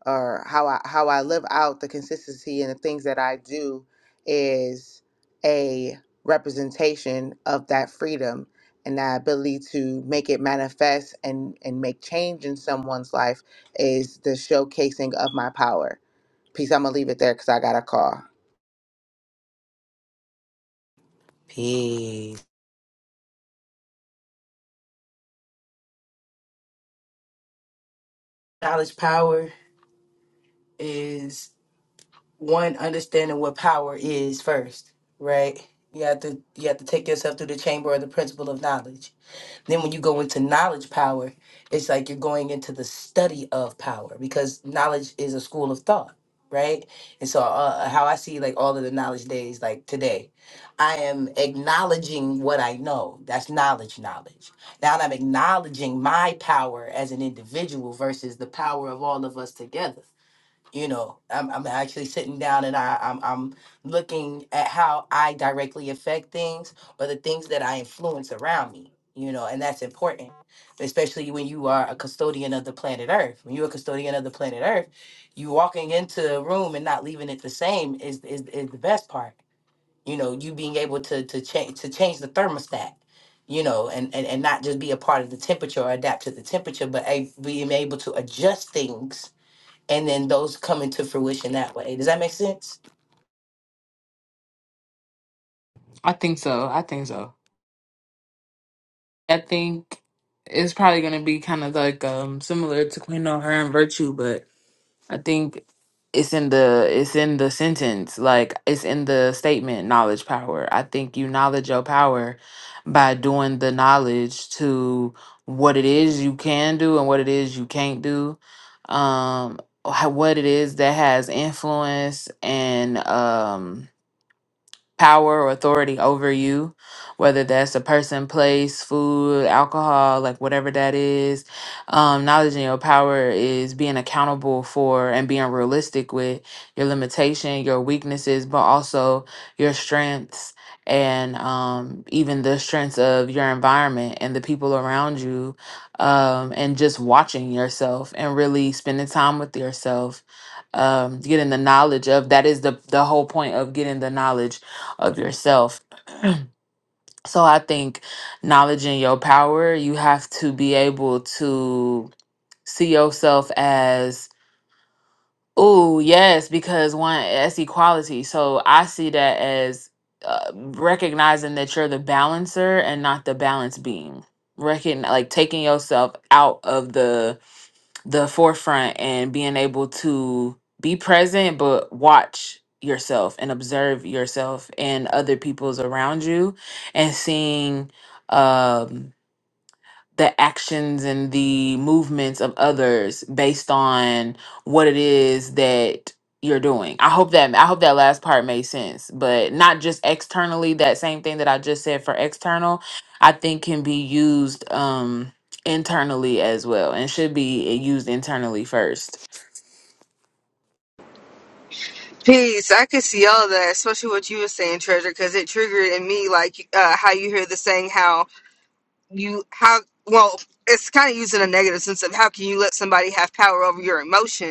Speaker 3: or how I how I live out the consistency and the things that I do is a representation of that freedom and that ability to make it manifest and and make change in someone's life is the showcasing of my power. Peace. I'm gonna leave it there because I got a call.
Speaker 6: Peace. Knowledge, power. is one understanding what power is first, right? You have to you have to take yourself through the chamber or the principle of knowledge. Then when you go into knowledge power, it's like you're going into the study of power because knowledge is a school of thought, right? And so uh, uh, how I see like all of the knowledge days like today, I am acknowledging what I know. That's knowledge knowledge. Now I'm acknowledging my power as an individual versus the power of all of us together you know i'm, I'm actually sitting down and I, I'm, I'm looking at how i directly affect things but the things that i influence around me you know and that's important especially when you are a custodian of the planet earth when you're a custodian of the planet earth you walking into a room and not leaving it the same is is, is the best part you know you being able to to change to change the thermostat you know and, and and not just be a part of the temperature or adapt to the temperature but a, being able to adjust things and then those come into fruition that way. Does that make sense?
Speaker 5: I think so. I think so. I think it's probably gonna be kind of like um similar to Queen of Her and Virtue, but. I think it's in the it's in the sentence, like it's in the statement, knowledge power. I think you knowledge your power by doing the knowledge to what it is you can do and what it is you can't do. Um ho- what it is that has influence and um power or authority over you, whether that's a person, place, food, alcohol, like whatever that is. Um, knowledge and your power is being accountable for and being realistic with your limitation, your weaknesses, but also your strengths and um, even the strengths of your environment and the people around you um, and just watching yourself and really spending time with yourself um, getting the knowledge of that is the the whole point of getting the knowledge of yourself. [clears throat] so I think knowledge in your power, you have to be able to see yourself as, oh, yes, because one, that's equality. So I see that as uh, recognizing that you're the balancer and not the balance being. Recogn- like taking yourself out of the the forefront and being able to be present but watch yourself and observe yourself and other people's around you and seeing um the actions and the movements of others based on what it is that you're doing. I hope that I hope that last part made sense, but not just externally that same thing that I just said for external, I think can be used um internally as well and should be used internally first.
Speaker 4: Peace. I could see all that, especially what you were saying, Treasure, because it triggered in me like uh, how you hear the saying how you how well it's kind of using a negative sense of how can you let somebody have power over your emotion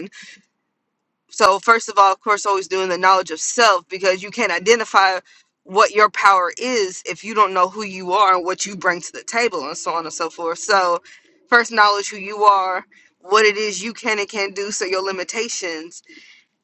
Speaker 4: So first of all, of course, always doing the knowledge of self because you can't identify what your power is if you don't know who you are and what you bring to the table and so on and so forth. So first knowledge who you are, what it is you can and can't do, so your limitations,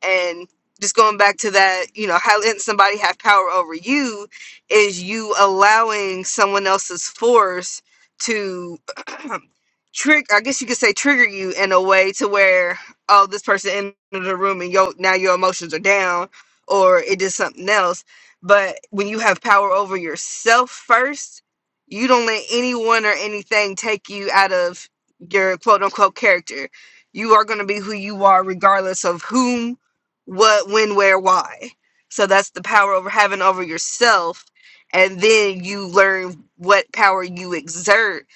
Speaker 4: and just going back to that, you know, how letting somebody have power over you is you allowing someone else's force to [clears throat] trick I guess you could say trigger you in a way to where oh this person entered the room and your now your emotions are down or it did something else. But when you have power over yourself first, you don't let anyone or anything take you out of your quote unquote character. You are gonna be who you are regardless of whom what, when, where, why. So that's the power over having over yourself. And then you learn what power you exert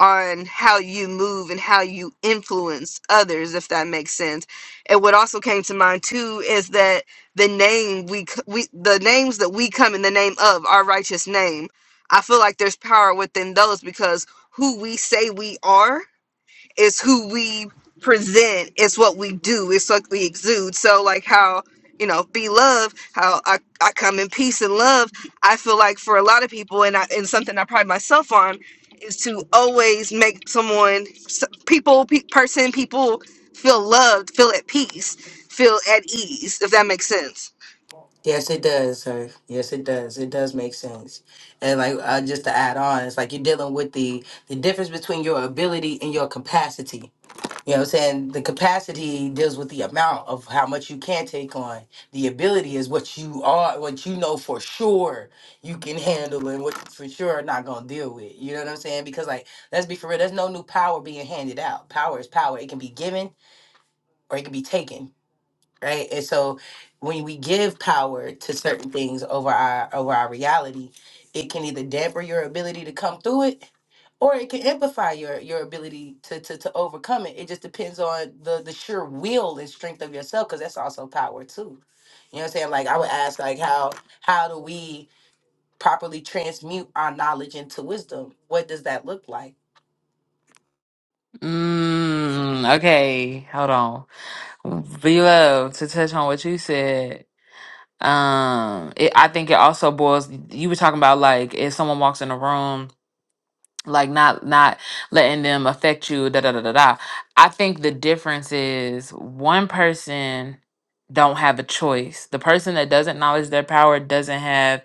Speaker 4: on how you move and how you influence others, if that makes sense. And what also came to mind too is that the name we c- we the names that we come in the name of our righteous name. I feel like there's power within those because who we say we are it's who we present. It's what we do. It's what we exude. So like how you know, be love. How I, I come in peace and love. I feel like for a lot of people, and I, and something I pride myself on is to always make someone, s- people, pe- person, people feel loved, feel at peace, feel at ease. If that makes sense.
Speaker 6: Yes, it does, sir. Yes, it does. It does make sense. And like uh, just to add on, it's like you're dealing with the the difference between your ability and your capacity. You know what I'm saying? The capacity deals with the amount of how much you can take on. The ability is what you are, what you know for sure you can handle and what you for sure are not gonna deal with. You know what I'm saying? Because like, let's be for real, there's no new power being handed out. Power is power. It can be given or it can be taken. Right. And so when we give power to certain things over our over our reality, it can either damper your ability to come through it or it can amplify your your ability to to to overcome it. It just depends on the the sheer will and strength of yourself, because that's also power too. You know what I'm saying? Like I would ask, like how how do we properly transmute our knowledge into wisdom? What does that look like?
Speaker 5: Mm, okay, hold on. Below to touch on what you said um it, i think it also boils you were talking about like if someone walks in a room like not not letting them affect you da da da da da i think the difference is one person don't have a choice the person that doesn't acknowledge their power doesn't have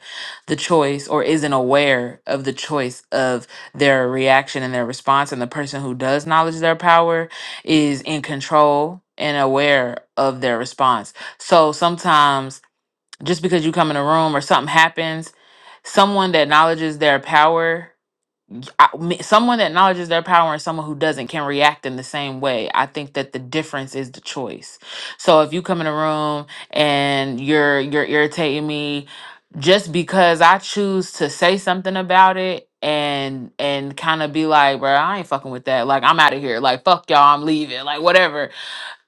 Speaker 5: the choice or isn't aware of the choice of their reaction and their response and the person who does acknowledge their power is in control and aware of their response so sometimes just because you come in a room or something happens, someone that acknowledges their power, I- me- someone that acknowledges their power and someone who doesn't can react in the same way. I think that the difference is the choice. So if you come in a room and you're you're irritating me just because I choose to say something about it and and kind of be like, bro, I ain't fucking with that. Like I'm out of here. Like fuck y'all, I'm leaving. Like whatever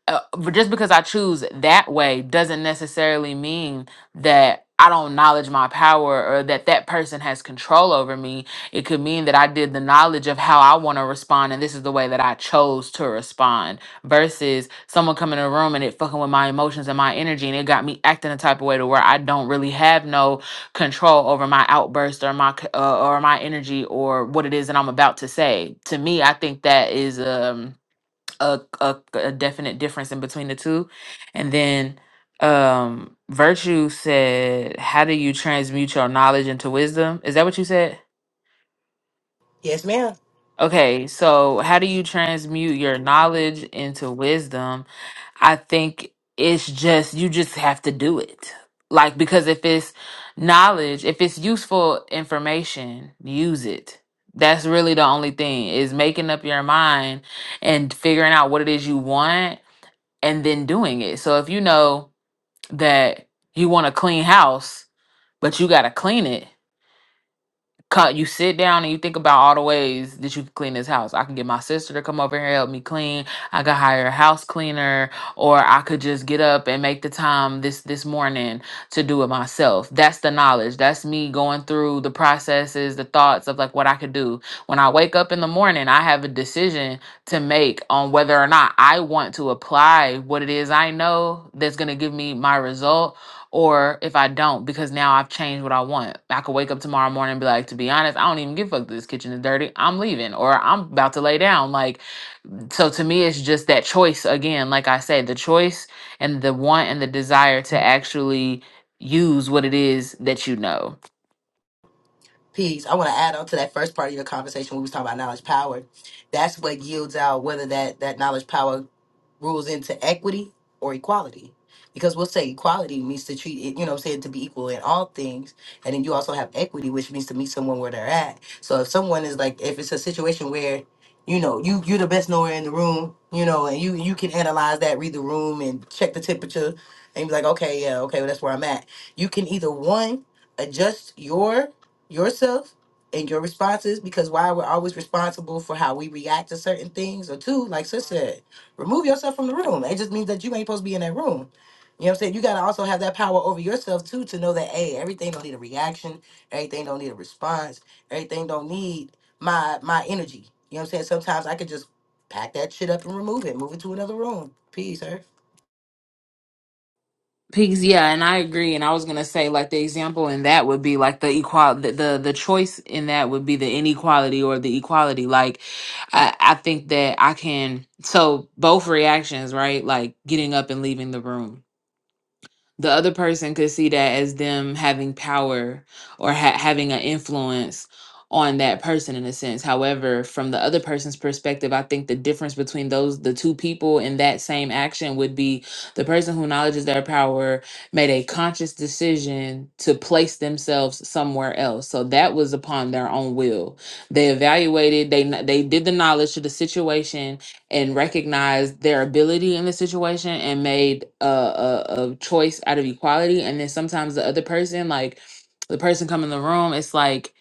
Speaker 5: uh, but just because I choose that way doesn't necessarily mean that I don't acknowledge my power or that that person has control over me. It could mean that I did the knowledge of how I want to respond and this is the way that I chose to respond versus someone coming in a room and it fucking with my emotions and my energy and it got me acting a type of way to where I don't really have no control over my outburst or my c- uh, or my energy or what it is that I'm about to say. To me, I think that is um a, a a definite difference in between the two. And then um Virtue said, How do you transmute your knowledge into wisdom? Is that what you said?
Speaker 6: Yes, ma'am.
Speaker 5: Okay, so how do you transmute your knowledge into wisdom? I think it's just you just have to do it. Like because if it's knowledge, if it's useful information, use it. That's really the only thing is making up your mind and figuring out what it is you want and then doing it. So if you know that you want a clean house, but you got to clean it, co- you sit down and you think about all the ways that you can clean this house. I can get my sister to come over here and help me clean. I could hire a house cleaner, or I could just get up and make the time this this morning to do it myself. That's the knowledge. That's me going through the processes, the thoughts of like what I could do. When I wake up in the morning, I have a decision to make on whether or not I want to apply what it is I know that's gonna give me my result or if I don't, because now I've changed what I want, I could wake up tomorrow morning and be like, to be honest, I don't even give a fuck that this kitchen is dirty. I'm leaving or I'm about to lay down. Like, so to me, it's just that choice again. Like I said, the choice and the want and the desire to actually use what it is that you know.
Speaker 6: Peace. I want to add on to that first part of your conversation. when We was talking about knowledge power. That's what yields out whether that that knowledge power rules into equity or equality. Because we'll say equality means to treat it, you know, said to be equal in all things. And then you also have equity, which means to meet someone where they're at. So if someone is like, if it's a situation where, you know, you you're the best knower in the room, you know, and you you can analyze that, read the room, and check the temperature, and be like, okay, yeah, okay, well, that's where I'm at. You can either one adjust your yourself and your responses because why we're always responsible for how we react to certain things, or two, like sister said remove yourself from the room. It just means that you ain't supposed to be in that room. You know what I'm saying? You gotta also have that power over yourself too to know that hey, everything don't need a reaction, everything don't need a response, everything don't need my my energy. You know what I'm saying? Sometimes I could just pack that shit up and remove it, move it to another room. Peace, sir.
Speaker 5: Pigs, yeah, and I agree. And I was gonna say, like, the example in that would be like the equal, the, the the choice in that would be the inequality or the equality. Like, I I think that I can so both reactions, right? Like getting up and leaving the room the other person could see that as them having power or ha- having an influence on that person in a sense however from the other person's perspective i think the difference between those the two people in that same action would be the person who acknowledges their power made a conscious decision to place themselves somewhere else so that was upon their own will they evaluated they kn- they did the knowledge to the situation and recognized their ability in the situation and made a, a, a choice out of equality. And then sometimes the other person, like the person come in the room, it's like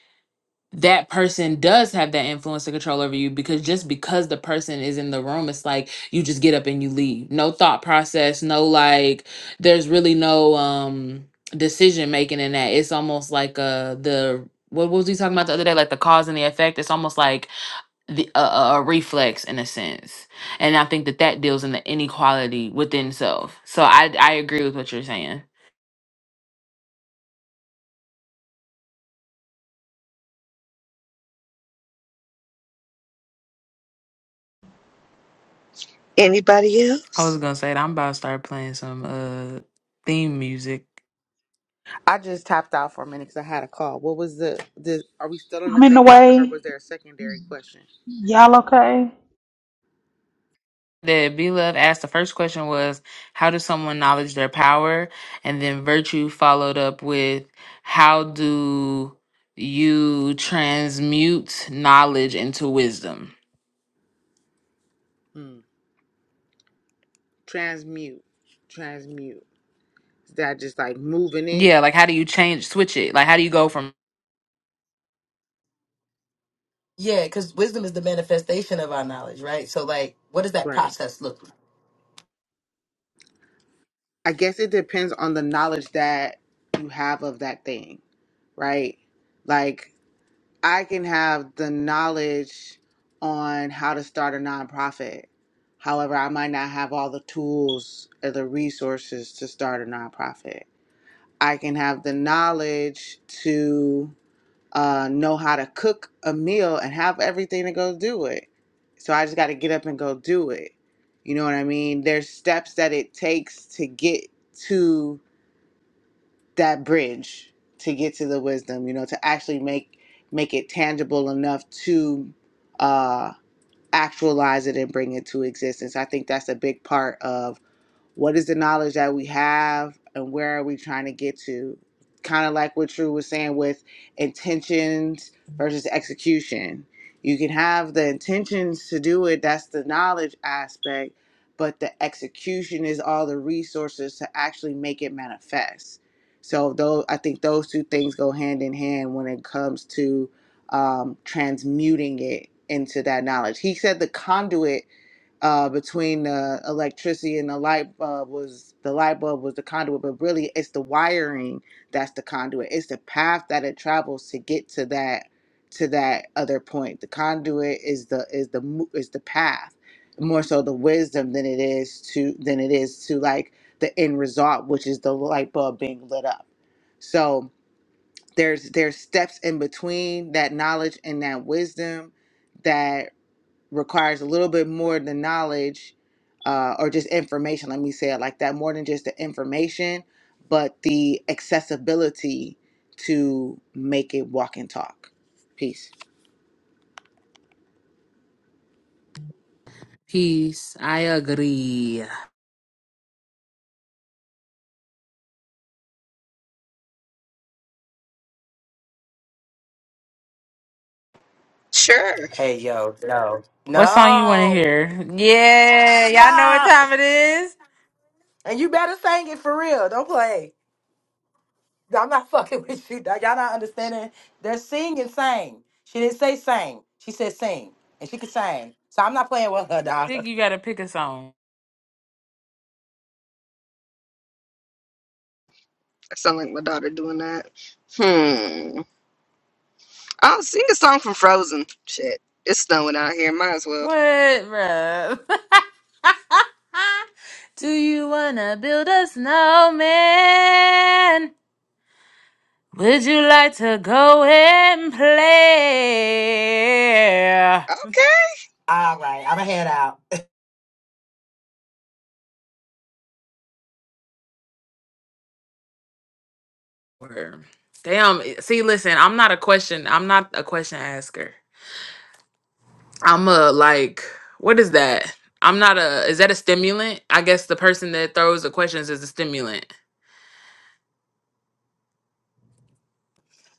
Speaker 5: that person does have that influence and control over you because just because the person is in the room, it's like you just get up and you leave. No thought process, no like there's really no um decision making in that. It's almost like uh the what was we talking about the other day? Like the cause and the effect. It's almost like the a, a a reflex in a sense and i think that that deals in the inequality within self so i i agree with what you're saying
Speaker 4: Anybody
Speaker 5: i was
Speaker 4: else?
Speaker 5: gonna say that i'm about to start playing some uh theme music
Speaker 3: I just tapped out for a minute because I had a call. What was the, the are we still on the same topic or was there a secondary question?
Speaker 5: that B Love asked the first question was how does someone acknowledge their power? And then virtue followed up with how do you transmute knowledge into wisdom?
Speaker 3: Hmm. Transmute. Transmute. Is that just like moving it?
Speaker 5: Yeah, like how do you change switch it? Like how do you go from
Speaker 6: Yeah, because wisdom is the manifestation of our knowledge, right? So like what does that
Speaker 3: Right.
Speaker 6: process look like?
Speaker 3: I guess it depends on the knowledge that you have of that thing, right? Like I can have the knowledge on how to start a nonprofit. However, I might not have all the tools or the resources to start a nonprofit. I can have the knowledge to uh, know how to cook a meal and have everything to go do it. So I just got to get up and go do it. You know what I mean? There's steps that it takes to get to that bridge, to get to the wisdom. You know, to actually make make it tangible enough to uh, actualize it and bring it to existence. I think that's a big part of what is the knowledge that we have and where are we trying to get to kind of like what drew was saying with intentions versus execution you can have the intentions to do it that's the knowledge aspect but the execution is all the resources to actually make it manifest so though i think those two things go hand in hand when it comes to um, transmuting it into that knowledge he said the conduit uh, between the electricity and the light bulb was the light bulb was the conduit, but really it's the wiring that's the conduit. It's the path that it travels to get to that to that other point. The conduit is the is the mo- is the path more so the wisdom than it is to than it is to like the end result, which is the light bulb being lit up. So there's there's steps in between that knowledge and that wisdom requires a little bit more than knowledge uh, or just information, let me say it like that, more than just the information, but the accessibility to make it walk and talk. Peace.
Speaker 5: Peace. I agree.
Speaker 4: Sure.
Speaker 6: Hey yo, no.
Speaker 5: What song you want to
Speaker 6: No.
Speaker 5: hear? Yeah, y'all know what
Speaker 6: No.
Speaker 5: time it is.
Speaker 6: And you better sing it for real. Don't play. I'm not [laughs] fucking with you, dog. Y'all not understanding. They're sing and sang. She didn't say sing. She said sing. And she could sing. So I'm not playing with her, dog.
Speaker 5: Think you
Speaker 6: [laughs]
Speaker 5: gotta pick a song.
Speaker 4: I sound like my daughter doing that. Hmm. I'll sing a song from Frozen. Shit, it's snowing out here. Might as well.
Speaker 5: What, bruh? [laughs] Do you wanna build a snowman? Would you like to go and play?
Speaker 4: Okay.
Speaker 6: All right, I'm going to head out.
Speaker 5: Word. Damn. See, listen. I'm not a question. I'm not a question asker. I'm a like what is that? I'm not a is that a stimulant? I guess the person that throws the questions is a stimulant.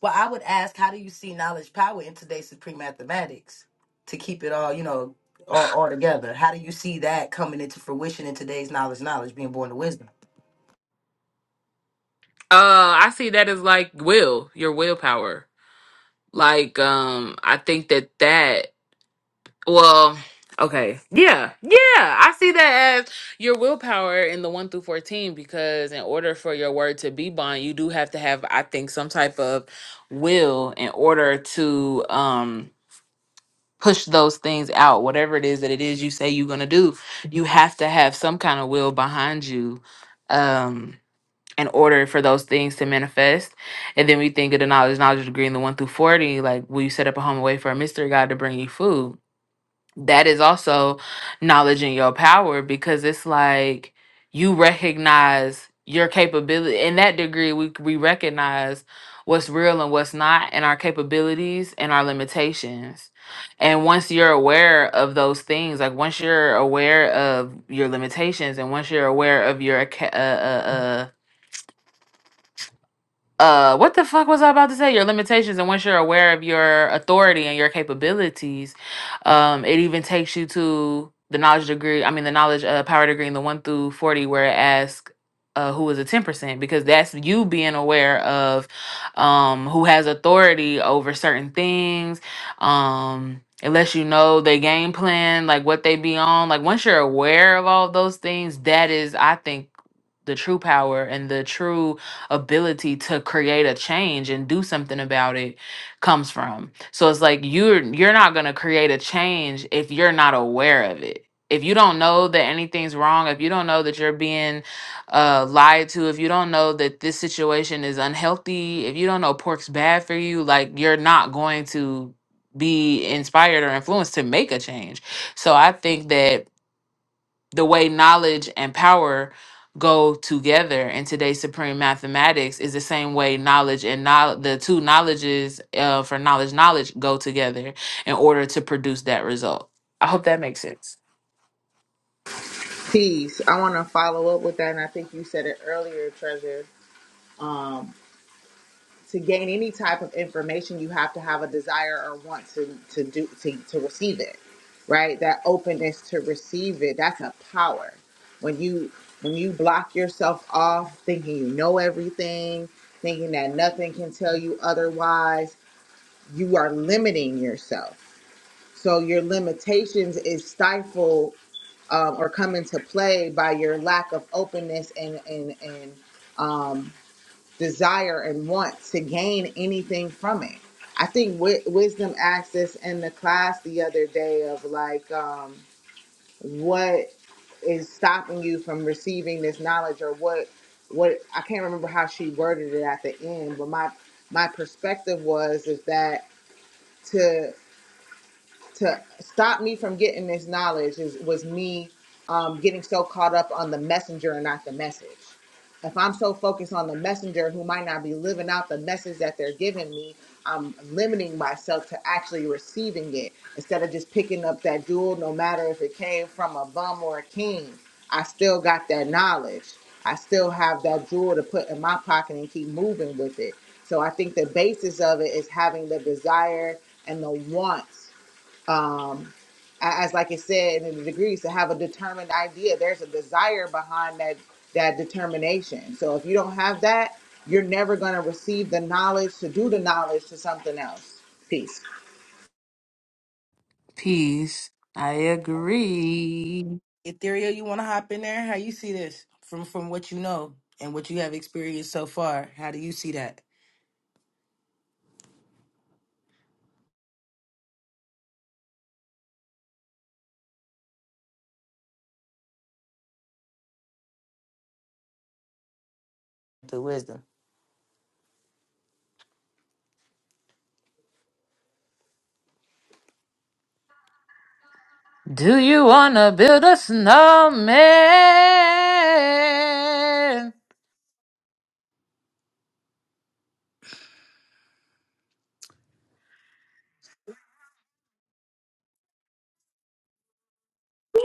Speaker 6: Well, I would ask, how do you see knowledge power in today's supreme mathematics to keep it all, you know, all, all together? How do you see that coming into fruition in today's knowledge, knowledge being born to wisdom?
Speaker 5: Uh I see that as like will, your willpower. Like um I think that that well okay. Yeah. Yeah, I see that as your willpower in the 1 through 14 because in order for your word to be bond, you do have to have I think some type of will in order to um push those things out whatever it is that it is you say you're going to do you have to have some kind of will behind you um in order for those things to manifest and then we think of the knowledge knowledge degree in the 1 through 40 like will you set up a home away for a mystery god to bring you food that is also knowledge in your power because it's like you recognize your capability in that degree we we recognize what's real and what's not and our capabilities and our limitations and once you're aware of those things like once you're aware of your limitations and once you're aware of your ca- uh, uh, uh, uh what the fuck was i about to say your limitations and once you're aware of your authority and your capabilities um it even takes you to the knowledge degree i mean the knowledge uh, power degree in the 1 through 40 where it asks uh, who is a 10% because that's you being aware of um who has authority over certain things um it lets you know their game plan like what they be on like once you're aware of all those things that is i think the true power and the true ability to create a change and do something about it comes from. So it's like you're you're not going to create a change if you're not aware of it. If you don't know that anything's wrong, if you don't know that you're being uh, lied to, if you don't know that this situation is unhealthy, if you don't know pork's bad for you, like you're not going to be inspired or influenced to make a change. So I think that the way knowledge and power go together in today's supreme mathematics is the same way knowledge and knowledge the two knowledges uh, for knowledge knowledge go together in order to produce that result i hope that makes sense
Speaker 3: Peace. I want to follow up with that, and I think you said it earlier, Treasure. Um, to gain any type of information you have to have a desire or want to to do to, to receive it right that openness to receive it that's a power when you when you block yourself off thinking you know everything thinking that nothing can tell you otherwise you are limiting yourself so your limitations is stifled um, or come into play by your lack of openness and and and um desire and want to gain anything from it. I think wi- wisdom asked this in the class the other day of like, um, what is stopping you from receiving this knowledge, or what? What I can't remember how she worded it at the end, but my my perspective was is that to to stop me from getting this knowledge is was me um, getting so caught up on the messenger and not the message. If I'm so focused on the messenger who might not be living out the message that they're giving me, I'm limiting myself to actually receiving it instead of just picking up that jewel, no matter if it came from a bum or a king. I still got that knowledge. I still have that jewel to put in my pocket and keep moving with it. So I think the basis of it is having the desire and the wants um, a- as like it said in the degrees to have a determined idea there's a desire behind that that determination so if you don't have that you're never going to receive the knowledge to do the knowledge to something else peace
Speaker 5: peace i agree
Speaker 6: Ethereal, you want to hop in there? How you see this from from what you know and what you have experienced so far? How do you see that? The wisdom.
Speaker 5: do you wanna build a snowman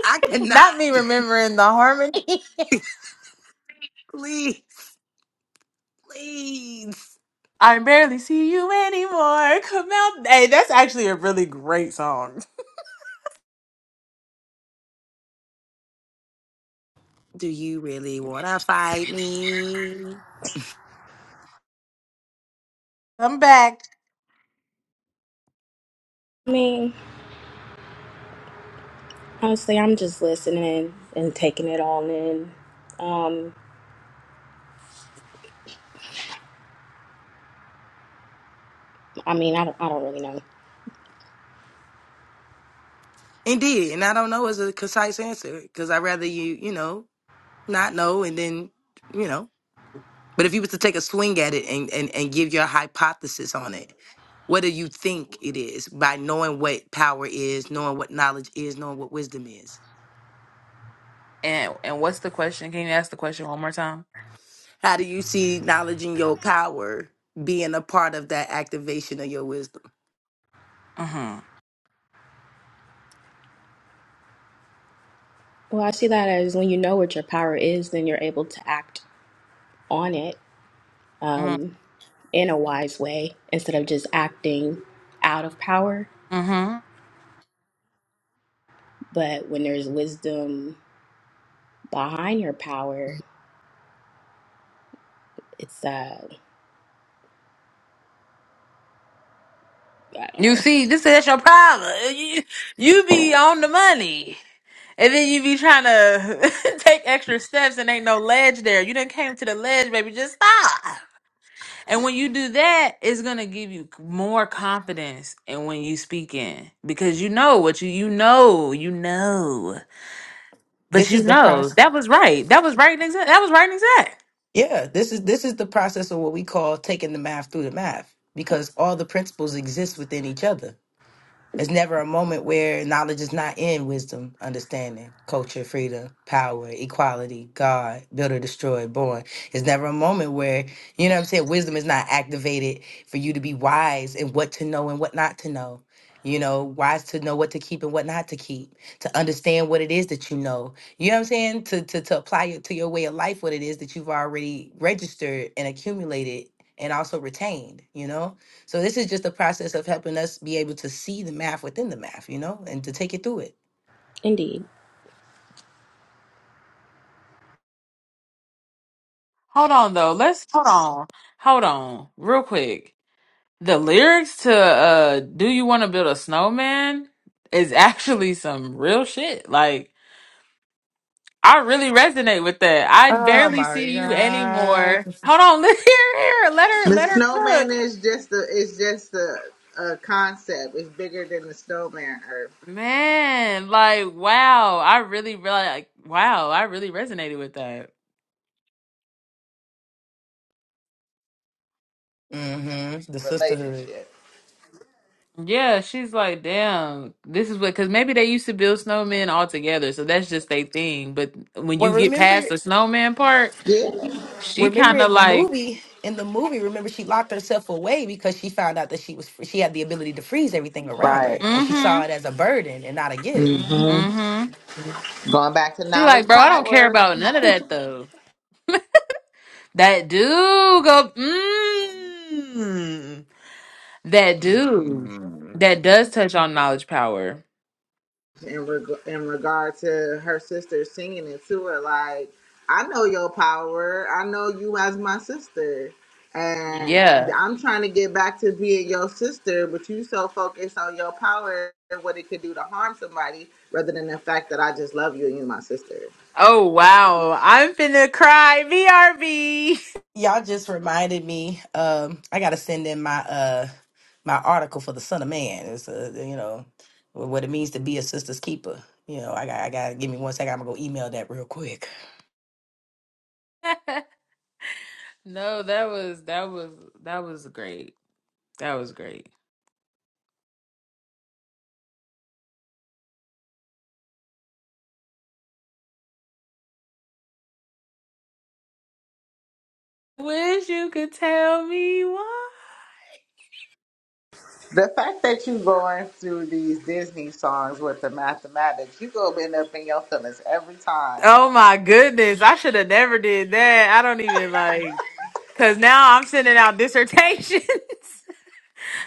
Speaker 6: I
Speaker 5: Not me
Speaker 6: cannot.
Speaker 5: remembering the harmony. [laughs]
Speaker 6: [laughs] Please, please.
Speaker 5: i barely see you anymore Come out. Hey, that's actually a really great song.
Speaker 6: Do you really want to fight me?
Speaker 5: Come back.
Speaker 9: I mean, honestly, I'm just listening and taking it all in. Um, I mean, I don't, I don't really know.
Speaker 6: Indeed. And I don't know is a concise answer because I'd rather you, you know, not know and then, you know. But if you was to take a swing at it and, and, and give your hypothesis on it, what do you think it is by knowing what power is, knowing what knowledge is, knowing what wisdom is?
Speaker 5: And and what's the question? Can you ask the question one more time?
Speaker 6: How do you see knowledge and your power being a part of that activation of your wisdom?
Speaker 5: Mm-hmm.
Speaker 9: Well, I see that as when you know what your power is, then you're able to act on it
Speaker 5: Mm-hmm.
Speaker 9: um, in a wise way instead of just acting out of power.
Speaker 5: Mm-hmm.
Speaker 9: But when there's wisdom behind your power, it's uh, I don't know.
Speaker 5: You see, this is your problem. Uh, You, you be on the money. And then you be trying to [laughs] take extra steps and ain't no ledge there. You done came to the ledge, baby. Just stop. And when you do that, it's gonna give you c- more confidence in when you speak in because you know what you you know, you know. But
Speaker 6: This
Speaker 5: you
Speaker 6: is the
Speaker 5: know,
Speaker 6: process.
Speaker 5: that was right. That was right and exact. That was right and exact.
Speaker 6: Yeah, this is this is the process of what we call taking the math through the math because all the principles exist within each other. It's never a moment where knowledge is not in wisdom, understanding, culture, freedom, power, equality, God, builder, destroyed, born. It's never a moment where, you know what I'm saying, wisdom is not activated for you to be wise in what to know and what not to know. You know, wise to know what to keep and what not to keep, to understand what it is that you know. You know what I'm saying? To to to apply it to your way of life what it is that you've already registered and accumulated and also retained, you know? So this is just a process of helping us be able to see the math within the math, you know, and to take it through it.
Speaker 9: Indeed.
Speaker 5: Hold on though. Let's hold on. Hold on. Real quick. The lyrics to uh Do You Wanna Build a Snowman is [laughs] actually some real shit. Like I really resonate with that. I
Speaker 6: Oh
Speaker 5: barely
Speaker 6: my
Speaker 5: see you
Speaker 6: God.
Speaker 5: anymore. Hold on, [laughs] let here, here. Let her
Speaker 3: the
Speaker 5: let her
Speaker 3: snowman
Speaker 5: cook.
Speaker 3: is just a is just a, a concept it's bigger than the snowman or
Speaker 5: Man, like wow. I really really like wow, I really resonated with that.
Speaker 6: hmm The sisterhood.
Speaker 3: relationship
Speaker 5: Yeah, she's like, damn, this is what, because maybe they used to build snowmen all together, so that's just their thing. But when
Speaker 6: Well,
Speaker 5: you get
Speaker 6: remember,
Speaker 5: past the snowman part,
Speaker 3: yeah
Speaker 5: she
Speaker 6: remember
Speaker 5: kind of
Speaker 6: in the
Speaker 5: like,
Speaker 6: movie, in the movie, remember she locked herself away because she found out that she was she had the ability to freeze everything around
Speaker 3: Right.
Speaker 6: her, and she saw
Speaker 5: mm-hmm,
Speaker 6: it as a burden and not a gift.
Speaker 3: hmm
Speaker 5: mm-hmm.
Speaker 3: going back to
Speaker 5: She like,
Speaker 3: knowledge
Speaker 5: bro, I don't care
Speaker 3: power
Speaker 5: about none of that though. That dude go, mm, that dude that does touch on knowledge power.
Speaker 3: in reg- in regard to her sister singing it to her. Like, I know your power. I know you as my sister, and
Speaker 5: Yeah.
Speaker 3: Yeah. I'm trying to get back to being your sister. But you so focused on your power, and what it could do to harm somebody, rather than the fact that I just love you and you're my sister.
Speaker 5: Oh wow, I'm finna cry. VRV. [laughs]
Speaker 6: Y'all just reminded me. Um, I gotta send in my uh my article for the Son of Man. It's uh you know what it means to be a sister's keeper. You know, I got I gotta give me one second. I'm gonna go email that real quick.
Speaker 5: No, that was that was that was great. That was great. Wish you could tell me why.
Speaker 3: The fact that you going through these Disney songs with the mathematics, you go end up in your feelings every time.
Speaker 5: Oh my goodness. I should have never did that. I don't even like cause now I'm sending out dissertations.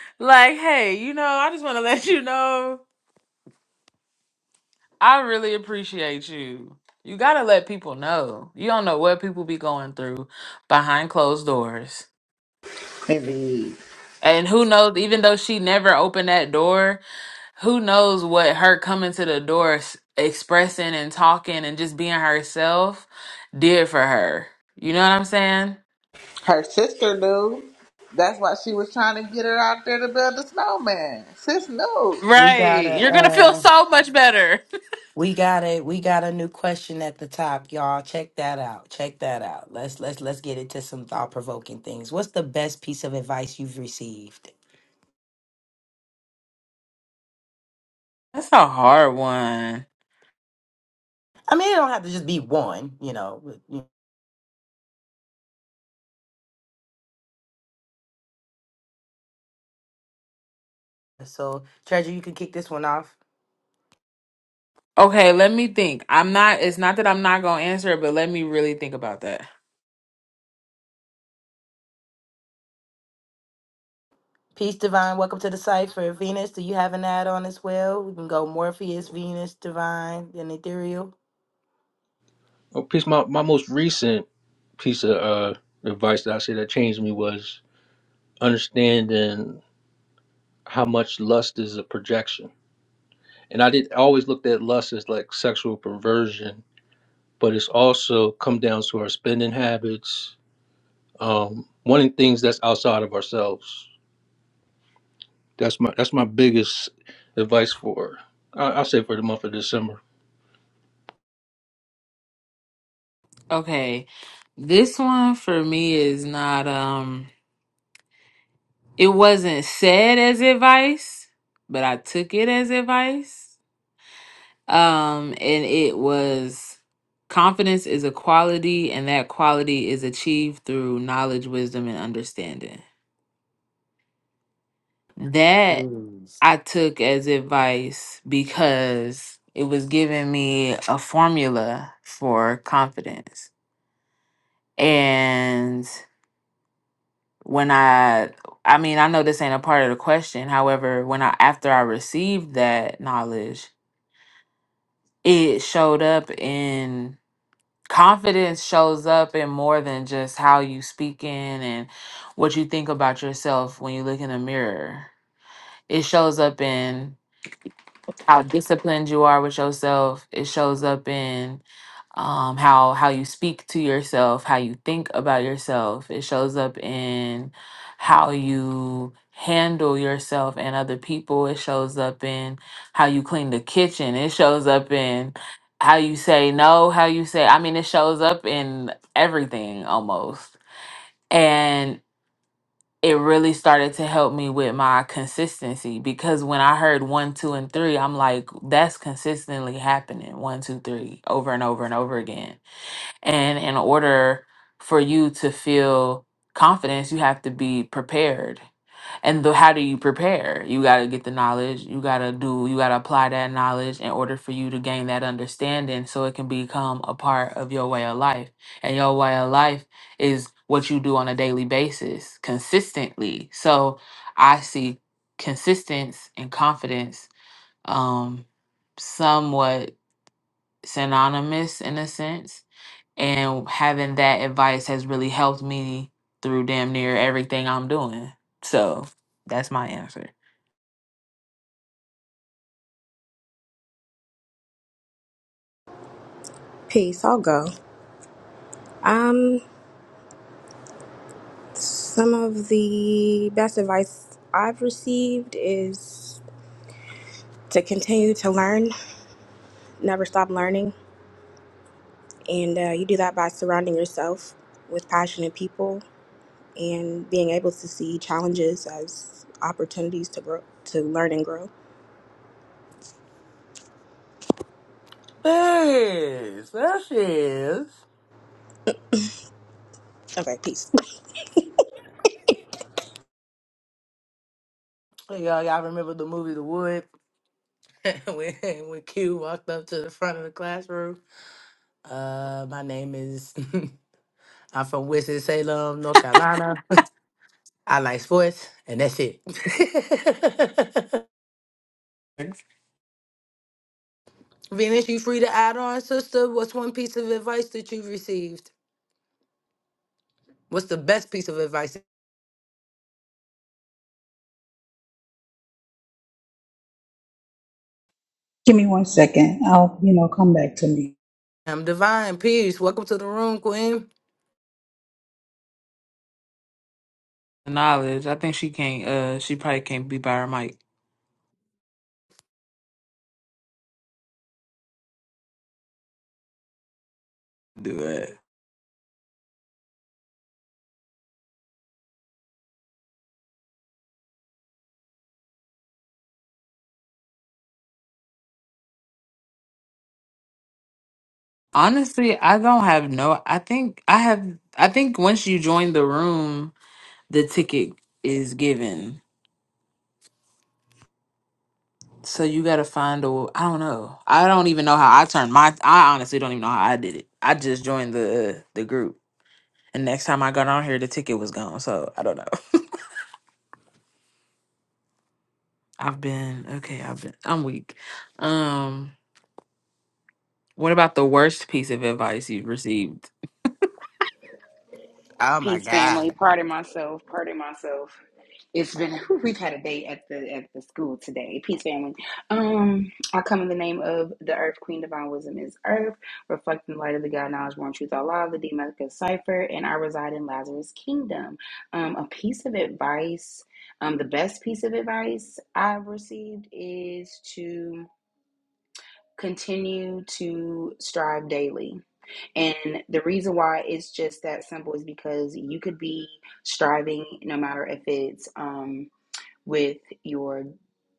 Speaker 5: [laughs] like, hey, you know, I just want to let you know I really appreciate you. You gotta let people know. You don't know what people be going through behind closed doors.
Speaker 3: Indeed.
Speaker 5: And who knows, even though she never opened that door, who knows what her coming to the door s- expressing and talking and just being herself did for her you know what i'm saying
Speaker 3: Her sister knew. That's why she was trying to get her out there to build a snowman. Sis knew.
Speaker 6: We got
Speaker 5: right
Speaker 6: a
Speaker 5: you're gonna feel
Speaker 6: uh
Speaker 5: so much better
Speaker 6: we got a we got a new question at the top, y'all. Check that out. Check that out. Let's let's let's get into some thought provoking things. What's the best piece of advice you've received?
Speaker 5: [laughs] that's a hard one
Speaker 6: I mean, it don't have to just be one. You know, but, you know. so Treasure, you can kick this one off.
Speaker 5: okay let me think i'm not it's not that i'm not gonna answer it but let me really think about that
Speaker 6: Peace, Divine. Welcome to the cipher. Venus, do you have an add on as well? We can go Morpheus, Venus, Divine, and Ethereal.
Speaker 2: Oh, peace. My, my most recent piece of uh, advice that I say that changed me was understanding how much lust is a projection. And I did I always looked at lust as like sexual perversion, but it's also come down to our spending habits um, wanting things that's outside of ourselves. That's my that's my biggest advice for I, I'll say for the month of December.
Speaker 5: okay this one for me is not um it wasn't said as advice but i took it as advice Um, and it was confidence is a quality, and that quality is achieved through knowledge, wisdom, and understanding. That
Speaker 6: Yes.
Speaker 5: I took as advice because it was giving me a formula for confidence. And when I, I mean, I know this ain't a part of the question. However, when I, after I received that knowledge, it showed up in confidence shows up in more than just how you speaking and what you think about yourself when you look in the mirror. It shows up in how disciplined you are with yourself. It shows up in um how how you speak to yourself how you think about yourself it shows up in how you handle yourself and other people it shows up in how you clean the kitchen it shows up in how you say no how you say i mean it shows up in everything almost and it really started to help me with my consistency because when I heard one, two, and three, I'm like, that's consistently happening one, two, three, over and over and over again and in order for you to feel confidence, you have to be prepared. And the, how do you prepare? You got to get the knowledge. You got to do, you got to apply that knowledge in order for you to gain that understanding so it can become a part of your way of life. And your way of life is what you do on a daily basis consistently. So I see consistency and confidence um, somewhat synonymous in a sense and having that advice has really helped me through damn near everything I'm doing. So that's my answer.
Speaker 9: Peace. I'll go. Um, some of the best advice I've received is to continue to learn, never stop learning, and uh, you do that by surrounding yourself with passionate people and being able to see challenges as opportunities to grow, to learn and grow.
Speaker 6: Yes, that is.
Speaker 9: Okay, peace.
Speaker 6: Hey, y'all, y'all remember the movie The Wood [laughs] when when Q walked up to the front of the classroom? Uh, my name is. [laughs] I'm from Winston Salem, North Carolina. [laughs] I like sports, and that's it. [laughs] Venus, you free to add on, sister. What's one piece of advice that you have received? What's the best piece of advice? I'm divine peace. Welcome to the room, Queen.
Speaker 5: Knowledge. I think she can't. Uh, she probably can't be by her mic. Do it. Honestly, I don't have no. I think I have. I think once you join the room, the ticket is given. So you gotta find a. I don't know. I don't even know how I turned my. I honestly don't even know how I did it. I just joined the uh, the group, and next time I got on here, the ticket was gone. So I don't know. I've been okay. I've been. I'm weak. Um, what about the worst piece of advice you've received?
Speaker 6: Oh my
Speaker 10: Peace, family.
Speaker 6: God.
Speaker 10: Pardon myself. Pardon myself. It's been [laughs] whew, we've had a day at the at the school today. Peace, family. Um, I come in the name of the Earth Queen. Divine Wisdom is Earth, reflecting the light of the God knowledge, one truth, Allah, the Demetric cipher, and I reside in Lazarus' kingdom. Um, a piece of advice, um, the best piece of advice I've received is to continue to strive daily and the reason why it's just that simple is because you could be striving, no matter if it's, um, with your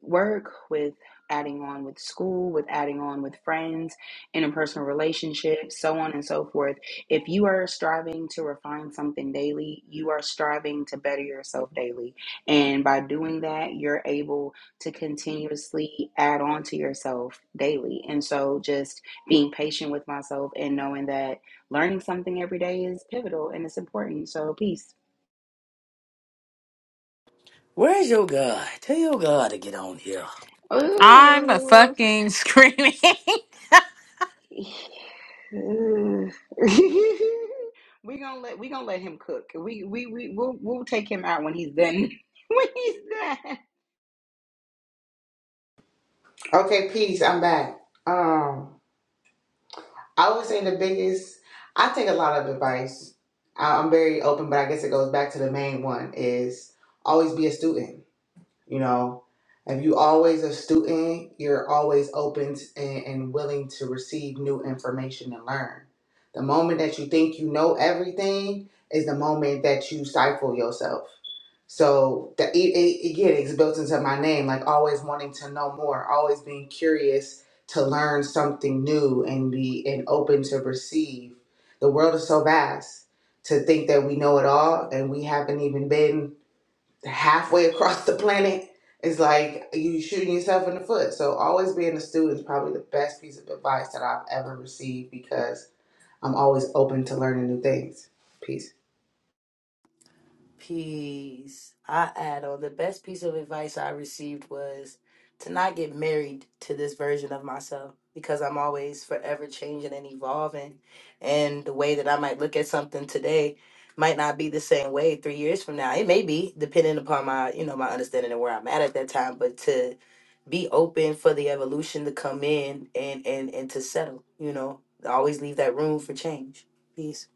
Speaker 10: work, with adding on with school, with adding on with friends, interpersonal relationships, so on and so forth. If you are striving to refine something daily, you are striving to better yourself daily. And by doing that, you're able to continuously add on to yourself daily. And so just being patient with myself and knowing that learning something every day is pivotal and it's important. So peace.
Speaker 6: Where's your God? Tell your God to get on here.
Speaker 5: I'm a
Speaker 10: Ooh.
Speaker 5: fucking screaming.
Speaker 10: [laughs] we gonna let we gonna let him cook. We we we we'll we'll take him out when he's done. [laughs] when he's done.
Speaker 3: Okay, peace. I'm back. Um, I would say the biggest. I take a lot of advice. I- I'm very open, but I guess it goes back to the main one: is always be a student. You know, if you always a student, you're always open and, and willing to receive new information and learn. The moment that you think you know everything is the moment that you stifle yourself. So that it, it, again, it's built into my name, like always wanting to know more, always being curious to learn something new and be and open to receive. The world is so vast to think that we know it all and we haven't even been halfway across the planet is like you shooting yourself in the foot. So always being a student is probably the best piece of advice that I've ever received because I'm always open to learning new things. Peace.
Speaker 6: Peace. I add on the best piece of advice I received was to not get married to this version of myself because I'm always forever changing and evolving. And the way that I might look at something today might not be the same way three years from now. It may be, depending upon my, you know, my understanding and where I'm at at that time, but to be open for the evolution to come in and and and to settle, you know. Always leave that room for change. Peace.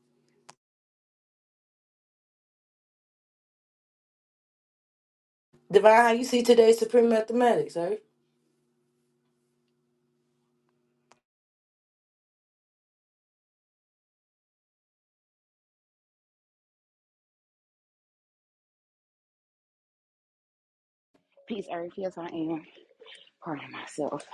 Speaker 6: Divine, how you see today's Supreme Mathematics, sir?
Speaker 10: Peace, Earth. Yes, I am. Pardon myself.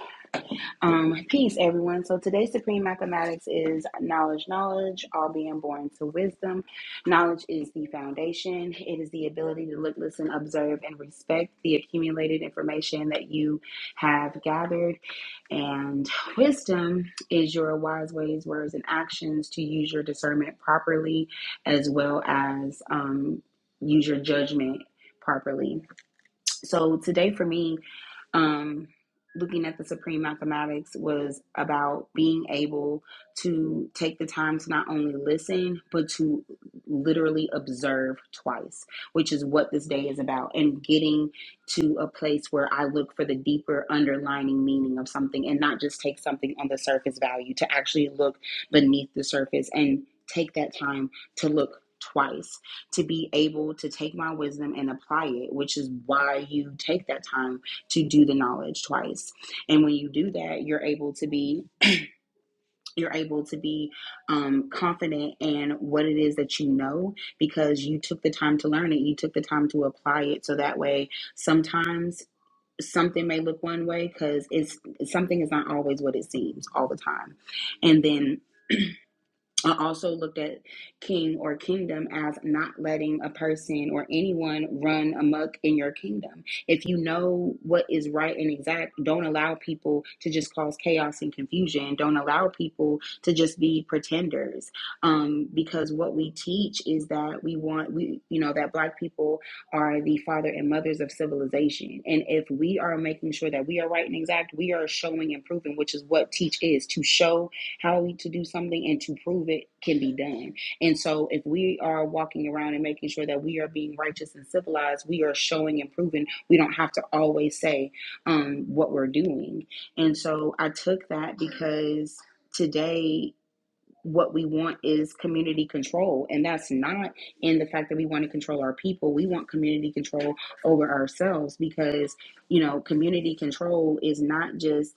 Speaker 10: Um, peace, everyone. So today's supreme mathematics is knowledge, knowledge, all being born to wisdom. Knowledge is the foundation. It is the ability to look, listen, observe, and respect the accumulated information that you have gathered And wisdom is your wise ways, words, and actions to use your discernment properly, as well as um, use your judgment properly. So today for me, um, looking at the supreme mathematics was about being able to take the time to not only listen but to literally observe twice which is what this day is about and getting to a place where i look for the deeper underlining meaning of something and not just take something on the surface value to actually look beneath the surface and take that time to look twice to be able to take my wisdom and apply it, which is why you take that time to do the knowledge twice. And when you do that, you're able to be you're able to be um, confident in what it is that you know because you took the time to learn it. You took the time to apply it. So that way, sometimes something may look one way because it's something is not always what it seems all the time. And then I also looked at king or kingdom as not letting a person or anyone run amok in your kingdom. If you know what is right and exact, don't allow people to just cause chaos and confusion. Don't allow people to just be pretenders. Um, because what we teach is that we want, we, you know, that black people are the father and mothers of civilization. And if we are making sure that we are right and exact, we are showing and proving, which is what teach is to show how to do something and to prove it can be done. And so, if we are walking around and making sure that we are being righteous and civilized, we are showing and proving we don't have to always say um, what we're doing. And so, I took that because today, what we want is community control, and that's not in the fact that we want to control our people. We want community control over ourselves because, you know, community control is not just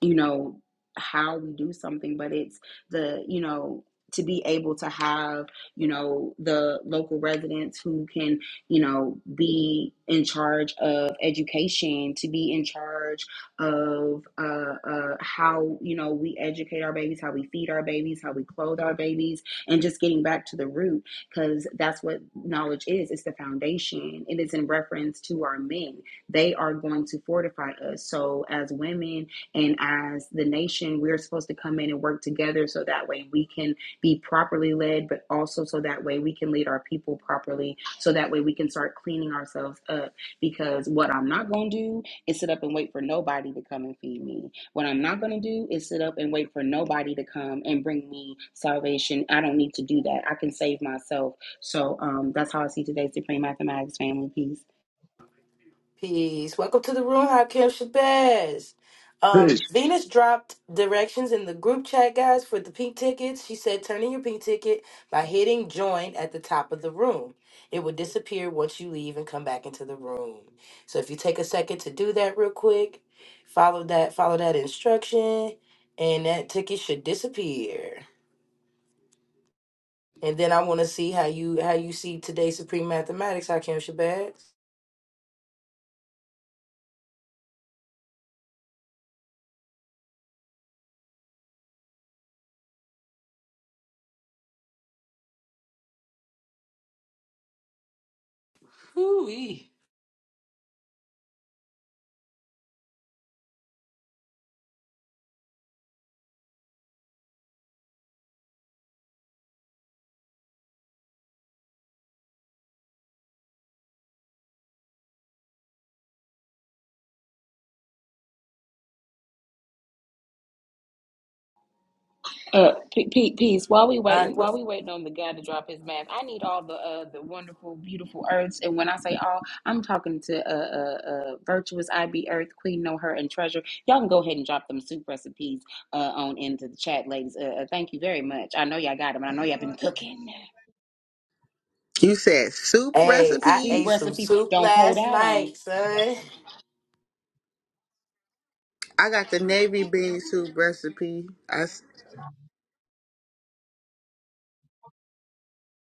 Speaker 10: you know how we do something but it's the you know to be able to have you know the local residents who can you know be in charge of education to be in charge of uh, uh, how you know we educate our babies how we feed our babies how we clothe our babies and just getting back to the root because that's what knowledge is it's the foundation it's in reference to our men they are going to fortify us so as women and as the nation, we're supposed to come in and work together so that way we can be properly led, but also so that way we can lead our people properly, so that way we can start cleaning ourselves up. Because what I'm not going to do is sit up and wait for nobody to come and feed me. What I'm not going to do is sit up and wait for nobody to come and bring me salvation. I don't need to do that. I can save myself. So um, that's how I see today's Supreme Mathematics family. Peace.
Speaker 6: Peace. Welcome to the room, Hakim Shabazz. Um,
Speaker 11: It's
Speaker 6: Venus dropped directions in the group chat, guys, for the pink tickets. She said, turn in your pink ticket by hitting join at the top of the room. It will disappear once you leave and come back into the room. So if you take a second to do that real quick, follow that, follow that instruction, and that ticket should disappear. And then I want to see how you how you see today's Supreme Mathematics, Hakim Shabazz.
Speaker 5: [laughs] Ooh-wee.
Speaker 10: Uh, P- P- peace. While we
Speaker 6: All right.
Speaker 10: waiting, while we waiting on the guy to drop his mask, I need all the uh the wonderful, beautiful earths. And when I say all, I'm talking to uh uh, uh virtuous IB Earth Queen, know her and treasure. Y'all can go ahead and drop them soup recipes uh on into the chat, ladies. Uh, uh, thank you very much. I know y'all got them, and I know y'all been cooking
Speaker 3: You said soup
Speaker 6: Hey, I
Speaker 10: soup
Speaker 6: ate
Speaker 3: recipes.
Speaker 6: some
Speaker 10: recipes.
Speaker 6: soup
Speaker 10: Don't hold
Speaker 6: last
Speaker 10: out on.
Speaker 6: night, son.
Speaker 3: I got the navy bean soup recipe. I s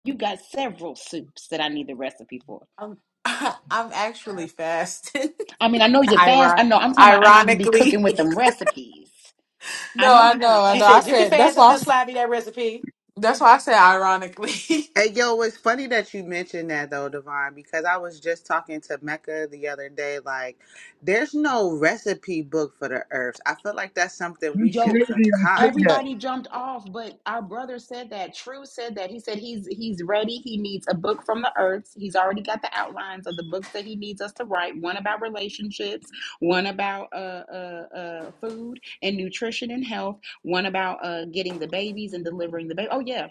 Speaker 10: You got several soups that I need the recipe for.
Speaker 5: I'm, [laughs] I'm actually fasting.
Speaker 10: I mean, I know
Speaker 5: [laughs]
Speaker 10: you fast. I
Speaker 5: Iron-
Speaker 10: know. I'm talking about. I know you be
Speaker 5: ironically,
Speaker 10: cooking
Speaker 5: [laughs]
Speaker 10: with them recipes. I
Speaker 5: no,
Speaker 10: know
Speaker 5: I
Speaker 10: you on a
Speaker 5: know, I
Speaker 6: She
Speaker 5: know.
Speaker 10: fast,
Speaker 5: I
Speaker 6: said you
Speaker 10: Earth.
Speaker 6: can
Speaker 5: said that's
Speaker 6: fast and
Speaker 5: why. I,
Speaker 6: still
Speaker 5: s-
Speaker 6: slide me that recipe.
Speaker 5: that's why I said ironically. [laughs]
Speaker 3: hey yo, it's funny that you mentioned that though, Divine, because I was just talking to Mecca the other day. Like, there's no recipe book for the herbs. I feel like that's something we should
Speaker 10: Yo,
Speaker 11: crazy I say
Speaker 3: concoct.
Speaker 11: that.
Speaker 10: everybody jumped off, but our brother said that. True said that. He said he's he's ready. He needs a book from the earth. He's already got the outlines of the books that he needs us to write. One about relationships, one about uh, uh, uh, food and nutrition and health, one about uh, getting the babies and delivering the baby. Oh yeah,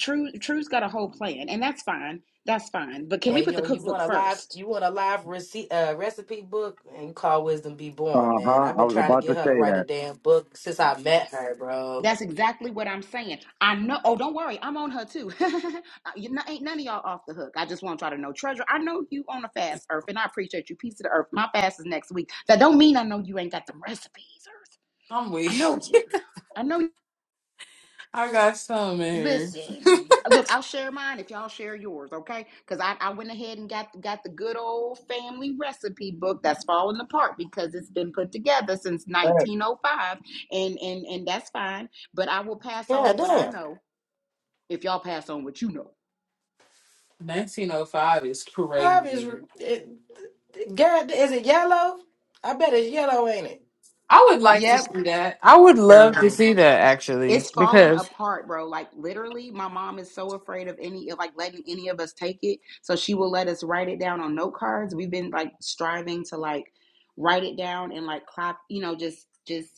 Speaker 10: True. True's got a whole plan, and that's fine. That's fine. But can we
Speaker 6: Hey,
Speaker 10: put the
Speaker 6: yo, you want
Speaker 10: cookbook
Speaker 6: a live,
Speaker 10: first?
Speaker 6: you want a live recipe, uh, recipe book, and you call Wisdom Be
Speaker 11: Uh
Speaker 6: Born, man.
Speaker 11: huh.
Speaker 6: I've
Speaker 11: I
Speaker 6: been
Speaker 11: was
Speaker 6: trying to
Speaker 11: about to
Speaker 6: get her
Speaker 11: say
Speaker 6: to write a
Speaker 11: that.
Speaker 6: damn book since I met her, bro.
Speaker 10: That's exactly what I'm saying. I know. Oh, don't worry. I'm on her too. [laughs] you know, ain't none of y'all off the hook. I just want y'all to know, Treasure. I know you on a fast, Earth, and I appreciate you. Peace to the Earth. My fast is next week. That don't mean I know you ain't got the recipes, Earth.
Speaker 5: I'm
Speaker 10: I
Speaker 5: weak.
Speaker 10: know you. I know. You.
Speaker 5: I got some in here.
Speaker 10: Listen, look, I'll share mine if y'all share yours, okay? Because I, I went ahead and got got the good old family recipe book that's falling apart because it's been put together since
Speaker 11: Hey.
Speaker 10: 1905, and and and that's fine. But I will pass
Speaker 6: God
Speaker 10: on what I
Speaker 6: damn,
Speaker 10: know if y'all pass on what you know.
Speaker 5: 1905 is
Speaker 6: Five is,
Speaker 5: crazy.
Speaker 6: it, God, is it yellow? I bet it's yellow, ain't it?
Speaker 5: I would like to
Speaker 10: Yep.
Speaker 5: see that. I would love to
Speaker 3: yo.
Speaker 5: see that actually
Speaker 10: It's falling
Speaker 5: because.
Speaker 10: apart, bro. Like literally, my mom is so afraid of any of like letting any of us take it. So she will let us write it down on note cards. We've been like striving to like write it down and like clap, you know, just just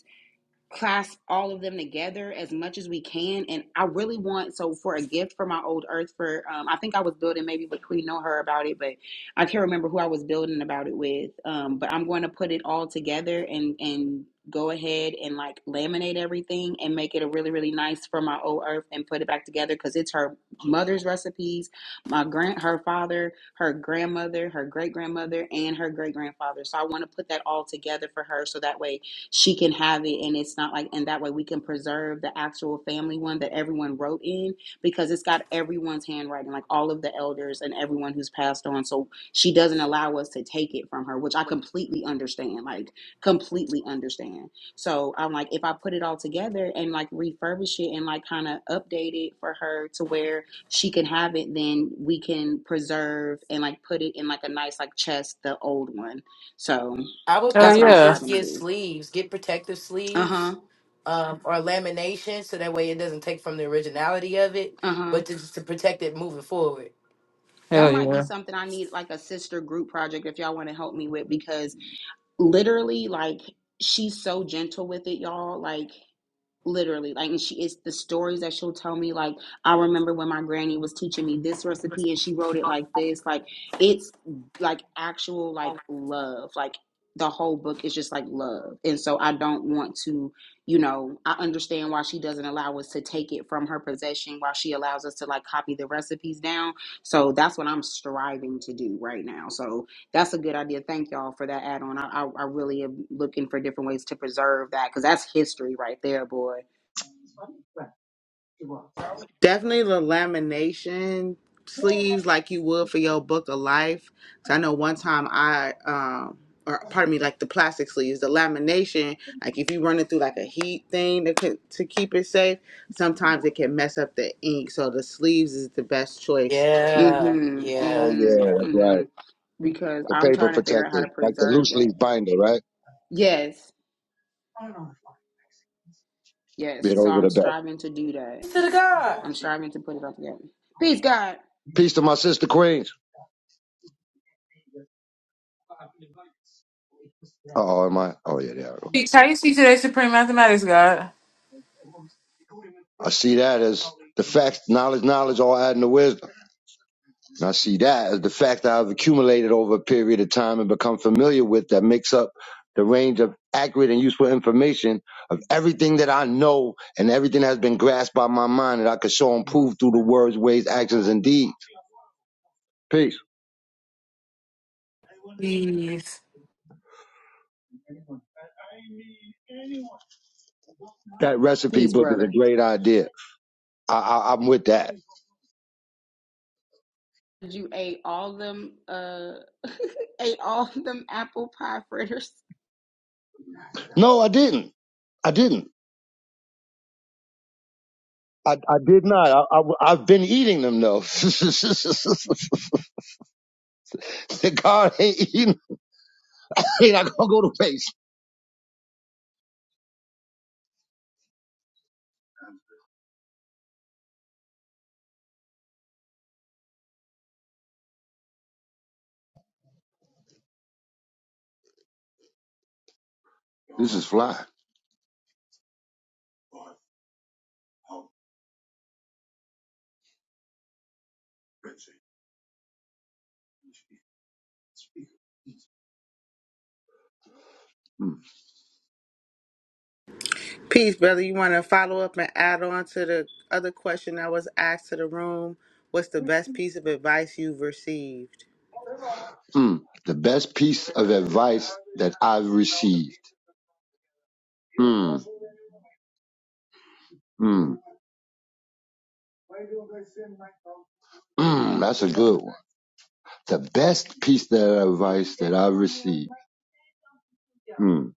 Speaker 10: class all of them together as much as we can. And I really want so for a gift for my old earth for um, I think I was building maybe with Queen know her about it, but I can't remember who I was building about it with. Um, but I'm going to put it all together and and go ahead and like laminate everything and make it a really really nice for my old earth and put it back together because it's her mother's recipes my grand her father her grandmother her great grandmother and her great grandfather so i want to put that all together for her so that way she can have it and it's not like and that way we can preserve the actual family one that everyone wrote in because it's got everyone's handwriting like all of the elders and everyone who's passed on so she doesn't allow us to take it from her which i completely understand like completely understand so i'm like if i put it all together and like refurbish it and like kind of update it for her to where she can have it then we can preserve and like put it in like a nice like chest the old one so
Speaker 6: I would
Speaker 5: Hell
Speaker 10: that's what i'm
Speaker 6: probably
Speaker 5: yeah.
Speaker 6: just
Speaker 10: striving
Speaker 6: get
Speaker 10: to do
Speaker 6: sleeves, get protective sleeves,
Speaker 10: uh-huh.
Speaker 6: um, or lamination, so that way it doesn't take from the originality of it,
Speaker 10: Uh-huh.
Speaker 6: but to, just to protect it moving forward.
Speaker 10: That
Speaker 5: Hell
Speaker 10: might be
Speaker 5: yeah.
Speaker 10: something I need like a sister group project if y'all want to help me with because literally like she's so gentle with it, y'all. Like literally like and she is the stories that she'll tell me like i remember when my granny was teaching me this recipe and she wrote it like this like it's like actual like love like the whole book is just like love and so i don't want to you know i understand why she doesn't allow us to take it from her possession while she allows us to like copy the recipes down so that's what i'm striving to do right now so that's a good idea. Thank y'all for that add on. I, I, I really am looking for different ways to preserve that because that's history right there, boy.
Speaker 3: Definitely the lamination sleeves like you would for your book of life. Cause I know one time I um or pardon me, like the plastic sleeves, the lamination, like if you run it through like a heat thing to co- to keep it safe, sometimes it can mess up the ink. So the sleeves is the best choice.
Speaker 10: Mm
Speaker 6: Yeah,
Speaker 10: hmm. Mm
Speaker 11: Oh
Speaker 6: yeah,
Speaker 10: hmm.
Speaker 11: yeah,
Speaker 6: yeah.
Speaker 11: that's
Speaker 10: Mm hmm.
Speaker 11: right.
Speaker 10: Because
Speaker 11: The
Speaker 10: I'm
Speaker 11: paper
Speaker 10: trying to figure out
Speaker 11: protector,
Speaker 10: how to
Speaker 11: like the
Speaker 10: preserve
Speaker 11: loose
Speaker 10: that.
Speaker 11: leaf binder, right?
Speaker 10: Yes.
Speaker 11: Yeah,
Speaker 10: Yes. So
Speaker 11: those are
Speaker 10: I'm
Speaker 11: the best.
Speaker 10: striving to do that.
Speaker 6: Thanks To the God,
Speaker 10: I'm striving to put it up again. Peace, God.
Speaker 11: Peace to my sister queens. Oh, am I? Oh yeah, there I go.
Speaker 5: How you speak to that supreme mathematics god?
Speaker 11: I see that as the facts, knowledge, knowledge, all adding to wisdom. And I see, that as the fact that I've accumulated over a period of time and become familiar with that makes up the range of accurate and useful information of everything that I know and everything that has been grasped by my mind that I could show and prove through the words, ways, actions, and deeds. Peace.
Speaker 5: Please.
Speaker 11: That recipe
Speaker 10: Peace,
Speaker 11: book is a
Speaker 10: brother.
Speaker 11: great idea. I, I, I'm with that.
Speaker 10: You ate all them, uh, [laughs] ate all them apple pie fritters.
Speaker 11: No, I didn't. I didn't. I, I did not. I, I, I've been eating them though. [laughs] the God ain't eating. Ain't not gonna go to waste. This is fly. Hmm.
Speaker 3: Peace, brother. You want to follow up and add on to the other question that was asked to the room? What's the best piece of advice you've received?
Speaker 11: Mm. The best piece of advice that I've received. Mm, mm, mm, that's a good one. The best piece of advice that I've received. Mm.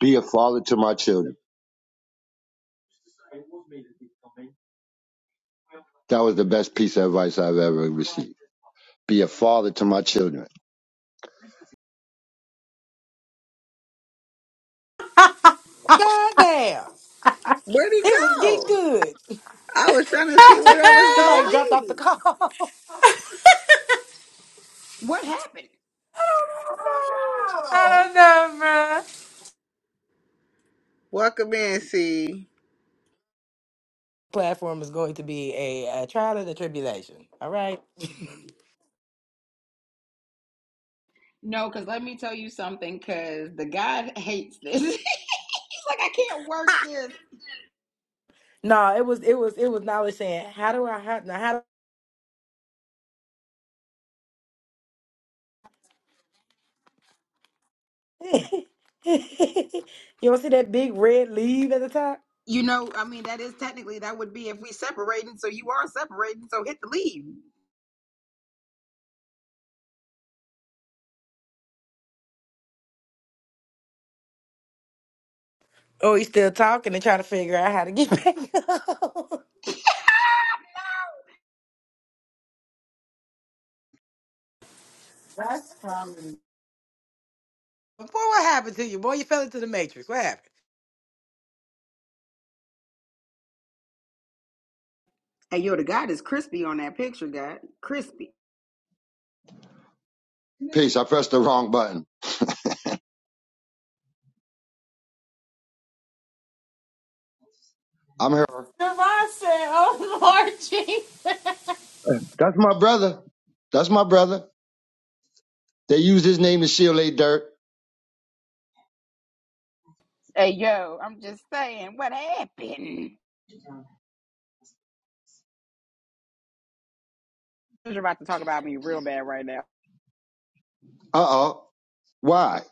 Speaker 11: Be a father to my children. That was the best piece of advice I've ever received. Be a father to my children.
Speaker 6: God damn,
Speaker 3: Where'd he
Speaker 6: it was getting
Speaker 3: go?
Speaker 6: good.
Speaker 3: I was trying
Speaker 5: [laughs]
Speaker 3: to see where that was gonna
Speaker 6: Somebody
Speaker 5: I
Speaker 6: dropped off the
Speaker 3: lead.
Speaker 6: call.
Speaker 10: What happened?
Speaker 5: don't know, bro.
Speaker 3: Welcome in, C.
Speaker 6: [laughs] Platform is going to be a, a trial and a tribulation. All right.
Speaker 10: No, because let me tell you something, because the God hates this. [laughs] like I can't work this.
Speaker 6: [laughs] no, it was it was it was knowledge saying how do I how now how do [laughs] you don't see that big red leaf at the top?
Speaker 10: You know, I mean, that is technically that would be if we separating. So you are separating. So hit the leave.
Speaker 6: Oh, he's still talking and trying to figure out how to get back up. [laughs] Boy, what happened to you? Boy, you fell into the matrix. What happened?
Speaker 10: Hey, yo, the God is crispy on that picture, God. Crispy.
Speaker 11: Peace. I pressed the wrong button. I'm here.
Speaker 5: Devon said, "Oh Lord, Jesus,
Speaker 11: That's my brother. That's my brother. They use his name to shield their dirt.
Speaker 10: Hey, yo, I'm just saying, what happened? You're about to talk about me real bad right now.
Speaker 11: Uh oh. Why?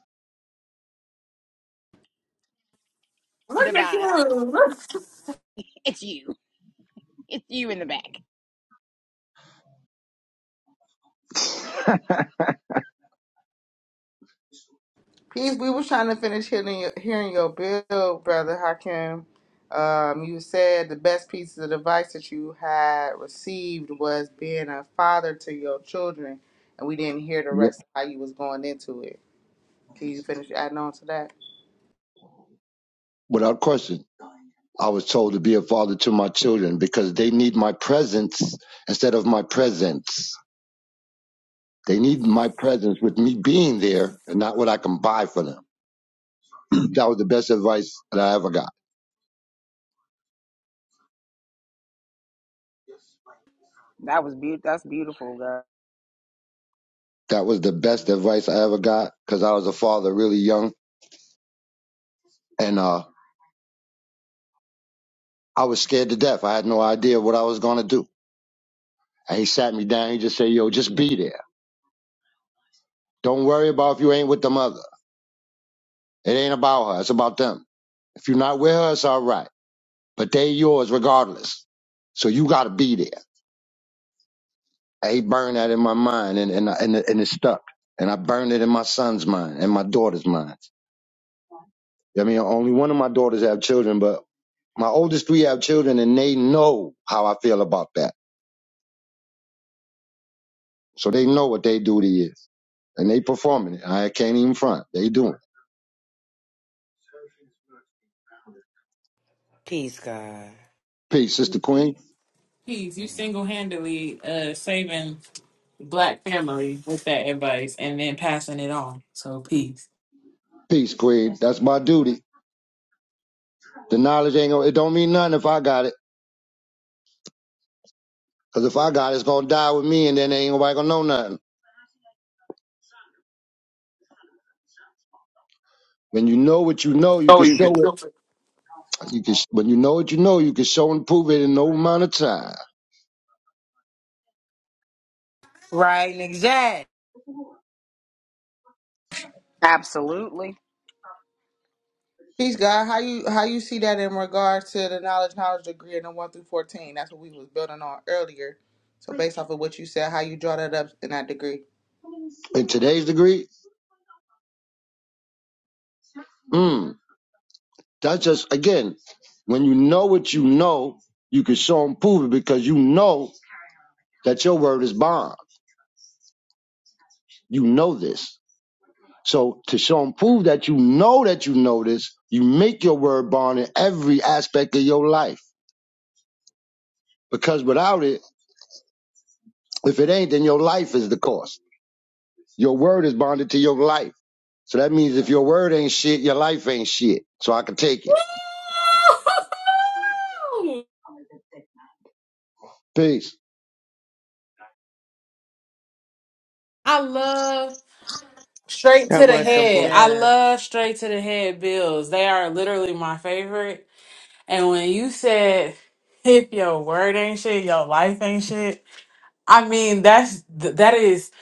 Speaker 5: look at
Speaker 10: Divine,
Speaker 5: you."
Speaker 10: it's you. It's you in the back.
Speaker 3: Peace. We were trying to finish hearing your, hearing your bill, brother Hakim. Um, you said the best pieces of advice that you had received was being a father to your children, and we didn't hear the
Speaker 11: Yep.
Speaker 3: rest of how you was going into it. Can you finish adding on to that?
Speaker 11: Without question. I was told to be a father to my children because they need my presence instead of my presence. They need my presence with me being there and not what I can buy for them. [clears throat] that was the best advice that I ever got.
Speaker 10: That was beautiful. That's beautiful, God.
Speaker 11: That was the best advice I ever got because I was a father really young and uh, I was scared to death. I had no idea what I was going to do. And he sat me down. He just said, Yo, just be there. Don't worry about if you ain't with the mother. It ain't about her. It's about them. If you're not with her, it's all right. But they yours regardless. So you got to be there. he burned that in my mind and, and, and, it- and it stuck. And I burned it in my son's mind and my daughter's mind. I mean, only one of my daughters have children, but my oldest three have children and they know how I feel about that. So they know what their duty is and they performing it. I can't even front. They doing it.
Speaker 6: Peace, God.
Speaker 11: Peace, sister queen.
Speaker 5: Please, you single-handedly uh, saving black family with that advice, and then passing it on. So, peace.
Speaker 11: Peace, queen. That's my duty. The knowledge ain't gonna, it don't mean nothing if I got it, 'cause if I got it, it's gonna die with me and then ain't nobody gonna know nothing. When you know what you know, you
Speaker 5: Oh,
Speaker 11: can
Speaker 5: you can
Speaker 11: show it.
Speaker 5: still.
Speaker 11: You can, when you know what you know, you can show and prove it in no amount of time.
Speaker 6: Right, and exact.
Speaker 10: Absolutely.
Speaker 3: Peace, God. How you how you see that in regards to the knowledge, knowledge degree, and the one through fourteen? That's what we was building on earlier. So based off of what you said, how you draw that up in that degree?
Speaker 11: In today's degree, mm, that's just again, when you know what you know, you can show and prove it because you know that your word is bond. You know this. So to show and prove that you know that you know this, you make your word bond in every aspect of your life. Because without it, if it ain't, then your life is the cost. Your word is bonded to your life. So that means if your word ain't shit, your life ain't shit. So I can take it.
Speaker 5: Woo!
Speaker 11: Peace.
Speaker 5: [laughs] I love. Straight to
Speaker 3: That
Speaker 5: the
Speaker 3: was
Speaker 5: head.
Speaker 3: simple.
Speaker 5: I
Speaker 6: Yeah.
Speaker 5: love straight to the head bills. They are literally my favorite. And when you said if your word ain't shit, your life ain't shit. I mean, that's th- that is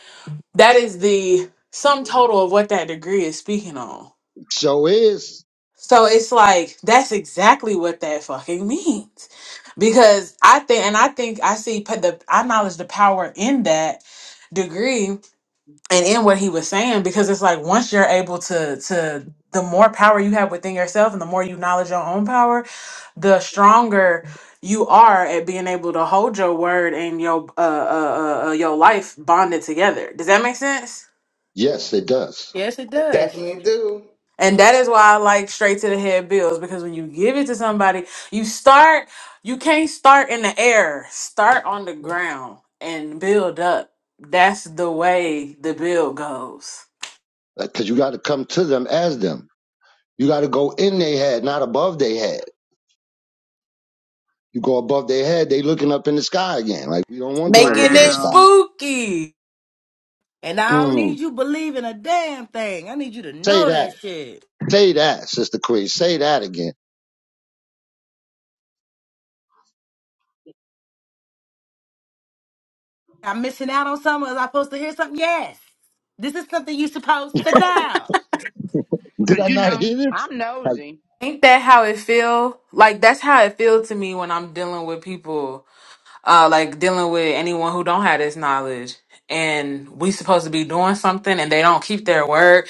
Speaker 5: that is the sum total of what that degree is speaking on.
Speaker 11: So is
Speaker 5: So it's like that's exactly what that fucking means. Because I think and I think I see p- the I acknowledge the power in that degree and in what he was saying because it's like once you're able to to the more power you have within yourself and the more you acknowledge your own power the stronger you are at being able to hold your word and your uh, uh, uh uh, your life bonded together does that make sense
Speaker 11: yes, it does
Speaker 6: Yes, it does.
Speaker 3: Definitely do.
Speaker 5: and that is why I like straight to the head bills because when you give it to somebody you start you can't start in the air start on the ground and build up that's the way the bill goes
Speaker 11: because you got to come to them as them. You got to go in their head, not above their head. You go above their head, they looking up in the sky again. Like we don't want them to look
Speaker 5: making
Speaker 11: in the
Speaker 5: it
Speaker 10: Wow.
Speaker 11: sky.
Speaker 5: spooky.
Speaker 6: And I don't
Speaker 11: Mm.
Speaker 6: need you believing a damn thing. I need you to
Speaker 11: Say
Speaker 6: know that
Speaker 11: that.
Speaker 6: shit.
Speaker 11: Say that, Sister Queen. Say that again.
Speaker 6: I'm missing out on something. Was I supposed to hear something? Yes. This is something you supposed to know.
Speaker 10: Cause
Speaker 11: Did I
Speaker 10: you
Speaker 11: not
Speaker 10: know,
Speaker 11: hear this?
Speaker 10: I'm
Speaker 11: Have,
Speaker 10: nosy.
Speaker 5: Ain't that how it feel? Like that's how it feel to me when I'm dealing with people, uh, like dealing with anyone who don't have this knowledge, and we supposed to be doing something and they don't keep their word.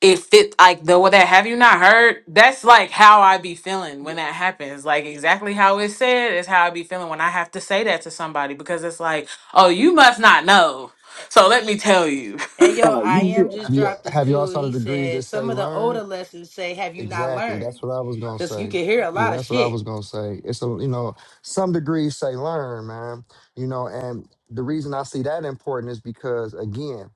Speaker 5: It fit like the what that have you not heard? That's like how I be feeling when that happens. Like exactly how it said is how I be feeling when I have to say that to somebody because it's like, oh, you must not know, so let me tell you. [laughs]
Speaker 6: And yo,
Speaker 11: oh,
Speaker 6: I
Speaker 11: you hear
Speaker 6: am
Speaker 11: it.
Speaker 6: just
Speaker 1: Have you
Speaker 6: dropped a
Speaker 1: have y'all
Speaker 6: jewel.
Speaker 1: saw the
Speaker 6: He
Speaker 1: degrees that
Speaker 6: said some
Speaker 1: say
Speaker 6: of the older
Speaker 1: learn?
Speaker 6: lessons say, "Have you not
Speaker 1: Exactly. That's
Speaker 6: learned?"
Speaker 1: what I was gonna
Speaker 6: Because you
Speaker 1: say.
Speaker 6: can hear a
Speaker 1: Yeah,
Speaker 6: lot of
Speaker 1: that's what I
Speaker 6: shit.
Speaker 1: was gonna say. It's a you know some degrees say learn, man. You know, and the reason I see that important is because again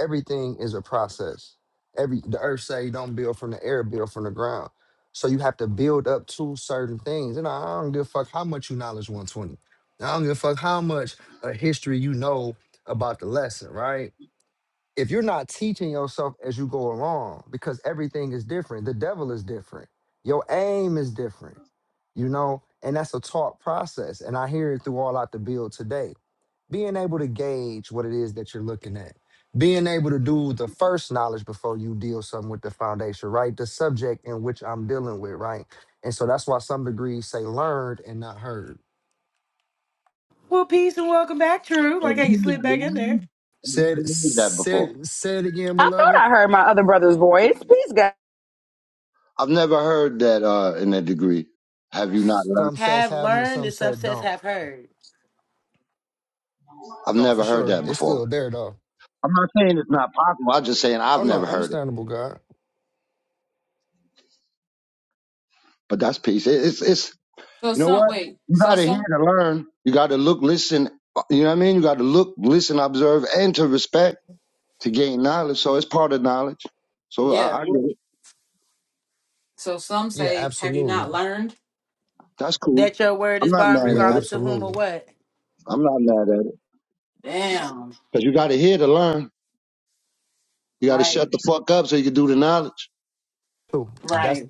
Speaker 1: everything is a process. Every the earth say don't build from the air, build from the ground. So you have to build up to certain things. And I I don't give a fuck how much you knowledge 120. I don't give a fuck how much uh, history you know about the lesson, right? If you're not teaching yourself as you go along, because everything is different, the devil is different, your aim is different, you know, and that's a taught process. And I hear it through all out the build today being able to gauge what it is that you're looking at being able to do the first knowledge before you deal something with the foundation right the subject in which i'm dealing with right and so that's why some degrees say learned and not heard
Speaker 6: Well, peace and welcome back, True.
Speaker 11: Have
Speaker 6: Like how you slid back in there.
Speaker 11: you
Speaker 1: said
Speaker 11: not heard that before?
Speaker 1: said said again
Speaker 10: I thought
Speaker 1: beloved
Speaker 10: I heard my other brother's voice. Please, God,
Speaker 11: I've never heard that uh, in that degree. Have you not learned?
Speaker 1: some says
Speaker 6: Have
Speaker 1: have them and
Speaker 6: learned,
Speaker 1: some
Speaker 6: as some
Speaker 1: said
Speaker 6: says,
Speaker 1: don't
Speaker 6: have heard
Speaker 11: I've
Speaker 1: no for
Speaker 11: never heard
Speaker 1: sure
Speaker 11: that
Speaker 1: it's
Speaker 11: before.
Speaker 1: still there though
Speaker 11: I'm not saying it's not possible. I'm just saying I've
Speaker 1: oh no
Speaker 11: never heard it.
Speaker 1: understandable god
Speaker 11: But that's peace. It- It's it's
Speaker 5: So
Speaker 11: you know
Speaker 5: some
Speaker 11: what?
Speaker 5: wait,
Speaker 11: You
Speaker 5: so
Speaker 11: gotta hear
Speaker 5: some
Speaker 11: to learn. You gotta look, listen. You know what I mean? You gotta look, listen, observe, and to respect to gain knowledge. So it's part of knowledge. So
Speaker 5: yeah.
Speaker 11: I, I get it.
Speaker 5: So some
Speaker 1: yeah
Speaker 5: say, have you
Speaker 1: absolutely
Speaker 5: not learned?
Speaker 11: That's cool.
Speaker 6: that your word
Speaker 11: I'm
Speaker 6: is
Speaker 11: not
Speaker 6: bond,
Speaker 11: mad
Speaker 1: yeah
Speaker 11: at it.
Speaker 6: regardless to whom or
Speaker 1: absolutely
Speaker 6: what.
Speaker 11: I'm not mad at it.
Speaker 5: Damn.
Speaker 11: Because you gotta hear to learn. You gotta
Speaker 5: Right.
Speaker 11: shut the fuck up so you can do the knowledge.
Speaker 1: True. That's
Speaker 5: Right.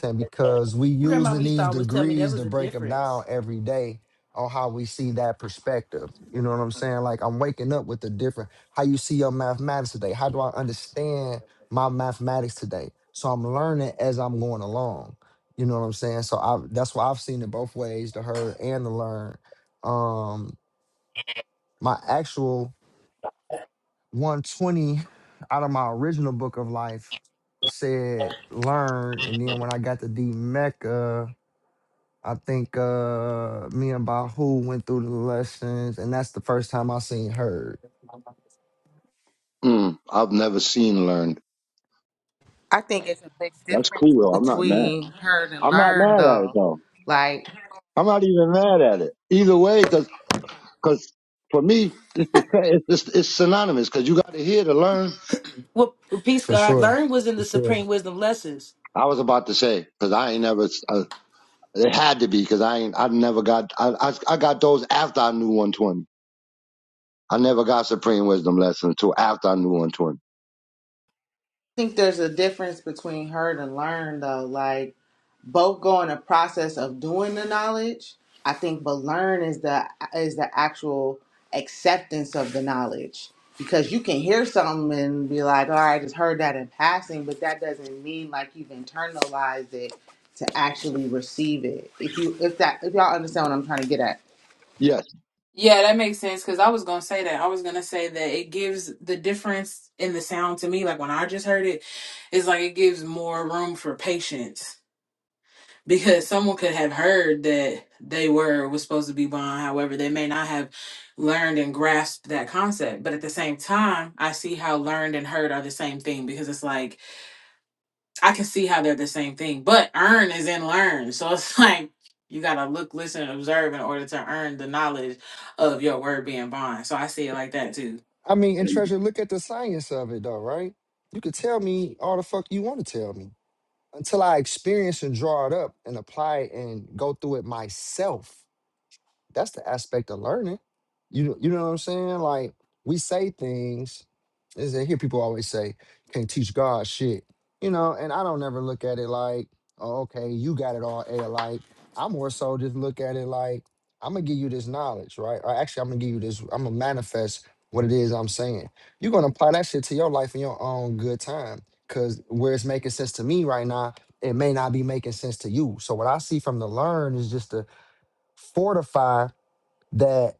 Speaker 1: saying because we using
Speaker 6: Grandmama used to
Speaker 1: these
Speaker 6: always tell me there
Speaker 1: degrees to
Speaker 6: was a
Speaker 1: break them down
Speaker 6: difference.
Speaker 1: every day on how we see that perspective. You know what I'm saying? Like I'm waking up with a different how you see your mathematics today. How do I understand my mathematics today? So I'm learning as I'm going along. You know what I'm saying? So I that's why I've seen it both ways, to hurt and to learn. Um my actual 120 out of my original book of life said learn and then when I got to D Mecca I think uh me and Bahu went through the lessons, and that's the first time I seen her
Speaker 11: Mm, I've never seen learned.
Speaker 3: I think it's a big
Speaker 11: That's
Speaker 3: difference
Speaker 11: cool though. I'm not mad.
Speaker 3: between heard and
Speaker 11: I'm not
Speaker 3: learned
Speaker 11: mad at it
Speaker 3: though.
Speaker 11: though.
Speaker 3: Like I
Speaker 11: I'm not even mad at it. Either way, because cause 'cause for me, it's, the, sa- it's, it's, it's synonymous because you got to hear to learn
Speaker 6: Well, well, peace,
Speaker 1: for
Speaker 6: God.
Speaker 1: sure,
Speaker 6: Learn was in
Speaker 1: for
Speaker 6: the
Speaker 1: sure.
Speaker 6: supreme wisdom lessons.
Speaker 11: I was about to say because I ain't never. Uh, it had to be because I ain't. I never got. I, I I got those after I knew 120. I never got supreme wisdom lessons until after I knew 120.
Speaker 3: think there's a difference between heard and learned though. Like both go in a process of doing the knowledge. I think, but learn is the is the actual acceptance of the knowledge because you can hear something and be like, "All right, I just heard that in passing," but that doesn't mean like you've internalized it to actually receive it. If you if that if y'all understand what I'm trying to get at.
Speaker 11: Yes.
Speaker 5: Yeah, that makes sense because I was going to say that. I was going to say that it gives the difference in the sound to me. Like when I just heard it, it's like it gives more room for patience because someone could have heard that they were was supposed to be blind. However, they may not have learned and grasped that concept. But at the same time, I see how learned and heard are the same thing because it's like I can see how they're the same thing, but earn is in learn. So it's [laughs] like you gotta look, listen, and observe in order to earn the knowledge of your word being bond. So I see it like that too.
Speaker 1: I mean, and Treasure, look at the science of it though, right? You could tell me all the fuck you want to tell me until I experience and draw it up and apply it and go through it myself. That's the aspect of learning. You you know what I'm saying? Like we say things. Is I hear people always say, "Can't teach God shit," you know. And I don't never look at it like, "Oh, okay, you got it all a like." I more so just look at it like, "I'm gonna give you this knowledge, right?" Or actually, I'm gonna give you this. I'm gonna manifest what it is I'm saying. You're gonna apply that shit to your life in your own good time, because where it's making sense to me right now, it may not be making sense to you. So what I see from the learn is just to fortify that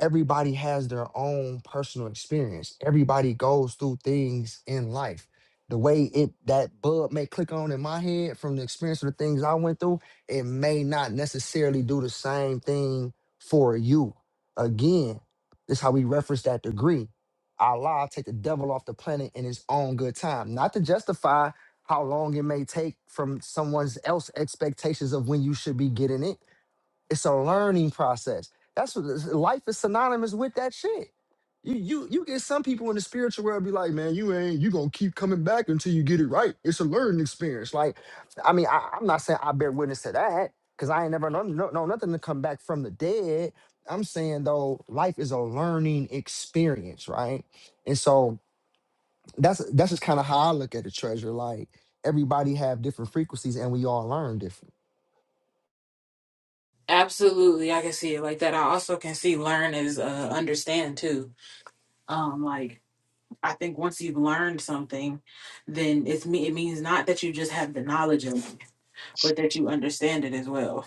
Speaker 1: everybody has their own personal experience. Everybody goes through things in life. The way it that bug may click on in my head from the experience of the things I went through, it may not necessarily do the same thing for you. Again, this how we reference that degree. Allah take the devil off the planet in his own good time, not to justify how long it may take from someone's else expectations of when you should be getting it it's a learning process. That's what life is synonymous with that shit. You you you get some people in the spiritual world be like, man, you ain't you gonna keep coming back until you get it right. It's a learning experience. Like, I mean, I, I'm not saying I bear witness to that because I ain't never known no, no nothing to come back from the dead. I'm saying though, life is a learning experience, right? And so that's that's just kind of how I look at the treasure. Like everybody have different frequencies and we all learn different.
Speaker 5: Absolutely, I can see it like that. I also can see learn is uh, understand too. Um, like I think once you've learned something, then it's me. It means not that you just have the knowledge of it, but that you understand it as well.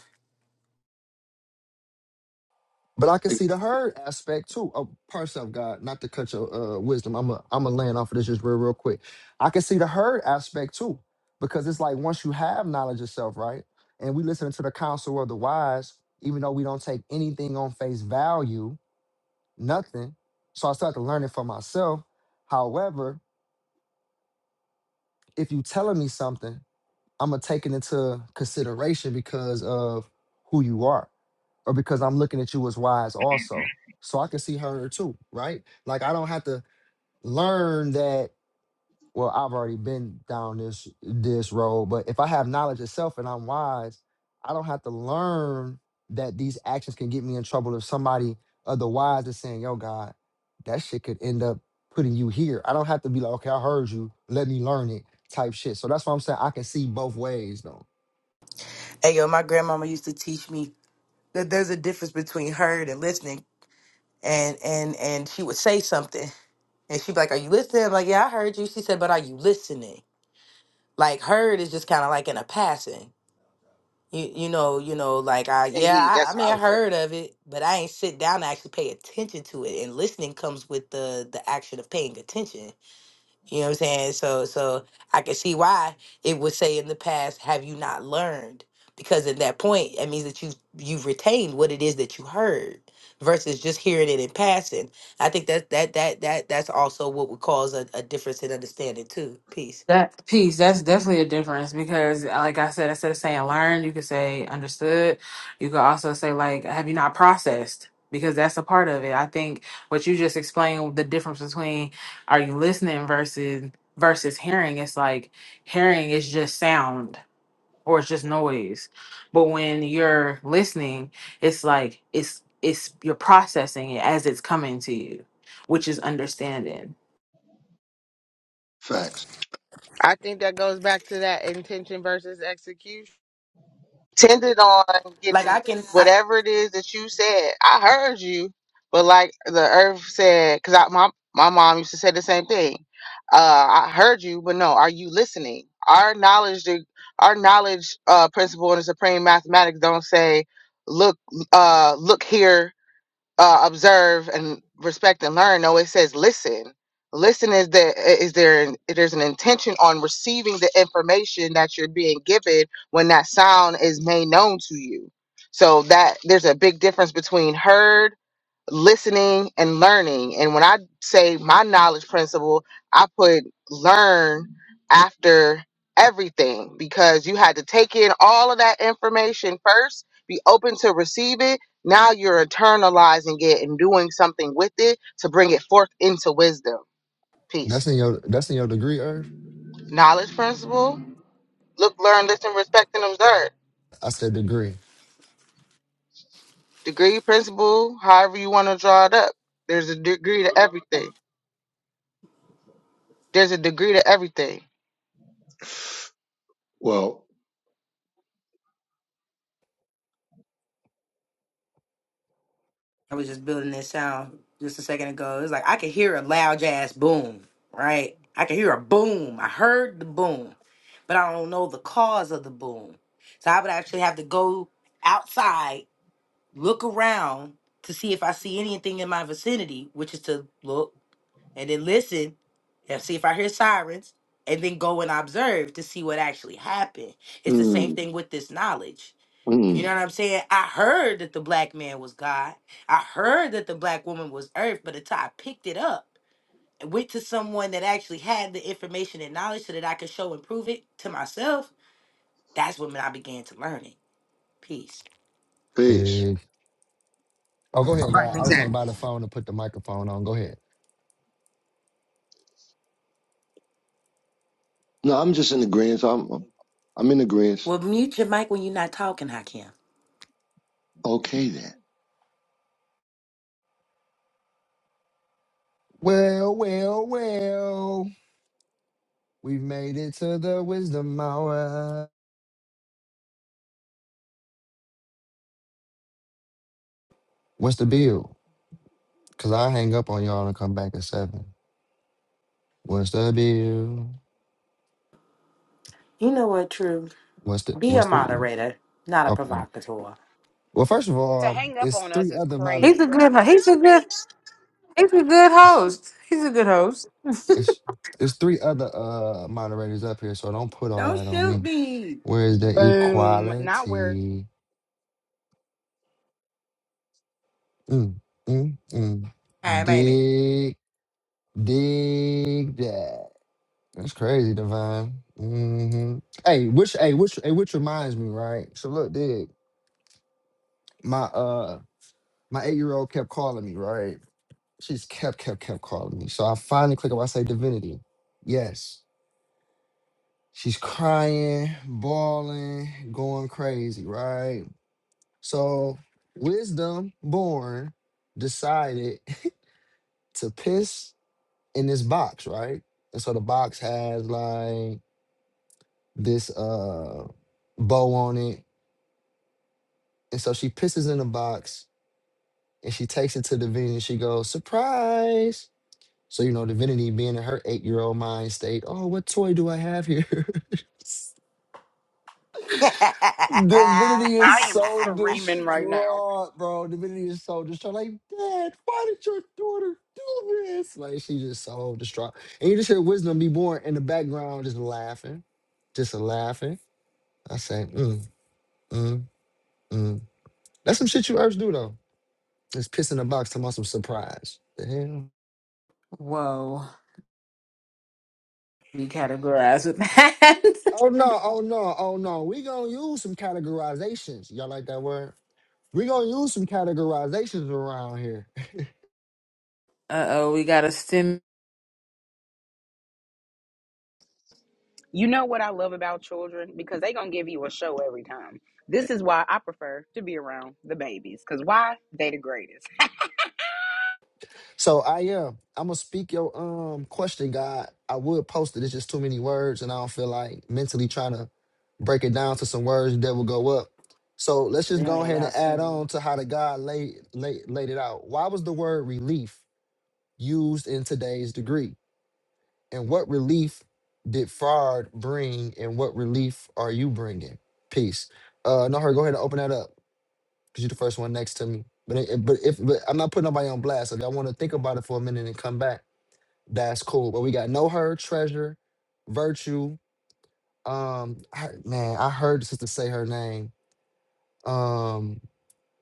Speaker 1: But I can see the herd aspect too. Oh, pardon yourself, God, not to cut your uh, wisdom. I'm a I'm a land off of this just real real quick. I can see the herd aspect too, because it's like once you have knowledge yourself, right? And we listen to the counsel of the wise, even though we don't take anything on face value, nothing. So I start to learn it for myself. However, if you telling me something I'm gonna take it into consideration because of who you are, or because I'm looking at you as wise also. So I can see her too, right? Like I don't have to learn that. Well, I've already been down this this road, but if I have knowledge itself and I'm wise, I don't have to learn that these actions can get me in trouble if somebody otherwise is saying, "Yo, God, that shit could end up putting you here." I don't have to be like, "Okay, I heard you. Let me learn it." Type shit. So that's why I'm saying I can see both ways though.
Speaker 6: Hey, yo, my grandmama used to teach me that there's a difference between heard and listening. And and and she would say something, and she'd be like, "Are you listening?" I'm like, "Yeah, I heard you." She said, "But are you listening?" Like heard is just kind of like in a passing. You you know, you know, like I yeah,
Speaker 3: Indeed,
Speaker 6: I, I
Speaker 3: that's what
Speaker 6: mean
Speaker 3: I
Speaker 6: I
Speaker 3: was thinking.
Speaker 6: heard of it, but I ain't sit down to actually pay attention to it. And listening comes with the the action of paying attention. You know what I'm saying? So so I can see why it would say in the past, have you not learned? Because at that point, it means that you you've retained what it is that you heard versus just hearing it in passing. I think that that that that that's also what would cause a, a difference in understanding too. Peace.
Speaker 5: That piece, that's definitely a difference because, uh, like I said, instead of saying learn, you could say understood. You could also say, like, have you not processed? Because that's a part of it. I think what you just explained, the difference between are you listening versus versus hearing, it's like hearing is just sound or it's just noise. But when you're listening, it's like it's it's you're processing it as it's coming to you, which is understanding.
Speaker 11: Facts.
Speaker 3: I think that goes back to that intention versus execution. Tended on
Speaker 6: Like I
Speaker 3: getting
Speaker 6: can I,
Speaker 3: whatever it is that you said. I heard you, but like the earth said, because I my my mom used to say the same thing. Uh, I heard you, but no, are you listening? Our knowledge, the- our knowledge uh, principle in the supreme mathematics don't say, look, uh, look here uh, observe and respect and learn. No, it says listen. Listen is there is there an- there's an intention on receiving the information that you're being given when that sound is made known to you. So that there's a big difference between heard listening and learning. And when I say my knowledge principle, I put learn after everything because you had to take in all of that information first, be open to receive it. Now you're internalizing it and doing something with it to bring it forth into wisdom.
Speaker 1: That's
Speaker 3: Peace.
Speaker 1: in your that's in your degree, Earth.
Speaker 3: Knowledge principle, look, learn, listen, respect, and observe.
Speaker 1: I said degree.
Speaker 3: Degree principle, however you want to draw it up. There's a degree to everything. There's a degree to everything.
Speaker 11: Well,
Speaker 6: I was just building this sound just a second ago. It was like I could hear a loud jazz boom, right? I could hear a boom. I heard the boom, but I don't know the cause of the boom. So I would actually have to go outside, look around to see if I see anything in my vicinity, which is to look and then listen and see if I hear sirens and then go and observe to see what actually happened. It's the same
Speaker 11: Mm,
Speaker 6: thing with this knowledge you know
Speaker 11: mm.
Speaker 6: what I'm saying? I heard that the black man was God. I heard that the black woman was earth, but until I picked it up and went to someone that actually had the information and knowledge so that I could show and prove it to myself, that's when I began to learn it. Peace.
Speaker 11: peace.
Speaker 1: Big. Oh, go ahead,
Speaker 3: Right.
Speaker 1: God. I just
Speaker 3: Exactly.
Speaker 1: ain't by the phone to put the microphone on. Go ahead.
Speaker 11: No, I'm just in agreement. I'm I'm in agreement.
Speaker 6: Well, mute your mic when you're not talking, Hakim.
Speaker 11: Okay then.
Speaker 1: Well, well, well. We've made it to the wisdom hour. What's the bill? Cause I hang up on y'all and come back at seven. What's the bill?
Speaker 6: You know what, True?
Speaker 1: What's the
Speaker 6: Be a
Speaker 1: what's the
Speaker 6: moderator, not a
Speaker 1: okay?
Speaker 6: provocateur.
Speaker 1: Well, first of
Speaker 10: to
Speaker 1: all, um,
Speaker 10: hang up
Speaker 1: it's
Speaker 10: on us
Speaker 1: three
Speaker 10: is
Speaker 1: other moder
Speaker 5: He's
Speaker 10: crazy,
Speaker 5: a good
Speaker 10: brother.
Speaker 5: he's a good He's a good
Speaker 1: it's
Speaker 5: host. He's a good host.
Speaker 1: it's it's three other uh moderators up here, so don't put all
Speaker 6: Don't
Speaker 1: that on
Speaker 6: shoot
Speaker 1: me.
Speaker 6: me.
Speaker 1: Where is the
Speaker 10: Boom. Not where
Speaker 1: equality? Mm, mm, mm.
Speaker 6: Time ain't it? [laughs]
Speaker 1: Dig, dig that. That's crazy, Divine. hmm Hey, which, hey, which, hey, which reminds me, right? So look, dig. My uh, my eight year old kept calling me, right? She's kept, kept, kept calling me. So I finally click up. I say, Divinity. Yes. She's crying, bawling, going crazy, right? So wisdom born decided [laughs] to piss in this box, right? And so the box has like this uh bow on it. And so she pisses in the box and she takes it to Divinity. and She goes, surprise. So, you know, Divinity being in her eight year old mind state, oh, what toy do I have here? [laughs] Divinity is
Speaker 10: I am
Speaker 1: so
Speaker 10: screaming right now.
Speaker 1: distraught, bro. Divinity is so distraught. Like, Dad, why did your daughter do this? Like, she's just so distraught. And you just hear Wisdom be born in the background, just laughing, just laughing. I say, mm, mm, mm. That's some shit you urge do though. Just piss in the box talking about some surprise. The hell?
Speaker 5: Whoa. We categorized with that. [laughs]
Speaker 1: Oh no, oh no, oh no. We gonna use some categorizations. Y'all like that word? We gonna use some categorizations around here. [laughs]
Speaker 5: uh oh, we got a stim.
Speaker 10: You know what I love about children? Because they going to give you a show every time. This is why I prefer to be around the babies. Because why? They the greatest.
Speaker 1: So I am. I'm gonna speak your um question, God. I would post it. It's just too many words, and I don't feel like mentally trying to break it down to some words that will go up. So let's
Speaker 6: Well,
Speaker 1: just
Speaker 6: they
Speaker 1: go
Speaker 6: only
Speaker 1: ahead
Speaker 6: allow
Speaker 1: and add on
Speaker 6: seven.
Speaker 1: to how the God laid laid, laid it out. Why was the word relief? used in today's degree? And what relief did Fard bring, and what relief are you bringing? Peace. Uh, no, go ahead and open that up because you're the first one next to me. But it, but if but I'm not putting nobody on blast. If y'all want to think about it for a minute and come back, that's cool. But we got no her treasure, virtue. Um, I, man, I heard the sister say her name. Um,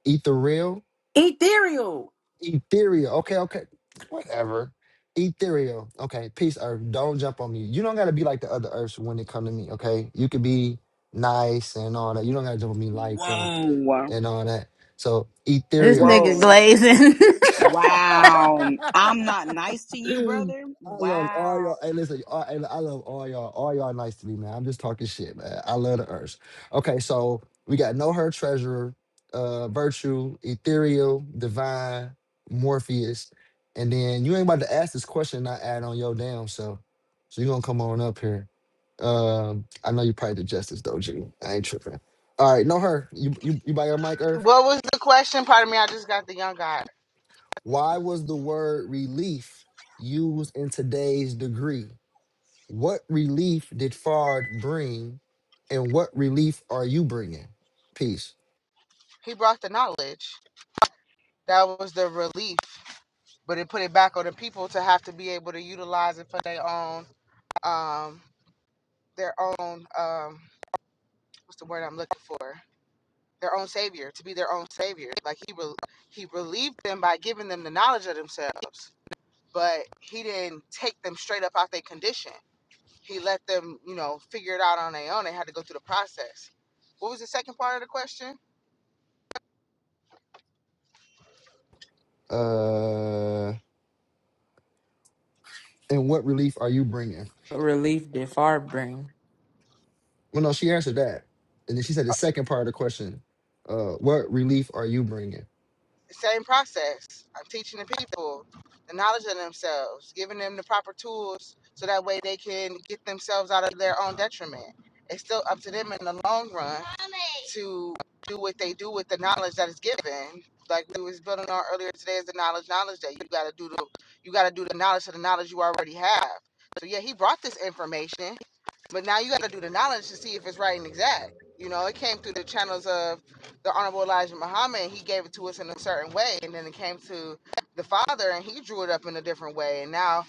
Speaker 1: Ether
Speaker 6: Ethereal.
Speaker 1: Ethereal. Okay, okay. Whatever. Ethereal. Okay, peace, Earth. Don't jump on me. You don't gotta be like the other Earths when it come to me, okay? You could be nice and all that. You don't gotta jump on me like them
Speaker 10: Whoa.
Speaker 1: and all that. So
Speaker 5: This
Speaker 1: ethereal.
Speaker 5: nigga
Speaker 10: Whoa.
Speaker 5: glazing. [laughs]
Speaker 1: I
Speaker 10: Wow. I'm not nice to you, brother.
Speaker 1: love all
Speaker 10: Wow.
Speaker 1: y'all. Hey, listen, all, and I love all y'all. All y'all nice to me, man. I'm just talking shit, man. I love the earth. Okay, so we got Know Her Treasurer, uh, Virtue, Ethereal, Divine, Morpheus, and then you ain't about to ask this question, and not add on your damn self. So you're gonna come on up here. Um, I know you probably the justice though, G. I ain't tripping. All right, know her. You you you by your mic, Earth?
Speaker 3: What was the question? Pardon me, I just got the young guy.
Speaker 1: Why was the word relief used in today's degree? What relief did Fard bring, and what relief are you bringing? Peace.
Speaker 3: He brought the knowledge. That was the relief, but it put it back on the people to have to be able to utilize it for their own, um, their own, um, what's the word I'm looking for? Their own savior, to be their own savior. Like he rel he relieved them by giving them the knowledge of themselves, but he didn't take them straight up out their condition. He let them, you know, figure it out on their own. They had to go through the process. What was the second part of the question?
Speaker 1: Uh, and what relief are you bringing?
Speaker 5: What relief did far bring?
Speaker 1: Well, no, she answered that, and then she said the second part of the question. Uh, what relief are you bringing?
Speaker 3: The same process. I'm teaching the people the knowledge of themselves, giving them the proper tools so that way they can get themselves out of their own detriment. It's still up to them in the long run to do what they do with the knowledge that is given. Like we was building on earlier today is the knowledge, knowledge that you gotta do the you gotta do the knowledge to the knowledge you already have. So yeah, he brought this information, but now you gotta do the knowledge to see if it's right and exact. You know, it came through the channels of the Honorable Elijah Muhammad. and He gave it to us in a certain way, and then it came to the father, and he drew it up in a different way. And now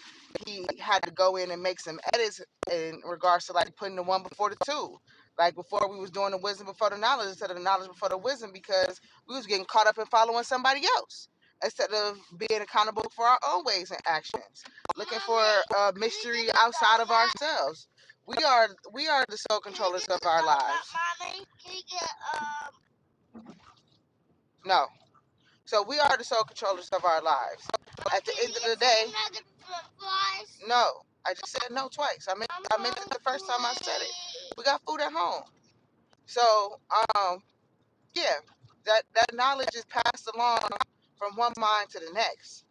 Speaker 3: he had to go in and make some edits in regards to like putting the one before the two like before we was doing the wisdom before the knowledge instead of the knowledge before the wisdom because we was getting caught up in following somebody else instead of being accountable for our own ways and actions, looking for a mystery outside of ourselves. We are we are the sole controllers of our lives. No. So we are the sole controllers of our lives. At the end of the day, no. I just said no twice. I meant I meant it the first time I said it. We got food at home. So, um, yeah, that that knowledge is passed along from one mind to the next.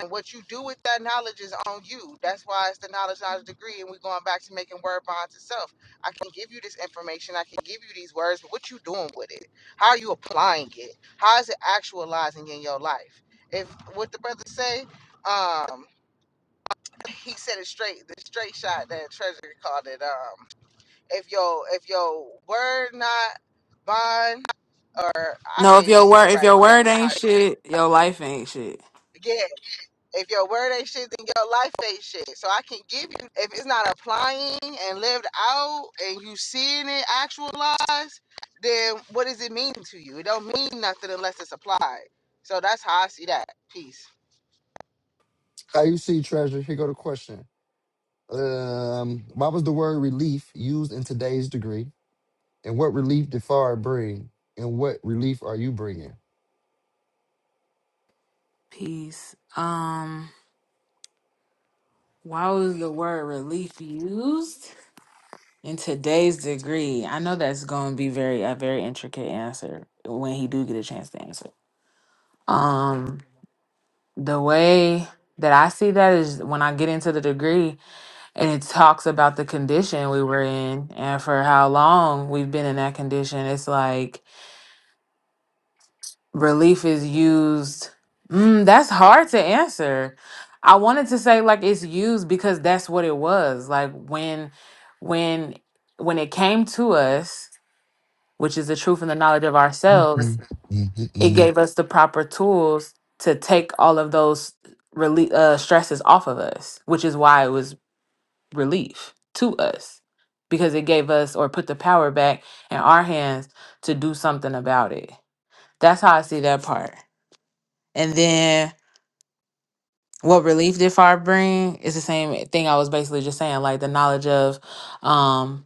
Speaker 3: And what you do with that knowledge is on you. That's why it's the knowledge, knowledge degree, and we're going back to making word bonds itself. I can give you this information, I can give you these words, but what you doing with it? How are you applying it? How is it actualizing in your life? If what the brother say, um, he said it straight, the straight shot that Treasury called it. Um, if your if your word not bond or I
Speaker 5: No,
Speaker 3: can't
Speaker 5: if
Speaker 3: even
Speaker 5: your
Speaker 3: say
Speaker 5: word
Speaker 3: it
Speaker 5: if
Speaker 3: right
Speaker 5: your word
Speaker 3: exactly how
Speaker 5: ain't
Speaker 3: it's
Speaker 5: shit, your life ain't shit.
Speaker 3: again. If your word ain't shit, then your life ain't shit. So I can give you if it's not applying and lived out and you seeing it actualized, then what does it mean to you? It don't mean nothing unless it's applied. So that's how I see that. Peace.
Speaker 1: How you see treasure? Here go the question. Um, why was the word relief used in today's degree, and what relief did Fard bring, and what relief are you bringing?
Speaker 5: Peace. Um, why was the word relief used in today's degree? I know that's going to be very a very intricate answer when he do get a chance to answer. Um, the way that I see that is when I get into the degree and it talks about the condition we were in and for how long we've been in that condition. It's like relief is used. Mm, that's hard to answer. I wanted to say like it's used because that's what it was. Like when when when it came to us, which is the truth and the knowledge of ourselves,
Speaker 1: Mhm, mhm,
Speaker 5: it
Speaker 1: mhm.
Speaker 5: gave us the proper tools to take all of those rele- uh, stresses off of us, which is why it was relief to us because it gave us or put the power back in our hands to do something about it. That's how I see that part. And then what relief did far bring is the same thing I was basically just saying, like the knowledge of, um,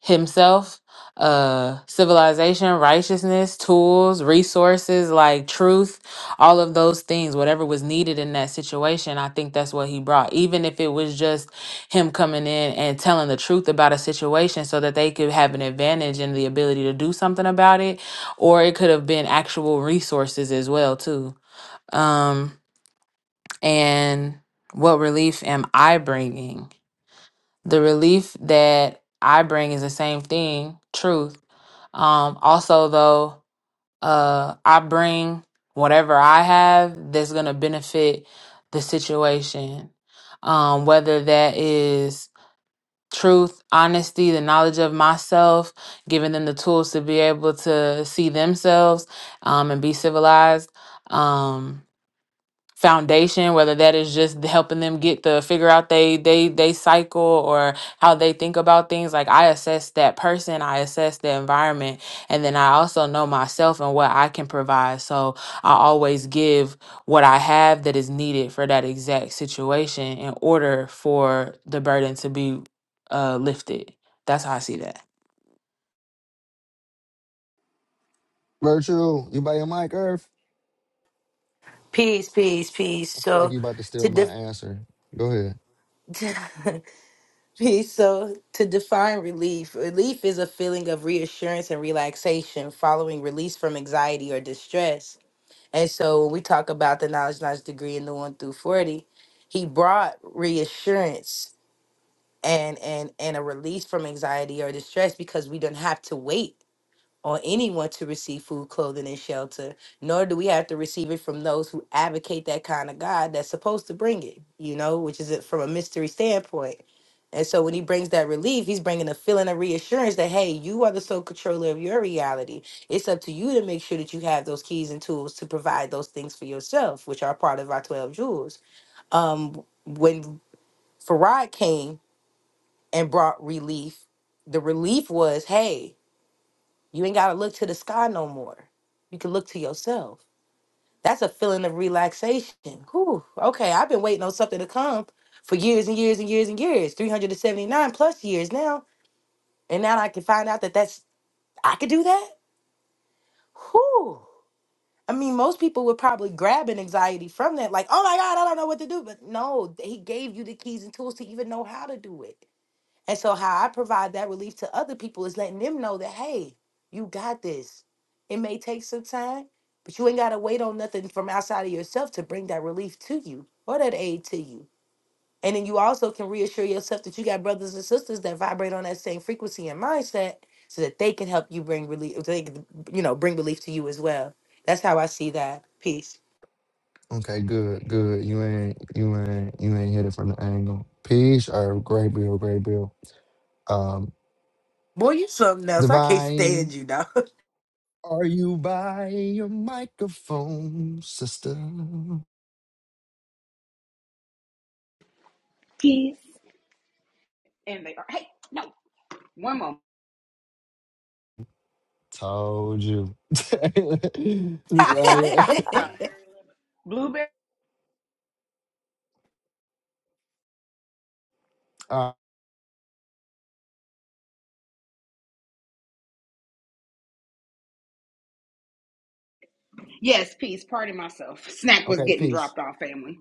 Speaker 5: himself, uh, civilization, righteousness, tools, resources, like truth, all of those things, whatever was needed in that situation, I think that's what he brought. Even if it was just him coming in and telling the truth about a situation so that they could have an advantage and the ability to do something about it, or it could have been actual resources as well, too. Um, and what relief am I bringing? The relief that I bring is the same thing, truth. Um, also, though, uh, I bring whatever I have that's going to benefit the situation. Um, whether that is truth, honesty, the knowledge of myself, giving them the tools to be able to see themselves um, and be civilized. Um, foundation whether that is just helping them get the figure out they they they cycle or how they think about things like i assess that person i assess the environment and then i also know myself and what i can provide so i always give what i have that is needed for that exact situation in order for the burden to be uh lifted that's how i see that
Speaker 1: Virtual, you by your mic, Earth?
Speaker 6: Peace, peace, peace.
Speaker 1: I feel like
Speaker 6: So
Speaker 1: you about to
Speaker 6: to
Speaker 1: steal my
Speaker 6: de-
Speaker 1: answer. Go ahead.
Speaker 6: [laughs] peace. So to define relief, relief is a feeling of reassurance and relaxation following release from anxiety or distress. And so when we talk about the knowledge, knowledge degree in the one through forty, he brought reassurance and and and a release from anxiety or distress because we don't have to wait on anyone to receive food, clothing, and shelter, nor do we have to receive it from those who advocate that kind of God that's supposed to bring it, you know, which is it from a mystery standpoint. And so when he brings that relief, he's bringing a feeling of reassurance that, hey, you are the sole controller of your reality. It's up to you to make sure that you have those keys and tools to provide those things for yourself, which are part of our 12 jewels. Um, when Farad came and brought relief, the relief was, hey, you ain't gotta look to the sky no more. You can look to yourself. That's a feeling of relaxation. Whew. Okay, I've been waiting on something to come for years and years and years and years, 379 plus years now. And now I can find out that that's, I could do that? Whew. I mean, most people would probably grab an anxiety from that, like, oh my God, I don't know what to do. But no, he gave you the keys and tools to even know how to do it. And so, how I provide that relief to other people is letting them know that, hey, you got this. It may take some time, but you ain't got to wait on nothing from outside of yourself to bring that relief to you or that aid to you. And then you also can reassure yourself that you got brothers and sisters that vibrate on that same frequency and mindset so that they can help you bring relief, they can, you know, bring relief to you as well. That's how I see that piece.
Speaker 1: Okay, good, good. You ain't, you ain't, you ain't hit it from the angle. Peace, Earth. Great bill, great bill. Um,
Speaker 6: Boy, you something else. I can't
Speaker 1: divine.
Speaker 6: stand you, dog.
Speaker 1: Are you by your microphone, sister?
Speaker 10: Peace. And they are. Hey, no. One more
Speaker 1: Told you. [laughs]
Speaker 6: [laughs]
Speaker 1: Like,
Speaker 10: time. Blueberry?
Speaker 1: [laughs] uh,
Speaker 10: Yes, peace. Pardon myself. Snack was
Speaker 1: okay,
Speaker 10: getting
Speaker 1: peace.
Speaker 10: dropped off, family.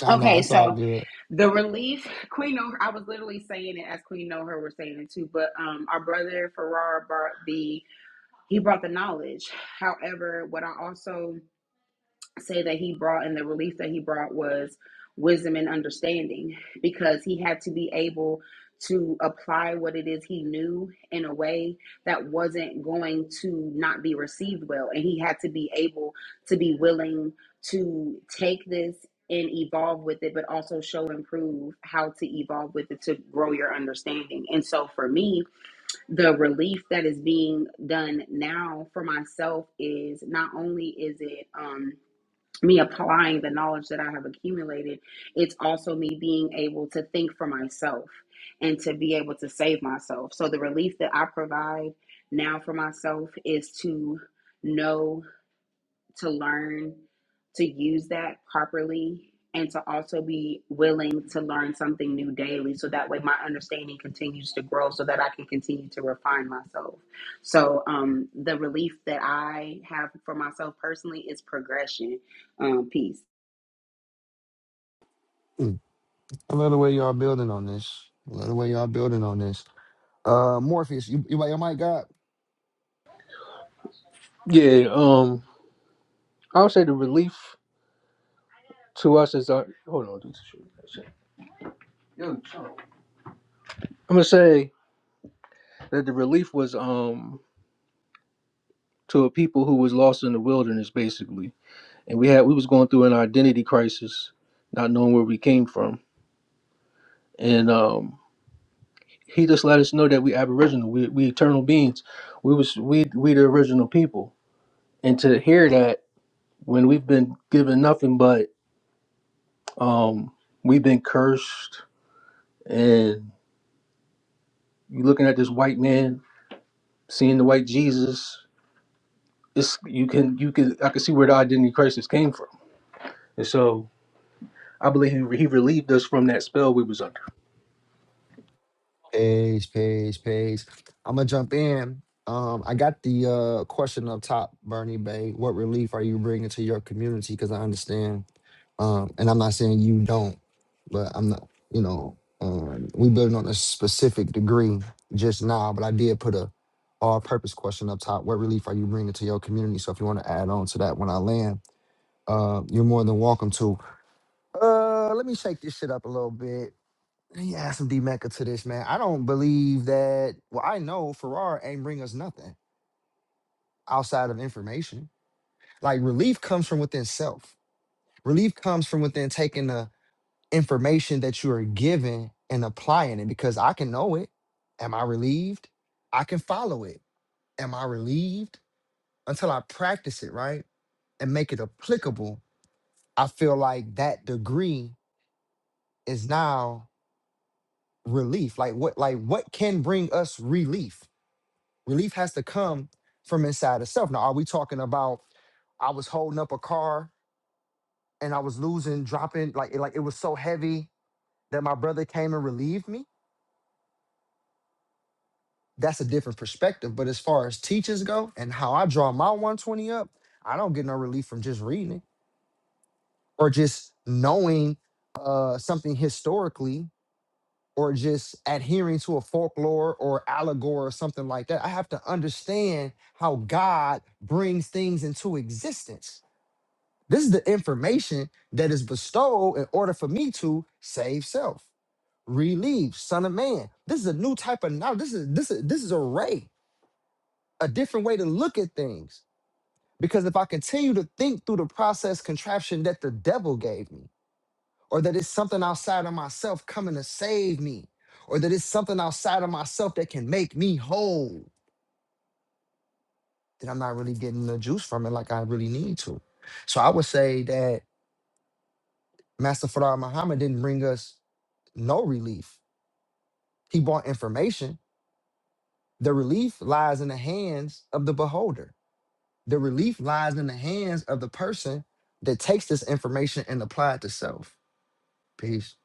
Speaker 1: Nah, nah,
Speaker 10: Okay,
Speaker 1: it's
Speaker 10: so
Speaker 1: all good.
Speaker 10: The relief, [laughs] Queen know her, I was literally saying it as Queen know her was saying it too, but um our brother Farrar brought the he brought the knowledge. However, what I also say that he brought and the relief that he brought was wisdom and understanding because he had to be able to apply what it is he knew in a way that wasn't going to not be received well and he had to be able to be willing to take this and evolve with it but also show and prove how to evolve with it to grow your understanding and so for me the relief that is being done now for myself is not only is it um me applying the knowledge that I have accumulated, it's also me being able to think for myself and to be able to save myself. So the relief that I provide now for myself is to know to learn to use that properly and to also be willing to learn something new daily so that way my understanding continues to grow so that I can continue to refine myself. So um the relief that I have for myself personally is progression um peace.
Speaker 1: Mm. I love the way y'all building on this. I love the way y'all building on this. Uh, Morpheus, you, you got your mic up?
Speaker 2: Yeah, um, I would say the relief to us is our hold on. dude, shit, shit. I'm gonna say that the relief was um to a people who was lost in the wilderness basically, and we had we was going through an identity crisis, not knowing where we came from, and um. He just let us know that we Aboriginal, we we eternal beings, we was we we the original people, and to hear that when we've been given nothing but um we've been cursed and you looking at this white man seeing the white jesus it's you can you can i can see where the identity crisis came from and so i believe he, he relieved us from that spell we was under
Speaker 1: Page, page, page. I'm gonna jump in. Um, I got the uh question up top, Bernie Bay. What relief are you bringing to your community? Because I understand. Um, and I'm not saying you don't, but I'm not. You know, um, we building on a specific degree just now, but I did put a all-purpose question up top. What relief are you bringing to your community? So if you want to add on to that when I land, uh, you're more than welcome to. Uh, let me shake this shit up a little bit. Let me add some D Mecca to this, man. I don't believe that. Well, I know Farrar ain't bring us nothing outside of information. Like relief comes from within self. Relief comes from within taking the information that you are given and applying it because I can know it. Am I relieved? I can follow it. Am I relieved? Until I practice it, right? And make it applicable, I feel like that degree is now relief. Like what like what can bring us relief? Relief has to come from inside itself. Now, are we talking about I was holding up a car and I was losing, dropping like like it was so heavy that my brother came and relieved me. That's a different perspective. But as far as teachers go and how I draw my 120 up, I don't get no relief from just reading it or just knowing uh, something historically or just adhering to a folklore or allegory or something like that. I have to understand how God brings things into existence This is the information that is bestowed in order for me to save self, relieve, son of man. This is a new type of knowledge. This is this is this is a ray, a different way to look at things. Because if I continue to think through the process contraption that the devil gave me, or that it's something outside of myself coming to save me, or that it's something outside of myself that can make me whole, then I'm not really getting the juice from it like I really need to. So I would say that Master Farah Muhammad didn't bring us No relief. He bought information. The relief lies in the hands of the beholder. The relief lies in the hands of the person that takes this information and apply it to self. Peace.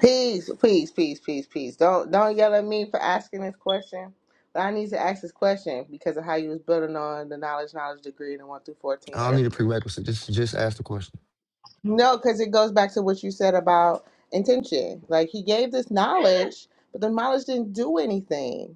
Speaker 3: Peace. Peace. Peace. Peace. Peace. Don't don't yell at me for asking this question. But I need to ask this question because of how you was building on the knowledge, knowledge degree in the one through fourteen
Speaker 1: I don't need a
Speaker 3: earlier.
Speaker 1: prerequisite. Just just ask the question.
Speaker 3: No, because it goes back to what you said about intention. Like he gave this knowledge, but the knowledge didn't do anything.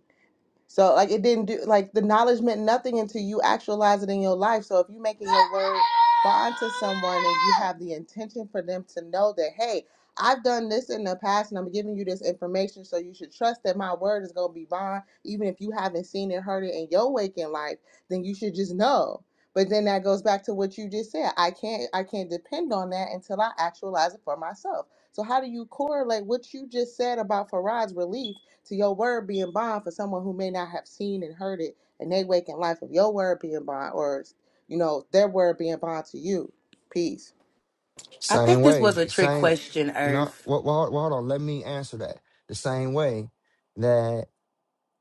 Speaker 3: So like it didn't do like the knowledge meant nothing until you actualize it in your life. So if you're making your word bond to someone and you have the intention for them to know that, hey, I've done this in the past and I'm giving you this information, so you should trust that my word is gonna be bond, even if you haven't seen it, heard it in your waking life, then you should just know. But then that goes back to what you just said. I can't I can't depend on that until I actualize it for myself. So how do you correlate what you just said about Farad's relief? to your word being bond for someone who may not have seen and heard it and they wake in life of your word being bond or you know their word being bond to you peace
Speaker 6: I
Speaker 1: Same
Speaker 6: think this
Speaker 1: way.
Speaker 6: was a trick
Speaker 1: Same.
Speaker 6: question,
Speaker 1: No.
Speaker 6: Earth.
Speaker 1: Well, well, well, hold on. Let me answer that. The same way that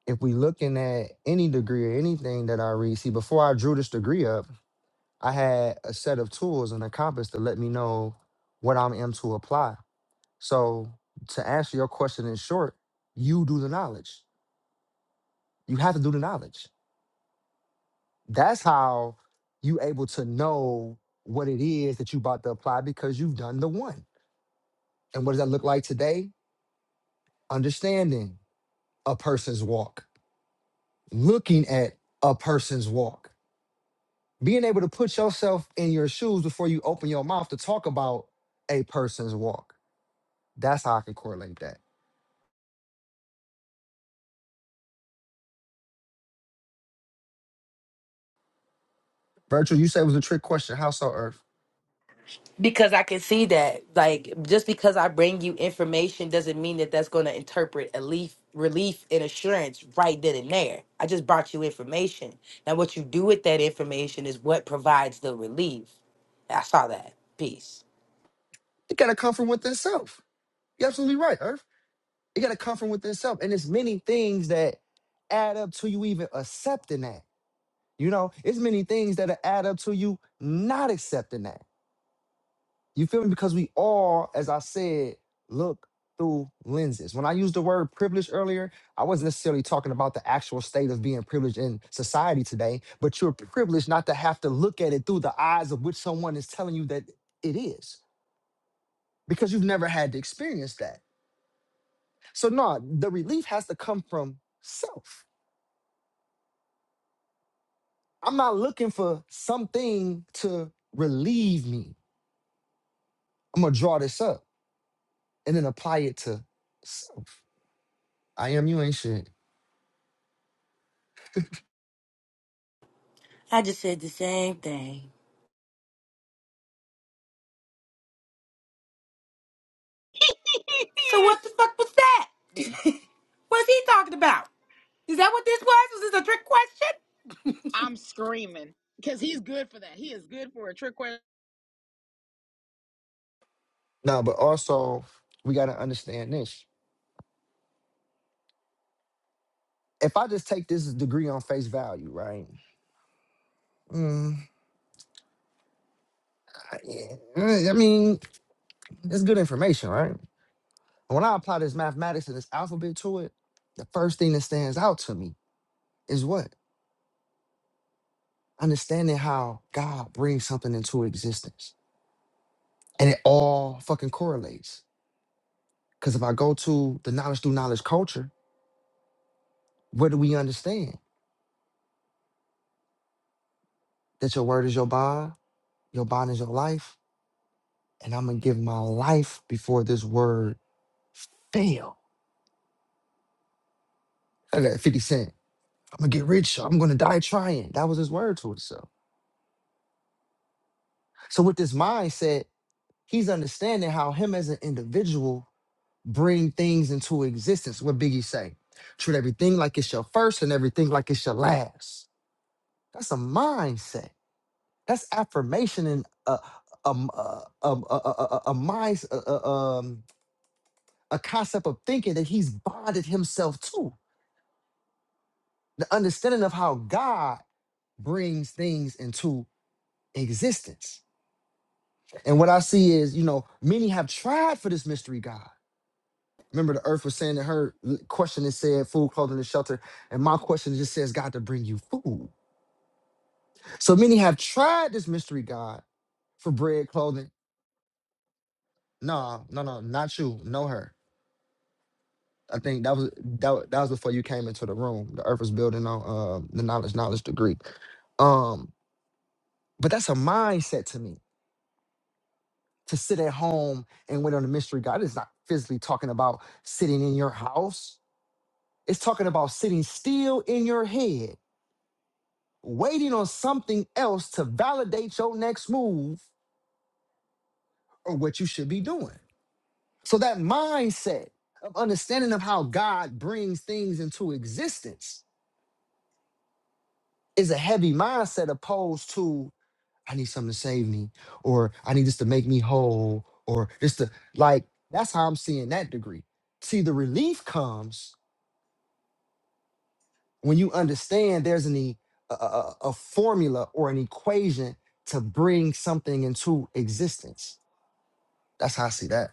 Speaker 1: if we looking at any degree or anything that I read, see, before I drew this degree up, I had a set of tools and a compass to let me know what I'm in to apply. So to answer your question in short, you do the knowledge. You have to do the knowledge. That's how you able to know what it is that you about to apply because you've done the one. And what does that look like today? Understanding a person's walk, looking at a person's walk, being able to put yourself in your shoes before you open your mouth to talk about a person's walk. That's how I can correlate that. Virtual, you said it was a trick question. How so, Earth?
Speaker 6: Because I can see that, like, just because I bring you information doesn't mean that that's going to interpret relief, relief and assurance right then and there. I just brought you information. Now, what you do with that information is what provides the relief. I saw that piece.
Speaker 1: It gotta come from within self. You're absolutely right, Earth. It got to come from within self. And there's many things that add up to you even accepting that. You know, it's many things that add up to you not accepting that. You feel me? Because we all, as I said, look through lenses. When I used the word privilege earlier, I wasn't necessarily talking about the actual state of being privileged in society today, but you're privileged not to have to look at it through the eyes of which someone is telling you that it is, because you've never had to experience that. So, no, the relief has to come from self I'm not looking for something to relieve me. I'm gonna draw this up and then apply it to self. I am you ain't shit.
Speaker 6: I just said the same thing. So what the fuck was that? [laughs] What's he talking about? Is that what this was? Was this a trick question? [laughs]
Speaker 10: I'm screaming because he's good for that. He is good for a trick question.
Speaker 1: No, but also we gotta understand this. If I just take this degree on face value, right? Mm, I eh, I mean, it's good information, right? When I apply this mathematics and this alphabet to it, the first thing that stands out to me is what? Understanding how God brings something into existence. And it all fucking correlates. Because if I go to the knowledge through knowledge culture, where do we understand? That your word is your bond, your bond is your life, and I'm gonna give my life before this word fail. I got 50 Cent. I'm gonna get rich. I'm gonna die trying. That was his word to himself. So with this mindset, he's understanding how him as an individual bring things into existence. What Biggie say? Treat everything like it's your first and everything like it's your last. That's a mindset. That's affirmation and a a a a a a a mind uh, uh, um a concept of thinking that he's bonded himself to the understanding of how God brings things into existence. And what I see is, you know, many have tried for this mystery God. Remember, the earth was saying that her l- question is said food, clothing, and shelter. And my question just says God to bring you food. So many have tried this mystery God for bread, clothing. No, no, no, not you. No, her. I think that was that, that was before you came into the room. The earth was building on um, the knowledge, knowledge degree. Um, but that's a mindset to me to sit at home and wait on the mystery God. It's not physically talking about sitting in your house. It's talking about sitting still in your head, waiting on something else to validate your next move or what you should be doing. So that mindset of understanding of how God brings things into existence is a heavy mindset opposed to I need something to save me, or I need this to make me whole, or this to like that's how I'm seeing that degree. See, the relief comes when you understand there's an e- a, a, a a formula or an equation to bring something into existence. That's how I see that.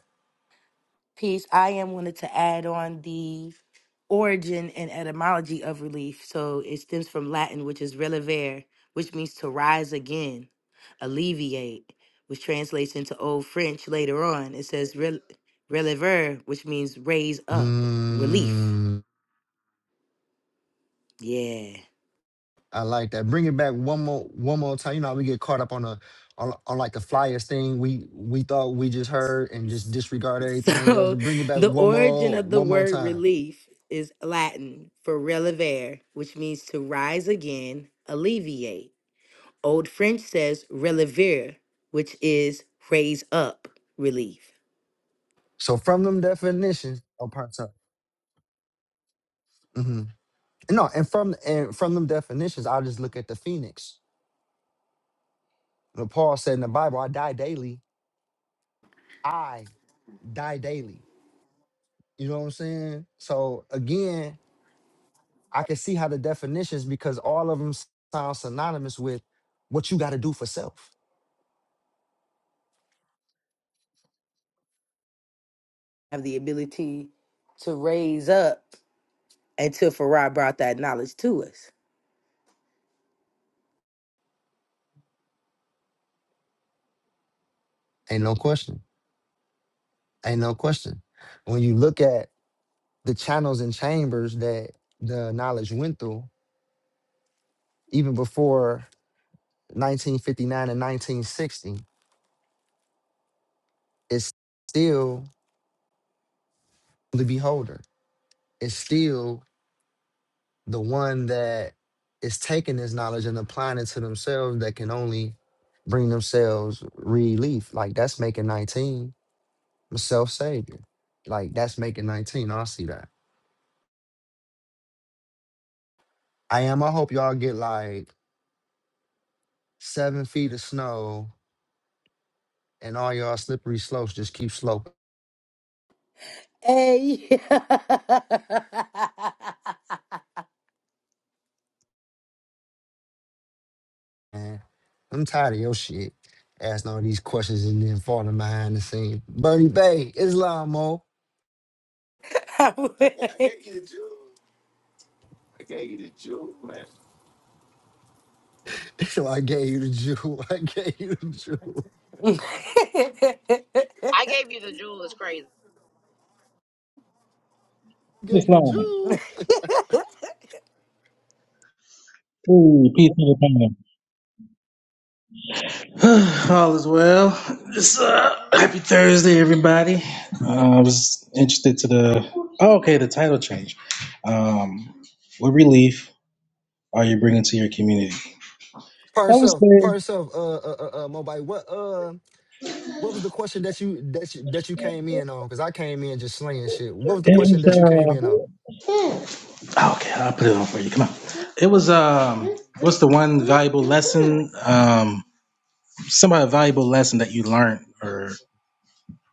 Speaker 6: piece, I am wanted to add on the origin and etymology of relief. So it stems from Latin, which is relever, which means to rise again, alleviate, which translates into Old French later on. It says rel- relever, which means raise up, relief.
Speaker 1: Mm,
Speaker 6: Yeah.
Speaker 1: I like that. Bring it back one more one more time. You know, how we get caught up on a on, on like the flyers thing we we thought we just heard and just disregard everything else.
Speaker 6: So
Speaker 1: Bring it
Speaker 6: [laughs]
Speaker 1: back
Speaker 6: the
Speaker 1: one
Speaker 6: origin
Speaker 1: more
Speaker 6: of the
Speaker 1: one more
Speaker 6: word
Speaker 1: time.
Speaker 6: relief is Latin for relever, which means to rise again, alleviate. Old French says relever, which is raise up, relief.
Speaker 1: So from them definitions, oh, pardon, sorry. hmm No, and from and from them definitions, I'll just look at the phoenix. When Paul said in the Bible, "I die daily." I die daily. You know what I'm saying? So again, I can see how the definitions because all of them sound synonymous with what you got to do for self.
Speaker 6: Have the ability to raise up until Farah brought that knowledge to us.
Speaker 1: Ain't no question. Ain't no question. When you look at the channels and chambers that the knowledge went through, even before 1959 and 1960, it's still the beholder. It's still the one that is taking this knowledge and applying it to themselves that can only bring themselves relief. Like that's making 19 self savior. Like that's making 19. I see that. I am. I hope y'all get like seven feet of snow and all y'all slippery slopes just keep sloping,
Speaker 6: Hey. [laughs]
Speaker 1: man. I'm tired of your shit. Asking all these questions and then falling behind the scene. Bernie Bay, Islam, Mo.
Speaker 6: I would-
Speaker 1: [laughs] So I gave you the jewel. [laughs] I gave you the jewel.
Speaker 6: [laughs]
Speaker 10: I gave you the jewel. It's crazy.
Speaker 1: Gave
Speaker 12: It's
Speaker 1: you the
Speaker 12: Lonnie.
Speaker 1: jewel.
Speaker 12: Hey, peace to the panel. [sighs] All is well. It's, uh, happy Thursday, everybody. Uh, I was interested to the oh, okay, the title change. Um, what relief are you bringing to your community?
Speaker 1: For
Speaker 12: I was
Speaker 1: yourself, for
Speaker 12: saying
Speaker 1: yourself, uh, uh, uh, uh Mobile. What, uh, what was the question that you that you that you came in on? Because I came in just slaying shit. What was the
Speaker 12: It
Speaker 1: question that you came
Speaker 12: was
Speaker 1: in
Speaker 12: uh,
Speaker 1: on?
Speaker 12: Oh, okay, I'll put it on for you. Come on. It was um, what's the one valuable lesson? Um, some valuable lesson that you learned, or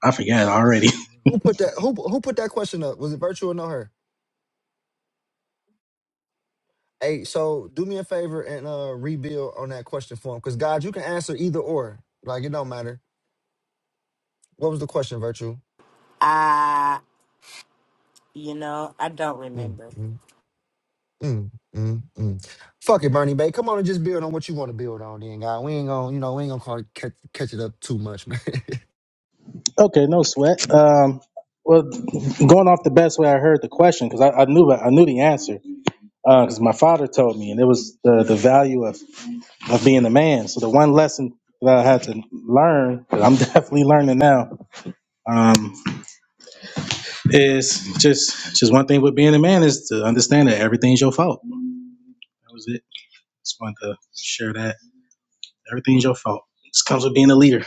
Speaker 12: I forget already.
Speaker 1: Who put that? Who who put that question up? Was it virtual or no her? Hey, so do me a favor and uh rebuild on that question for him. Because God, you can answer either or. Like it don't matter. What was the question, Virtue?
Speaker 6: Ah, you know, I don't
Speaker 1: Mm,
Speaker 6: remember.
Speaker 1: mm, mm, mm, mm. Fuck it, Bernie Bay. Come on and just build on what you want to build on then, God. We ain't gonna, you know, we ain't gonna call it, catch, catch it up too much, [laughs] man.
Speaker 12: Okay, no sweat. Um, well, going off the best way I heard the question, because I, I knew I knew the answer, because my father told me, and it was the, the value of, of being a man. So the one lesson that I had to learn, that I'm [laughs] definitely learning now, um, is just just one thing with being a man is to understand that everything's your fault. That was it. Just wanted to share that everything's your fault. This comes with being a leader.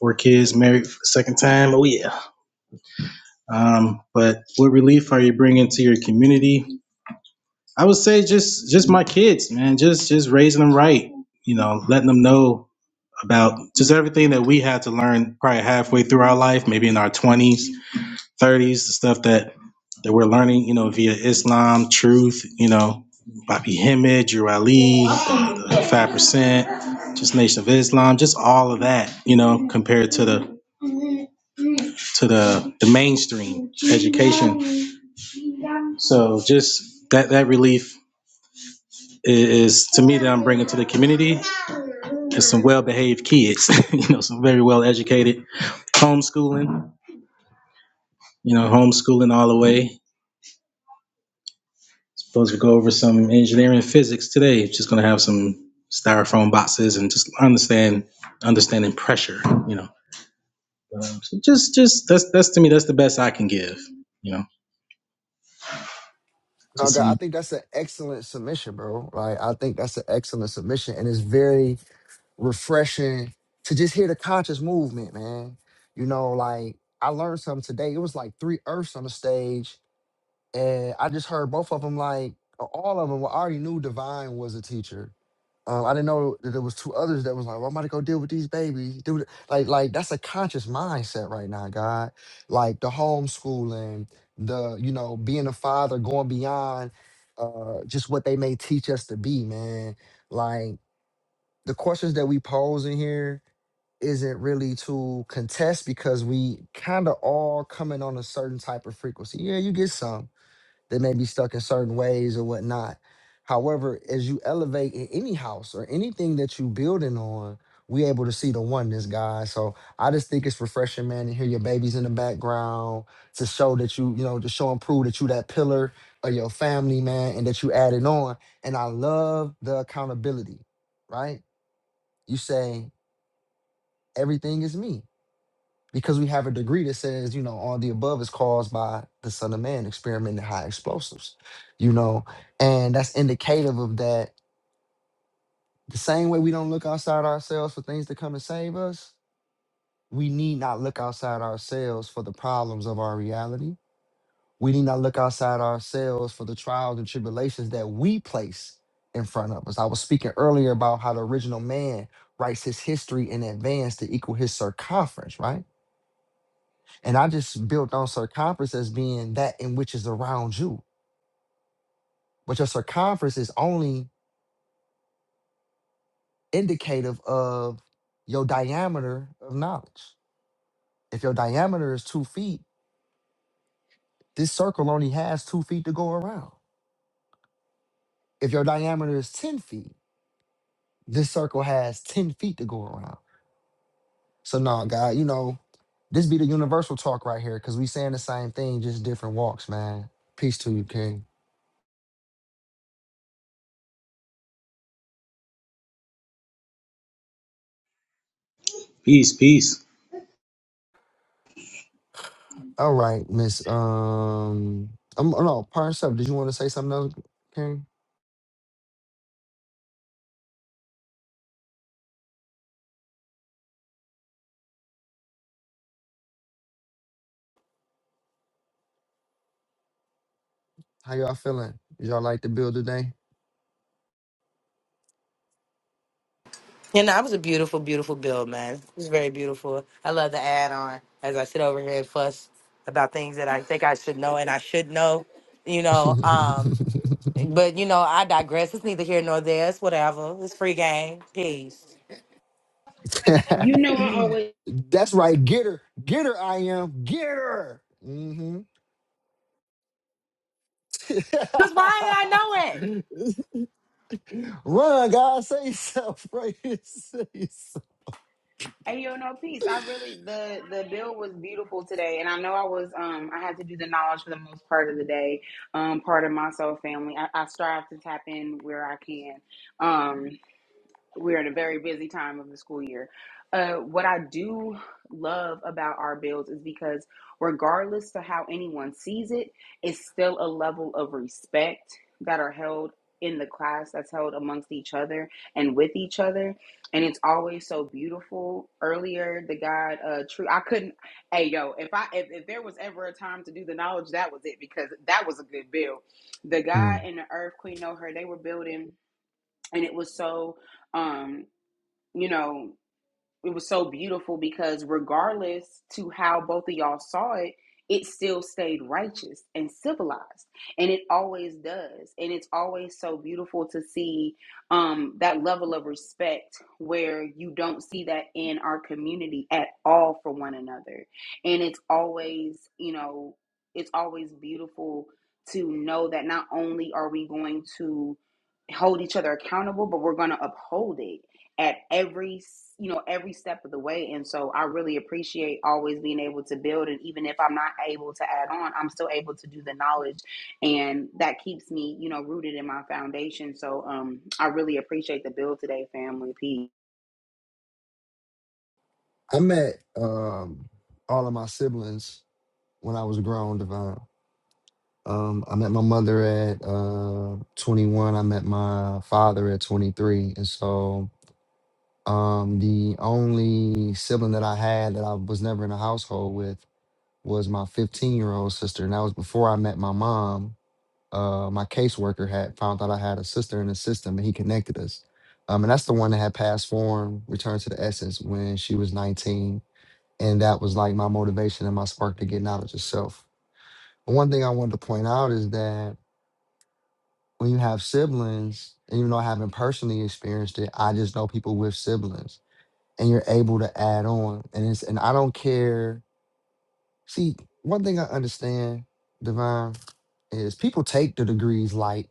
Speaker 12: Four kids, married for the second time. Oh yeah. Um, but what relief are you bringing to your community? I would say just just my kids, man. Just just raising them right. You know, letting them know about just everything that we had to learn probably halfway through our life, maybe in our twenties, thirties, the stuff that that we're learning, you know, via Islam, truth, you know, Bobby Hemid, Drew Ali, the Five Percent, just Nation of Islam, just all of that, you know, compared to the to the the mainstream education. So just that that relief is to me that I'm bringing to the community is some well-behaved kids, [laughs] you know, some very well-educated, homeschooling, you know, homeschooling all the way. Supposed to go over some engineering and physics today. Just gonna have some styrofoam boxes and just understand understanding pressure, you know. Um, so just, just that's that's to me that's the best I can give, you know.
Speaker 1: no,
Speaker 12: Just
Speaker 1: God, I
Speaker 12: some
Speaker 1: think that's an excellent submission, bro. Like I think that's an excellent submission. And it's very refreshing to just hear the conscious movement, man. You know, like I learned something today. It was like three earths on the stage and I just heard both of them like uh, all of them. Well, I already knew Divine was a teacher. Um, I didn't know that there was two others that was like, well, I'm about to go deal with these babies. Dude, like, like that's a conscious mindset right now, God. Like the homeschooling, the you know being a father, going beyond uh, just what they may teach us to be, man. Like the questions that we pose in here isn't really to contest because we kind of all coming on a certain type of frequency. Yeah, you get some they may be stuck in certain ways or whatnot. However, as you elevate in any house or anything that you building on, we able to see the oneness, guys. So I just think it's refreshing, man, to hear your babies in the background to show that you, you know, to show and prove that you that pillar of your family, man, and that you added on. And I love the accountability, right? You say everything is me because we have a degree that says, you know, all the above is caused by the Son of Man experimenting high explosives, you know, and that's indicative of that. The same way we don't look outside ourselves for things to come and save us, we need not look outside ourselves for the problems of our reality. We need not look outside ourselves for the trials and tribulations that we place in front of us. I was speaking earlier about how the original man writes his history in advance to equal his circumference, right? And I just built on circumference as being that in which is around you. But your circumference is only indicative of your diameter of knowledge. If your diameter is two feet, this circle only has two feet to go around. If your diameter is 10 feet, this circle has 10 feet to go around. So no, God, you know, this be the universal talk right here, because we saying the same thing, just different walks, man. Peace to you, King.
Speaker 12: peace, peace.
Speaker 1: All right, Miss. Um, um, oh, no, parts up. Did you want to say something else, Karen? How y'all feeling? Did y'all like the bill today?
Speaker 6: And that was a beautiful, beautiful build, man. It was very beautiful. I love the add on as I sit over here and fuss about things that I think I should know and I should know, you know. Um, but you know, I digress. It's neither here nor there. It's whatever. It's free game. Peace.
Speaker 10: You know I always
Speaker 1: [laughs] That's right. Get her, get her. I am get her. hmm
Speaker 6: Cause why did I know it?
Speaker 1: [laughs] Run, guys. Say yourself. [laughs] Right. Say yourself.
Speaker 10: Hey, yo, no peace. I really the the bill was beautiful today, and I know I was um I had to do the knowledge for the most part of the day, um part of my soul family. I, I strive to tap in where I can, um we're at a very busy time of the school year. Uh, what I do love about our builds is because, regardless to how anyone sees it, it's still a level of respect that are held in the class, that's held amongst each other and with each other, and it's always so beautiful. Earlier, the guy, uh, true, I couldn't. Hey, yo, if I if, if there was ever a time to do the knowledge, that was it because that was a good build. The guy
Speaker 1: I
Speaker 10: and the Earth Queen know her. They were building, and it was so. Um, you know, it was so beautiful because regardless to how both of y'all saw it, it still stayed righteous and civilized. And it always does. And it's always so beautiful to see um, that level of respect where you don't see that in our community at all for one another. And it's always, you know, it's always beautiful to know that not only are we going to hold each other accountable, but we're going to uphold it at every you know every step of the way and so i really appreciate always being able to build and even if i'm not able to add on i'm still able to do the knowledge and that keeps me you know rooted in my foundation so um i really appreciate the build today family peace
Speaker 1: met um all of my siblings when I was grown. Devon. Um, I met my mother at uh 21. I met my father at 23. And so um the only sibling that I had that I was never in a household with was my 15-year-old sister. And that was before I met my mom. Uh my caseworker had found out I had a sister in the system and he connected us. Um, and that's the one that had passed form, returned to the essence when she was 19. And that was like my motivation and my spark to getting out of yourself. But one thing I wanted to point out is that when you have siblings, and even though I haven't personally experienced it, I just know people with siblings, and you're able to add on. And it's and I don't care. See, one thing I understand, Divine, is people take the degrees light.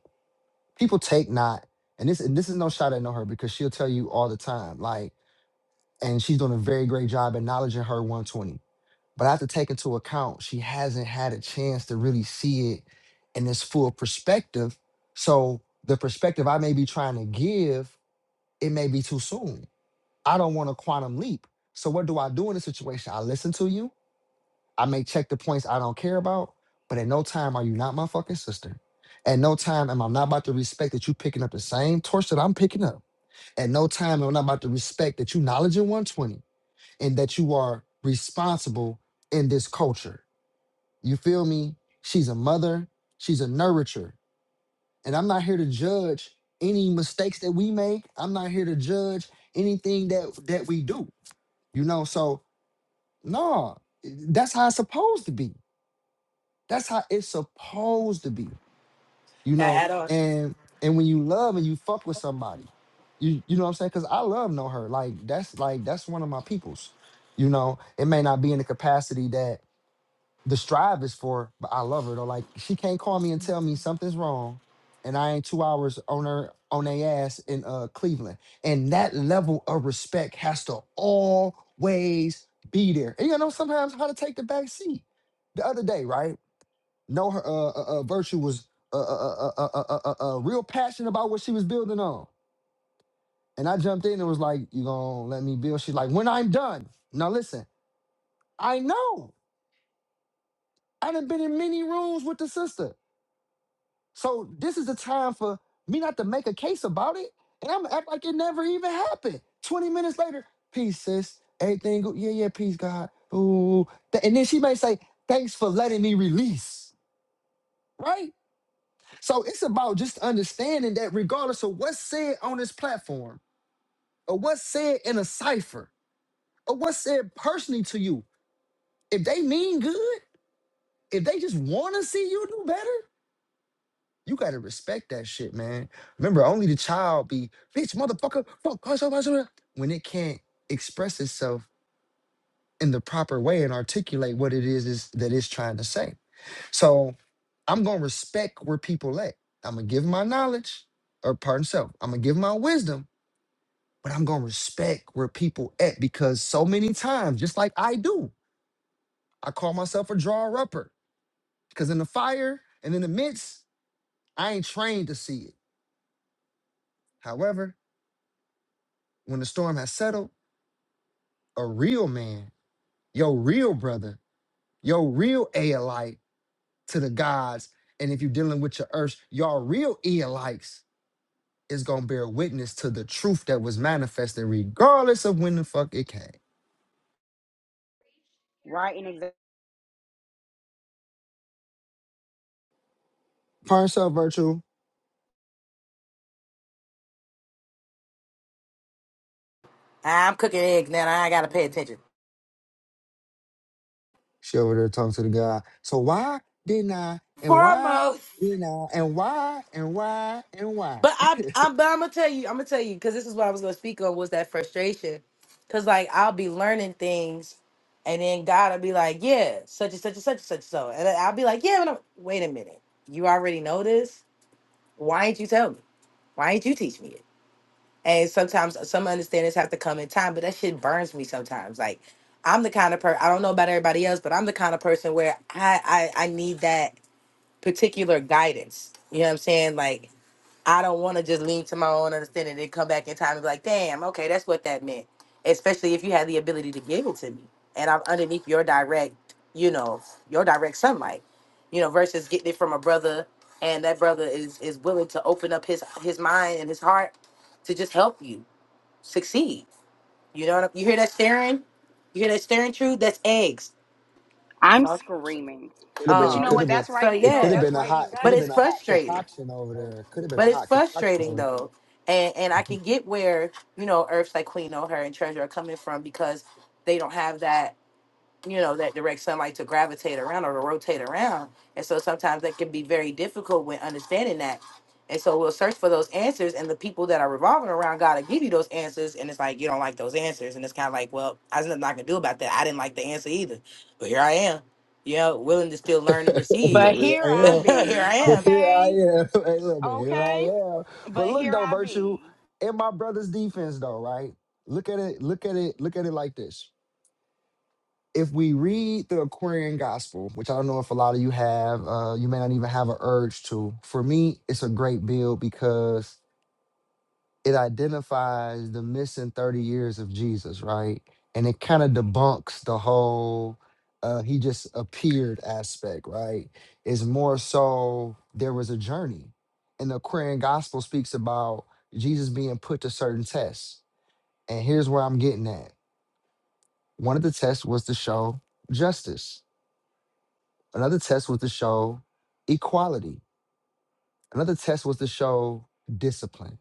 Speaker 1: People take not, and this and this is no shot at know her because she'll tell you all the time, like, and she's doing a very great job acknowledging her 120. But I have to take into account she hasn't had a chance to really see it in its full perspective. So the perspective I may be trying to give, it may be too soon. I don't want a quantum leap. So what do I do in this situation? I listen to you. I may check the points I don't care about, but at no time are you not my fucking sister. At no time am I not about to respect that you picking up the same torch that I'm picking up. At no time am I not about to respect that you knowledge in 120 and that you are responsible in this culture. You feel me? She's a mother, she's a nourisher. And I'm not here to judge any mistakes that we make. I'm not here to judge anything that that we do. You know, so no, that's how it's supposed to be. That's how it's supposed to be. You know,
Speaker 6: That add on.
Speaker 1: and and when you love and you fuck with somebody, you you know what I'm saying? Cause I love know her. Like that's like that's one of my peoples. You know, it may not be in the capacity that the strive is for, but I love her though. Like she can't call me and tell me something's wrong, and I ain't two hours on her on their ass in uh Cleveland. And that level of respect has to always be there. And you know sometimes how to take the back seat. The other day, right? No, her uh, uh, uh virtue was uh, uh, uh, uh, uh, uh, uh, uh, uh, real passionate about what she was building on, and I jumped in and was like, "You gonna let me build?" She's like, "When I'm done." Now listen, I know I done been in many rooms with the sister. So this is the time for me not to make a case about it, and I'm gonna act like it never even happened. Twenty minutes later, peace, sis. Everything good? Yeah, yeah. Peace, God. Ooh. Th- And then she may say, "Thanks for letting me release." Right. So it's about just understanding that regardless of what's said on this platform, or what's said in a cipher, or what's said personally to you, if they mean good, if they just want to see you do better. You gotta respect that shit, man. Remember, only the child be bitch, motherfucker, fuck, us up, us up," when it can't express itself in the proper way and articulate what it is, is that it's trying to say. So I'm gonna respect where people at. I'm gonna give my knowledge, or pardon self, I'm gonna give my wisdom, but I'm gonna respect where people at because so many times, just like I do, I call myself a drawer upper because in the fire and in the midst, I ain't trained to see it. However, when the storm has settled a real man, your real brother, your real Aelite to the gods. And if you're dealing with your earth, your real Aelites is gonna bear witness to the truth that was manifested, regardless of when the fuck it came.
Speaker 10: right and exact
Speaker 1: Find herself virtual.
Speaker 6: I'm cooking eggs now. I ain't gotta pay attention.
Speaker 1: She over there talking to the God. So why didn't I? And why
Speaker 6: Foremost.
Speaker 1: didn't I? And why? And why? And why?
Speaker 6: But I, I'm, but I'm gonna tell you, I'm gonna tell you, because this is what I was gonna speak on was that frustration, because like I'll be learning things, and then God will be like, yeah, such and such and such and such and so, and then I'll be like, yeah, but I'm, wait a minute, you already know this. Why ain't you tell me? Why ain't you teach me it? And sometimes some understandings have to come in time, but that shit burns me sometimes. Like I'm the kind of person I don't know about everybody else, but I'm the kind of person where I I, I need that particular guidance. You know what I'm saying? Like I don't want to just lean to my own understanding and then come back in time and be like, damn, okay, that's what that meant. Especially if you had the ability to give it to me and I'm underneath your direct, you know, your direct sunlight, you know, versus getting it from a brother and that brother is is willing to open up his his mind and his heart to just help you succeed. You know what I'm, you hear that staring? You hear that staring true? That's eggs.
Speaker 10: i'm
Speaker 6: So,
Speaker 10: screaming
Speaker 1: Could have
Speaker 10: but
Speaker 1: been.
Speaker 10: you know
Speaker 1: Could
Speaker 6: Um
Speaker 10: what
Speaker 1: have been.
Speaker 10: that's
Speaker 6: so
Speaker 10: right and
Speaker 1: It
Speaker 10: no
Speaker 1: could have
Speaker 6: yeah.
Speaker 10: that's
Speaker 1: been a
Speaker 10: right and
Speaker 1: hot. It could
Speaker 10: exact
Speaker 6: But
Speaker 1: have
Speaker 6: it's
Speaker 1: been a
Speaker 10: sissy
Speaker 1: hot
Speaker 6: frustrating.
Speaker 1: concoction over there. Could have been a
Speaker 6: But it's
Speaker 1: hot concoction
Speaker 6: frustrating
Speaker 1: over there.
Speaker 6: though. And and I can get where, you know, Earths like Queen O'Hare and Treasure are coming from because they don't have that, you know, that direct sunlight to gravitate around or to rotate around. And so sometimes that can be very difficult when understanding that. And so we'll search for those answers and the people that are revolving around God to give you those answers. And it's like you don't like those answers. And it's kinda like, well, I there's nothing I can do about that. I didn't like the answer either. But here I am. You know, willing to still
Speaker 1: [laughs]
Speaker 6: learn and receive.
Speaker 1: but
Speaker 10: but
Speaker 1: here
Speaker 10: here
Speaker 1: I
Speaker 6: [laughs]
Speaker 10: i
Speaker 1: am.
Speaker 6: here
Speaker 10: be
Speaker 6: I
Speaker 1: But
Speaker 6: am.
Speaker 1: here I
Speaker 10: okay
Speaker 1: am. [laughs] Hey, look, but here
Speaker 10: okay
Speaker 1: I am. But
Speaker 10: but
Speaker 1: look
Speaker 10: here
Speaker 1: though,
Speaker 10: i
Speaker 1: Virtue,
Speaker 10: be
Speaker 1: in my brother's defense though, right? Look at it, look at it, look at it like this. If we read the Aquarian gospel, which I don't know if a lot of you have, uh, you may not even have an urge to. For me, it's a great build because it identifies the missing 30 years of Jesus, right? And it kind of debunks the whole uh he just appeared aspect, right? It's more so there was a journey. And the Aquarian gospel speaks about Jesus being put to certain tests. And here's where I'm getting at. One of the tests was to show justice. Another test was to show equality. Another test was to show discipline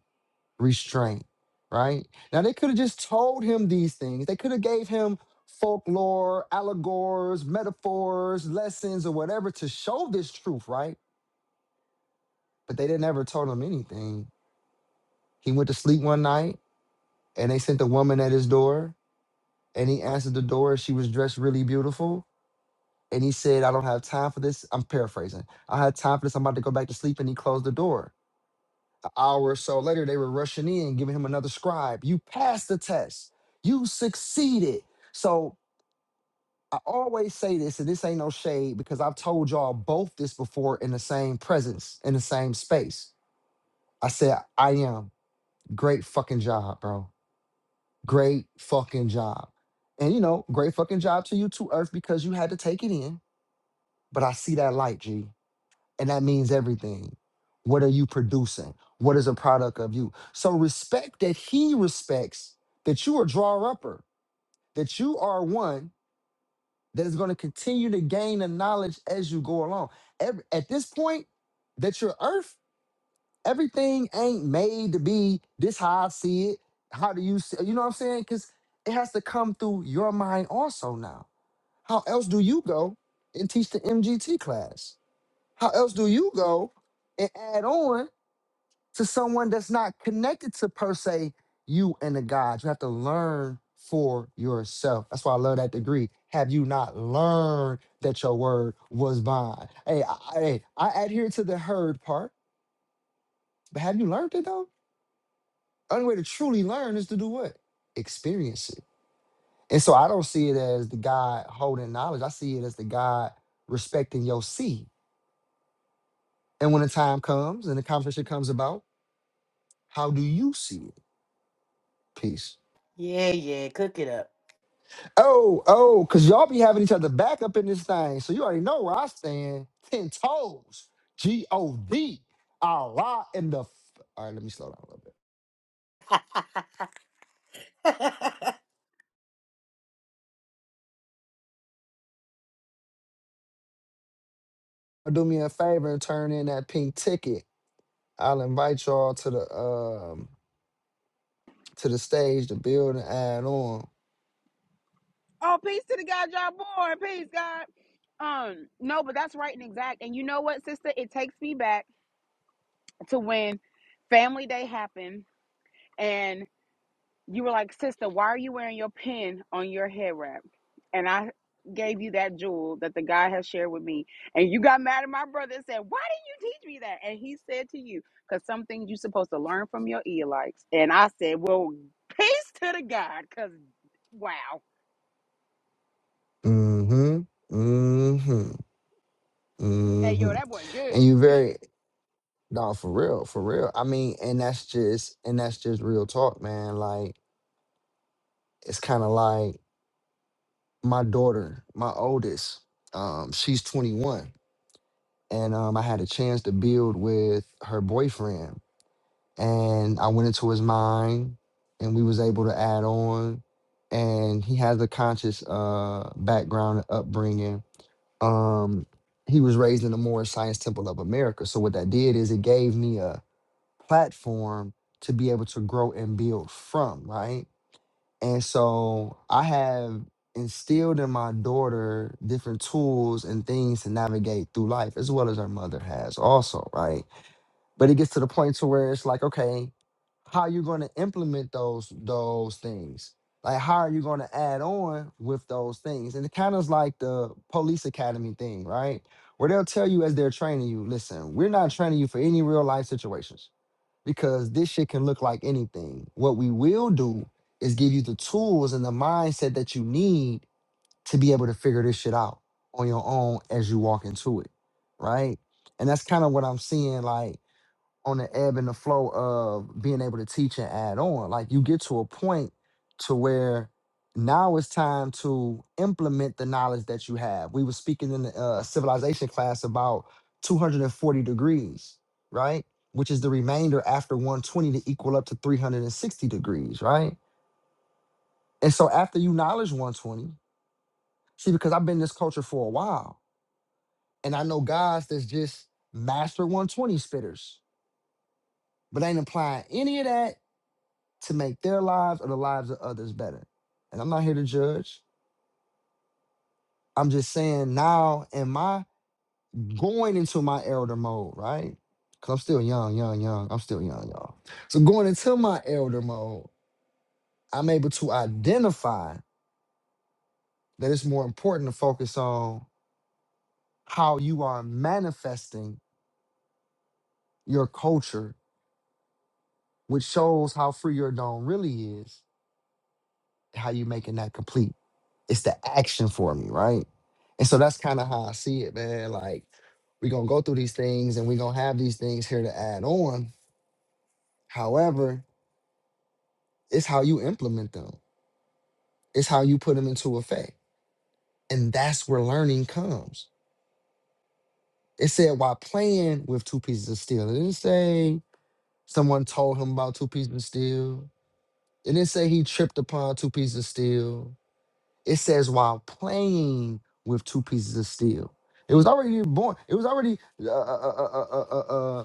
Speaker 1: restraint right now they could have just told him these things they could have gave him folklore allegories metaphors lessons or whatever to show this truth right but they didn't ever told him anything he went to sleep one night and they sent a woman at his door and he answered the door she was dressed really beautiful and he said i don't have time for this i'm paraphrasing i had time for this i'm about to go back to sleep and he closed the door hour or so later, they were rushing in, giving him another scribe. You passed the test. You succeeded. So I always say this, and this ain't no shade because I've told y'all both this before in the same presence, in the same space. I said, I am. Great fucking job, bro. Great fucking job. And you know, great fucking job to you too, Earth, because you had to take it in. But I see that light, G. and that means everything. What are you producing? What is a product of you? So respect that he respects that you are a drawer upper, that you are one that is going to continue to gain the knowledge as you go along. Ev- at this point, that your earth, everything ain't made to be this how I see it. How do you see you know what I'm saying? Because it has to come through your mind also now. How else do you go and teach the MGT class? How else do you go and add on? to someone that's not connected to per se you and the God. You have to learn for yourself. That's why I love that degree. Have you not learned that your word was bond? Hey, I, I- hey, I adhere to the heard part, but have you learned it though? Only way to truly learn is to do what? Experience it. And so I don't see it as the God holding knowledge. I see it as the God respecting your seed. And when the time comes and the conversation comes about, how do you see it? Peace. Oh, oh, because y'all be having each other back up in this thing. So you already know where I stand. Ten toes. G O D. Allah in the. F- All right, let me slow down a little bit. Do me a favor and turn in that pink ticket. I'll invite y'all to the um to the stage to build and add on.
Speaker 10: oh peace to the god y'all born peace god Um, no, but that's right and exact. And you know what, sister? It takes me back to when family day happened and you were like, sister, why are you wearing your pin on your head wrap? And I gave you that jewel that the guy has shared with me. And you got mad at my brother and said, Why didn't you teach me that? And he said to you, Because some things you're supposed to learn from your Elites. And I said, Well, peace to the God, because wow.
Speaker 1: Mm-hmm. Mm-hmm.
Speaker 10: Hey, yo,
Speaker 1: Mm-hmm.
Speaker 10: that boy
Speaker 1: And
Speaker 10: good.
Speaker 1: you very no, for real, for real. I mean, and that's just and that's just real talk, man. Like it's kind of like my daughter, my oldest, um, she's 21. And um, I had a chance to build with her boyfriend. And I went into his mind and we was able to add on. And he has a conscious uh, background and upbringing. Um, he was raised in the Morris Science Temple of America. So what that did is it gave me a platform to be able to grow and build from, right? And so I have instilled in my daughter different tools and things to navigate through life, as well as her mother has also, right? But it gets to the point to where it's like, okay, how are you going to implement those those things? Like, how are you going to add on with those things? And it kind of is like the police academy thing, right? Where they'll tell you as they're training you, listen, we're not training you for any real life situations because this shit can look like anything. What we will do is give you the tools and the mindset that you need to be able to figure this shit out on your own as you walk into it, right? And that's kind of what I'm seeing. Like on the ebb and the flow of being able to teach and add on. Like you get to a point to where now it's time to implement the knowledge that you have. We were speaking in the uh, civilization class about 240 degrees, right? Which is the remainder after 120 to equal up to 360 degrees, right? And so after you knowledge 120, see, because I've been in this culture for a while, and I know guys that's just master 120 spitters, but ain't applying any of that to make their lives or the lives of others better. And I'm not here to judge. I'm just saying now am I going into my elder mode, right? Cause I'm still young, young, young. I'm still young, y'all. So going into my elder mode, I'm able to identify that it's more important to focus on how you are manifesting your culture, which shows how free your dome really is, how you making that complete. It's the action for me, right? And so that's kind of how I see it, man. Like we're gonna go through these things and we're gonna have these things here to add on. However, it's how you implement them, it's how you put them into effect. And that's where learning comes. It said while playing with two pieces of steel. It didn't say someone told him about two pieces of steel. It didn't say he tripped upon two pieces of steel. It says while playing with two pieces of steel. It was already born. It was already uh, uh, uh, uh, uh, uh, uh, uh,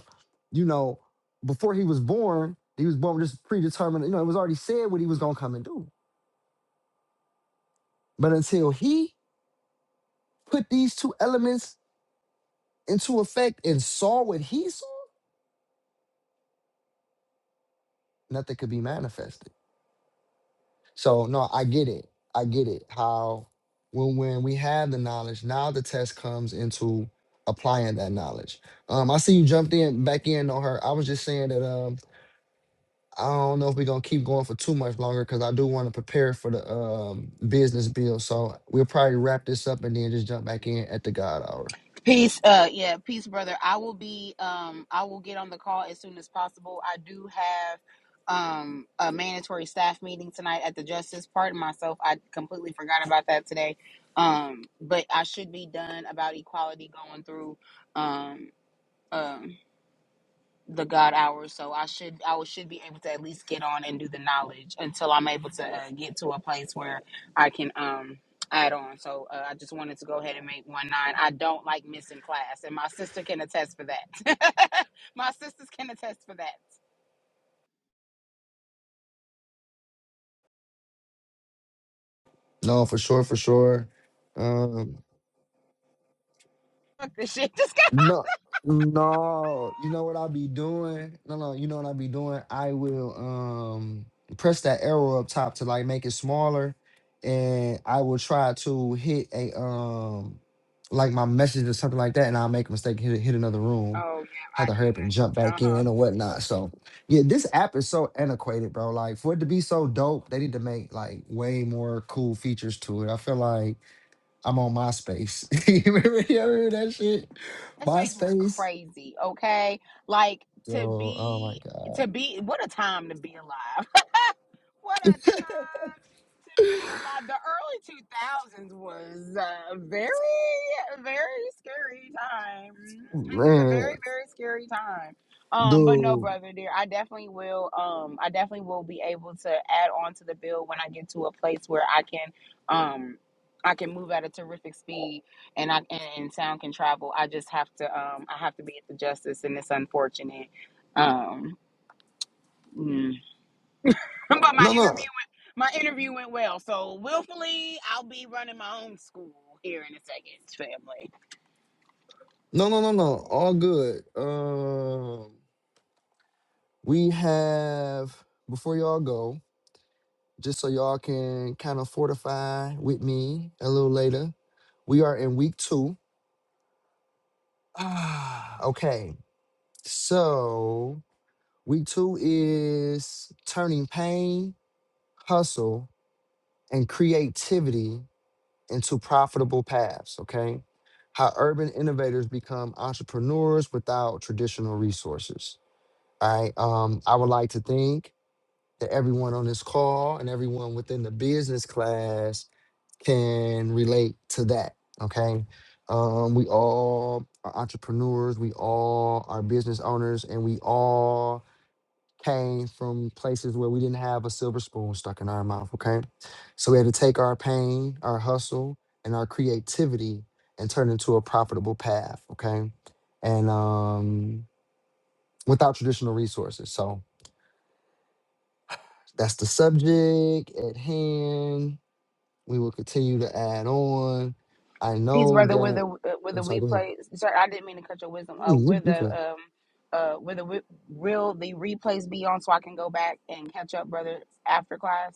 Speaker 1: you know before he was born. He was born with this predetermined. You know, it was already said what he was gonna come and do. But until he put these two elements into effect and saw what he saw, nothing could be manifested. So no, I get it. I get it. How when when we have the knowledge, now the test comes into applying that knowledge. Um, I see you jumped in back in on her. I was just saying that um I don't know if we're gonna keep going for too much longer because I do want to prepare for the um business bill. So we'll probably wrap this up and then just jump back in at the God hour.
Speaker 10: Peace, uh, yeah, peace, brother. I will be, um, I will get on the call as soon as possible. I do have, um, a mandatory staff meeting tonight at the Justice. Pardon myself, I completely forgot about that today. Um, but I should be done about equality going through. Um, um, the God hours, so I should I will- should be able to at least get on and do the knowledge until I'm able to uh, get to a place where I can um add on. So uh, I just wanted to go ahead and make one nine. I don't like missing class, and my sister can attest for that. [laughs] my sisters can attest for that.
Speaker 1: No, for sure, for sure. Um
Speaker 10: Fuck this shit. [laughs] Just go.
Speaker 1: No, no. You know what I be doing? No, no. You know what I be doing? I will um press that arrow up top to like make it smaller, and I will try to hit a um like my message or something like that, and I'll make a mistake and hit hit another room.
Speaker 10: Oh
Speaker 1: Have to hurry up and jump
Speaker 10: yeah. Uh
Speaker 1: back
Speaker 10: huh.
Speaker 1: in or whatnot. So yeah, this app is so antiquated, bro. Like for it to be so dope, they need to make like way more cool features to it. I feel like. I'm on MySpace. [laughs] you remember, you remember that shit?
Speaker 10: That space was
Speaker 1: MySpace.
Speaker 10: crazy. Okay, like
Speaker 1: Dude,
Speaker 10: to
Speaker 1: oh my
Speaker 10: be
Speaker 1: god.
Speaker 10: to be what a time to be alive. What a time to be alive. The early 2000s was a very, very scary time. just a
Speaker 1: Man,
Speaker 10: very, very scary time. Um, but no,
Speaker 1: dude.
Speaker 10: brother dear, I definitely will. Um, I definitely will be able to add on to the bill when I get to a place where I can, um, I can move at a terrific speed, and I and, and sound can travel. I just have to, um, I have to be at the justice, and it's unfortunate. Um, mm. [laughs] but my
Speaker 1: No,
Speaker 10: interview
Speaker 1: no.
Speaker 10: my interview went well, so willfully I'll be running my own school here in a second, family.
Speaker 1: No, no, no, no. All good. Um we have before y'all go, just so y'all can kind of fortify with me a little later. We are in week two. [sighs] Ah, okay. So week two is turning pain, hustle, and creativity into profitable paths, okay? How urban innovators become entrepreneurs without traditional resources. All right. Um, I would like to think that everyone on this call and everyone within the business class can relate to that. Okay. Um, we all are entrepreneurs, we all are business owners, and we all came from places where we didn't have a silver spoon stuck in our mouth, okay? So we had to take our pain, our hustle, and our creativity and turn it into a profitable path, okay? And um, without traditional resources. So that's the subject at hand. We will continue to add on. I
Speaker 10: Peace,
Speaker 1: know
Speaker 10: brother. With the
Speaker 1: that.
Speaker 10: uh, with
Speaker 1: I'm
Speaker 10: the
Speaker 1: sorry,
Speaker 10: we
Speaker 1: go ahead.
Speaker 10: play. Sorry, I didn't mean to cut your wisdom. Uh,
Speaker 1: Mm, You,
Speaker 10: with
Speaker 1: you
Speaker 10: the
Speaker 1: could.
Speaker 10: um, uh, with the wi- will the replays be on so I can go back and catch up, brother, after class.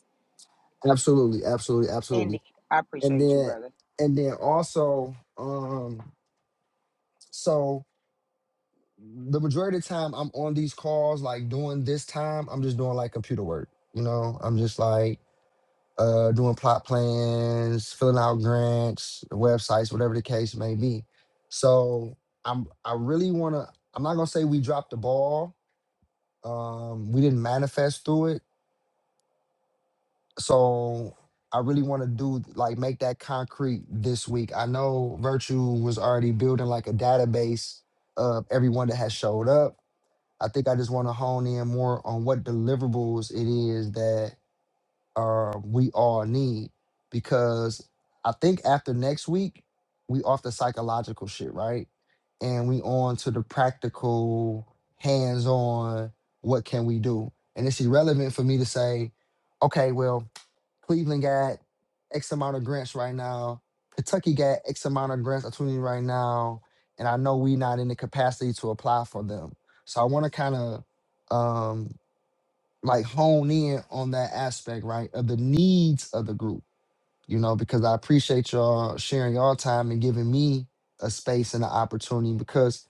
Speaker 1: Absolutely, absolutely, absolutely.
Speaker 10: Indeed, I
Speaker 1: And
Speaker 10: appreciate you,
Speaker 1: then,
Speaker 10: brother.
Speaker 1: and then also, um, so the majority of the time I'm on these calls, like doing this time, I'm just doing like computer work. You know, I'm just like uh doing plot plans, filling out grants, websites, whatever the case may be. So I'm I really wanna I'm not gonna say we dropped the ball. Um we didn't manifest through it. So I really want to do like make that concrete this week. I know Virtue was already building like a database of everyone that has showed up I think I just want to hone in more on what deliverables it is that uh, we all need because I think after next week we off the psychological shit, right? And we on to the practical, hands-on. What can we do? And it's irrelevant for me to say, okay, well, Cleveland got X amount of grants right now. Kentucky got X amount of grants opportunity right now. And I know we not in the capacity to apply for them. So I want to kind of um like hone in on that aspect, right? Of the needs of the group you know, because I appreciate y'all sharing y'all time and giving me a space and an opportunity because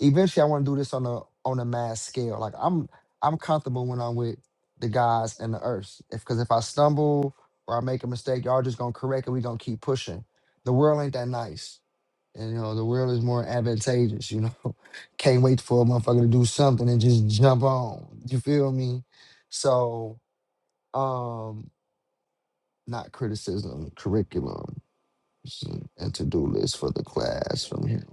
Speaker 1: eventually I want to do this on a on a mass scale. Like I'm I'm comfortable when I'm with the guys and the earth. If cause if I stumble or I make a mistake, y'all just gonna correct it. We gonna keep pushing. The world ain't that nice. And you know, the world is more advantageous, you know. [laughs] Can't wait for a motherfucker to do something and just jump on. You feel me? So um not criticism, curriculum and to do list for the class from him.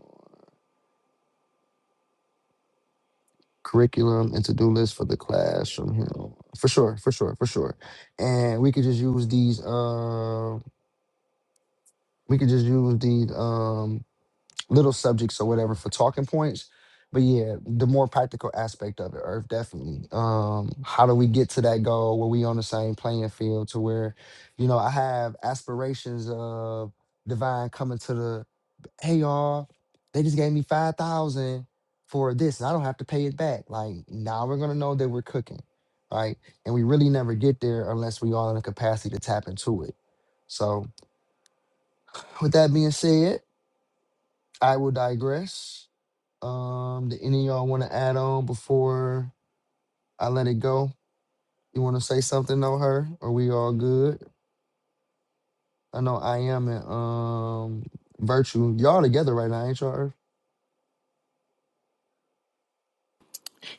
Speaker 1: Curriculum and to do list for the class from him. For sure, for sure, for sure. And we could just use these. Um, we could just use these um little subjects or whatever for talking points. But yeah, the more practical aspect of it, Earth definitely. Um, how do we get to that goal where we on the same playing field to where, you know, I have aspirations of divine coming to the hey y'all, they just gave me five thousand for this, and I don't have to pay it back. Like now we're gonna know that we're cooking, right? And we really never get there unless we are in a capacity to tap into it. So with that being said, I will digress. Um, do any of y'all want to add on before I let it go? You want to say something on her? Are we all good? I know I am in um virtue. Y'all together right now, ain't y'all? Earth?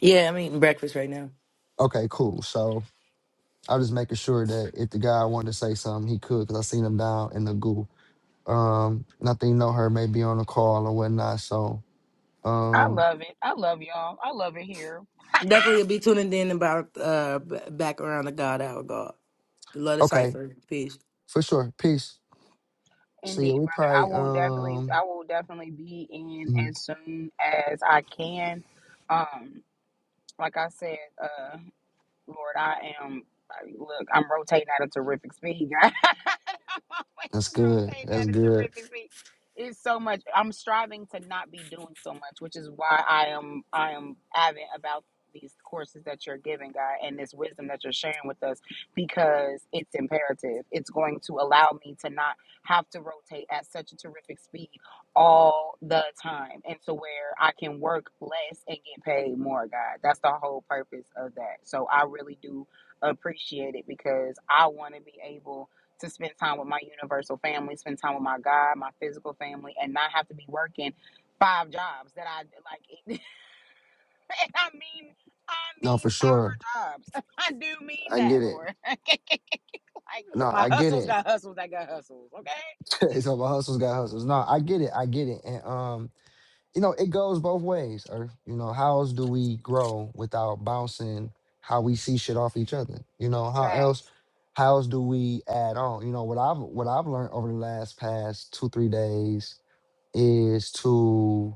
Speaker 6: Yeah, I'm eating breakfast right now.
Speaker 1: Okay, cool. So I'm just making sure that if the guy wanted to say something, he could, because I seen him down in the goo. Um, and I think know her may be on a call or whatnot. So,
Speaker 10: I
Speaker 1: um,
Speaker 10: love it. I love y'all. I love it here.
Speaker 6: Definitely be tuning in about uh b- back around the God our God. The love of
Speaker 1: okay,
Speaker 6: cipher. Peace.
Speaker 1: for sure. Peace. So yeah,
Speaker 10: Indeed,
Speaker 1: We
Speaker 10: brother. I
Speaker 1: probably
Speaker 10: will definitely.
Speaker 1: um,
Speaker 10: I will definitely be in
Speaker 1: mhm.
Speaker 10: as soon as I can. Um, like I said. uh. Lord, I am. like, Look, I'm rotating at a terrific speed, [laughs] God. [laughs] always
Speaker 1: that's good.
Speaker 10: around
Speaker 1: That's
Speaker 10: at a
Speaker 1: good.
Speaker 10: terrific speed. It's so much. I'm striving to not be doing so much, which is why I am I am avid about these courses that you're giving, God, and this wisdom that you're sharing with us because it's imperative. It's going to allow me to not have to rotate at such a terrific speed all the time. And to where I can work less and get paid more, God. That's the whole purpose of that. So I really do appreciate it because I want to be able to spend time with my universal family, spend time with my God, my physical family, and not have to be working five jobs that I like. [laughs] And I mean, I
Speaker 1: No,
Speaker 10: mean
Speaker 1: for
Speaker 10: power
Speaker 1: sure.
Speaker 10: jobs. [laughs] I do mean
Speaker 1: I
Speaker 10: that,
Speaker 1: get it.
Speaker 10: Lord. [laughs] like
Speaker 1: No,
Speaker 10: my
Speaker 1: I get
Speaker 10: hustles
Speaker 1: it.
Speaker 10: got hustles that got hustles. Okay,
Speaker 1: [laughs] so my hustles got hustles. No, I get it. I get it. And. um, you know, it goes both ways. Or you know, how else do we grow without bouncing how we see shit off each other? You know, how else
Speaker 10: thanks.
Speaker 1: how else do we add on? You know, what I've what I've learned over the last past two three days is to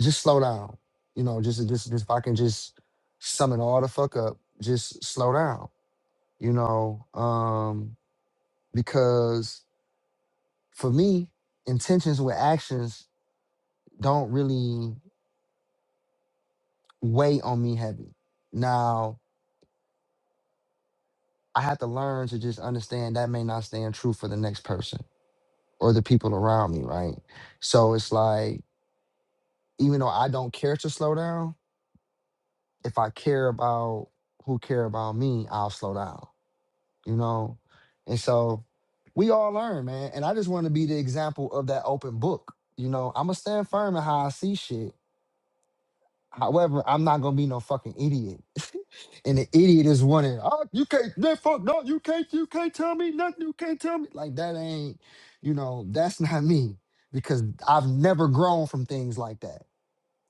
Speaker 1: just slow down. You know, just just just if I can just sum it all the fuck up, just slow down. You know, um, because for me, intentions with actions don't really. weigh on me heavy. Now, I had to learn to just understand that may not stand true for the next person or the people around me, right? So it's like, even though I don't care to slow down, if I care about who care about me, I'll slow down, you know? And so we all learn, man. And I just want to be the example of that open book. You know, I'm gonna stand firm in how I see shit However, I'm not gonna be no fucking idiot. [laughs] and the idiot is wanting, oh, you can't, that fuck, no, you can't, you can't tell me nothing, you can't tell me. Like that ain't, you know, that's not me because I've never grown from things like that.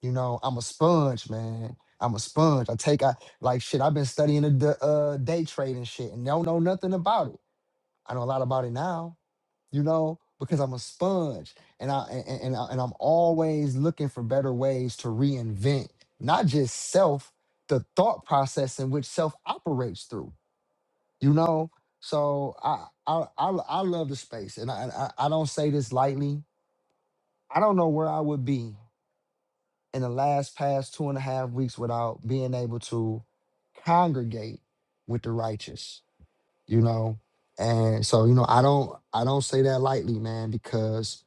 Speaker 1: You know, I'm a sponge, man. I'm a sponge. I take, I like shit. I've been studying the, the uh, day trade and shit, and don't know nothing about it. I know a lot about it now, you know, because I'm a sponge and I and, and, and I, and I'm always looking for better ways to reinvent not just self, the thought process in which self operates through, you know. So I I I, I love the space, and I, and I I don't say this lightly. I don't know where I would be in the last past two and a half weeks without being able to congregate with the righteous, you know. And so you know, I don't I don't say that lightly, man, because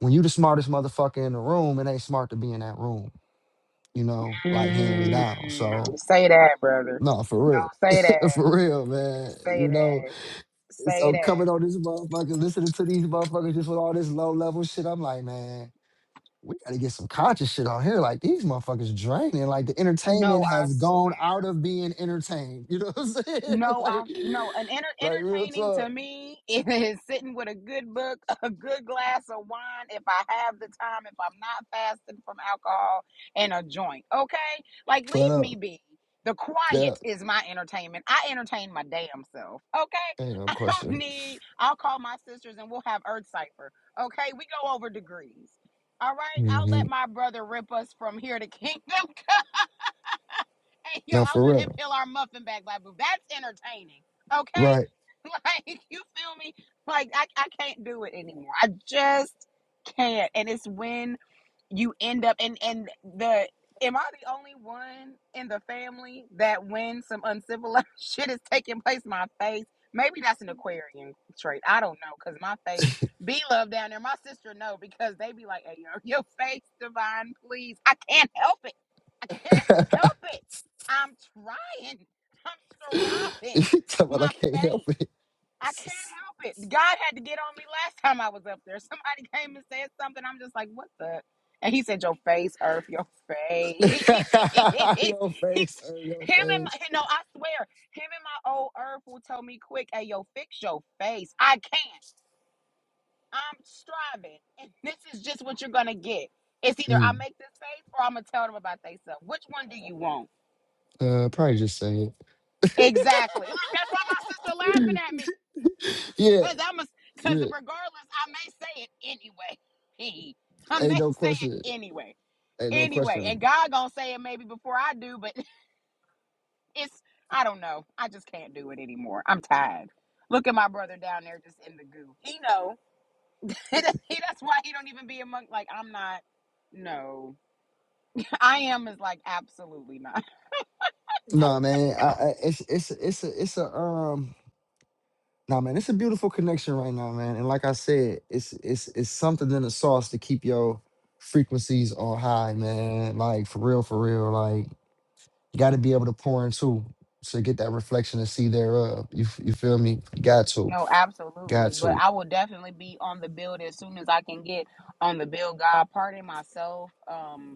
Speaker 1: when you the smartest motherfucker in the room, it ain't smart to be in that room, you know, like hands
Speaker 10: Mm,
Speaker 1: down. So
Speaker 10: say that, brother.
Speaker 1: no, for real.
Speaker 10: Say that.
Speaker 1: [laughs] for real, man.
Speaker 10: Say
Speaker 1: You
Speaker 10: that.
Speaker 1: know,
Speaker 10: Say
Speaker 1: so
Speaker 10: that.
Speaker 1: coming on this motherfucker, listening to these motherfuckers just with all this low level shit, I'm like, man, we gotta get some conscious shit on here. Like these motherfuckers draining. Like the
Speaker 10: No,
Speaker 1: entertainment
Speaker 10: I
Speaker 1: has
Speaker 10: swear.
Speaker 1: gone out of being entertained. [laughs] You know what I'm saying? [laughs]
Speaker 10: No, I
Speaker 1: like,
Speaker 10: no. An enter,
Speaker 1: like real
Speaker 10: entertaining
Speaker 1: talk.
Speaker 10: to me [laughs] is sitting with a good book, a good glass of wine, if I have the time, if I'm not fasting from alcohol, and a joint. Okay, like
Speaker 1: But
Speaker 10: leave
Speaker 1: uh,
Speaker 10: me be. The
Speaker 1: yeah,
Speaker 10: quiet is my entertainment. I entertain my damn self. Okay,
Speaker 1: ain't
Speaker 10: [laughs]
Speaker 1: no
Speaker 10: I don't
Speaker 1: question.
Speaker 10: need. I'll call my sisters and we'll have Earth Cipher. Okay, we go over degrees. All right, I'll
Speaker 1: hmm
Speaker 10: let my brother rip us from here to [laughs] kingdom come. [laughs] Hey, yo,
Speaker 1: No,
Speaker 10: I
Speaker 1: for
Speaker 10: let him
Speaker 1: real.
Speaker 10: peel our muffin back, Black Boo. That's entertaining. Okay?
Speaker 1: Right.
Speaker 10: [laughs] Like, you feel me? Like, I, I can't do it anymore. I just can't. And it's when you end up and and the am I the only one in the family that when some uncivilized [laughs] shit is taking place, my face maybe that's an Aquarian trait. I don't know because my face be love down there. My sister know because they be like, "Hey, yo, [laughs] your face divine, please." I can't help it. I can't
Speaker 1: [laughs]
Speaker 10: help it. I'm trying. I'm
Speaker 1: [laughs]
Speaker 10: striving.
Speaker 1: Someone I
Speaker 10: My
Speaker 1: can't help
Speaker 10: face.
Speaker 1: it.
Speaker 10: I can't help it. God had to get on me last [laughs] time I was up there. Somebody came and said something. I'm just like, what the? And he said, your face, Earth, your face. [laughs] He's, him
Speaker 1: [laughs] your face, er, your
Speaker 10: and my,
Speaker 1: face.
Speaker 10: no, I swear, him and my old Earth will tell me quick, hey, yo, fix your face. I can't. I'm striving. And this is just what you're going to get. It's either I
Speaker 1: Mm,
Speaker 10: make this face or I'm going to tell them about themselves. Which one do you want?
Speaker 1: uh, probably just say it.
Speaker 10: Exactly. Look, that's why my sister laughing at me.
Speaker 1: Yeah,
Speaker 10: Cause I'm a, cause
Speaker 1: yeah.
Speaker 10: regardless, I may say it anyway. [laughs] I may
Speaker 1: Ain't no
Speaker 10: say
Speaker 1: question.
Speaker 10: it anyway.
Speaker 1: Ain't no
Speaker 10: Anyway,
Speaker 1: question.
Speaker 10: and God gonna say it maybe before I do, but [laughs] it's I don't know. I just can't do it anymore. I'm tired. Look at my brother down there just in the goo. He know. [laughs] he, that's why he don't even be among like I'm not no. [laughs] I am is like absolutely not. [laughs]
Speaker 1: Nah, man. I, I, it's it's it's a it's a um. Nah, man. It's a beautiful connection right now, man. And like I said, it's it's it's something in the sauce to keep your frequencies on high, man. Like for real, for real. like. You got to be able to pour into to get that reflection and see thereof. You f- you feel me? Got to,
Speaker 10: No,
Speaker 1: got
Speaker 10: absolutely. But
Speaker 1: to.
Speaker 10: I will definitely be on the build as soon as I can get on the build God. Pardon myself. Um.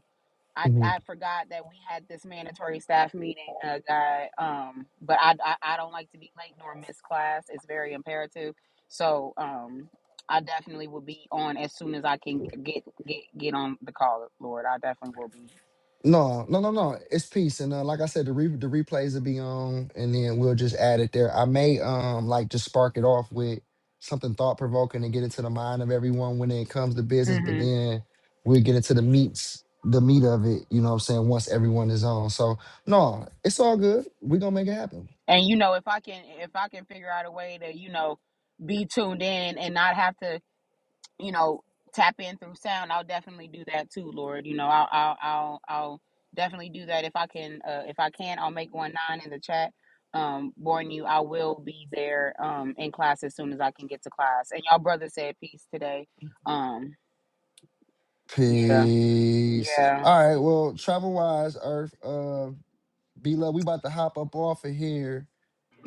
Speaker 10: I,
Speaker 1: Mhm.
Speaker 10: I forgot that we had this mandatory staff meeting, uh, guy. Um, but I, I I don't like to be late nor miss class. It's very imperative. So um, I definitely will be on as soon as I can get get get on the call. Lord, I definitely will be.
Speaker 1: No, no, no, no. It's peace, and uh, like I said, the re- the replays will be on, and then we'll just add it there. I may um like just spark it off with something thought provoking and get into the mind of everyone when it comes to business, but
Speaker 10: hmm
Speaker 1: then we'll get into the meats, the meat of it. You know what I'm saying? Once everyone is on, so no, it's all good. We are gonna make it happen.
Speaker 10: And you know, if I can if I can figure out a way to you know be tuned in and not have to you know, tap in through sound, I'll definitely do that too, Lord. You know, I'll I'll I'll, I'll definitely do that if I can. Uh, if I can, I'll make one nine in the chat. Um, warn you, I will be there um in class as soon as I can get to class. And y'all brother said peace today. Um, yeah,
Speaker 1: Peace.
Speaker 10: yeah,
Speaker 1: All right. Well, travel wise, Earth. Uh, B love. We about to hop up off of here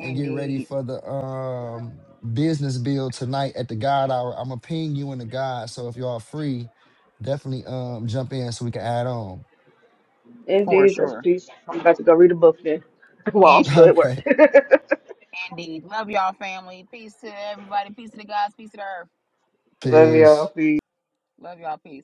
Speaker 1: and get ready for the um business bill tonight at the God Hour. I'm gonna ping you in the God. So if y'all free, definitely um jump in so we can add on.
Speaker 4: In
Speaker 10: for
Speaker 4: Jesus,
Speaker 10: sure.
Speaker 4: peace. I'm about to go read a book then [laughs] while I'm
Speaker 1: [laughs]
Speaker 10: Indeed,
Speaker 4: still at work.
Speaker 1: Okay.
Speaker 10: indeed. Love y'all family. Peace to everybody. Peace to the guys. Peace to the earth.
Speaker 4: [laughs] Love
Speaker 1: Peace.
Speaker 4: y'all. Peace.
Speaker 10: Love y'all. Peace.